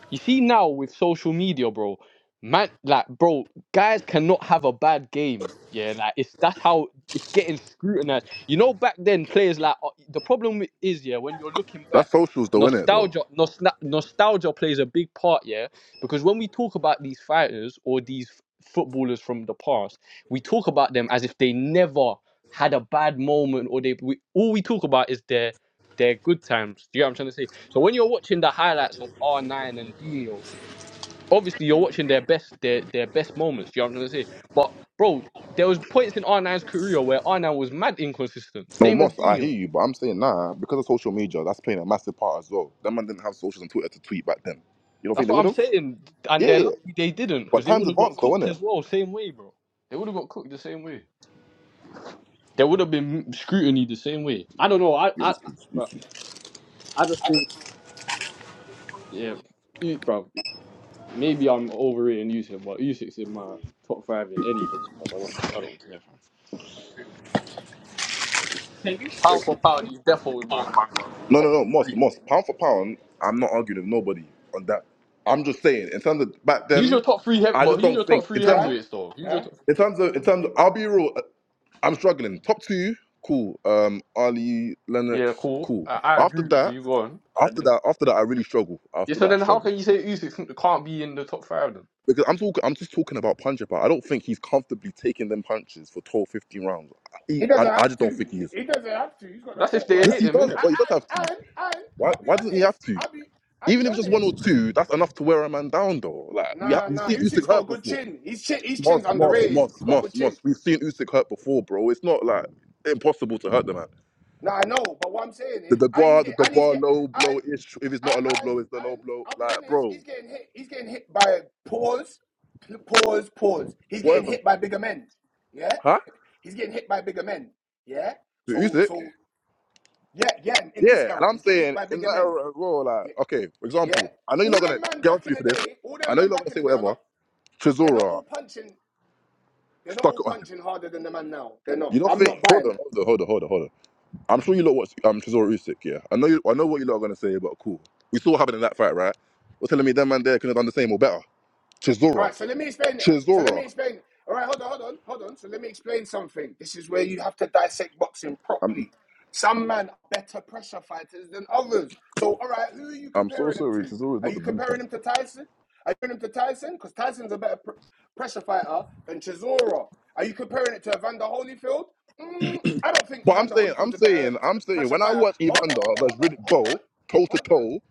[SPEAKER 2] You see now with social media, bro, man, like bro, guys cannot have a bad game. Yeah, like it's that's how it's getting scrutinized. You know, back then players like uh, the problem is yeah, when you're looking
[SPEAKER 3] That's
[SPEAKER 2] back,
[SPEAKER 3] socials though, innit? Though.
[SPEAKER 2] nostalgia, nostal- nostalgia plays a big part. Yeah, because when we talk about these fighters or these footballers from the past, we talk about them as if they never had a bad moment or they we, all we talk about is their their good times. Do you know what I'm trying to say? So when you're watching the highlights of R9 and Dino, obviously you're watching their best their their best moments. Do you know what I'm trying to say? But bro, there was points in r nine's career where R9 was mad inconsistent,
[SPEAKER 3] No,
[SPEAKER 2] same as
[SPEAKER 3] Moss, I hear
[SPEAKER 2] Dino.
[SPEAKER 3] you, but I'm saying nah, because of social media, that's playing a massive part as well. That man didn't have socials and Twitter to tweet back then. You don't think
[SPEAKER 2] That's
[SPEAKER 3] they
[SPEAKER 2] what
[SPEAKER 3] would
[SPEAKER 2] I'm
[SPEAKER 3] have?
[SPEAKER 2] saying. And they're
[SPEAKER 3] Yeah,
[SPEAKER 2] lucky they didn't,
[SPEAKER 3] but
[SPEAKER 2] because they
[SPEAKER 3] time's
[SPEAKER 2] would have got
[SPEAKER 3] advanced though,
[SPEAKER 2] cooked
[SPEAKER 3] innit?
[SPEAKER 2] as well, same way, bro. They would have got cooked the same way. There would have been scrutiny the same way. I don't know. I
[SPEAKER 3] Yeah,
[SPEAKER 2] I
[SPEAKER 3] this please, this
[SPEAKER 2] bruh,
[SPEAKER 3] please.
[SPEAKER 2] I just think yeah, e- bro. Maybe I'm overrating Usyk, but Usyk's in my top five in any list, bro. I don't, I don't care. Pound
[SPEAKER 3] Thank
[SPEAKER 2] for
[SPEAKER 3] you.
[SPEAKER 2] pound, he's definitely in my top,
[SPEAKER 3] No, no,
[SPEAKER 2] top
[SPEAKER 3] no, Moss,
[SPEAKER 2] three.
[SPEAKER 3] Moss, pound for pound, I'm not arguing with nobody on that. I'm just saying, in terms of back
[SPEAKER 2] He's your
[SPEAKER 3] then,
[SPEAKER 2] top three, heavy,
[SPEAKER 3] I
[SPEAKER 2] but
[SPEAKER 3] just
[SPEAKER 2] he's your
[SPEAKER 3] don't
[SPEAKER 2] top
[SPEAKER 3] think, in
[SPEAKER 2] three
[SPEAKER 3] terms
[SPEAKER 6] eh,
[SPEAKER 3] of,
[SPEAKER 2] heavyweights though. He's your
[SPEAKER 6] eh.
[SPEAKER 2] top.
[SPEAKER 3] in terms of, in terms of, I'll be real, uh, I'm struggling. Top two, cool. Um, Ali,
[SPEAKER 2] Yeah,
[SPEAKER 3] Lennox,
[SPEAKER 2] cool.
[SPEAKER 3] cool.
[SPEAKER 2] I, I
[SPEAKER 3] After
[SPEAKER 2] agree with
[SPEAKER 3] that,
[SPEAKER 2] you. Go on. And
[SPEAKER 3] after
[SPEAKER 2] then,
[SPEAKER 3] that, after that, I really struggle.
[SPEAKER 2] yeah,
[SPEAKER 3] After that,
[SPEAKER 2] so
[SPEAKER 3] I
[SPEAKER 2] then how
[SPEAKER 3] struggle.
[SPEAKER 2] can you say Usyk can't be in the top five then?
[SPEAKER 3] because I'm talking, I'm just talking about punch up. I don't think he's comfortably taking them punches for 12, 15 rounds. He,
[SPEAKER 6] He
[SPEAKER 3] I,
[SPEAKER 6] doesn't
[SPEAKER 3] I
[SPEAKER 6] have
[SPEAKER 3] just don't
[SPEAKER 6] to.
[SPEAKER 3] think he is.
[SPEAKER 6] He, he doesn't have to. He's got the
[SPEAKER 2] That's if they
[SPEAKER 3] Yes,
[SPEAKER 2] hit
[SPEAKER 3] he
[SPEAKER 6] footwork.
[SPEAKER 2] him,
[SPEAKER 3] does,
[SPEAKER 2] innit?
[SPEAKER 6] And
[SPEAKER 3] but he does
[SPEAKER 6] and
[SPEAKER 3] have to.
[SPEAKER 6] and, and
[SPEAKER 3] Why?
[SPEAKER 6] I'll be
[SPEAKER 3] Why doesn't he have
[SPEAKER 6] honest.
[SPEAKER 3] to?
[SPEAKER 6] I'll be I'll
[SPEAKER 3] Even
[SPEAKER 6] be
[SPEAKER 3] if it's just one or
[SPEAKER 6] honest. Cause he
[SPEAKER 3] two, that's enough to wear a man down, though. Like we have,
[SPEAKER 6] nah
[SPEAKER 3] we've
[SPEAKER 6] nah.
[SPEAKER 3] seen Usyk
[SPEAKER 6] Usyk's got a
[SPEAKER 3] hurt
[SPEAKER 6] good
[SPEAKER 3] before.
[SPEAKER 6] chin. His chin his chin's
[SPEAKER 3] Moss, Moss,
[SPEAKER 6] underrated.
[SPEAKER 3] Moss,
[SPEAKER 6] He's got a good
[SPEAKER 3] Moss,
[SPEAKER 6] chin.
[SPEAKER 3] Moss. We've seen Usyk hurt before, bro. It's not like impossible to hurt the man.
[SPEAKER 6] Nah, I know. But what I'm saying
[SPEAKER 3] The
[SPEAKER 6] is, and he's
[SPEAKER 3] Dubois, the
[SPEAKER 6] get and he's
[SPEAKER 3] Dubois
[SPEAKER 6] get
[SPEAKER 3] low blow
[SPEAKER 6] and
[SPEAKER 3] ish. If it's not
[SPEAKER 6] and
[SPEAKER 3] a low
[SPEAKER 6] and,
[SPEAKER 3] blow, it's the low
[SPEAKER 6] and
[SPEAKER 3] blow.
[SPEAKER 6] I'll be
[SPEAKER 3] Like,
[SPEAKER 6] honest.
[SPEAKER 3] bro,
[SPEAKER 6] He's getting hit. He's getting hit by pause, pause, pause. He's getting
[SPEAKER 3] whatever.
[SPEAKER 6] hit by bigger men. Yeah.
[SPEAKER 3] Huh?
[SPEAKER 6] He's getting hit by bigger men. Yeah.
[SPEAKER 3] The
[SPEAKER 6] So
[SPEAKER 3] Usyk.
[SPEAKER 6] so yeah yeah. In this
[SPEAKER 3] Yeah, and
[SPEAKER 6] era,
[SPEAKER 3] I'm
[SPEAKER 6] he's getting hit
[SPEAKER 3] saying
[SPEAKER 6] by
[SPEAKER 3] in
[SPEAKER 6] bigger
[SPEAKER 3] that
[SPEAKER 6] men.
[SPEAKER 3] era as well, like,
[SPEAKER 6] Yeah.
[SPEAKER 3] okay, for
[SPEAKER 6] yeah?
[SPEAKER 3] example, I know you're
[SPEAKER 6] All
[SPEAKER 3] not gonna
[SPEAKER 6] them men
[SPEAKER 3] get on
[SPEAKER 6] back
[SPEAKER 3] to me
[SPEAKER 6] in
[SPEAKER 3] for
[SPEAKER 6] the
[SPEAKER 3] this.
[SPEAKER 6] day, all
[SPEAKER 3] I
[SPEAKER 6] them
[SPEAKER 3] know you're
[SPEAKER 6] men
[SPEAKER 3] not gonna
[SPEAKER 6] back in
[SPEAKER 3] say
[SPEAKER 6] the day are
[SPEAKER 3] whatever.
[SPEAKER 6] not. They're not
[SPEAKER 3] Trezora
[SPEAKER 6] all punching. They're not
[SPEAKER 3] stuck
[SPEAKER 6] all
[SPEAKER 3] it on him.
[SPEAKER 6] punching harder than the man now. They're not.
[SPEAKER 3] You don't
[SPEAKER 6] I'm
[SPEAKER 3] think?
[SPEAKER 6] not
[SPEAKER 3] Hold
[SPEAKER 6] buying that.
[SPEAKER 3] on, hold on, hold on, hold on, hold on. I'm sure you lot watch um Trezora Usyk. Yeah, I know you. I know what you lot are gonna say, but cool. We saw what happened in that fight, right? You're telling me that man there could have done the same or better.
[SPEAKER 6] All
[SPEAKER 3] Trezora,
[SPEAKER 6] right, so let me explain. uh, So let
[SPEAKER 3] Trezora.
[SPEAKER 6] me explain. All right, hold on, hold on, hold on. So let me explain something. This is where you have to dissect boxing
[SPEAKER 3] I'm
[SPEAKER 6] properly. Some men are better pressure fighters than others. So, all right, who are you
[SPEAKER 3] I'm so
[SPEAKER 6] comparing them
[SPEAKER 3] sorry.
[SPEAKER 6] to?
[SPEAKER 3] Trezora is
[SPEAKER 6] Are
[SPEAKER 3] not the
[SPEAKER 6] you comparing
[SPEAKER 3] blueprint.
[SPEAKER 6] him to Tyson? Are you comparing him to Tyson? Because Tyson's a better pr- pressure fighter than Chisora. Are you comparing it to Evander Holyfield? Mm, I don't think
[SPEAKER 3] But I'm
[SPEAKER 6] Evander
[SPEAKER 3] saying, I'm
[SPEAKER 6] Holyfield's a better
[SPEAKER 3] saying,
[SPEAKER 6] t-
[SPEAKER 3] I'm saying.
[SPEAKER 6] pressure
[SPEAKER 3] When I
[SPEAKER 6] fighter.
[SPEAKER 3] watch
[SPEAKER 6] Hold on, hold
[SPEAKER 3] Evander
[SPEAKER 6] on,
[SPEAKER 3] versus
[SPEAKER 6] hold
[SPEAKER 3] Riddick
[SPEAKER 6] on, hold
[SPEAKER 3] Bowe
[SPEAKER 6] on.
[SPEAKER 3] toe to
[SPEAKER 6] Hold on.
[SPEAKER 3] toe,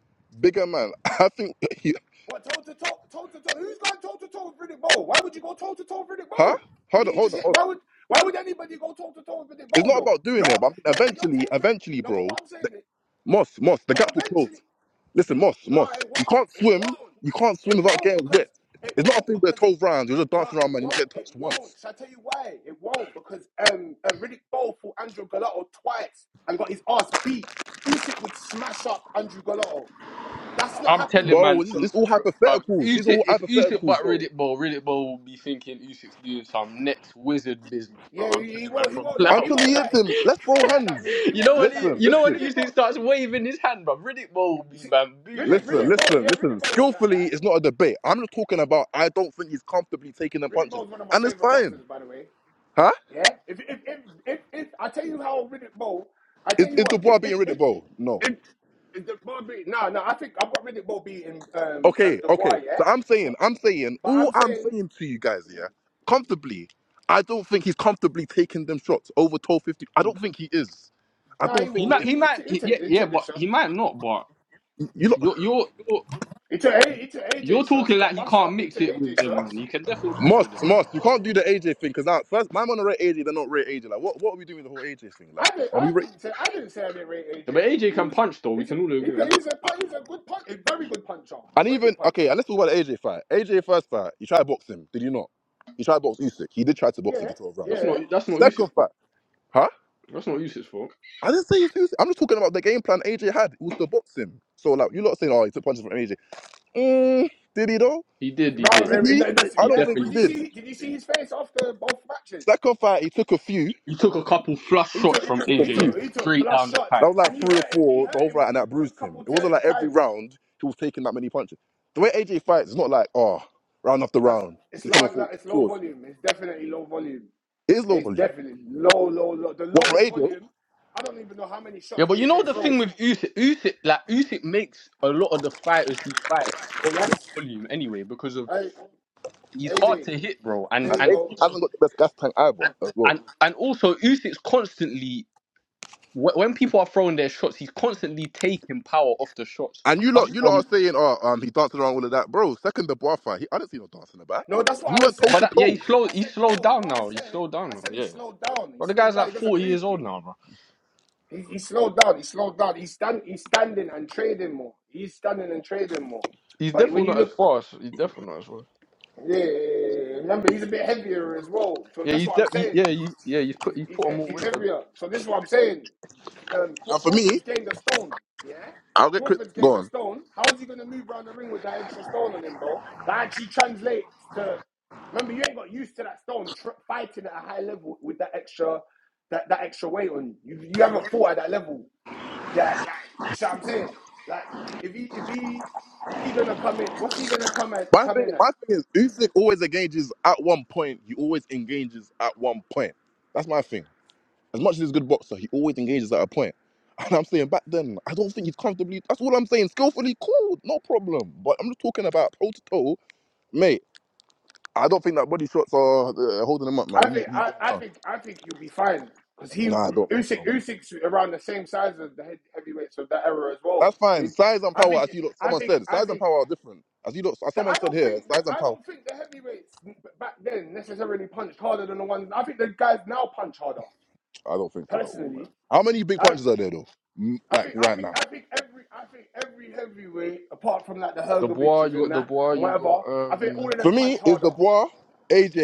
[SPEAKER 3] bigger man, *laughs* I think. he
[SPEAKER 6] What toe to toe, toe to toe? Who's going toe to toe with Riddick Bowe? Why would you go toe to toe with Riddick
[SPEAKER 3] Huh?
[SPEAKER 6] Bowe? Would
[SPEAKER 3] Hold on,
[SPEAKER 6] you
[SPEAKER 3] hold
[SPEAKER 6] just
[SPEAKER 3] on,
[SPEAKER 6] hit?
[SPEAKER 3] hold on.
[SPEAKER 6] Why would why would anybody go toe to toe with Riddick
[SPEAKER 3] It's
[SPEAKER 6] Bowe
[SPEAKER 3] not
[SPEAKER 6] though?
[SPEAKER 3] about
[SPEAKER 6] You're
[SPEAKER 3] doing it, but I'm-
[SPEAKER 6] you're but you're
[SPEAKER 3] eventually,
[SPEAKER 6] tapering.
[SPEAKER 3] eventually,
[SPEAKER 6] No, but
[SPEAKER 3] bro,
[SPEAKER 6] what I'm
[SPEAKER 3] the,
[SPEAKER 6] saying is,
[SPEAKER 3] Moss, Moss, the
[SPEAKER 6] no,
[SPEAKER 3] gap will close.
[SPEAKER 6] eventually,
[SPEAKER 3] Listen, Moss,
[SPEAKER 6] no, it
[SPEAKER 3] Moss, you
[SPEAKER 6] won't,
[SPEAKER 3] can't
[SPEAKER 6] it
[SPEAKER 3] swim.
[SPEAKER 6] won't,
[SPEAKER 3] You can't
[SPEAKER 6] not it
[SPEAKER 3] swim without
[SPEAKER 6] won't
[SPEAKER 3] getting
[SPEAKER 6] because
[SPEAKER 3] wet.
[SPEAKER 6] it
[SPEAKER 3] It's not a
[SPEAKER 6] won't
[SPEAKER 3] thing where
[SPEAKER 6] because
[SPEAKER 3] 12 rounds, you're just
[SPEAKER 6] no,
[SPEAKER 3] dancing around,
[SPEAKER 6] it
[SPEAKER 3] man, you're not
[SPEAKER 6] won't,
[SPEAKER 3] getting
[SPEAKER 6] it
[SPEAKER 3] touched once.
[SPEAKER 6] won't. Shall I tell you why? It won't because um uh, Riddick Bowe fought Andrew Galotto twice and got his ass beat. Usyk would smash up Andrew Galotto. That's not
[SPEAKER 2] I'm telling
[SPEAKER 6] happening.
[SPEAKER 3] Bro,
[SPEAKER 2] man,
[SPEAKER 3] this,
[SPEAKER 2] bro.
[SPEAKER 3] this all hypotheticals.
[SPEAKER 2] If
[SPEAKER 3] These are
[SPEAKER 2] Usyk,
[SPEAKER 3] all
[SPEAKER 2] if Usyk
[SPEAKER 3] hypotheticals,
[SPEAKER 2] but
[SPEAKER 3] bro.
[SPEAKER 2] Riddick Bowl, Riddick Bowl will be thinking Usyk's doing some next wizard business, bro.
[SPEAKER 6] Yeah,
[SPEAKER 2] I'm
[SPEAKER 6] he, he
[SPEAKER 2] telling man
[SPEAKER 6] won't. He
[SPEAKER 2] from
[SPEAKER 6] won't like. He
[SPEAKER 2] now.
[SPEAKER 3] Until he
[SPEAKER 6] won't like.
[SPEAKER 3] hits him, let's
[SPEAKER 6] He
[SPEAKER 3] throw
[SPEAKER 6] won't like that
[SPEAKER 2] *laughs*
[SPEAKER 3] hands.
[SPEAKER 6] movie. He
[SPEAKER 2] you
[SPEAKER 6] won't
[SPEAKER 2] know when
[SPEAKER 6] like
[SPEAKER 2] he,
[SPEAKER 6] that
[SPEAKER 3] Listen,
[SPEAKER 6] movie.
[SPEAKER 2] you know when
[SPEAKER 3] listen,
[SPEAKER 6] Riddick
[SPEAKER 2] Usyk
[SPEAKER 6] Bowe.
[SPEAKER 2] starts waving his hand, bro. Riddick Bowl will
[SPEAKER 6] You
[SPEAKER 2] be
[SPEAKER 6] see, Riddick
[SPEAKER 2] bamboozled.
[SPEAKER 3] listen,
[SPEAKER 2] Bruv.
[SPEAKER 6] Riddick Bowe.
[SPEAKER 3] listen,
[SPEAKER 6] Yeah,
[SPEAKER 3] listen.
[SPEAKER 6] Riddick Bowe won't like
[SPEAKER 3] Skillfully
[SPEAKER 6] that. He
[SPEAKER 3] is not
[SPEAKER 6] won't.
[SPEAKER 3] a debate. I'm just talking about I don't think he's comfortably taking the
[SPEAKER 6] Like, Riddick
[SPEAKER 3] punches.
[SPEAKER 6] Bowe's one of my
[SPEAKER 3] And it's
[SPEAKER 6] favorite
[SPEAKER 3] fine.
[SPEAKER 6] boxers, by the way.
[SPEAKER 3] Huh?
[SPEAKER 6] Yeah. If if if if, if I tell you how Riddick Bowe, I
[SPEAKER 3] Is,
[SPEAKER 6] tell you
[SPEAKER 3] is
[SPEAKER 6] what. If
[SPEAKER 3] Dubois
[SPEAKER 6] if
[SPEAKER 3] beating Riddick,
[SPEAKER 6] if
[SPEAKER 3] bro? No.
[SPEAKER 6] if, if the Bowe beat no no, I think I've got Riddick Bowe beating um um
[SPEAKER 3] Okay, okay.
[SPEAKER 6] Dubois. Yeah.
[SPEAKER 3] So I'm saying,
[SPEAKER 6] But
[SPEAKER 3] I'm saying,
[SPEAKER 6] but
[SPEAKER 3] all
[SPEAKER 6] I'm
[SPEAKER 3] I'm
[SPEAKER 6] saying.
[SPEAKER 3] saying to you guys, yeah, comfortably, I don't think he's comfortably taking them shots over 1250. I don't think he is. I
[SPEAKER 6] No,
[SPEAKER 3] don't
[SPEAKER 6] he
[SPEAKER 2] He
[SPEAKER 3] think he
[SPEAKER 6] will.
[SPEAKER 2] might, he
[SPEAKER 6] He,
[SPEAKER 3] is.
[SPEAKER 6] he,
[SPEAKER 2] might,
[SPEAKER 6] t- he
[SPEAKER 2] he-
[SPEAKER 6] take
[SPEAKER 2] yeah,
[SPEAKER 6] he
[SPEAKER 2] yeah,
[SPEAKER 6] take the
[SPEAKER 2] but he
[SPEAKER 6] shots.
[SPEAKER 2] might not. But
[SPEAKER 3] You know,
[SPEAKER 2] you're, you're, you're,
[SPEAKER 6] He took A- he took AJ
[SPEAKER 2] you're
[SPEAKER 6] shots. He
[SPEAKER 2] talking
[SPEAKER 6] got
[SPEAKER 2] like he
[SPEAKER 6] bust
[SPEAKER 2] can't
[SPEAKER 6] up. He
[SPEAKER 2] mix
[SPEAKER 6] took
[SPEAKER 2] it with
[SPEAKER 6] AJ
[SPEAKER 2] them, man.
[SPEAKER 6] shots.
[SPEAKER 2] He can definitely mix it
[SPEAKER 3] Moss,
[SPEAKER 2] with them.
[SPEAKER 3] Moss, you can't do the AJ thing because now, first, my man are rate AJ, they're not rate AJ. Like, what, what are we doing with the whole AJ thing? Like,
[SPEAKER 6] I did.
[SPEAKER 3] are we
[SPEAKER 6] not I
[SPEAKER 3] rate?
[SPEAKER 6] didn't say. I didn't say I didn't rate
[SPEAKER 2] Yeah,
[SPEAKER 6] AJ.
[SPEAKER 2] but AJ
[SPEAKER 6] He
[SPEAKER 2] can
[SPEAKER 6] was.
[SPEAKER 2] punch, though. We
[SPEAKER 6] He's a.
[SPEAKER 2] can all
[SPEAKER 6] He,
[SPEAKER 2] agree
[SPEAKER 6] ca-
[SPEAKER 2] on that.
[SPEAKER 6] he's a. He's a good punch. A very good puncher.
[SPEAKER 3] And
[SPEAKER 6] Very good
[SPEAKER 3] even, okay,
[SPEAKER 6] puncher.
[SPEAKER 3] and let's talk about the AJ fight. AJ first fight, you tried to box him, did you not? You tried to box Usyk. He did try to box him
[SPEAKER 6] Yeah.
[SPEAKER 3] for 12
[SPEAKER 2] That's
[SPEAKER 3] rounds.
[SPEAKER 6] Yeah.
[SPEAKER 2] not, that's not Usyk's
[SPEAKER 3] Second
[SPEAKER 2] fault.
[SPEAKER 3] fight, huh?
[SPEAKER 2] That's not Usyk's fault.
[SPEAKER 3] I didn't say it's who's. I'm just talking about the game plan AJ had. It was to box him. So like you lot saying, oh, he took punches from AJ. Mm, did he though?
[SPEAKER 2] He did, he did.
[SPEAKER 3] Did
[SPEAKER 6] Rather, and
[SPEAKER 3] he?
[SPEAKER 6] that- that's-
[SPEAKER 3] I
[SPEAKER 2] He
[SPEAKER 6] yeah.
[SPEAKER 3] don't think
[SPEAKER 6] But
[SPEAKER 3] he
[SPEAKER 2] definitely
[SPEAKER 6] did you
[SPEAKER 3] did.
[SPEAKER 2] took
[SPEAKER 6] see?
[SPEAKER 2] punch from
[SPEAKER 6] Did you see
[SPEAKER 2] AJ.
[SPEAKER 6] his face after both matches?
[SPEAKER 3] Second fight, he took a few.
[SPEAKER 2] He took a couple flush
[SPEAKER 6] He
[SPEAKER 2] shots
[SPEAKER 6] took.
[SPEAKER 3] He
[SPEAKER 2] from
[SPEAKER 3] took a
[SPEAKER 6] He
[SPEAKER 2] AJ
[SPEAKER 3] few.
[SPEAKER 6] took. He took
[SPEAKER 2] straight
[SPEAKER 6] flush
[SPEAKER 2] down the
[SPEAKER 6] shots,
[SPEAKER 3] That
[SPEAKER 2] pipe.
[SPEAKER 3] was like
[SPEAKER 6] and he
[SPEAKER 3] three or
[SPEAKER 6] hurt him. He
[SPEAKER 3] four the
[SPEAKER 6] hurt
[SPEAKER 3] whole
[SPEAKER 6] him a
[SPEAKER 3] fight, and
[SPEAKER 6] good,
[SPEAKER 3] that
[SPEAKER 6] good
[SPEAKER 3] bruised him.
[SPEAKER 6] couple
[SPEAKER 3] It
[SPEAKER 6] t-
[SPEAKER 3] wasn't like every
[SPEAKER 6] times.
[SPEAKER 3] round he was taking that many punches. The way AJ fights, it's not like oh, round after
[SPEAKER 6] That's.
[SPEAKER 3] round
[SPEAKER 6] It's
[SPEAKER 3] he's coming
[SPEAKER 6] low.
[SPEAKER 3] for
[SPEAKER 6] like, It's low
[SPEAKER 3] pause.
[SPEAKER 6] volume. It's definitely low volume.
[SPEAKER 3] It is low
[SPEAKER 6] It's
[SPEAKER 3] volume.
[SPEAKER 6] definitely low, low, low. The
[SPEAKER 3] What from
[SPEAKER 6] lowest
[SPEAKER 3] AJ?
[SPEAKER 6] volume. I don't even know how many
[SPEAKER 2] Yeah,
[SPEAKER 6] shots
[SPEAKER 2] but you know
[SPEAKER 6] AJ
[SPEAKER 2] the thing
[SPEAKER 6] throws.
[SPEAKER 2] with Usyk, Usyk, like Usyk makes a lot of the fighters he fights so low
[SPEAKER 6] Yes.
[SPEAKER 2] volume anyway because of
[SPEAKER 6] Hey
[SPEAKER 2] he's hard
[SPEAKER 6] AJ.
[SPEAKER 2] to hit, bro,
[SPEAKER 3] And
[SPEAKER 2] and
[SPEAKER 6] There you
[SPEAKER 2] and
[SPEAKER 3] AJ
[SPEAKER 6] go.
[SPEAKER 2] also
[SPEAKER 3] hasn't got the best gas tank either
[SPEAKER 2] and
[SPEAKER 3] as well.
[SPEAKER 2] and and also Usyk's constantly wh- when people are throwing their shots, he's constantly taking power off the shots.
[SPEAKER 3] And you lot,
[SPEAKER 2] Just
[SPEAKER 3] you lot are
[SPEAKER 2] from
[SPEAKER 3] saying, oh, um, he danced around all of that, bro. Second the bar fight, he, I didn't see no dancing about.
[SPEAKER 6] No, that's
[SPEAKER 3] He
[SPEAKER 6] what I was
[SPEAKER 3] went toe
[SPEAKER 2] but
[SPEAKER 3] to
[SPEAKER 6] saying.
[SPEAKER 2] that, yeah,
[SPEAKER 3] toe,
[SPEAKER 2] he's slow.
[SPEAKER 6] I
[SPEAKER 2] He's
[SPEAKER 6] said
[SPEAKER 2] slowed
[SPEAKER 6] no.
[SPEAKER 2] down
[SPEAKER 6] What I
[SPEAKER 2] now. He's
[SPEAKER 6] said,
[SPEAKER 2] slowed down
[SPEAKER 6] I
[SPEAKER 2] now.
[SPEAKER 6] said he
[SPEAKER 2] Yeah,
[SPEAKER 6] slowed down. He
[SPEAKER 2] but the
[SPEAKER 6] slowed
[SPEAKER 2] guy's
[SPEAKER 6] down.
[SPEAKER 2] like
[SPEAKER 6] He doesn't
[SPEAKER 2] forty
[SPEAKER 6] move.
[SPEAKER 2] years
[SPEAKER 6] He,
[SPEAKER 2] old now, bro.
[SPEAKER 6] he, he slowed down. He slowed down. He's stand, He's standing and trading more. He's standing and trading more.
[SPEAKER 2] He's
[SPEAKER 6] But
[SPEAKER 2] definitely
[SPEAKER 6] when you
[SPEAKER 2] not as
[SPEAKER 6] look,
[SPEAKER 2] fast. He's definitely not as fast.
[SPEAKER 6] yeah, yeah, yeah, yeah, yeah, yeah, remember he's a bit heavier as well. So
[SPEAKER 2] Yeah,
[SPEAKER 6] that's
[SPEAKER 2] he's
[SPEAKER 6] what I'm
[SPEAKER 2] de- he,
[SPEAKER 6] saying.
[SPEAKER 2] yeah, he, yeah, he's
[SPEAKER 6] He's,
[SPEAKER 2] put he's
[SPEAKER 6] he's,
[SPEAKER 2] put on more
[SPEAKER 6] he's
[SPEAKER 2] weight as well.
[SPEAKER 6] heavier. So this is what I'm saying. Um,
[SPEAKER 3] and for me,
[SPEAKER 6] Crawford's gained a stone. Yeah?
[SPEAKER 3] I'll get Chris
[SPEAKER 6] Crawford's gained a
[SPEAKER 3] gone.
[SPEAKER 6] stone. How is he going to move around the ring with that extra stone on him, bro? That actually translates to. Remember, you ain't got used to that stone tr- fighting at a high level with that extra that, that extra weight on you. You you haven't fought at that level. Like, like, you see what I'm saying? Like, if he if he he gonna come in, what's he gonna come at
[SPEAKER 3] My
[SPEAKER 6] come
[SPEAKER 3] thing,
[SPEAKER 6] in at?
[SPEAKER 3] my thing is, Usyk always engages at one point. He always engages at one point. That's my thing. As much as he's a good boxer, he always engages at a point. *laughs* And I'm saying back then, I don't think he's comfortably. That's all I'm saying. Skillfully, cool, no problem. But I'm just talking about toe to toe, mate. I don't think that body shots are uh, holding him up, man.
[SPEAKER 6] I
[SPEAKER 3] He's,
[SPEAKER 6] think
[SPEAKER 3] he's
[SPEAKER 6] I,
[SPEAKER 3] going
[SPEAKER 6] I
[SPEAKER 3] down.
[SPEAKER 6] think I think he'll be fine because he
[SPEAKER 3] Nah, I don't think so,
[SPEAKER 6] Usyk
[SPEAKER 3] man.
[SPEAKER 6] Usyk's around the same size as the head, heavyweights of that era as well.
[SPEAKER 3] That's
[SPEAKER 6] So
[SPEAKER 3] fine.
[SPEAKER 6] he,
[SPEAKER 3] Size and
[SPEAKER 6] I
[SPEAKER 3] power,
[SPEAKER 6] think
[SPEAKER 3] as you look,
[SPEAKER 6] I
[SPEAKER 3] someone
[SPEAKER 6] think
[SPEAKER 3] said,
[SPEAKER 6] I
[SPEAKER 3] size and
[SPEAKER 6] think
[SPEAKER 3] power are different. As you look, as
[SPEAKER 6] that I
[SPEAKER 3] someone said
[SPEAKER 6] don't
[SPEAKER 3] here,
[SPEAKER 6] think that
[SPEAKER 3] size and
[SPEAKER 6] I
[SPEAKER 3] power.
[SPEAKER 6] don't think the heavyweights back then necessarily punched harder than the ones. I think the guys now punch harder.
[SPEAKER 3] I don't think so at all, man.
[SPEAKER 6] Personally,
[SPEAKER 3] How many big
[SPEAKER 6] I
[SPEAKER 3] punches are there though? Mm,
[SPEAKER 6] I
[SPEAKER 3] Like
[SPEAKER 6] think I
[SPEAKER 3] right
[SPEAKER 6] think
[SPEAKER 3] now,
[SPEAKER 6] I think every I think every heavyweight apart from like the
[SPEAKER 2] Dubois,
[SPEAKER 6] Hergoviches
[SPEAKER 2] you
[SPEAKER 6] and
[SPEAKER 2] got
[SPEAKER 6] that
[SPEAKER 2] Dubois,
[SPEAKER 6] and
[SPEAKER 2] you got
[SPEAKER 6] whatever. I think all
[SPEAKER 2] um.
[SPEAKER 6] of
[SPEAKER 3] for
[SPEAKER 6] them
[SPEAKER 3] me,
[SPEAKER 6] punch
[SPEAKER 3] it's the
[SPEAKER 6] harder.
[SPEAKER 3] boy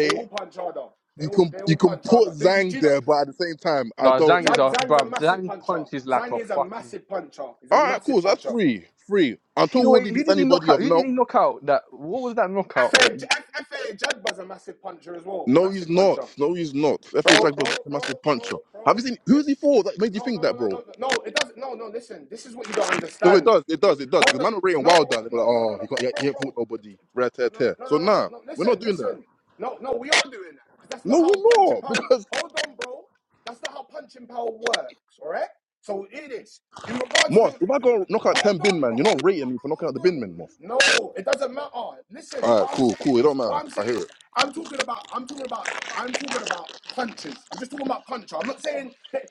[SPEAKER 6] They all punch harder. They
[SPEAKER 3] You
[SPEAKER 6] all
[SPEAKER 3] can
[SPEAKER 6] they
[SPEAKER 3] you
[SPEAKER 6] all
[SPEAKER 3] can
[SPEAKER 6] punch
[SPEAKER 3] put
[SPEAKER 6] harder. Do you, do
[SPEAKER 3] Zhang
[SPEAKER 6] you know?
[SPEAKER 3] there, but at the same time,
[SPEAKER 2] No,
[SPEAKER 3] I don't
[SPEAKER 2] Zhang is
[SPEAKER 3] know.
[SPEAKER 6] Zhang,
[SPEAKER 2] a
[SPEAKER 6] Zhang's a
[SPEAKER 2] bruv.
[SPEAKER 6] massive
[SPEAKER 2] Zhang
[SPEAKER 6] puncher.
[SPEAKER 2] punches like
[SPEAKER 6] Zhang
[SPEAKER 2] a
[SPEAKER 6] is a
[SPEAKER 2] fucking.
[SPEAKER 6] massive puncher. He's a
[SPEAKER 3] All right, cool.
[SPEAKER 6] massive
[SPEAKER 3] So that's
[SPEAKER 6] puncher.
[SPEAKER 3] free, free.
[SPEAKER 2] See
[SPEAKER 3] Until
[SPEAKER 2] the way
[SPEAKER 3] Woody
[SPEAKER 2] who
[SPEAKER 3] beats
[SPEAKER 2] did he knock
[SPEAKER 3] anybody
[SPEAKER 2] out?
[SPEAKER 3] of
[SPEAKER 2] Who did
[SPEAKER 3] note.
[SPEAKER 2] he knock out? That what was that knockout?
[SPEAKER 6] FA,
[SPEAKER 2] That I
[SPEAKER 6] F- FA Jagba's a massive puncher as well.
[SPEAKER 3] No, he's
[SPEAKER 6] Massive
[SPEAKER 3] not.
[SPEAKER 6] puncher.
[SPEAKER 3] No, he's not.
[SPEAKER 6] Bro,
[SPEAKER 3] FA Jack was
[SPEAKER 6] bro,
[SPEAKER 3] not a
[SPEAKER 6] bro,
[SPEAKER 3] massive puncher. Have
[SPEAKER 6] bro,
[SPEAKER 3] you seen
[SPEAKER 6] bro.
[SPEAKER 3] who's he for that made you
[SPEAKER 6] No,
[SPEAKER 3] think
[SPEAKER 6] no, no,
[SPEAKER 3] that,
[SPEAKER 6] no, no,
[SPEAKER 3] bro?
[SPEAKER 6] no. no, It doesn't. No, no. Listen, this is what you don't
[SPEAKER 3] No, it
[SPEAKER 6] understand.
[SPEAKER 3] does, it
[SPEAKER 6] Yeah.
[SPEAKER 3] does, it does. Because
[SPEAKER 6] Hold on.
[SPEAKER 3] man of Ray and
[SPEAKER 6] No,
[SPEAKER 3] Wild done.
[SPEAKER 6] what-
[SPEAKER 3] They're like,
[SPEAKER 6] no, no, no,
[SPEAKER 3] oh,
[SPEAKER 6] no,
[SPEAKER 3] he,
[SPEAKER 6] bro,
[SPEAKER 3] got, he,
[SPEAKER 6] bro,
[SPEAKER 3] he ain't fought
[SPEAKER 6] bro.
[SPEAKER 3] nobody. Rat
[SPEAKER 6] No,
[SPEAKER 3] tear
[SPEAKER 6] no,
[SPEAKER 3] tear.
[SPEAKER 6] no,
[SPEAKER 3] So
[SPEAKER 6] no, no, no.
[SPEAKER 3] nah,
[SPEAKER 6] no.
[SPEAKER 3] we're not
[SPEAKER 6] Listen,
[SPEAKER 3] doing that.
[SPEAKER 6] listen. No, no, we are doing that because that's not
[SPEAKER 3] No,
[SPEAKER 6] how
[SPEAKER 3] we're
[SPEAKER 6] punching
[SPEAKER 3] not. *laughs*
[SPEAKER 6] power.
[SPEAKER 3] Because
[SPEAKER 6] Hold on, bro. That's not how punching power works. All right. So it is in regards to.
[SPEAKER 3] Moss, if I go knock out
[SPEAKER 6] Hold
[SPEAKER 3] ten bin
[SPEAKER 6] on,
[SPEAKER 3] man,
[SPEAKER 6] bro.
[SPEAKER 3] you're not
[SPEAKER 6] Hold on, bro.
[SPEAKER 3] rating me for knocking out the
[SPEAKER 6] Hold
[SPEAKER 3] bin
[SPEAKER 6] on.
[SPEAKER 3] man, Moss.
[SPEAKER 6] No, it doesn't matter. Listen,
[SPEAKER 3] All right,
[SPEAKER 6] what I'm
[SPEAKER 3] cool, cool. It
[SPEAKER 6] saying
[SPEAKER 3] don't
[SPEAKER 6] is,
[SPEAKER 3] matter.
[SPEAKER 6] what I'm
[SPEAKER 3] I hear
[SPEAKER 6] saying,
[SPEAKER 3] it.
[SPEAKER 6] I'm talking about. I'm talking about. I'm talking about punches. I'm just talking about puncher. I'm not saying that.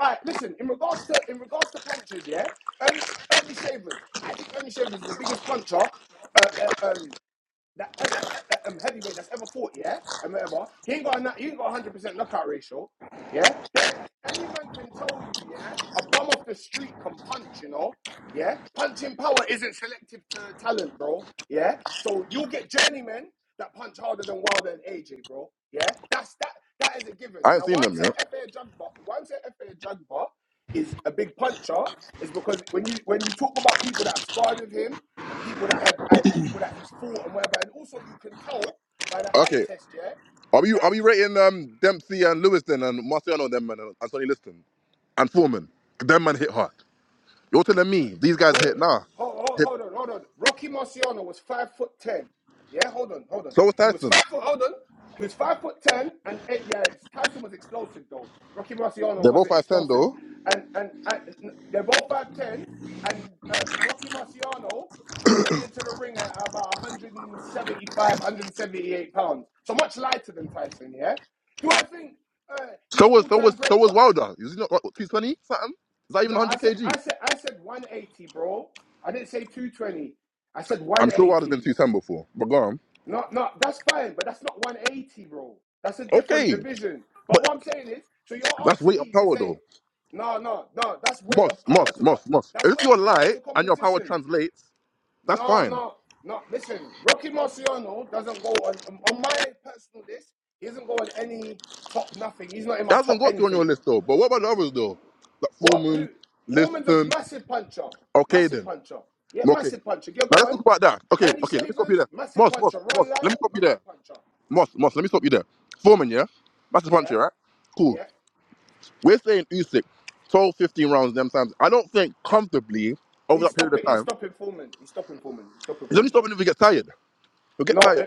[SPEAKER 6] all right, listen. In regards to in regards to punches, yeah, Ernie, Ernie Shavers. I think Ernie Shavers is the biggest puncher. Uh, uh, um, that ever eh, um, heavyweight that's ever fought, yeah, and whatever. He ain't got a, he ain't got a hundred percent knockout ratio, yeah. Any man can tell you, yeah, a bum off the street can punch, you know, yeah. Punching power isn't selective to talent, bro, yeah. So you'll get journeymen that punch harder than Wilder and AJ, bro, yeah. That's that. That is a given.
[SPEAKER 3] I ain't
[SPEAKER 6] Now,
[SPEAKER 3] seen
[SPEAKER 6] why I'm
[SPEAKER 3] them,
[SPEAKER 6] saying
[SPEAKER 3] yeah.
[SPEAKER 6] FA Jugba, why I'm saying FA Jugba is a big puncher, is because when you when you talk about people that have sparred with him and people that have uh, people that he's fought and whatever. And also, you can tell by the eye
[SPEAKER 3] Okay,
[SPEAKER 6] test, yeah,
[SPEAKER 3] are we are
[SPEAKER 6] that.
[SPEAKER 3] we rating um Dempsey and Lewis then and Marciano them man and and Sonny Liston and Foreman? 'Cause Them man hit hard. You're telling me these guys hit nah.
[SPEAKER 6] hold, hold,
[SPEAKER 3] Hit.
[SPEAKER 6] on, hold on. Rocky Marciano was five foot ten. Yeah, hold on, hold on.
[SPEAKER 3] So was
[SPEAKER 6] He was
[SPEAKER 3] Tyson.
[SPEAKER 6] five foot. Hold on. He was five foot ten, and eight, yeah, Tyson was explosive though. Rocky Marciano
[SPEAKER 3] They're both
[SPEAKER 6] wasn't
[SPEAKER 3] five ten
[SPEAKER 6] explosive,
[SPEAKER 3] though.
[SPEAKER 6] and and, and they're both five ten, and um, Rocky Marciano came into the ring at about 175, 178 pounds, so much lighter than Tyson. Yeah. Do I think uh, he's
[SPEAKER 3] So
[SPEAKER 6] an
[SPEAKER 3] was so was
[SPEAKER 6] all-time
[SPEAKER 3] so
[SPEAKER 6] great?
[SPEAKER 3] was Wilder. Is he not what, 220 something? Is that even
[SPEAKER 6] No, I
[SPEAKER 3] 100
[SPEAKER 6] said
[SPEAKER 3] kg?
[SPEAKER 6] I said I said 180, bro. I didn't say 220. I said
[SPEAKER 3] I'm sure Wilder's been
[SPEAKER 6] 180.
[SPEAKER 3] 210 before, but go on.
[SPEAKER 6] Not not that's fine, but that's not 180, bro. That's a different
[SPEAKER 3] Okay,
[SPEAKER 6] division. But
[SPEAKER 3] but
[SPEAKER 6] what I'm saying is, so you're
[SPEAKER 3] that's
[SPEAKER 6] asking
[SPEAKER 3] weight and
[SPEAKER 6] me to
[SPEAKER 3] power
[SPEAKER 6] say,
[SPEAKER 3] though.
[SPEAKER 6] no, no, no, that's weight
[SPEAKER 3] Moss,
[SPEAKER 6] of power
[SPEAKER 3] Moss,
[SPEAKER 6] to co-
[SPEAKER 3] Moss, Moss.
[SPEAKER 6] that's
[SPEAKER 3] If
[SPEAKER 6] weight
[SPEAKER 3] you're
[SPEAKER 6] of power
[SPEAKER 3] light
[SPEAKER 6] to
[SPEAKER 3] and your power
[SPEAKER 6] competition.
[SPEAKER 3] translates, that's
[SPEAKER 6] No,
[SPEAKER 3] fine.
[SPEAKER 6] no, no. Listen, Rocky Marciano doesn't go on on my personal list. He doesn't go on any top nothing. He's not in
[SPEAKER 3] It
[SPEAKER 6] my
[SPEAKER 3] hasn't
[SPEAKER 6] top
[SPEAKER 3] got to on your
[SPEAKER 6] anything.
[SPEAKER 3] list though. But what about the others though? Like
[SPEAKER 6] What? Who?
[SPEAKER 3] Foreman,
[SPEAKER 6] Foreman's a
[SPEAKER 3] Liston.
[SPEAKER 6] massive puncher.
[SPEAKER 3] Okay
[SPEAKER 6] Massive
[SPEAKER 3] then.
[SPEAKER 6] puncher. Yeah,
[SPEAKER 3] Okay.
[SPEAKER 6] massive puncher. Yeah,
[SPEAKER 3] Now
[SPEAKER 6] go
[SPEAKER 3] let's
[SPEAKER 6] on.
[SPEAKER 3] talk about that. Okay,
[SPEAKER 6] Ernie
[SPEAKER 3] okay. Let me stop you
[SPEAKER 6] Shavers,
[SPEAKER 3] there.
[SPEAKER 6] massive
[SPEAKER 3] Moss, Moss,
[SPEAKER 6] puncher.
[SPEAKER 3] Moss.
[SPEAKER 6] Ron Lyle,
[SPEAKER 3] Let me stop you there.
[SPEAKER 6] massive puncher.
[SPEAKER 3] Moss, Moss. Let me stop you there. Foreman, yeah. That's the
[SPEAKER 6] Yeah,
[SPEAKER 3] puncher, right? Cool.
[SPEAKER 6] yeah.
[SPEAKER 3] We're saying Usyk, 12, 15 rounds them times. I don't think comfortably over
[SPEAKER 6] He's
[SPEAKER 3] that period of
[SPEAKER 6] stopping. He's
[SPEAKER 3] time.
[SPEAKER 6] stopping Foreman. He's stopping Foreman. He's stopping
[SPEAKER 3] He's only
[SPEAKER 6] Foreman.
[SPEAKER 3] stopping if he gets tired. He'll get
[SPEAKER 6] No.
[SPEAKER 3] tired.
[SPEAKER 6] eh,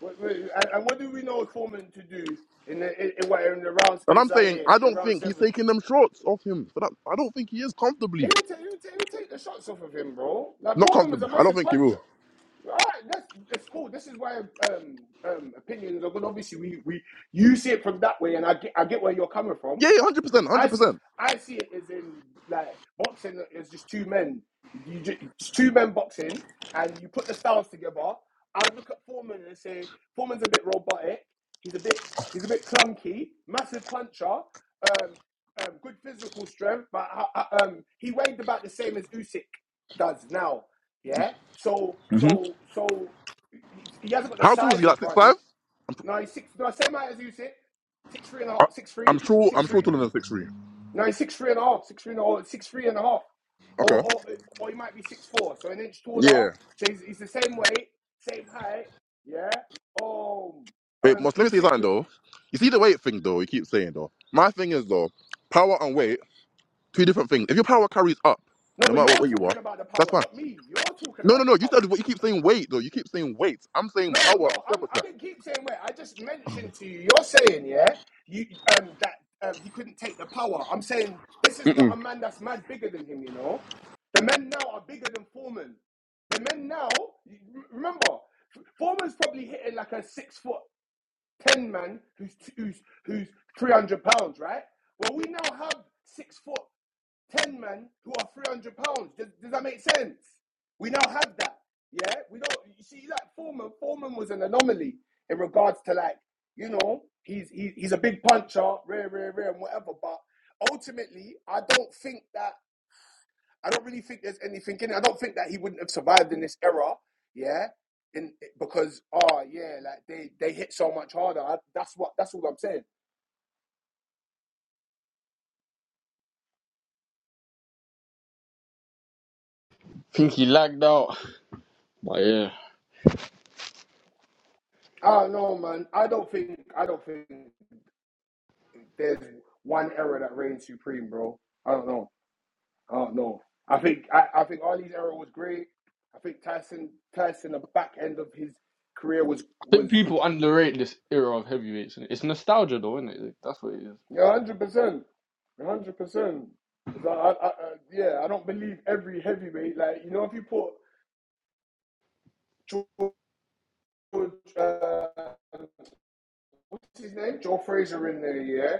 [SPEAKER 6] wait, wait, and, and what do we know Foreman to do in the in, in, what, in the rounds
[SPEAKER 3] And
[SPEAKER 6] in
[SPEAKER 3] I'm saying
[SPEAKER 6] Zaire
[SPEAKER 3] I
[SPEAKER 6] in
[SPEAKER 3] don't
[SPEAKER 6] round
[SPEAKER 3] think he's
[SPEAKER 6] seven?
[SPEAKER 3] taking them shorts off him. For that, I don't think he is
[SPEAKER 6] He'll
[SPEAKER 3] comfortably.
[SPEAKER 6] take, he'll, take, he'll take the shots off of him, bro. Like
[SPEAKER 3] Not
[SPEAKER 6] Foreman was
[SPEAKER 3] comfortably.
[SPEAKER 6] a
[SPEAKER 3] I don't
[SPEAKER 6] massive
[SPEAKER 3] think he
[SPEAKER 6] puncher.
[SPEAKER 3] will.
[SPEAKER 6] All right, that's that's cool. This is why um, um, opinions are good. Obviously, we, we you see it from that way, and I get I get where you're coming from,
[SPEAKER 3] Yeah, yeah,
[SPEAKER 6] but
[SPEAKER 3] 100%,
[SPEAKER 6] I see
[SPEAKER 3] 100%.
[SPEAKER 6] I see it as in like boxing is just two men. You just, it's two men boxing, and you put the styles together. I look at Foreman and say Foreman's a bit robotic. He's a bit he's a bit clunky, massive puncher, um, um, good physical strength, but uh, uh, um, he weighed about the same as Usyk does now. Yeah. So
[SPEAKER 3] hmm
[SPEAKER 6] so so he hasn't got the
[SPEAKER 3] How tall is
[SPEAKER 6] size
[SPEAKER 3] he? Like six five?
[SPEAKER 6] advantage. No, he's six. No, same height as Usyk. Six three and a half. Six
[SPEAKER 3] I'm
[SPEAKER 6] three.
[SPEAKER 3] sure,
[SPEAKER 6] Six
[SPEAKER 3] I'm
[SPEAKER 6] three.
[SPEAKER 3] sure taller than six three.
[SPEAKER 6] No, he's six three and a half. Six three and a half. Six three and a half. Or
[SPEAKER 3] Okay.
[SPEAKER 6] or or he might be six four. So an inch taller.
[SPEAKER 3] Yeah.
[SPEAKER 6] So he's, he's the same weight, same height. Yeah. Um.
[SPEAKER 3] Wait,
[SPEAKER 6] Um.
[SPEAKER 3] must, let me say
[SPEAKER 6] Usyk.
[SPEAKER 3] something though. You see the weight thing though, you keep saying though. My thing is though, power and weight, two different things. If your power carries up,
[SPEAKER 6] No,
[SPEAKER 3] no
[SPEAKER 6] but
[SPEAKER 3] matter
[SPEAKER 6] you're
[SPEAKER 3] what weight you are,
[SPEAKER 6] talking about the
[SPEAKER 3] that's
[SPEAKER 6] power,
[SPEAKER 3] fine.
[SPEAKER 6] not me. You're talking
[SPEAKER 3] No, no,
[SPEAKER 6] about the
[SPEAKER 3] no. You
[SPEAKER 6] power.
[SPEAKER 3] said you keep saying weight though. You keep saying weights. I'm saying
[SPEAKER 6] No, no,
[SPEAKER 3] power and
[SPEAKER 6] I'm, I
[SPEAKER 3] temperature.
[SPEAKER 6] didn't keep saying where. I just mentioned to you. You're saying, yeah, you um that um he couldn't take the power. I'm saying this is not a
[SPEAKER 3] Mm-mm.
[SPEAKER 6] man that's mad bigger than him. You know, the men now are bigger than Foreman. The men now, you- remember, Foreman's probably hitting like a six foot ten man who's who's who's three hundred pounds, right? Well, we now have six foot. 10 men who are 300 pounds. Does, does that make sense? We now have that. Yeah, we don't. You see, like Foreman, Foreman was an anomaly in regards to like, you know, he's he, he's a big puncher, rare, rare, rare, and whatever. But ultimately, I don't think that I don't really think there's anything in it. I don't think that he wouldn't have survived in this era. Yeah, in because oh yeah, like they they hit so much harder. I, that's what that's all I'm saying.
[SPEAKER 2] think he lagged out. But yeah.
[SPEAKER 6] I don't know, man. I don't think I don't think. there's one era that reigns supreme, bro. I don't know. I don't know. I think I, I think Ali's era was great. I think Tyson Tyson the back end of his career was
[SPEAKER 2] I think
[SPEAKER 6] was
[SPEAKER 2] people underrate this era of heavyweights. innit? It's nostalgia, though, isn't it? That's what it is.
[SPEAKER 6] one hundred percent, one hundred percent. Because I, I, I yeah I don't believe every heavyweight like you know if you put George uh, what's his name? Joe Frazier in there, yeah,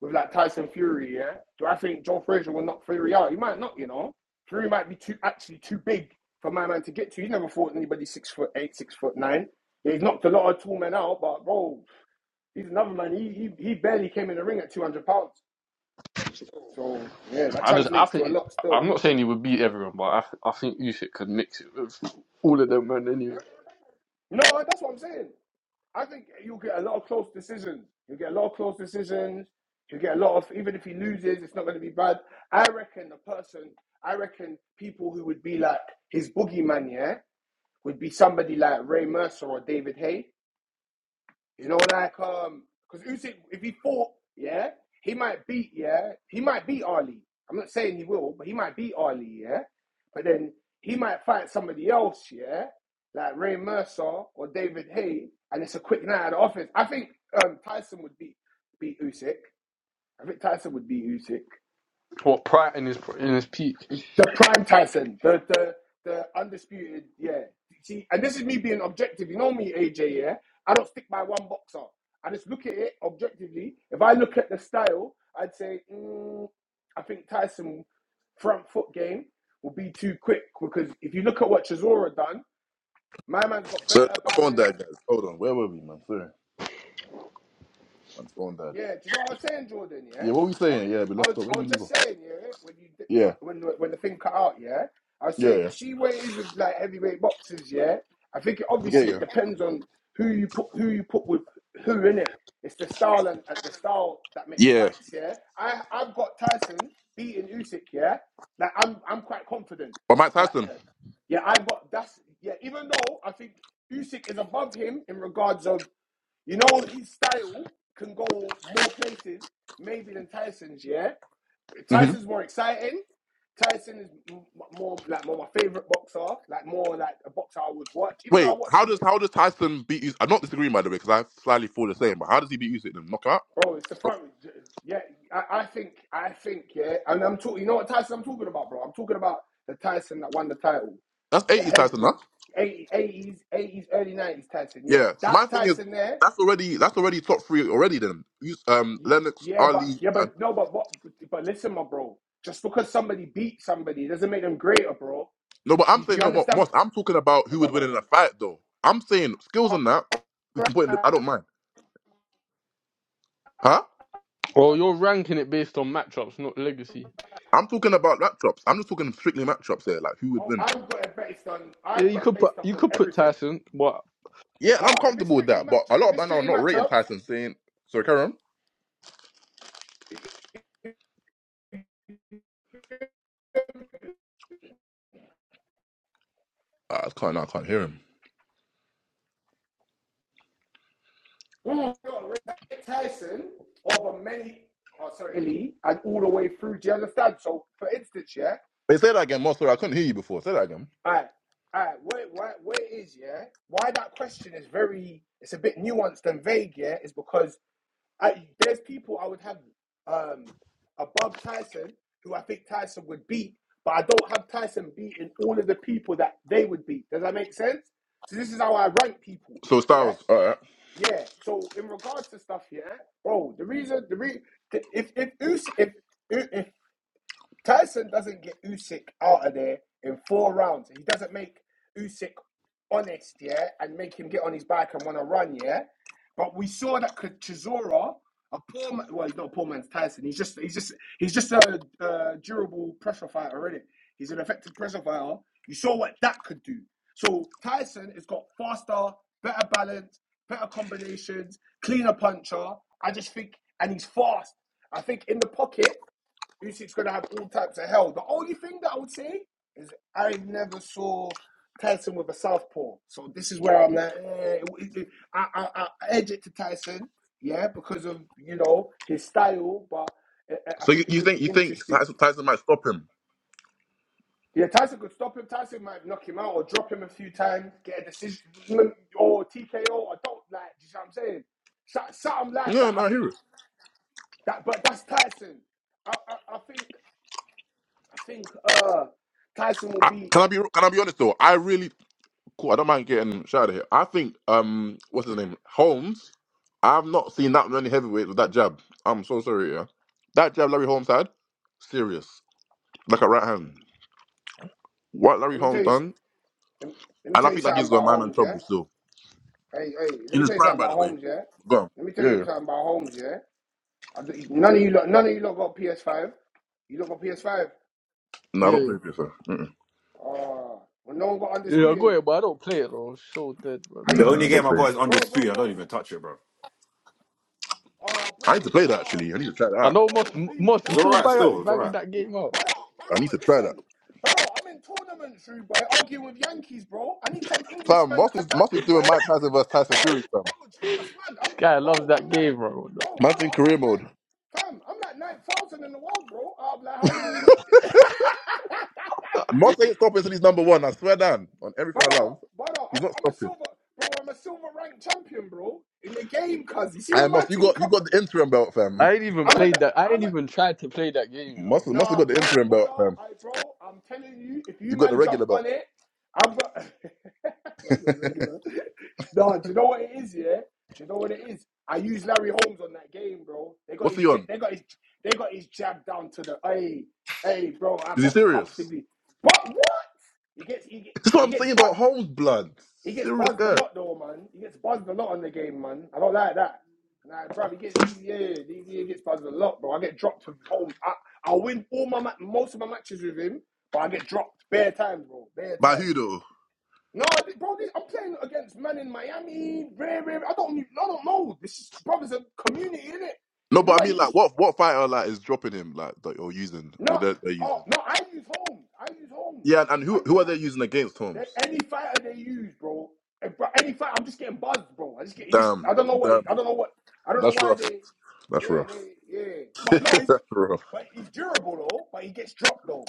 [SPEAKER 6] with like Tyson Fury, yeah. Do I think Joe Frazier will knock Fury out? He might not, you know. Fury might be too actually too big for my man to get to. He never fought anybody six foot eight, six foot nine. Yeah, he's knocked a lot of tall men out, but bro, he's another man. He he, he barely came in the ring at two hundred pounds. So yeah, that
[SPEAKER 2] I just, I
[SPEAKER 6] translates
[SPEAKER 2] think,
[SPEAKER 6] to a
[SPEAKER 2] it,
[SPEAKER 6] lot
[SPEAKER 2] I'm
[SPEAKER 6] still.
[SPEAKER 2] not saying he would beat everyone, but I, I think Usyk could mix it with all of them, man. Anyway,
[SPEAKER 6] No, that's what I'm saying. I think you'll get a lot of close decisions. You'll get a lot of close decisions. You'll get a lot of, even if he loses, it's not going to be bad. I reckon the person, I reckon people who would be like his boogeyman, yeah, would be somebody like Ray Mercer or David Hay. You know, like um, because Usyk, if he fought, yeah, he might beat, yeah, he might beat Ali. I'm not saying he will, but he might beat Ali, yeah. But then he might fight somebody else, yeah, like Ray Mercer or David Hay, and it's a quick night at the office. I think um, Tyson would beat beat Usyk. I think Tyson would beat Usyk.
[SPEAKER 2] or Pratt in his in his peak.
[SPEAKER 6] The prime Tyson, the the the undisputed, yeah. See, and this is me being objective. You know me, AJ. Yeah, I don't stick by one boxer. I just look at it objectively. If I look at the style, I'd say mm, I think Tyson front foot game will be too quick because if you look at what Chisora done, my man's got
[SPEAKER 3] Sir,
[SPEAKER 6] better
[SPEAKER 3] the phone
[SPEAKER 6] balance.
[SPEAKER 3] died, guys. Hold on. Where were we, man? Sorry, man's phone died.
[SPEAKER 6] Yeah, do you know what I was saying, Jordan? Yeah,
[SPEAKER 3] Yeah, what were we
[SPEAKER 6] I,
[SPEAKER 3] saying? Yeah, we
[SPEAKER 6] I
[SPEAKER 3] left
[SPEAKER 6] was,
[SPEAKER 3] off. Where
[SPEAKER 6] I
[SPEAKER 3] did
[SPEAKER 6] was
[SPEAKER 3] we leave off?
[SPEAKER 6] just saying, yeah, when you dipped
[SPEAKER 3] Yeah,
[SPEAKER 6] out, when the- when the thing cut out, yeah, I was
[SPEAKER 3] yeah,
[SPEAKER 6] saying,
[SPEAKER 3] yeah,
[SPEAKER 6] you see where it is with like heavyweight boxers, yeah. I think it,
[SPEAKER 3] yeah,
[SPEAKER 6] obviously
[SPEAKER 3] yeah.
[SPEAKER 6] it depends on who you put who you put with who in it. It's the style and uh, the style that makes
[SPEAKER 3] Yeah.
[SPEAKER 6] fights, yeah. I I've got Tyson beating Usyk, yeah. Like I'm I'm quite confident
[SPEAKER 3] But Mike
[SPEAKER 6] that
[SPEAKER 3] Tyson.
[SPEAKER 6] uh, yeah I've got that's yeah even though I think Usyk is above him in regards of you know his style can go more places maybe than Tyson's. Yeah,
[SPEAKER 3] hmm
[SPEAKER 6] Tyson's more exciting. Tyson is m- more like more my favorite boxer, like more like a boxer I would watch. Even though
[SPEAKER 3] Wait,
[SPEAKER 6] I watch
[SPEAKER 3] how
[SPEAKER 6] some,
[SPEAKER 3] does how does Tyson beat? you? I'm not disagreeing by the way, because I slightly feel the same. But how does he beat Usyk? Then knock him out.
[SPEAKER 6] bro, it's the front. Yeah, I, I think I think yeah, and I'm talking. You know what Tyson I'm talking about, bro? I'm talking about the Tyson that won the title,
[SPEAKER 3] That's
[SPEAKER 6] the
[SPEAKER 3] 80
[SPEAKER 6] head
[SPEAKER 3] Tyson, huh?
[SPEAKER 6] move. 80, 80s, 80s, early 90s Tyson, yeah.
[SPEAKER 3] Yeah. So my
[SPEAKER 6] That
[SPEAKER 3] thing is,
[SPEAKER 6] Tyson there
[SPEAKER 3] that's already that's already top three already. Then Us- um,
[SPEAKER 6] Ye-
[SPEAKER 3] Lennox,
[SPEAKER 6] Yeah, but
[SPEAKER 3] Ali.
[SPEAKER 6] yeah,
[SPEAKER 3] and.
[SPEAKER 6] but no, but what? But listen, my bro. Just because somebody beat somebody doesn't make them greater, bro.
[SPEAKER 3] No, but
[SPEAKER 6] Do
[SPEAKER 3] I'm
[SPEAKER 6] you,
[SPEAKER 3] saying
[SPEAKER 6] do you
[SPEAKER 3] no, Mo- Moss.
[SPEAKER 6] understand?
[SPEAKER 3] I'm talking about
[SPEAKER 6] I've
[SPEAKER 3] who
[SPEAKER 6] got
[SPEAKER 3] would
[SPEAKER 6] go
[SPEAKER 3] win in a
[SPEAKER 6] ahead.
[SPEAKER 3] fight, though. I'm saying skills on that. We can put in. The, I don't mind. Huh?
[SPEAKER 2] Or you're ranking it based on matchups, not legacy.
[SPEAKER 3] I'm talking about matchups. I'm just talking strictly matchups here, like who would
[SPEAKER 6] Oh,
[SPEAKER 3] win.
[SPEAKER 6] I've got it based on.
[SPEAKER 2] Yeah,
[SPEAKER 6] I've
[SPEAKER 2] you
[SPEAKER 6] got it
[SPEAKER 2] could put
[SPEAKER 6] based up
[SPEAKER 2] you
[SPEAKER 6] on
[SPEAKER 2] could put
[SPEAKER 6] everything.
[SPEAKER 2] Tyson, but
[SPEAKER 3] Yeah, and
[SPEAKER 6] Ah,
[SPEAKER 3] I'm
[SPEAKER 6] if it's
[SPEAKER 3] comfortable with
[SPEAKER 6] strictly
[SPEAKER 3] that. But
[SPEAKER 6] match,
[SPEAKER 3] a lot
[SPEAKER 6] if
[SPEAKER 3] of
[SPEAKER 6] it's
[SPEAKER 3] men are
[SPEAKER 6] strictly
[SPEAKER 3] not rating
[SPEAKER 6] matchups,
[SPEAKER 3] Tyson, saying, "Sorry, Karen, I can't. I can't hear him."
[SPEAKER 6] mm, you got Ray Tyson over many. Oh, sorry, Lee, and all the way through. Do you understand? So, for instance, yeah,
[SPEAKER 3] They say that again, Moss. Sorry, I couldn't hear you before. Say that again.
[SPEAKER 6] alright, alright, where, where, where it is yeah? Why that question is very, it's a bit nuanced and vague, yeah, is because I, there's people I would have um, above Tyson who I think Tyson would beat, but I don't have Tyson beating all of the people that they would beat. Does that make sense? So this is how I rank people.
[SPEAKER 3] So
[SPEAKER 6] Yeah,
[SPEAKER 3] Styles, all right.
[SPEAKER 6] yeah. So in regards to stuff, yeah, bro. The reason, the re- the- if if Usyk, if, if Tyson doesn't get Usyk out of there in four rounds. He doesn't make Usyk honest, yeah, and make him get on his bike and want to run, yeah. But we saw that K- Chisora, a poor man, well, he's not a poor man's Tyson. He's just, he's just, he's just a, uh durable pressure fighter, really. He's an effective pressure fighter. You saw what that could do. So Tyson has got faster, better balance, better combinations, cleaner puncher. I just think, and he's fast. I think in the pocket. Usyk's gonna have all types of hell. The only thing that I would say is I never saw Tyson with a southpaw, so this is where I'm like, eh, it- it- I, I, I edge it to Tyson, yeah, because of you know his style, but I, I
[SPEAKER 3] So you,
[SPEAKER 6] think it
[SPEAKER 3] you
[SPEAKER 6] could
[SPEAKER 3] think
[SPEAKER 6] be
[SPEAKER 3] you think
[SPEAKER 6] interesting.
[SPEAKER 3] Tyson, Tyson might stop him?
[SPEAKER 6] Yeah, Tyson could stop him. Tyson might knock him out or drop him a few times, get a decision or TKO. or don't like. Do you see what I'm saying? So- Something like
[SPEAKER 3] Yeah,
[SPEAKER 6] that. I
[SPEAKER 3] no, I hear
[SPEAKER 6] think
[SPEAKER 3] it.
[SPEAKER 6] that, but that's Tyson. I, I, I think I think uh, Tyson will
[SPEAKER 3] I,
[SPEAKER 6] be.
[SPEAKER 3] can I be can I be honest though? I really cool. I don't mind getting shot out of here. I think um, what's his name, Holmes. I've not seen that many heavyweights with that jab. I'm so sorry. Yeah, that jab Larry Holmes had, serious, like a right hand. What Larry
[SPEAKER 6] Let me tell
[SPEAKER 3] Holmes
[SPEAKER 6] you. s-
[SPEAKER 3] done,
[SPEAKER 6] Let me let me
[SPEAKER 3] and I
[SPEAKER 6] tell you
[SPEAKER 3] think that
[SPEAKER 6] something
[SPEAKER 3] gives the
[SPEAKER 6] about
[SPEAKER 3] man man
[SPEAKER 6] Holmes, yeah.
[SPEAKER 3] trouble still
[SPEAKER 6] Hey, hey. Let
[SPEAKER 3] in
[SPEAKER 6] me
[SPEAKER 3] his
[SPEAKER 6] tell you
[SPEAKER 3] prime,
[SPEAKER 6] something
[SPEAKER 3] by
[SPEAKER 6] about
[SPEAKER 3] the way.
[SPEAKER 6] Holmes, yeah.
[SPEAKER 3] Go on.
[SPEAKER 6] Let me tell
[SPEAKER 3] Yeah.
[SPEAKER 6] you
[SPEAKER 3] yeah.
[SPEAKER 6] something about Holmes, yeah. I do, none of you, lot, none of you lot got PS Five. You lot got PS Five.
[SPEAKER 3] No, I don't
[SPEAKER 2] yeah,
[SPEAKER 3] play FIFA. Mm-mm.
[SPEAKER 6] Oh, well, no one got
[SPEAKER 2] yeah, I go
[SPEAKER 6] undisputed.
[SPEAKER 2] ahead, but I don't play it though. It's so dead, man.
[SPEAKER 6] Are
[SPEAKER 3] No,
[SPEAKER 9] The
[SPEAKER 6] you,
[SPEAKER 3] no,
[SPEAKER 9] only
[SPEAKER 3] I don't
[SPEAKER 9] game I
[SPEAKER 3] play.
[SPEAKER 9] got is
[SPEAKER 6] bro,
[SPEAKER 9] undisputed.
[SPEAKER 6] bro,
[SPEAKER 9] I don't
[SPEAKER 6] bro?
[SPEAKER 9] even touch it, bro.
[SPEAKER 6] Oh,
[SPEAKER 3] I need
[SPEAKER 6] bro,
[SPEAKER 3] to play that
[SPEAKER 6] oh,
[SPEAKER 3] actually. I need to try that
[SPEAKER 2] I
[SPEAKER 3] out.
[SPEAKER 2] know
[SPEAKER 6] bro.
[SPEAKER 2] most
[SPEAKER 6] Please
[SPEAKER 2] most. You
[SPEAKER 9] It's all
[SPEAKER 2] still
[SPEAKER 9] right
[SPEAKER 6] download
[SPEAKER 2] bang
[SPEAKER 6] it,
[SPEAKER 9] still. It's
[SPEAKER 6] please.
[SPEAKER 9] all
[SPEAKER 2] bang
[SPEAKER 9] right.
[SPEAKER 2] that game out.
[SPEAKER 6] Brother,
[SPEAKER 3] I need
[SPEAKER 6] brother,
[SPEAKER 3] to try that.
[SPEAKER 6] listen, Bro, I'm in tournaments, room, boy, arguing with Yankees, bro. I need some
[SPEAKER 3] Fam,
[SPEAKER 6] Englishmen
[SPEAKER 3] Moss
[SPEAKER 6] to
[SPEAKER 3] is
[SPEAKER 6] back
[SPEAKER 3] Moss is
[SPEAKER 6] me,
[SPEAKER 3] doing
[SPEAKER 6] bro.
[SPEAKER 3] Mike Tyson versus Tyson
[SPEAKER 6] bro,
[SPEAKER 3] Fury, fam.
[SPEAKER 6] bro, do you know what's mad? I'm,
[SPEAKER 2] This guy
[SPEAKER 6] bro,
[SPEAKER 2] loves
[SPEAKER 6] I'm
[SPEAKER 2] that
[SPEAKER 6] like,
[SPEAKER 2] game, bro.
[SPEAKER 6] bro,
[SPEAKER 3] Man's
[SPEAKER 6] brother,
[SPEAKER 3] in
[SPEAKER 6] I'm
[SPEAKER 3] career
[SPEAKER 6] like
[SPEAKER 3] mode.
[SPEAKER 6] nine, fam, I'm like nine thousand in the world, bro. I'm like, how many, *laughs*
[SPEAKER 3] Moss ain't stopping till he's number one. I swear down on everything I
[SPEAKER 6] brother,
[SPEAKER 3] love,
[SPEAKER 6] brother?
[SPEAKER 3] he's
[SPEAKER 6] I'm,
[SPEAKER 3] not
[SPEAKER 6] I'm a
[SPEAKER 3] stopping.
[SPEAKER 6] silver, bro. I'm a silver ranked champion, bro, in the game, cuz you see
[SPEAKER 3] I
[SPEAKER 6] when my
[SPEAKER 3] Moss, you
[SPEAKER 6] team
[SPEAKER 3] got you
[SPEAKER 6] comes,
[SPEAKER 3] got the interim belt, fam.
[SPEAKER 2] I ain't even
[SPEAKER 6] I'm at
[SPEAKER 2] played
[SPEAKER 6] the,
[SPEAKER 2] that. I ain't
[SPEAKER 6] I'm at
[SPEAKER 2] even tried to play that game,
[SPEAKER 3] Moss,
[SPEAKER 2] though.
[SPEAKER 3] Moss has
[SPEAKER 6] Nah,
[SPEAKER 3] got the
[SPEAKER 6] bro,
[SPEAKER 3] interim belt,
[SPEAKER 6] brother,
[SPEAKER 3] fam.
[SPEAKER 6] I bro, I'm telling you, if you
[SPEAKER 3] You got the
[SPEAKER 6] man jump
[SPEAKER 3] regular belt.
[SPEAKER 6] on it, i am got *laughs* that's just regular. Nah, do you know what it is, yeah? Do you know what it is? I used Larry Holmes on that game, bro. They got
[SPEAKER 3] What's
[SPEAKER 6] his
[SPEAKER 3] he
[SPEAKER 6] j-
[SPEAKER 3] on?
[SPEAKER 6] they got his they got his jab down to the hey, hey bro, I
[SPEAKER 3] Is he
[SPEAKER 6] box
[SPEAKER 3] serious?
[SPEAKER 6] comfortably. But what? He gets he,
[SPEAKER 3] *laughs*
[SPEAKER 6] get-
[SPEAKER 3] That's what
[SPEAKER 6] he
[SPEAKER 3] I'm
[SPEAKER 6] gets
[SPEAKER 3] saying
[SPEAKER 6] butt
[SPEAKER 3] about Holmes, blood.
[SPEAKER 6] he gets
[SPEAKER 3] Serious
[SPEAKER 6] buzzed a
[SPEAKER 3] guy.
[SPEAKER 6] lot though, man. He gets buzzed a lot on the game, man. I don't like that. Nah, bro, he gets he, yeah, he, he gets buzzed a lot, bro. I get dropped with Holmes. I I win all my ma- most of my matches with him, but I get dropped bare times, bro. Bare
[SPEAKER 3] By who
[SPEAKER 6] times.
[SPEAKER 3] though?
[SPEAKER 6] No, bro, I'm playing against man in Miami. Rare, rare. I don't, I don't know. This is, bro, there's a community in it.
[SPEAKER 3] No,
[SPEAKER 6] You know,
[SPEAKER 3] but I
[SPEAKER 6] like
[SPEAKER 3] mean
[SPEAKER 6] you
[SPEAKER 3] like
[SPEAKER 6] just
[SPEAKER 3] what what fighter like is dropping him like that you're using or
[SPEAKER 6] no,
[SPEAKER 3] they're, they're
[SPEAKER 6] oh
[SPEAKER 3] using?
[SPEAKER 6] no. I use Holmes. I use Holmes.
[SPEAKER 3] Yeah, and
[SPEAKER 6] I
[SPEAKER 3] who who
[SPEAKER 6] use.
[SPEAKER 3] are they using against
[SPEAKER 6] They,
[SPEAKER 3] Holmes?
[SPEAKER 6] any fighter they use, bro, eh, any fighter, I'm just getting buzzed, bro. I just get, it just,
[SPEAKER 3] Damn,
[SPEAKER 6] I don't know what,
[SPEAKER 3] damn,
[SPEAKER 6] I don't know what, I don't know
[SPEAKER 3] that's
[SPEAKER 6] why
[SPEAKER 3] rough.
[SPEAKER 6] they,
[SPEAKER 3] That's
[SPEAKER 6] yeah,
[SPEAKER 3] rough.
[SPEAKER 6] they, yeah. But no, he's,
[SPEAKER 3] That's rough.
[SPEAKER 6] but he's durable though. But he gets dropped though.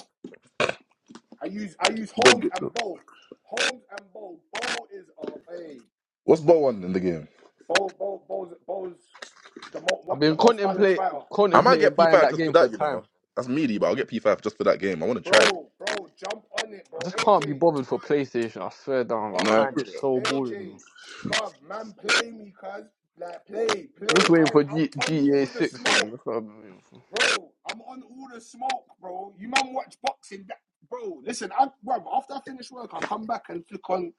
[SPEAKER 6] I use, I use
[SPEAKER 3] He does
[SPEAKER 6] Holmes
[SPEAKER 3] get
[SPEAKER 6] and
[SPEAKER 3] though.
[SPEAKER 6] Bo. Holmes and Bo. Bo is a, hey,
[SPEAKER 3] What's
[SPEAKER 6] and
[SPEAKER 3] Bowen in the game?
[SPEAKER 6] Bo, Bo, Bo's, Bo's the
[SPEAKER 2] I've
[SPEAKER 6] most, the
[SPEAKER 2] been
[SPEAKER 6] most balanced
[SPEAKER 2] contemplate
[SPEAKER 6] fighter,
[SPEAKER 3] I might
[SPEAKER 2] contemplating
[SPEAKER 3] get
[SPEAKER 2] buying
[SPEAKER 3] P5
[SPEAKER 2] that
[SPEAKER 3] just for
[SPEAKER 2] game for
[SPEAKER 3] that, you know.
[SPEAKER 2] time.
[SPEAKER 3] That's meaty, but I'll get P5 just for that game. I want to try it.
[SPEAKER 6] bro, bro. Jump on it, bro.
[SPEAKER 2] I just can't be
[SPEAKER 6] AJ,
[SPEAKER 2] bothered for PlayStation. I swear down, I
[SPEAKER 3] No, *laughs* I
[SPEAKER 6] Bro,
[SPEAKER 2] find it
[SPEAKER 3] hear
[SPEAKER 2] so boring. man.
[SPEAKER 6] AJ, bruv, man, play me, cuz. Like, play,
[SPEAKER 2] I'm
[SPEAKER 6] play.
[SPEAKER 2] just waiting
[SPEAKER 6] I,
[SPEAKER 2] for
[SPEAKER 6] I'm
[SPEAKER 2] G-
[SPEAKER 6] on
[SPEAKER 2] GTA
[SPEAKER 6] all the
[SPEAKER 2] Six. Man.
[SPEAKER 6] smoke.
[SPEAKER 2] That's what I've been
[SPEAKER 6] Bro, I'm on all the smoke, bro. You man watch boxing, that, bro. Listen, I, bro, after I finish work, I come back and flick on,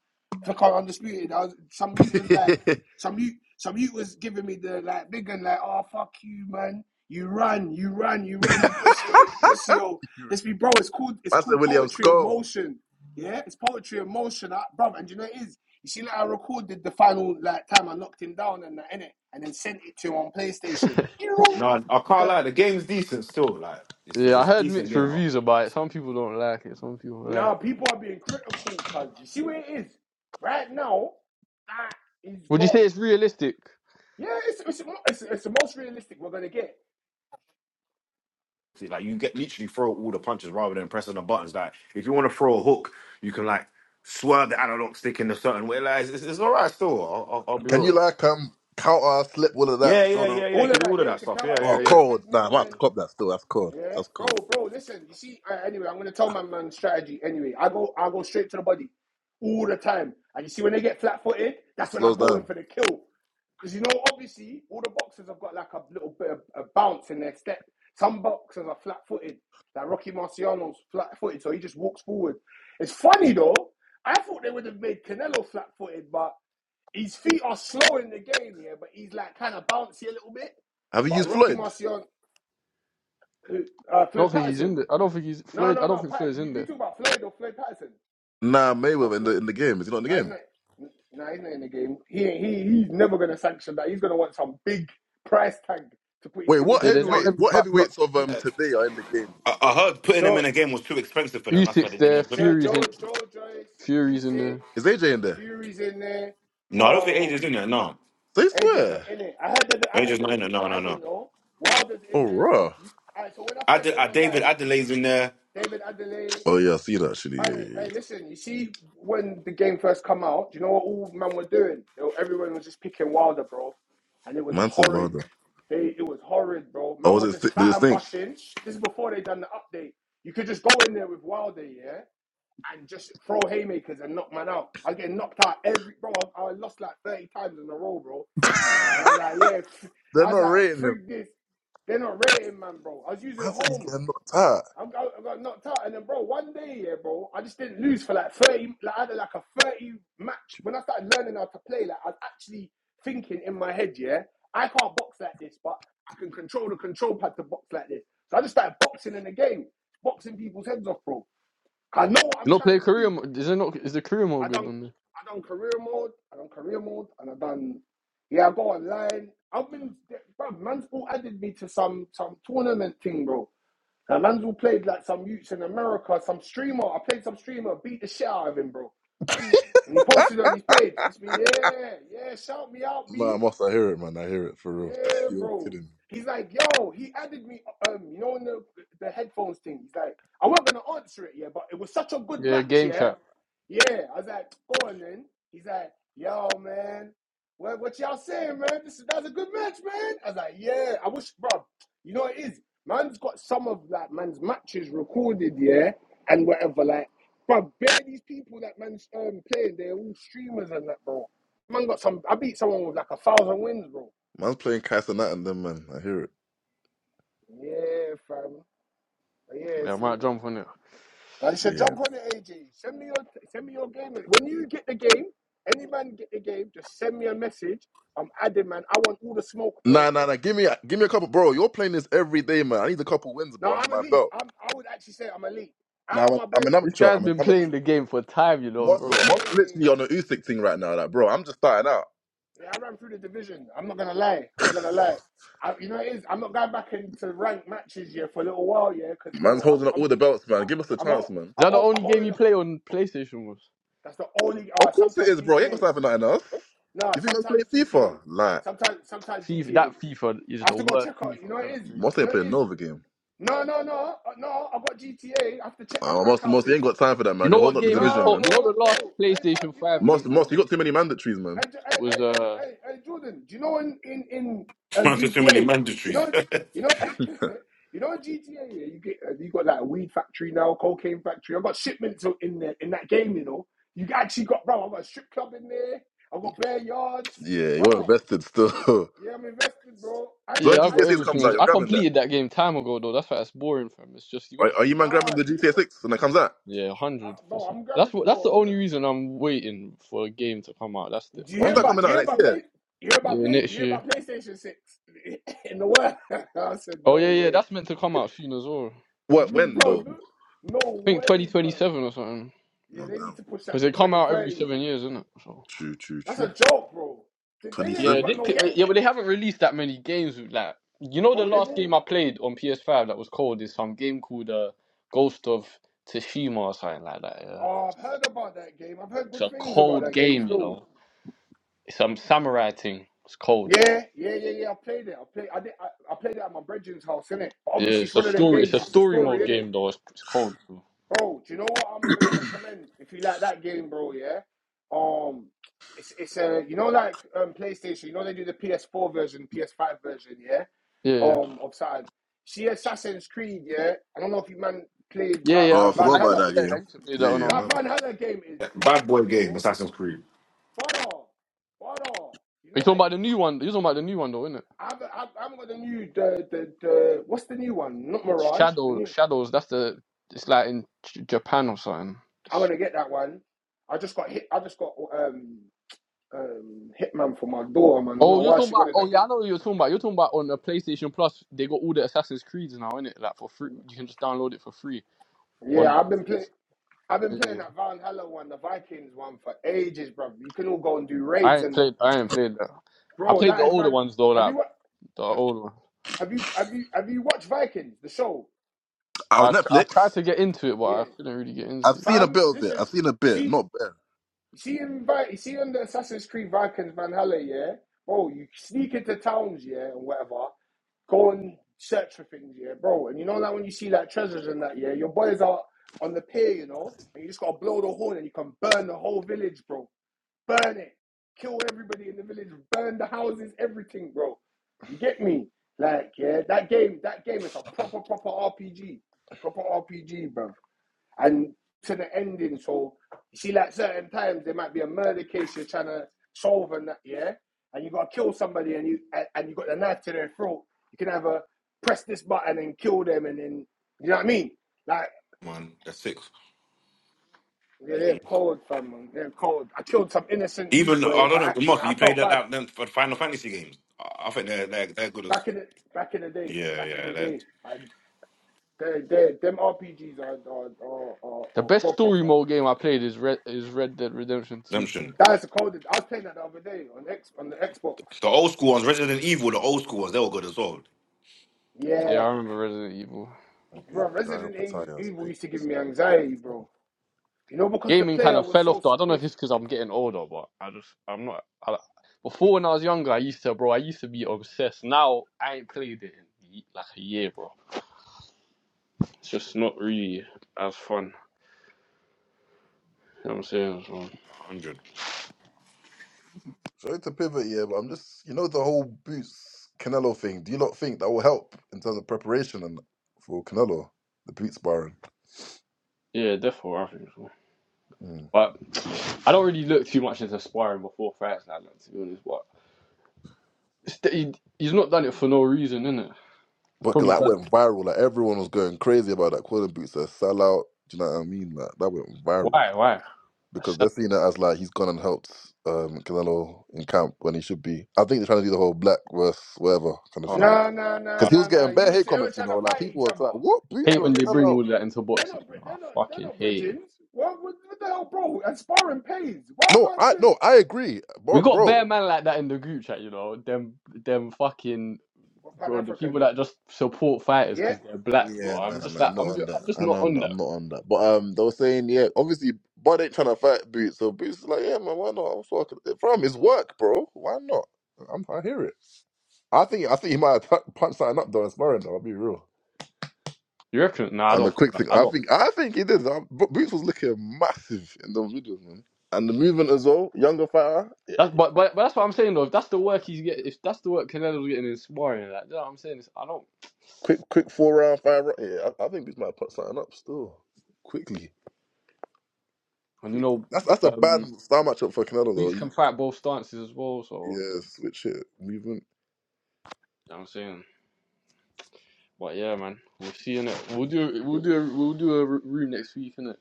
[SPEAKER 6] flick on undisputed. I was, some you was like,
[SPEAKER 3] it.
[SPEAKER 6] some you, some you was giving me the like big and like, oh fuck you, man. You run, you run, you run, you pussy oh, you pussy oh. It's me, bro. It's called,
[SPEAKER 3] *laughs*
[SPEAKER 6] it's
[SPEAKER 3] Master
[SPEAKER 6] called
[SPEAKER 3] Williams,
[SPEAKER 6] poetry in
[SPEAKER 3] go.
[SPEAKER 6] motion. Yeah, it's poetry in motion, uh, bro. And you know what it is. You see, like I recorded the final like time I knocked him down and that in it, and then sent it to him on
[SPEAKER 2] waiting
[SPEAKER 6] PlayStation.
[SPEAKER 2] for.
[SPEAKER 6] You
[SPEAKER 9] No, I I can't
[SPEAKER 6] know?
[SPEAKER 9] lie. The game's decent still. Like
[SPEAKER 2] *laughs*
[SPEAKER 9] it's, it's,
[SPEAKER 2] yeah, I
[SPEAKER 9] it's a
[SPEAKER 2] heard
[SPEAKER 9] decent
[SPEAKER 2] mixed
[SPEAKER 9] game.
[SPEAKER 2] reviews about it. Some people don't like it. Some people like.
[SPEAKER 6] Now
[SPEAKER 2] It.
[SPEAKER 6] people are being critical because you see where it is right now. That is
[SPEAKER 2] Would you
[SPEAKER 6] got
[SPEAKER 2] say it's realistic?
[SPEAKER 6] yeah, it's it's, it's, it's the most realistic we're gonna get.
[SPEAKER 9] See, Like you get literally throw all the punches rather than pressing the buttons. Like if you want to throw a hook, you can like swerve the analog stick in a certain way. Like it's, it's, it's all right still. I'll, I'll, I'll be
[SPEAKER 3] Can you
[SPEAKER 9] real.
[SPEAKER 3] like um counter slip all of that
[SPEAKER 9] Yeah, yeah,
[SPEAKER 3] shoulder?
[SPEAKER 9] yeah, yeah.
[SPEAKER 6] All
[SPEAKER 9] You
[SPEAKER 6] of
[SPEAKER 9] could do
[SPEAKER 6] that,
[SPEAKER 9] all of
[SPEAKER 6] yeah, you
[SPEAKER 9] that
[SPEAKER 6] can
[SPEAKER 9] stuff.
[SPEAKER 6] count
[SPEAKER 9] Yeah,
[SPEAKER 6] a
[SPEAKER 9] yeah,
[SPEAKER 3] Oh,
[SPEAKER 9] yeah.
[SPEAKER 6] slip, head
[SPEAKER 3] cold. Nah, I might have to
[SPEAKER 6] movement,
[SPEAKER 3] cop that still. That's cold.
[SPEAKER 6] Yeah,
[SPEAKER 3] That's
[SPEAKER 6] bro,
[SPEAKER 3] cold.
[SPEAKER 6] bro. Listen, you see. Uh, anyway, I'm gonna tell my man strategy. Anyway, I go, I go straight to the body all the time. And you see, when they get flat-footed,
[SPEAKER 3] It
[SPEAKER 6] that's when I
[SPEAKER 3] slows
[SPEAKER 6] go
[SPEAKER 3] down.
[SPEAKER 6] in for the kill. Because you know, obviously, all the boxers have got like a little bit of a bounce in their step. Some boxers are flat-footed, like Rocky Marciano's flat-footed, so he just walks forward. It's funny though. I thought they would have made Canelo flat-footed, but his feet are slow in the game, yeah. But he's like kind of bouncy a little bit.
[SPEAKER 3] Have you
[SPEAKER 6] But
[SPEAKER 3] used
[SPEAKER 6] Rocky
[SPEAKER 3] Floyd?
[SPEAKER 6] Marciano, uh,
[SPEAKER 2] I don't
[SPEAKER 6] Floyd
[SPEAKER 2] think he's in
[SPEAKER 6] Patterson.
[SPEAKER 2] there. I don't think he's
[SPEAKER 6] No,
[SPEAKER 2] Floyd.
[SPEAKER 6] no,
[SPEAKER 2] I don't
[SPEAKER 6] no.
[SPEAKER 2] think
[SPEAKER 6] Pat,
[SPEAKER 2] Floyd's
[SPEAKER 6] you,
[SPEAKER 2] in
[SPEAKER 6] you
[SPEAKER 2] there.
[SPEAKER 6] talk about Floyd or Floyd Patterson
[SPEAKER 3] Nah,
[SPEAKER 6] or
[SPEAKER 3] Mayweather in the
[SPEAKER 6] Floyd.
[SPEAKER 3] in the game. Is he not in the
[SPEAKER 6] No, he's
[SPEAKER 3] game?
[SPEAKER 6] not. n- No, he's not in the game. He, he he's never gonna sanction that. He's gonna want some big price tag to put his
[SPEAKER 3] Wait, what
[SPEAKER 6] image
[SPEAKER 2] Yeah,
[SPEAKER 6] in the
[SPEAKER 2] there's not
[SPEAKER 3] heavyweight?
[SPEAKER 6] game.
[SPEAKER 2] every
[SPEAKER 3] What
[SPEAKER 2] fact. Not
[SPEAKER 3] heavyweights of um today are in the game?
[SPEAKER 9] I, I heard putting him in
[SPEAKER 6] Joe,
[SPEAKER 9] a game was too expensive for them. That's why
[SPEAKER 2] Usyk's
[SPEAKER 9] they
[SPEAKER 2] there.
[SPEAKER 9] didn't put it.
[SPEAKER 6] Joe,
[SPEAKER 2] Fury's
[SPEAKER 6] Joe,
[SPEAKER 2] in.
[SPEAKER 6] Joe Joyce,
[SPEAKER 2] Fury's in
[SPEAKER 6] Usyk,
[SPEAKER 2] there.
[SPEAKER 3] Is AJ in there?
[SPEAKER 6] Fury's in there.
[SPEAKER 9] No, I don't think Age is
[SPEAKER 6] Um,
[SPEAKER 9] in there. No,
[SPEAKER 3] They
[SPEAKER 6] AJ's
[SPEAKER 3] swear.
[SPEAKER 6] not in it. I had the I
[SPEAKER 9] Age is
[SPEAKER 6] had the
[SPEAKER 9] not in
[SPEAKER 6] look
[SPEAKER 9] there. No,
[SPEAKER 6] into. I
[SPEAKER 9] no, no.
[SPEAKER 6] didn't know Wilder's
[SPEAKER 3] Oh,
[SPEAKER 6] in there.
[SPEAKER 3] raw.
[SPEAKER 6] You, all right, so when I
[SPEAKER 9] I, did.
[SPEAKER 6] first went
[SPEAKER 9] I David
[SPEAKER 6] online,
[SPEAKER 9] Adelaide's in there.
[SPEAKER 6] David Adelaide.
[SPEAKER 3] Oh yeah, I see that. Actually, yeah,
[SPEAKER 6] Hey,
[SPEAKER 3] yeah.
[SPEAKER 6] hey, listen, you see when the game first come out, Do you know what all man were doing? They were- everyone was just picking Wilder, bro. And it was
[SPEAKER 3] yeah.
[SPEAKER 6] a
[SPEAKER 3] Man said
[SPEAKER 6] horrid.
[SPEAKER 3] Wilder.
[SPEAKER 6] They it was horrid, bro.
[SPEAKER 3] Oh,
[SPEAKER 6] Man
[SPEAKER 3] was
[SPEAKER 6] were
[SPEAKER 3] it?
[SPEAKER 6] just
[SPEAKER 3] st- Did it
[SPEAKER 6] bat and
[SPEAKER 3] stink?
[SPEAKER 6] bushing. This is before they done the update. You could just go in there with Wilder, yeah, and just throw haymakers and knock man out. I was getting knocked out every bro, I, I lost like 30 times in a row, bro. And I was like, yeah, f-
[SPEAKER 3] They're
[SPEAKER 6] I was
[SPEAKER 3] not
[SPEAKER 6] like,
[SPEAKER 3] rating him.
[SPEAKER 6] frig this. They're not rating man, bro. I was using
[SPEAKER 3] Man said he's
[SPEAKER 6] Holmes.
[SPEAKER 3] getting knocked out.
[SPEAKER 6] I got, I got knocked out, and then bro, one day, yeah, bro, I just didn't lose for like thirty. Like, I had like a thirty match. When I started learning how to play, like I was actually thinking in my head, yeah, I can't box like this, but I can control the control pad to box like this. So I just started boxing in the game, boxing people's heads off, bro. I know what
[SPEAKER 2] You
[SPEAKER 6] I'm
[SPEAKER 2] not play
[SPEAKER 6] trying to
[SPEAKER 2] career
[SPEAKER 6] do.
[SPEAKER 2] mode. Is there not? Is the career mode
[SPEAKER 6] I
[SPEAKER 2] good
[SPEAKER 6] done,
[SPEAKER 2] on there?
[SPEAKER 6] I done career mode, I done career mode, and I done, yeah, I go online. I've been, bro, Mansport added me to some some tournament thing, bro. Now, man's all played like some youths in America, some streamer. I played some streamer, beat the shit out of him, bro. And he posted on his page. This be, yeah, yeah, shout me out,
[SPEAKER 3] Nah, I
[SPEAKER 6] B.
[SPEAKER 3] must I hear it, man. I hear it for real. *laughs*
[SPEAKER 6] Yeah,
[SPEAKER 3] You're
[SPEAKER 6] bro.
[SPEAKER 3] kidding me.
[SPEAKER 6] He's like, yo, he added me, um, you know, in the, the headphones thing. He's like, I wasn't going to answer it, yeah, but it was such a good
[SPEAKER 2] Yeah,
[SPEAKER 6] match,
[SPEAKER 2] game
[SPEAKER 6] yeah?
[SPEAKER 2] chat.
[SPEAKER 6] Yeah. I was like, go on then. He's like, yo, man, what, what y'all saying, man? This is, that's a good match, man. I was like, yeah, I wish, bro, you know what it is? Man's got some of like man's matches recorded, yeah, and whatever, like, bro, bare these people that man's um, playing, they're all streamers and that, bro. Man got some, I beat someone with like a thousand wins, bro.
[SPEAKER 3] Man's playing Kaisanat and them, man. I hear it.
[SPEAKER 6] Yeah, fam. Yeah,
[SPEAKER 2] Yeah, I
[SPEAKER 6] see.
[SPEAKER 2] might jump on it.
[SPEAKER 6] I should
[SPEAKER 3] Yeah.
[SPEAKER 6] jump on it, AJ. Send me your send me your game. When you get the game, any man get the game, just send me a message. I'm adding, man. I want all the smoke,
[SPEAKER 3] Nah,
[SPEAKER 6] bro.
[SPEAKER 3] nah, nah. Give me, give me a couple, bro. You're playing this every day, man. I need a couple wins,
[SPEAKER 6] No,
[SPEAKER 3] bro, under
[SPEAKER 6] I'm
[SPEAKER 3] my
[SPEAKER 6] elite.
[SPEAKER 3] belt.
[SPEAKER 6] I'm, I would actually say I'm elite.
[SPEAKER 3] Now
[SPEAKER 6] Out
[SPEAKER 3] I'm,
[SPEAKER 6] of
[SPEAKER 3] an-
[SPEAKER 6] my
[SPEAKER 3] I'm
[SPEAKER 6] brain.
[SPEAKER 3] an
[SPEAKER 2] This
[SPEAKER 3] amateur.
[SPEAKER 2] guy's
[SPEAKER 3] I'm an
[SPEAKER 2] been playing
[SPEAKER 3] amateur.
[SPEAKER 2] the game for time, you know,
[SPEAKER 3] Moss,
[SPEAKER 2] bro. Is
[SPEAKER 3] Moss
[SPEAKER 6] Yay.
[SPEAKER 3] is literally on the Usyk thing right now. Like, bro, I'm just starting out.
[SPEAKER 6] Yeah, I ran through the division. I'm not gonna lie. I'm not gonna lie. I, you know what it is. I'm not going back into ranked matches yeah for a little while yeah because
[SPEAKER 3] Man's
[SPEAKER 6] bro I'm
[SPEAKER 3] holding up
[SPEAKER 6] I'm
[SPEAKER 3] all the belts, man. Give us a
[SPEAKER 6] I- I'm
[SPEAKER 3] chance,
[SPEAKER 6] hol-
[SPEAKER 3] man.
[SPEAKER 6] I'm
[SPEAKER 2] that the
[SPEAKER 6] hol-
[SPEAKER 2] only
[SPEAKER 6] I'm
[SPEAKER 2] game
[SPEAKER 6] holding
[SPEAKER 2] you
[SPEAKER 6] up.
[SPEAKER 2] play on PlayStation was?
[SPEAKER 6] That's the only.
[SPEAKER 3] Of
[SPEAKER 6] Uh,
[SPEAKER 3] course it
[SPEAKER 6] sometimes
[SPEAKER 3] is, bro. You ain't got
[SPEAKER 6] GTA.
[SPEAKER 3] time for nothing else.
[SPEAKER 6] No,
[SPEAKER 3] You think man's
[SPEAKER 6] sometimes
[SPEAKER 3] playing
[SPEAKER 6] GTA.
[SPEAKER 3] FIFA? Like,
[SPEAKER 6] Sometimes sometimes
[SPEAKER 2] FIFA,
[SPEAKER 6] GTA.
[SPEAKER 2] that FIFA
[SPEAKER 6] I
[SPEAKER 2] is the
[SPEAKER 6] have to go
[SPEAKER 2] worst
[SPEAKER 6] check
[SPEAKER 2] FIFA
[SPEAKER 6] out. You know
[SPEAKER 2] I've
[SPEAKER 6] what
[SPEAKER 2] ever
[SPEAKER 6] it is.
[SPEAKER 2] played.
[SPEAKER 3] Moss
[SPEAKER 2] bro.
[SPEAKER 6] You know
[SPEAKER 3] ain't
[SPEAKER 6] what it
[SPEAKER 3] playing
[SPEAKER 6] is.
[SPEAKER 3] Nova game.
[SPEAKER 6] No, no, no, uh, no. I got GTA. I have to check my
[SPEAKER 3] Uh,
[SPEAKER 6] crack
[SPEAKER 3] Moss, Moss, you
[SPEAKER 6] houses.
[SPEAKER 3] ain't got time for that,
[SPEAKER 2] You
[SPEAKER 3] man.
[SPEAKER 2] know
[SPEAKER 3] You're
[SPEAKER 2] what
[SPEAKER 3] holding up the
[SPEAKER 2] game is
[SPEAKER 3] division,
[SPEAKER 6] No,
[SPEAKER 2] called?
[SPEAKER 3] man.
[SPEAKER 2] You know the
[SPEAKER 6] bro,
[SPEAKER 2] last
[SPEAKER 6] bro. Hey, fam.
[SPEAKER 2] PlayStation
[SPEAKER 6] Do you know?
[SPEAKER 2] 5
[SPEAKER 6] Do
[SPEAKER 3] Most,
[SPEAKER 2] game
[SPEAKER 6] you
[SPEAKER 2] I
[SPEAKER 3] most,
[SPEAKER 6] know?
[SPEAKER 3] you
[SPEAKER 2] played
[SPEAKER 3] got too many mandatories,
[SPEAKER 6] Hey,
[SPEAKER 3] man.
[SPEAKER 6] J- hey, hey,
[SPEAKER 2] was,
[SPEAKER 6] hey,
[SPEAKER 2] uh,
[SPEAKER 6] hey, hey, Jordan. Do you know in in in
[SPEAKER 9] *laughs*
[SPEAKER 6] um,
[SPEAKER 9] Man, there's too many
[SPEAKER 6] GTA? You
[SPEAKER 9] mandatories.
[SPEAKER 6] know,
[SPEAKER 9] *laughs*
[SPEAKER 6] you know, *laughs* you know in GTA. Yeah, you get uh, you got like a weed factory now, cocaine factory. I got shipments o- in there in that game. You know, you actually got bro. I got a strip club in there. I got bare yards.
[SPEAKER 3] Yeah, you're
[SPEAKER 6] Brother,
[SPEAKER 3] invested still. *laughs* so
[SPEAKER 6] yeah, I'm invested, bro. I ain't
[SPEAKER 2] yeah,
[SPEAKER 3] when
[SPEAKER 6] gonna.
[SPEAKER 2] I
[SPEAKER 6] I
[SPEAKER 2] got
[SPEAKER 3] GTA
[SPEAKER 6] ain't
[SPEAKER 3] 6
[SPEAKER 6] use.
[SPEAKER 2] everything.
[SPEAKER 3] comes out, you're
[SPEAKER 2] I
[SPEAKER 3] grabbing that.
[SPEAKER 2] completed that game time ago, though. That's why it's boring, fam. It's just, you got,
[SPEAKER 3] Are, are you man
[SPEAKER 6] Nah,
[SPEAKER 3] grabbing the
[SPEAKER 6] you just
[SPEAKER 3] GTA
[SPEAKER 6] go.
[SPEAKER 3] 6 when it comes out?
[SPEAKER 2] yeah,
[SPEAKER 6] Uh,
[SPEAKER 2] 100%.
[SPEAKER 6] bro, I'm grabbing.
[SPEAKER 2] That's what, that's the
[SPEAKER 6] Bro, I'm good.
[SPEAKER 2] only reason I'm waiting for a game to come out. That's the
[SPEAKER 6] Do you
[SPEAKER 3] When's
[SPEAKER 6] hear
[SPEAKER 3] that
[SPEAKER 6] about?
[SPEAKER 2] GTA.
[SPEAKER 3] coming
[SPEAKER 6] Do you
[SPEAKER 3] out
[SPEAKER 6] hear
[SPEAKER 3] next
[SPEAKER 6] about
[SPEAKER 3] year?
[SPEAKER 6] play? You hear
[SPEAKER 2] Yeah,
[SPEAKER 6] about play? You
[SPEAKER 2] next
[SPEAKER 6] hear
[SPEAKER 2] year.
[SPEAKER 6] about PlayStation Six *laughs* in the world? *laughs* I said
[SPEAKER 2] Oh,
[SPEAKER 6] no
[SPEAKER 2] yeah, yeah,
[SPEAKER 6] way,
[SPEAKER 2] that's meant to come out soon as well.
[SPEAKER 3] What? When
[SPEAKER 6] bro.
[SPEAKER 3] though?
[SPEAKER 6] No, no
[SPEAKER 2] I think
[SPEAKER 6] way, fam.
[SPEAKER 2] 2027 or something.
[SPEAKER 6] Yeah,
[SPEAKER 3] No,
[SPEAKER 6] they need
[SPEAKER 3] damn.
[SPEAKER 6] to push that
[SPEAKER 2] Because
[SPEAKER 6] to
[SPEAKER 2] they come out every
[SPEAKER 6] 2030.
[SPEAKER 2] seven years, isn't it? So
[SPEAKER 3] True, true,
[SPEAKER 6] That's a
[SPEAKER 3] true.
[SPEAKER 6] joke, bro. They they
[SPEAKER 3] Twenty
[SPEAKER 6] ain't
[SPEAKER 3] seven.
[SPEAKER 2] yeah,
[SPEAKER 6] even got
[SPEAKER 2] this
[SPEAKER 6] no
[SPEAKER 2] pi- yeah,
[SPEAKER 6] games,
[SPEAKER 2] but they haven't released that many games. with Like you know, the
[SPEAKER 6] bro. They've
[SPEAKER 2] last game
[SPEAKER 6] all.
[SPEAKER 2] I played on PS5 that was cold is some game called uh, Ghost of Tsushima or something like that. Yeah.
[SPEAKER 6] Oh, I've heard about that game. I've heard
[SPEAKER 2] It's
[SPEAKER 6] good
[SPEAKER 2] a
[SPEAKER 6] things about
[SPEAKER 2] cold
[SPEAKER 6] that game
[SPEAKER 2] game, you
[SPEAKER 6] still.
[SPEAKER 2] know. It's some samurai thing. It's cold.
[SPEAKER 6] Yeah, yeah, yeah, yeah. I played it. I played. I did. I, I played it at my brethren's house, innit? But
[SPEAKER 2] Yeah,
[SPEAKER 6] obviously, it's
[SPEAKER 2] it's a
[SPEAKER 6] one of them
[SPEAKER 2] story. It's
[SPEAKER 6] games.
[SPEAKER 2] a
[SPEAKER 6] It's a
[SPEAKER 2] story
[SPEAKER 6] story,
[SPEAKER 2] mode
[SPEAKER 6] innit?
[SPEAKER 2] game though. It's, it's cold. Bro.
[SPEAKER 6] Bro, do you know what I'm gonna recommend if you like that game, bro? Yeah. Um, it's it's a you know like um PlayStation. You know they do the PS4 version, PS5 version, yeah.
[SPEAKER 2] Yeah, yeah,
[SPEAKER 6] Um, of side. See Assassin's Creed, yeah. I don't know if you man played
[SPEAKER 2] yeah,
[SPEAKER 6] Va-
[SPEAKER 2] yeah.
[SPEAKER 3] Oh,
[SPEAKER 6] the
[SPEAKER 3] I
[SPEAKER 6] Van
[SPEAKER 3] forgot
[SPEAKER 2] I, I
[SPEAKER 3] about
[SPEAKER 2] used
[SPEAKER 6] Hella.
[SPEAKER 3] that
[SPEAKER 2] yeah, I
[SPEAKER 3] game.
[SPEAKER 2] used to play that when
[SPEAKER 3] Yeah,
[SPEAKER 2] I
[SPEAKER 3] yeah,
[SPEAKER 2] was.
[SPEAKER 6] That
[SPEAKER 3] no.
[SPEAKER 6] Van Hella game is
[SPEAKER 9] Bad
[SPEAKER 6] bad,
[SPEAKER 9] boy
[SPEAKER 6] you
[SPEAKER 9] game,
[SPEAKER 6] know.
[SPEAKER 9] Assassin's Creed.
[SPEAKER 6] Brother, brother. You
[SPEAKER 2] Are
[SPEAKER 6] know
[SPEAKER 2] you talking about
[SPEAKER 6] that.
[SPEAKER 2] the new one? You're talking about the new one though, isn't it?
[SPEAKER 6] I've, I've, I haven't got the new the, the the what's the new one? Not Mirage. The
[SPEAKER 2] Shadow,
[SPEAKER 6] new.
[SPEAKER 2] shadows. That's the. It's like in J- Japan or something.
[SPEAKER 6] I'm gonna get that one. I just got hit. I just got um um Hitman for my daughter, man. I don't
[SPEAKER 2] Oh,
[SPEAKER 6] know
[SPEAKER 2] you're
[SPEAKER 6] why
[SPEAKER 2] talking
[SPEAKER 6] she
[SPEAKER 2] about.
[SPEAKER 6] wanted
[SPEAKER 2] Oh,
[SPEAKER 6] that
[SPEAKER 2] yeah, I
[SPEAKER 6] game.
[SPEAKER 2] know what you're talking about. You're talking about on the PlayStation Plus. They got all the Assassin's Creeds now, innit? Like for free, you can just download it for free on
[SPEAKER 6] Yeah,
[SPEAKER 2] the.
[SPEAKER 6] I've been playing. I've been
[SPEAKER 2] Yeah, yeah,
[SPEAKER 6] playing
[SPEAKER 2] yeah.
[SPEAKER 6] that Valhalla one, the Vikings one, for ages, bro. You can all go and do
[SPEAKER 2] I
[SPEAKER 6] raids
[SPEAKER 2] ain't
[SPEAKER 6] and that,
[SPEAKER 2] played. I ain't played that. I
[SPEAKER 6] bro.
[SPEAKER 2] played the
[SPEAKER 6] That is
[SPEAKER 2] older
[SPEAKER 6] man.
[SPEAKER 2] ones though.
[SPEAKER 6] Have
[SPEAKER 2] Like
[SPEAKER 6] you what?
[SPEAKER 2] the
[SPEAKER 6] Have,
[SPEAKER 2] older one.
[SPEAKER 6] have you have you have you watched Vikings the show?
[SPEAKER 3] Our
[SPEAKER 2] I tr- I tried
[SPEAKER 3] Netflix.
[SPEAKER 2] to get into it, but I
[SPEAKER 6] Yeah,
[SPEAKER 2] couldn't really get
[SPEAKER 3] I've
[SPEAKER 2] into it.
[SPEAKER 3] seen a
[SPEAKER 6] fam.
[SPEAKER 3] bit of it.
[SPEAKER 6] Listen,
[SPEAKER 3] I've seen a
[SPEAKER 6] you
[SPEAKER 3] bit,
[SPEAKER 6] see.
[SPEAKER 3] not bad.
[SPEAKER 6] You see in you see on the Assassin's Creed Vikings Valhalla, yeah? Bro, you sneak into towns, yeah, and whatever, go and search for things, yeah, bro. And you know that when you see like treasures and that, yeah, your boys are on the pier, you know, and you just gotta blow the horn and you can burn the whole village, bro. Burn it. Kill everybody in the village, burn the houses, everything, bro. You get me? Like, yeah, that game, that game is a proper, proper RPG. Proper RPG, bruv and to the ending. So you see, like certain times there might be a murder case you're trying to solve and that, yeah, and you got to kill somebody and you and you got the knife to their throat. You can have a press this button and kill them, and then you know what I mean. Like
[SPEAKER 9] Man, that's six.
[SPEAKER 6] yeah, they're cold, fam. They're cold. I killed some innocent youth
[SPEAKER 9] Even
[SPEAKER 6] boy
[SPEAKER 9] I
[SPEAKER 6] by
[SPEAKER 9] don't know, Mark.
[SPEAKER 6] accident. I
[SPEAKER 9] You played
[SPEAKER 6] felt
[SPEAKER 9] that
[SPEAKER 6] bad
[SPEAKER 9] that them for Final Fantasy games. I I think they're they're, they're good as
[SPEAKER 6] back in the back in the day.
[SPEAKER 9] yeah
[SPEAKER 6] Back in
[SPEAKER 9] yeah.
[SPEAKER 6] the
[SPEAKER 9] They're
[SPEAKER 6] day, and they they them RPGs are are are, are,
[SPEAKER 2] The
[SPEAKER 6] are
[SPEAKER 2] best
[SPEAKER 6] proper
[SPEAKER 2] story
[SPEAKER 6] fam.
[SPEAKER 2] mode game I played is Red is Red Dead Redemption Two.
[SPEAKER 9] redemption.
[SPEAKER 6] That is the coldest. I was playing that the other day on X on the Xbox.
[SPEAKER 9] The old school ones, Resident Evil, the old school ones, they were good as well.
[SPEAKER 2] Yeah,
[SPEAKER 6] Yeah.
[SPEAKER 2] I remember Resident Evil.
[SPEAKER 3] Okay,
[SPEAKER 6] Bro,
[SPEAKER 3] Jair
[SPEAKER 6] Resident
[SPEAKER 3] Pataya's
[SPEAKER 6] Evil
[SPEAKER 3] picked.
[SPEAKER 6] used to give me anxiety, bro. You know, because the
[SPEAKER 2] gaming kind
[SPEAKER 6] player
[SPEAKER 2] of
[SPEAKER 6] was
[SPEAKER 2] fell
[SPEAKER 6] so
[SPEAKER 2] off though. I don't know if
[SPEAKER 6] stiff.
[SPEAKER 2] it's because I'm getting older, but I just I'm not. I, before when I was younger, I used to, bro. I used to be obsessed. Now I ain't played it in like a year, bro. It's just not really as fun. You know what I'm saying? So,
[SPEAKER 9] Hundred.
[SPEAKER 3] Sorry to pivot here, but I'm just, you know, the whole Boots Canelo thing. Do you not think that will help in terms of preparation and for Canelo, the Boots Baron?
[SPEAKER 2] yeah, definitely. I think so. But I don't really look too much into sparring before fights like that, to be honest. But it's, he, he's not done it for no reason, innit? He's
[SPEAKER 3] But 'cause
[SPEAKER 2] probably
[SPEAKER 3] that
[SPEAKER 2] done
[SPEAKER 3] went
[SPEAKER 2] it.
[SPEAKER 3] viral. Like everyone was going crazy about that. Quillen boots, a sellout. Do you know what I mean? Like that went viral
[SPEAKER 2] Why? Why? I
[SPEAKER 3] because
[SPEAKER 2] said,
[SPEAKER 3] they're seeing it as like he's gone and helped um, Canelo in camp when he should be. I think they're trying to do the whole black versus whatever kind of
[SPEAKER 2] oh,
[SPEAKER 3] thing.
[SPEAKER 2] yeah.
[SPEAKER 6] Nah, nah, nah,
[SPEAKER 3] Because
[SPEAKER 2] I
[SPEAKER 3] he was
[SPEAKER 6] nah, nah.
[SPEAKER 3] getting
[SPEAKER 6] You
[SPEAKER 3] bare
[SPEAKER 6] was
[SPEAKER 3] hate
[SPEAKER 6] they were
[SPEAKER 3] comments, you
[SPEAKER 6] trying
[SPEAKER 3] know,
[SPEAKER 6] to
[SPEAKER 3] like
[SPEAKER 6] fight
[SPEAKER 3] people
[SPEAKER 6] each
[SPEAKER 3] were
[SPEAKER 6] other.
[SPEAKER 3] like, "What,
[SPEAKER 6] They
[SPEAKER 3] Boots?
[SPEAKER 2] hate
[SPEAKER 3] You're a
[SPEAKER 6] ain't
[SPEAKER 2] when they bring
[SPEAKER 6] bridging.
[SPEAKER 3] sellout."
[SPEAKER 2] all that into
[SPEAKER 6] They're
[SPEAKER 2] boxing.
[SPEAKER 6] not. bri-
[SPEAKER 2] I
[SPEAKER 6] They're not. They're
[SPEAKER 2] fucking
[SPEAKER 6] not
[SPEAKER 2] hate it.
[SPEAKER 6] bridging. What? What, what the hell, bro? And sparring pays. Why am
[SPEAKER 3] No,
[SPEAKER 6] I
[SPEAKER 3] I
[SPEAKER 6] doing?
[SPEAKER 3] no, I agree, bro.
[SPEAKER 2] We got
[SPEAKER 3] bro
[SPEAKER 2] bare man like that in the group chat, you know. Them, them fucking
[SPEAKER 6] What Pan
[SPEAKER 2] bro, the people
[SPEAKER 6] African?
[SPEAKER 2] that just support fighters
[SPEAKER 6] Yeah.
[SPEAKER 2] because they're black, bro.
[SPEAKER 3] Yeah,
[SPEAKER 2] I'm
[SPEAKER 3] nah,
[SPEAKER 2] just
[SPEAKER 3] nah,
[SPEAKER 2] like,
[SPEAKER 3] I'm not
[SPEAKER 2] I'm,
[SPEAKER 3] on
[SPEAKER 2] ju-
[SPEAKER 3] that.
[SPEAKER 2] I'm just
[SPEAKER 3] I'm
[SPEAKER 2] not
[SPEAKER 3] not on
[SPEAKER 2] on
[SPEAKER 3] that. I'm
[SPEAKER 2] that.
[SPEAKER 3] not
[SPEAKER 2] Bro.
[SPEAKER 3] on that. But um, they were saying, yeah, obviously, Bud ain't trying to fight Boots, so Boots is like, yeah, man, why not? I'm fucking from his work, bro. Why not? I'm, I hear it. I think, I think he might have pu- punched something up though in sparring. Though, I'll be real.
[SPEAKER 2] You reckon? Nah, I
[SPEAKER 3] On a
[SPEAKER 2] don't.
[SPEAKER 3] quick
[SPEAKER 2] Nah,
[SPEAKER 3] thing,
[SPEAKER 2] I
[SPEAKER 3] I
[SPEAKER 2] don't.
[SPEAKER 3] think, I think he did. I, Bo- Boots was looking massive in those videos, man. And the movement as well, younger fighter, yeah.
[SPEAKER 2] That's but, but but that's what I'm saying though. If that's the work he's getting, if that's the work Canelo's getting in sparring, and that, you know what I'm saying? It's, I don't.
[SPEAKER 3] quick, quick four round, five round. Yeah, I, I think Boots might have put something up still quickly.
[SPEAKER 2] And you
[SPEAKER 3] Quick.
[SPEAKER 2] know,
[SPEAKER 3] That's that's a bad
[SPEAKER 2] um,
[SPEAKER 3] style matchup for Canelo
[SPEAKER 2] Boots
[SPEAKER 3] though.
[SPEAKER 2] can fight both stances as well, so you know
[SPEAKER 3] Yeah, switch it. We even
[SPEAKER 2] what I'm saying. But yeah, man, we'll see in it. We'll do we'll do we'll do a room next week, innit?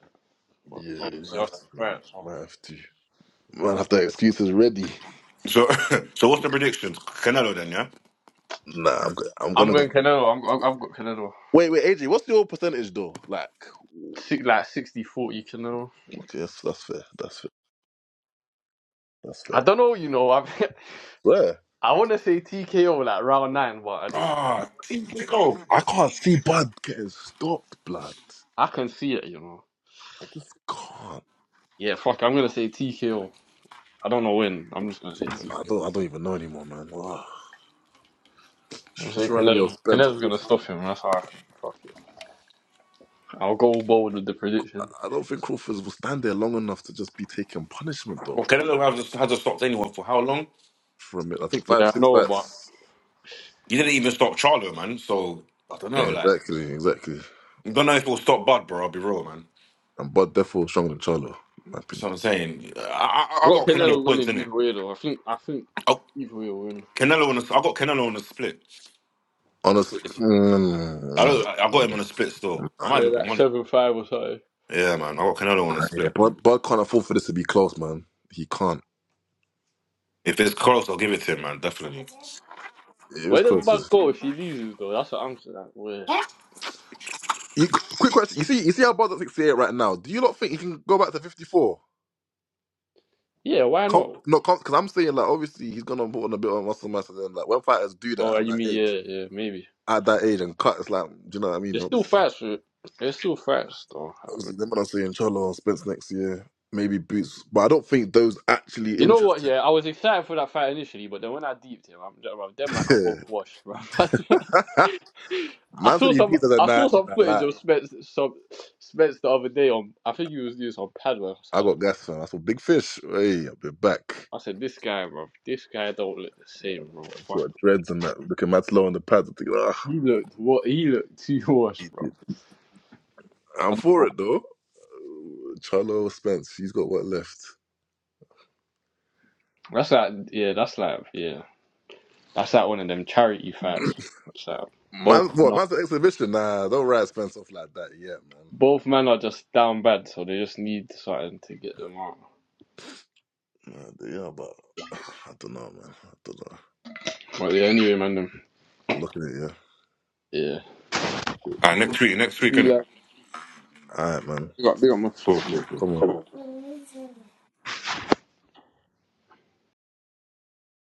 [SPEAKER 2] Well,
[SPEAKER 3] yeah, we might
[SPEAKER 2] obviously,
[SPEAKER 3] have
[SPEAKER 2] after
[SPEAKER 3] to,
[SPEAKER 2] the fight,
[SPEAKER 3] man.
[SPEAKER 2] so.
[SPEAKER 3] Might have to. Might have
[SPEAKER 2] Like,
[SPEAKER 3] to have excuses ready.
[SPEAKER 9] So *laughs* so what's the predictions? Canelo then, yeah.
[SPEAKER 3] Nah, I'm go- I'm
[SPEAKER 2] I'm
[SPEAKER 3] gonna go.
[SPEAKER 2] going Canelo. I'm, i have got Canelo.
[SPEAKER 3] Wait, wait, AJ, what's your percentage though? Like,
[SPEAKER 2] Six, like 60 40 Canelo.
[SPEAKER 3] okay, that's, that's fair. That's fair. That's
[SPEAKER 2] I
[SPEAKER 3] fair.
[SPEAKER 2] don't know, you know. I *laughs*
[SPEAKER 3] Where?
[SPEAKER 2] I want to say TKO like round nine, but I just
[SPEAKER 9] Ah, think go.
[SPEAKER 3] I can't see Bud getting stopped, blood.
[SPEAKER 2] I can see it, you know.
[SPEAKER 3] I just can't.
[SPEAKER 2] Yeah, fuck. I'm gonna say TKO. I don't know when. I'm just gonna say
[SPEAKER 3] I
[SPEAKER 2] TKO.
[SPEAKER 3] don't. I don't even know anymore, man. Ugh.
[SPEAKER 2] I'm
[SPEAKER 3] It's just
[SPEAKER 2] saying
[SPEAKER 3] reminded me of
[SPEAKER 2] Canelo.
[SPEAKER 3] Spence
[SPEAKER 2] Canelo's gonna
[SPEAKER 3] Crawford.
[SPEAKER 2] stop him. That's how I think. Fuck it. I'll go bold with the prediction.
[SPEAKER 3] I don't think Crawford will stand there long enough to just be taking punishment
[SPEAKER 9] Well,
[SPEAKER 3] though.
[SPEAKER 9] Canelo hasn't hasn't stopped anyone for how long?
[SPEAKER 3] From it, I think five,
[SPEAKER 2] Yeah, I
[SPEAKER 3] six
[SPEAKER 2] know, but
[SPEAKER 3] fights.
[SPEAKER 9] He didn't even stop Charlo, man. So I don't know,
[SPEAKER 3] Yeah,
[SPEAKER 9] like
[SPEAKER 3] exactly, exactly.
[SPEAKER 9] I don't know if he'll stop Bud, bro. I'll be real, man.
[SPEAKER 3] And but Defo was stronger than Charlo, in my
[SPEAKER 9] That's
[SPEAKER 3] opinion.
[SPEAKER 9] what I'm saying. I
[SPEAKER 2] i
[SPEAKER 9] I, I
[SPEAKER 2] got
[SPEAKER 9] got Canelo
[SPEAKER 2] Canelo
[SPEAKER 9] points
[SPEAKER 2] winning
[SPEAKER 9] in it.
[SPEAKER 2] either way though. I think I think
[SPEAKER 9] Oh,
[SPEAKER 2] either way will win.
[SPEAKER 9] Canelo on the, I got Canelo on the split.
[SPEAKER 3] Honestly,
[SPEAKER 9] I
[SPEAKER 3] mm,
[SPEAKER 9] don't. I got him on a split still. I might
[SPEAKER 2] Yeah,
[SPEAKER 9] even put
[SPEAKER 2] that
[SPEAKER 9] money.
[SPEAKER 2] seven five or so.
[SPEAKER 9] Yeah, man. I got Canelo on a
[SPEAKER 3] yeah,
[SPEAKER 9] split.
[SPEAKER 3] Bud, Bud can't afford for this to be close, man. He can't.
[SPEAKER 9] If it's close, I'll give it to him, man. Definitely.
[SPEAKER 3] It was
[SPEAKER 2] Where does
[SPEAKER 3] close.
[SPEAKER 2] Bug
[SPEAKER 3] as-
[SPEAKER 2] go
[SPEAKER 9] All
[SPEAKER 2] if he loses though? That's what I'm saying. Like, where?
[SPEAKER 3] He, quick question. You see, you see how Bud's at 68 right now. Do you not think he can go back to 54?
[SPEAKER 2] Yeah, why
[SPEAKER 3] Com,
[SPEAKER 2] not?
[SPEAKER 3] no, because I'm saying, like, obviously, he's going to put on a bit of muscle mass. And then, like, when fighters do
[SPEAKER 2] Oh,
[SPEAKER 3] that
[SPEAKER 2] yeah,
[SPEAKER 3] at
[SPEAKER 2] you
[SPEAKER 3] that
[SPEAKER 2] mean
[SPEAKER 3] age,
[SPEAKER 2] yeah, yeah, maybe.
[SPEAKER 3] at that age and cut, it's like, do you know what I mean?
[SPEAKER 2] It's still
[SPEAKER 3] Obviously,
[SPEAKER 2] fast. for- It's still fast though. Um,
[SPEAKER 3] obviously them man are saying Charlo and Spence next year, maybe Boots. But I don't think those actually
[SPEAKER 2] You know what?
[SPEAKER 3] interest
[SPEAKER 2] Yeah, I was excited for that fight initially, but then when I deeped him, I'm, bro, them man are both
[SPEAKER 3] him.
[SPEAKER 2] washed, bro. *laughs*
[SPEAKER 3] *laughs*
[SPEAKER 2] I
[SPEAKER 3] Man said
[SPEAKER 2] saw
[SPEAKER 3] he
[SPEAKER 2] some,
[SPEAKER 3] beat us at
[SPEAKER 2] I
[SPEAKER 3] night, Nah,
[SPEAKER 2] saw
[SPEAKER 3] she's
[SPEAKER 2] some
[SPEAKER 3] not
[SPEAKER 2] footage
[SPEAKER 3] lying.
[SPEAKER 2] of Spence, some Spence the other day on. I think he was doing some padwork. So
[SPEAKER 3] I
[SPEAKER 2] I,
[SPEAKER 3] got gas, fam. I saw big fish. Hey, I'll be back.
[SPEAKER 2] I said, this guy, bro, this guy don't look the same, bro.
[SPEAKER 3] I've
[SPEAKER 2] Fuck.
[SPEAKER 3] got dreads and that. Looking mad slow on the pads. I'm thinking,
[SPEAKER 2] He looked what? He looked *laughs* too washed, bro.
[SPEAKER 3] ah, I'm
[SPEAKER 2] I don't
[SPEAKER 3] for
[SPEAKER 2] know.
[SPEAKER 3] it though. Charlo Spence, he's got what left?
[SPEAKER 2] That's like, yeah, that's like, yeah, that's like one of them charity fights. That's like
[SPEAKER 3] Man,
[SPEAKER 2] both.
[SPEAKER 3] what? Man's an exhibition. Nah, don't write Spence off like that yet, man.
[SPEAKER 2] Both men are just down bad, so they just need something to get them out.
[SPEAKER 3] Nah, they- yeah, but *sighs* I don't know, man. I don't know.
[SPEAKER 2] But yeah, anyway, man, them.
[SPEAKER 3] I'm looking at you.
[SPEAKER 2] Yeah.
[SPEAKER 3] Nah, cool, cool,
[SPEAKER 9] right, next
[SPEAKER 3] cool.
[SPEAKER 9] week. Next week,
[SPEAKER 2] Be
[SPEAKER 9] innit?
[SPEAKER 2] like,
[SPEAKER 3] All right, man.
[SPEAKER 2] big up, big up, man.
[SPEAKER 9] Cool, cool,
[SPEAKER 3] Come on.
[SPEAKER 2] Come on.
[SPEAKER 9] cool.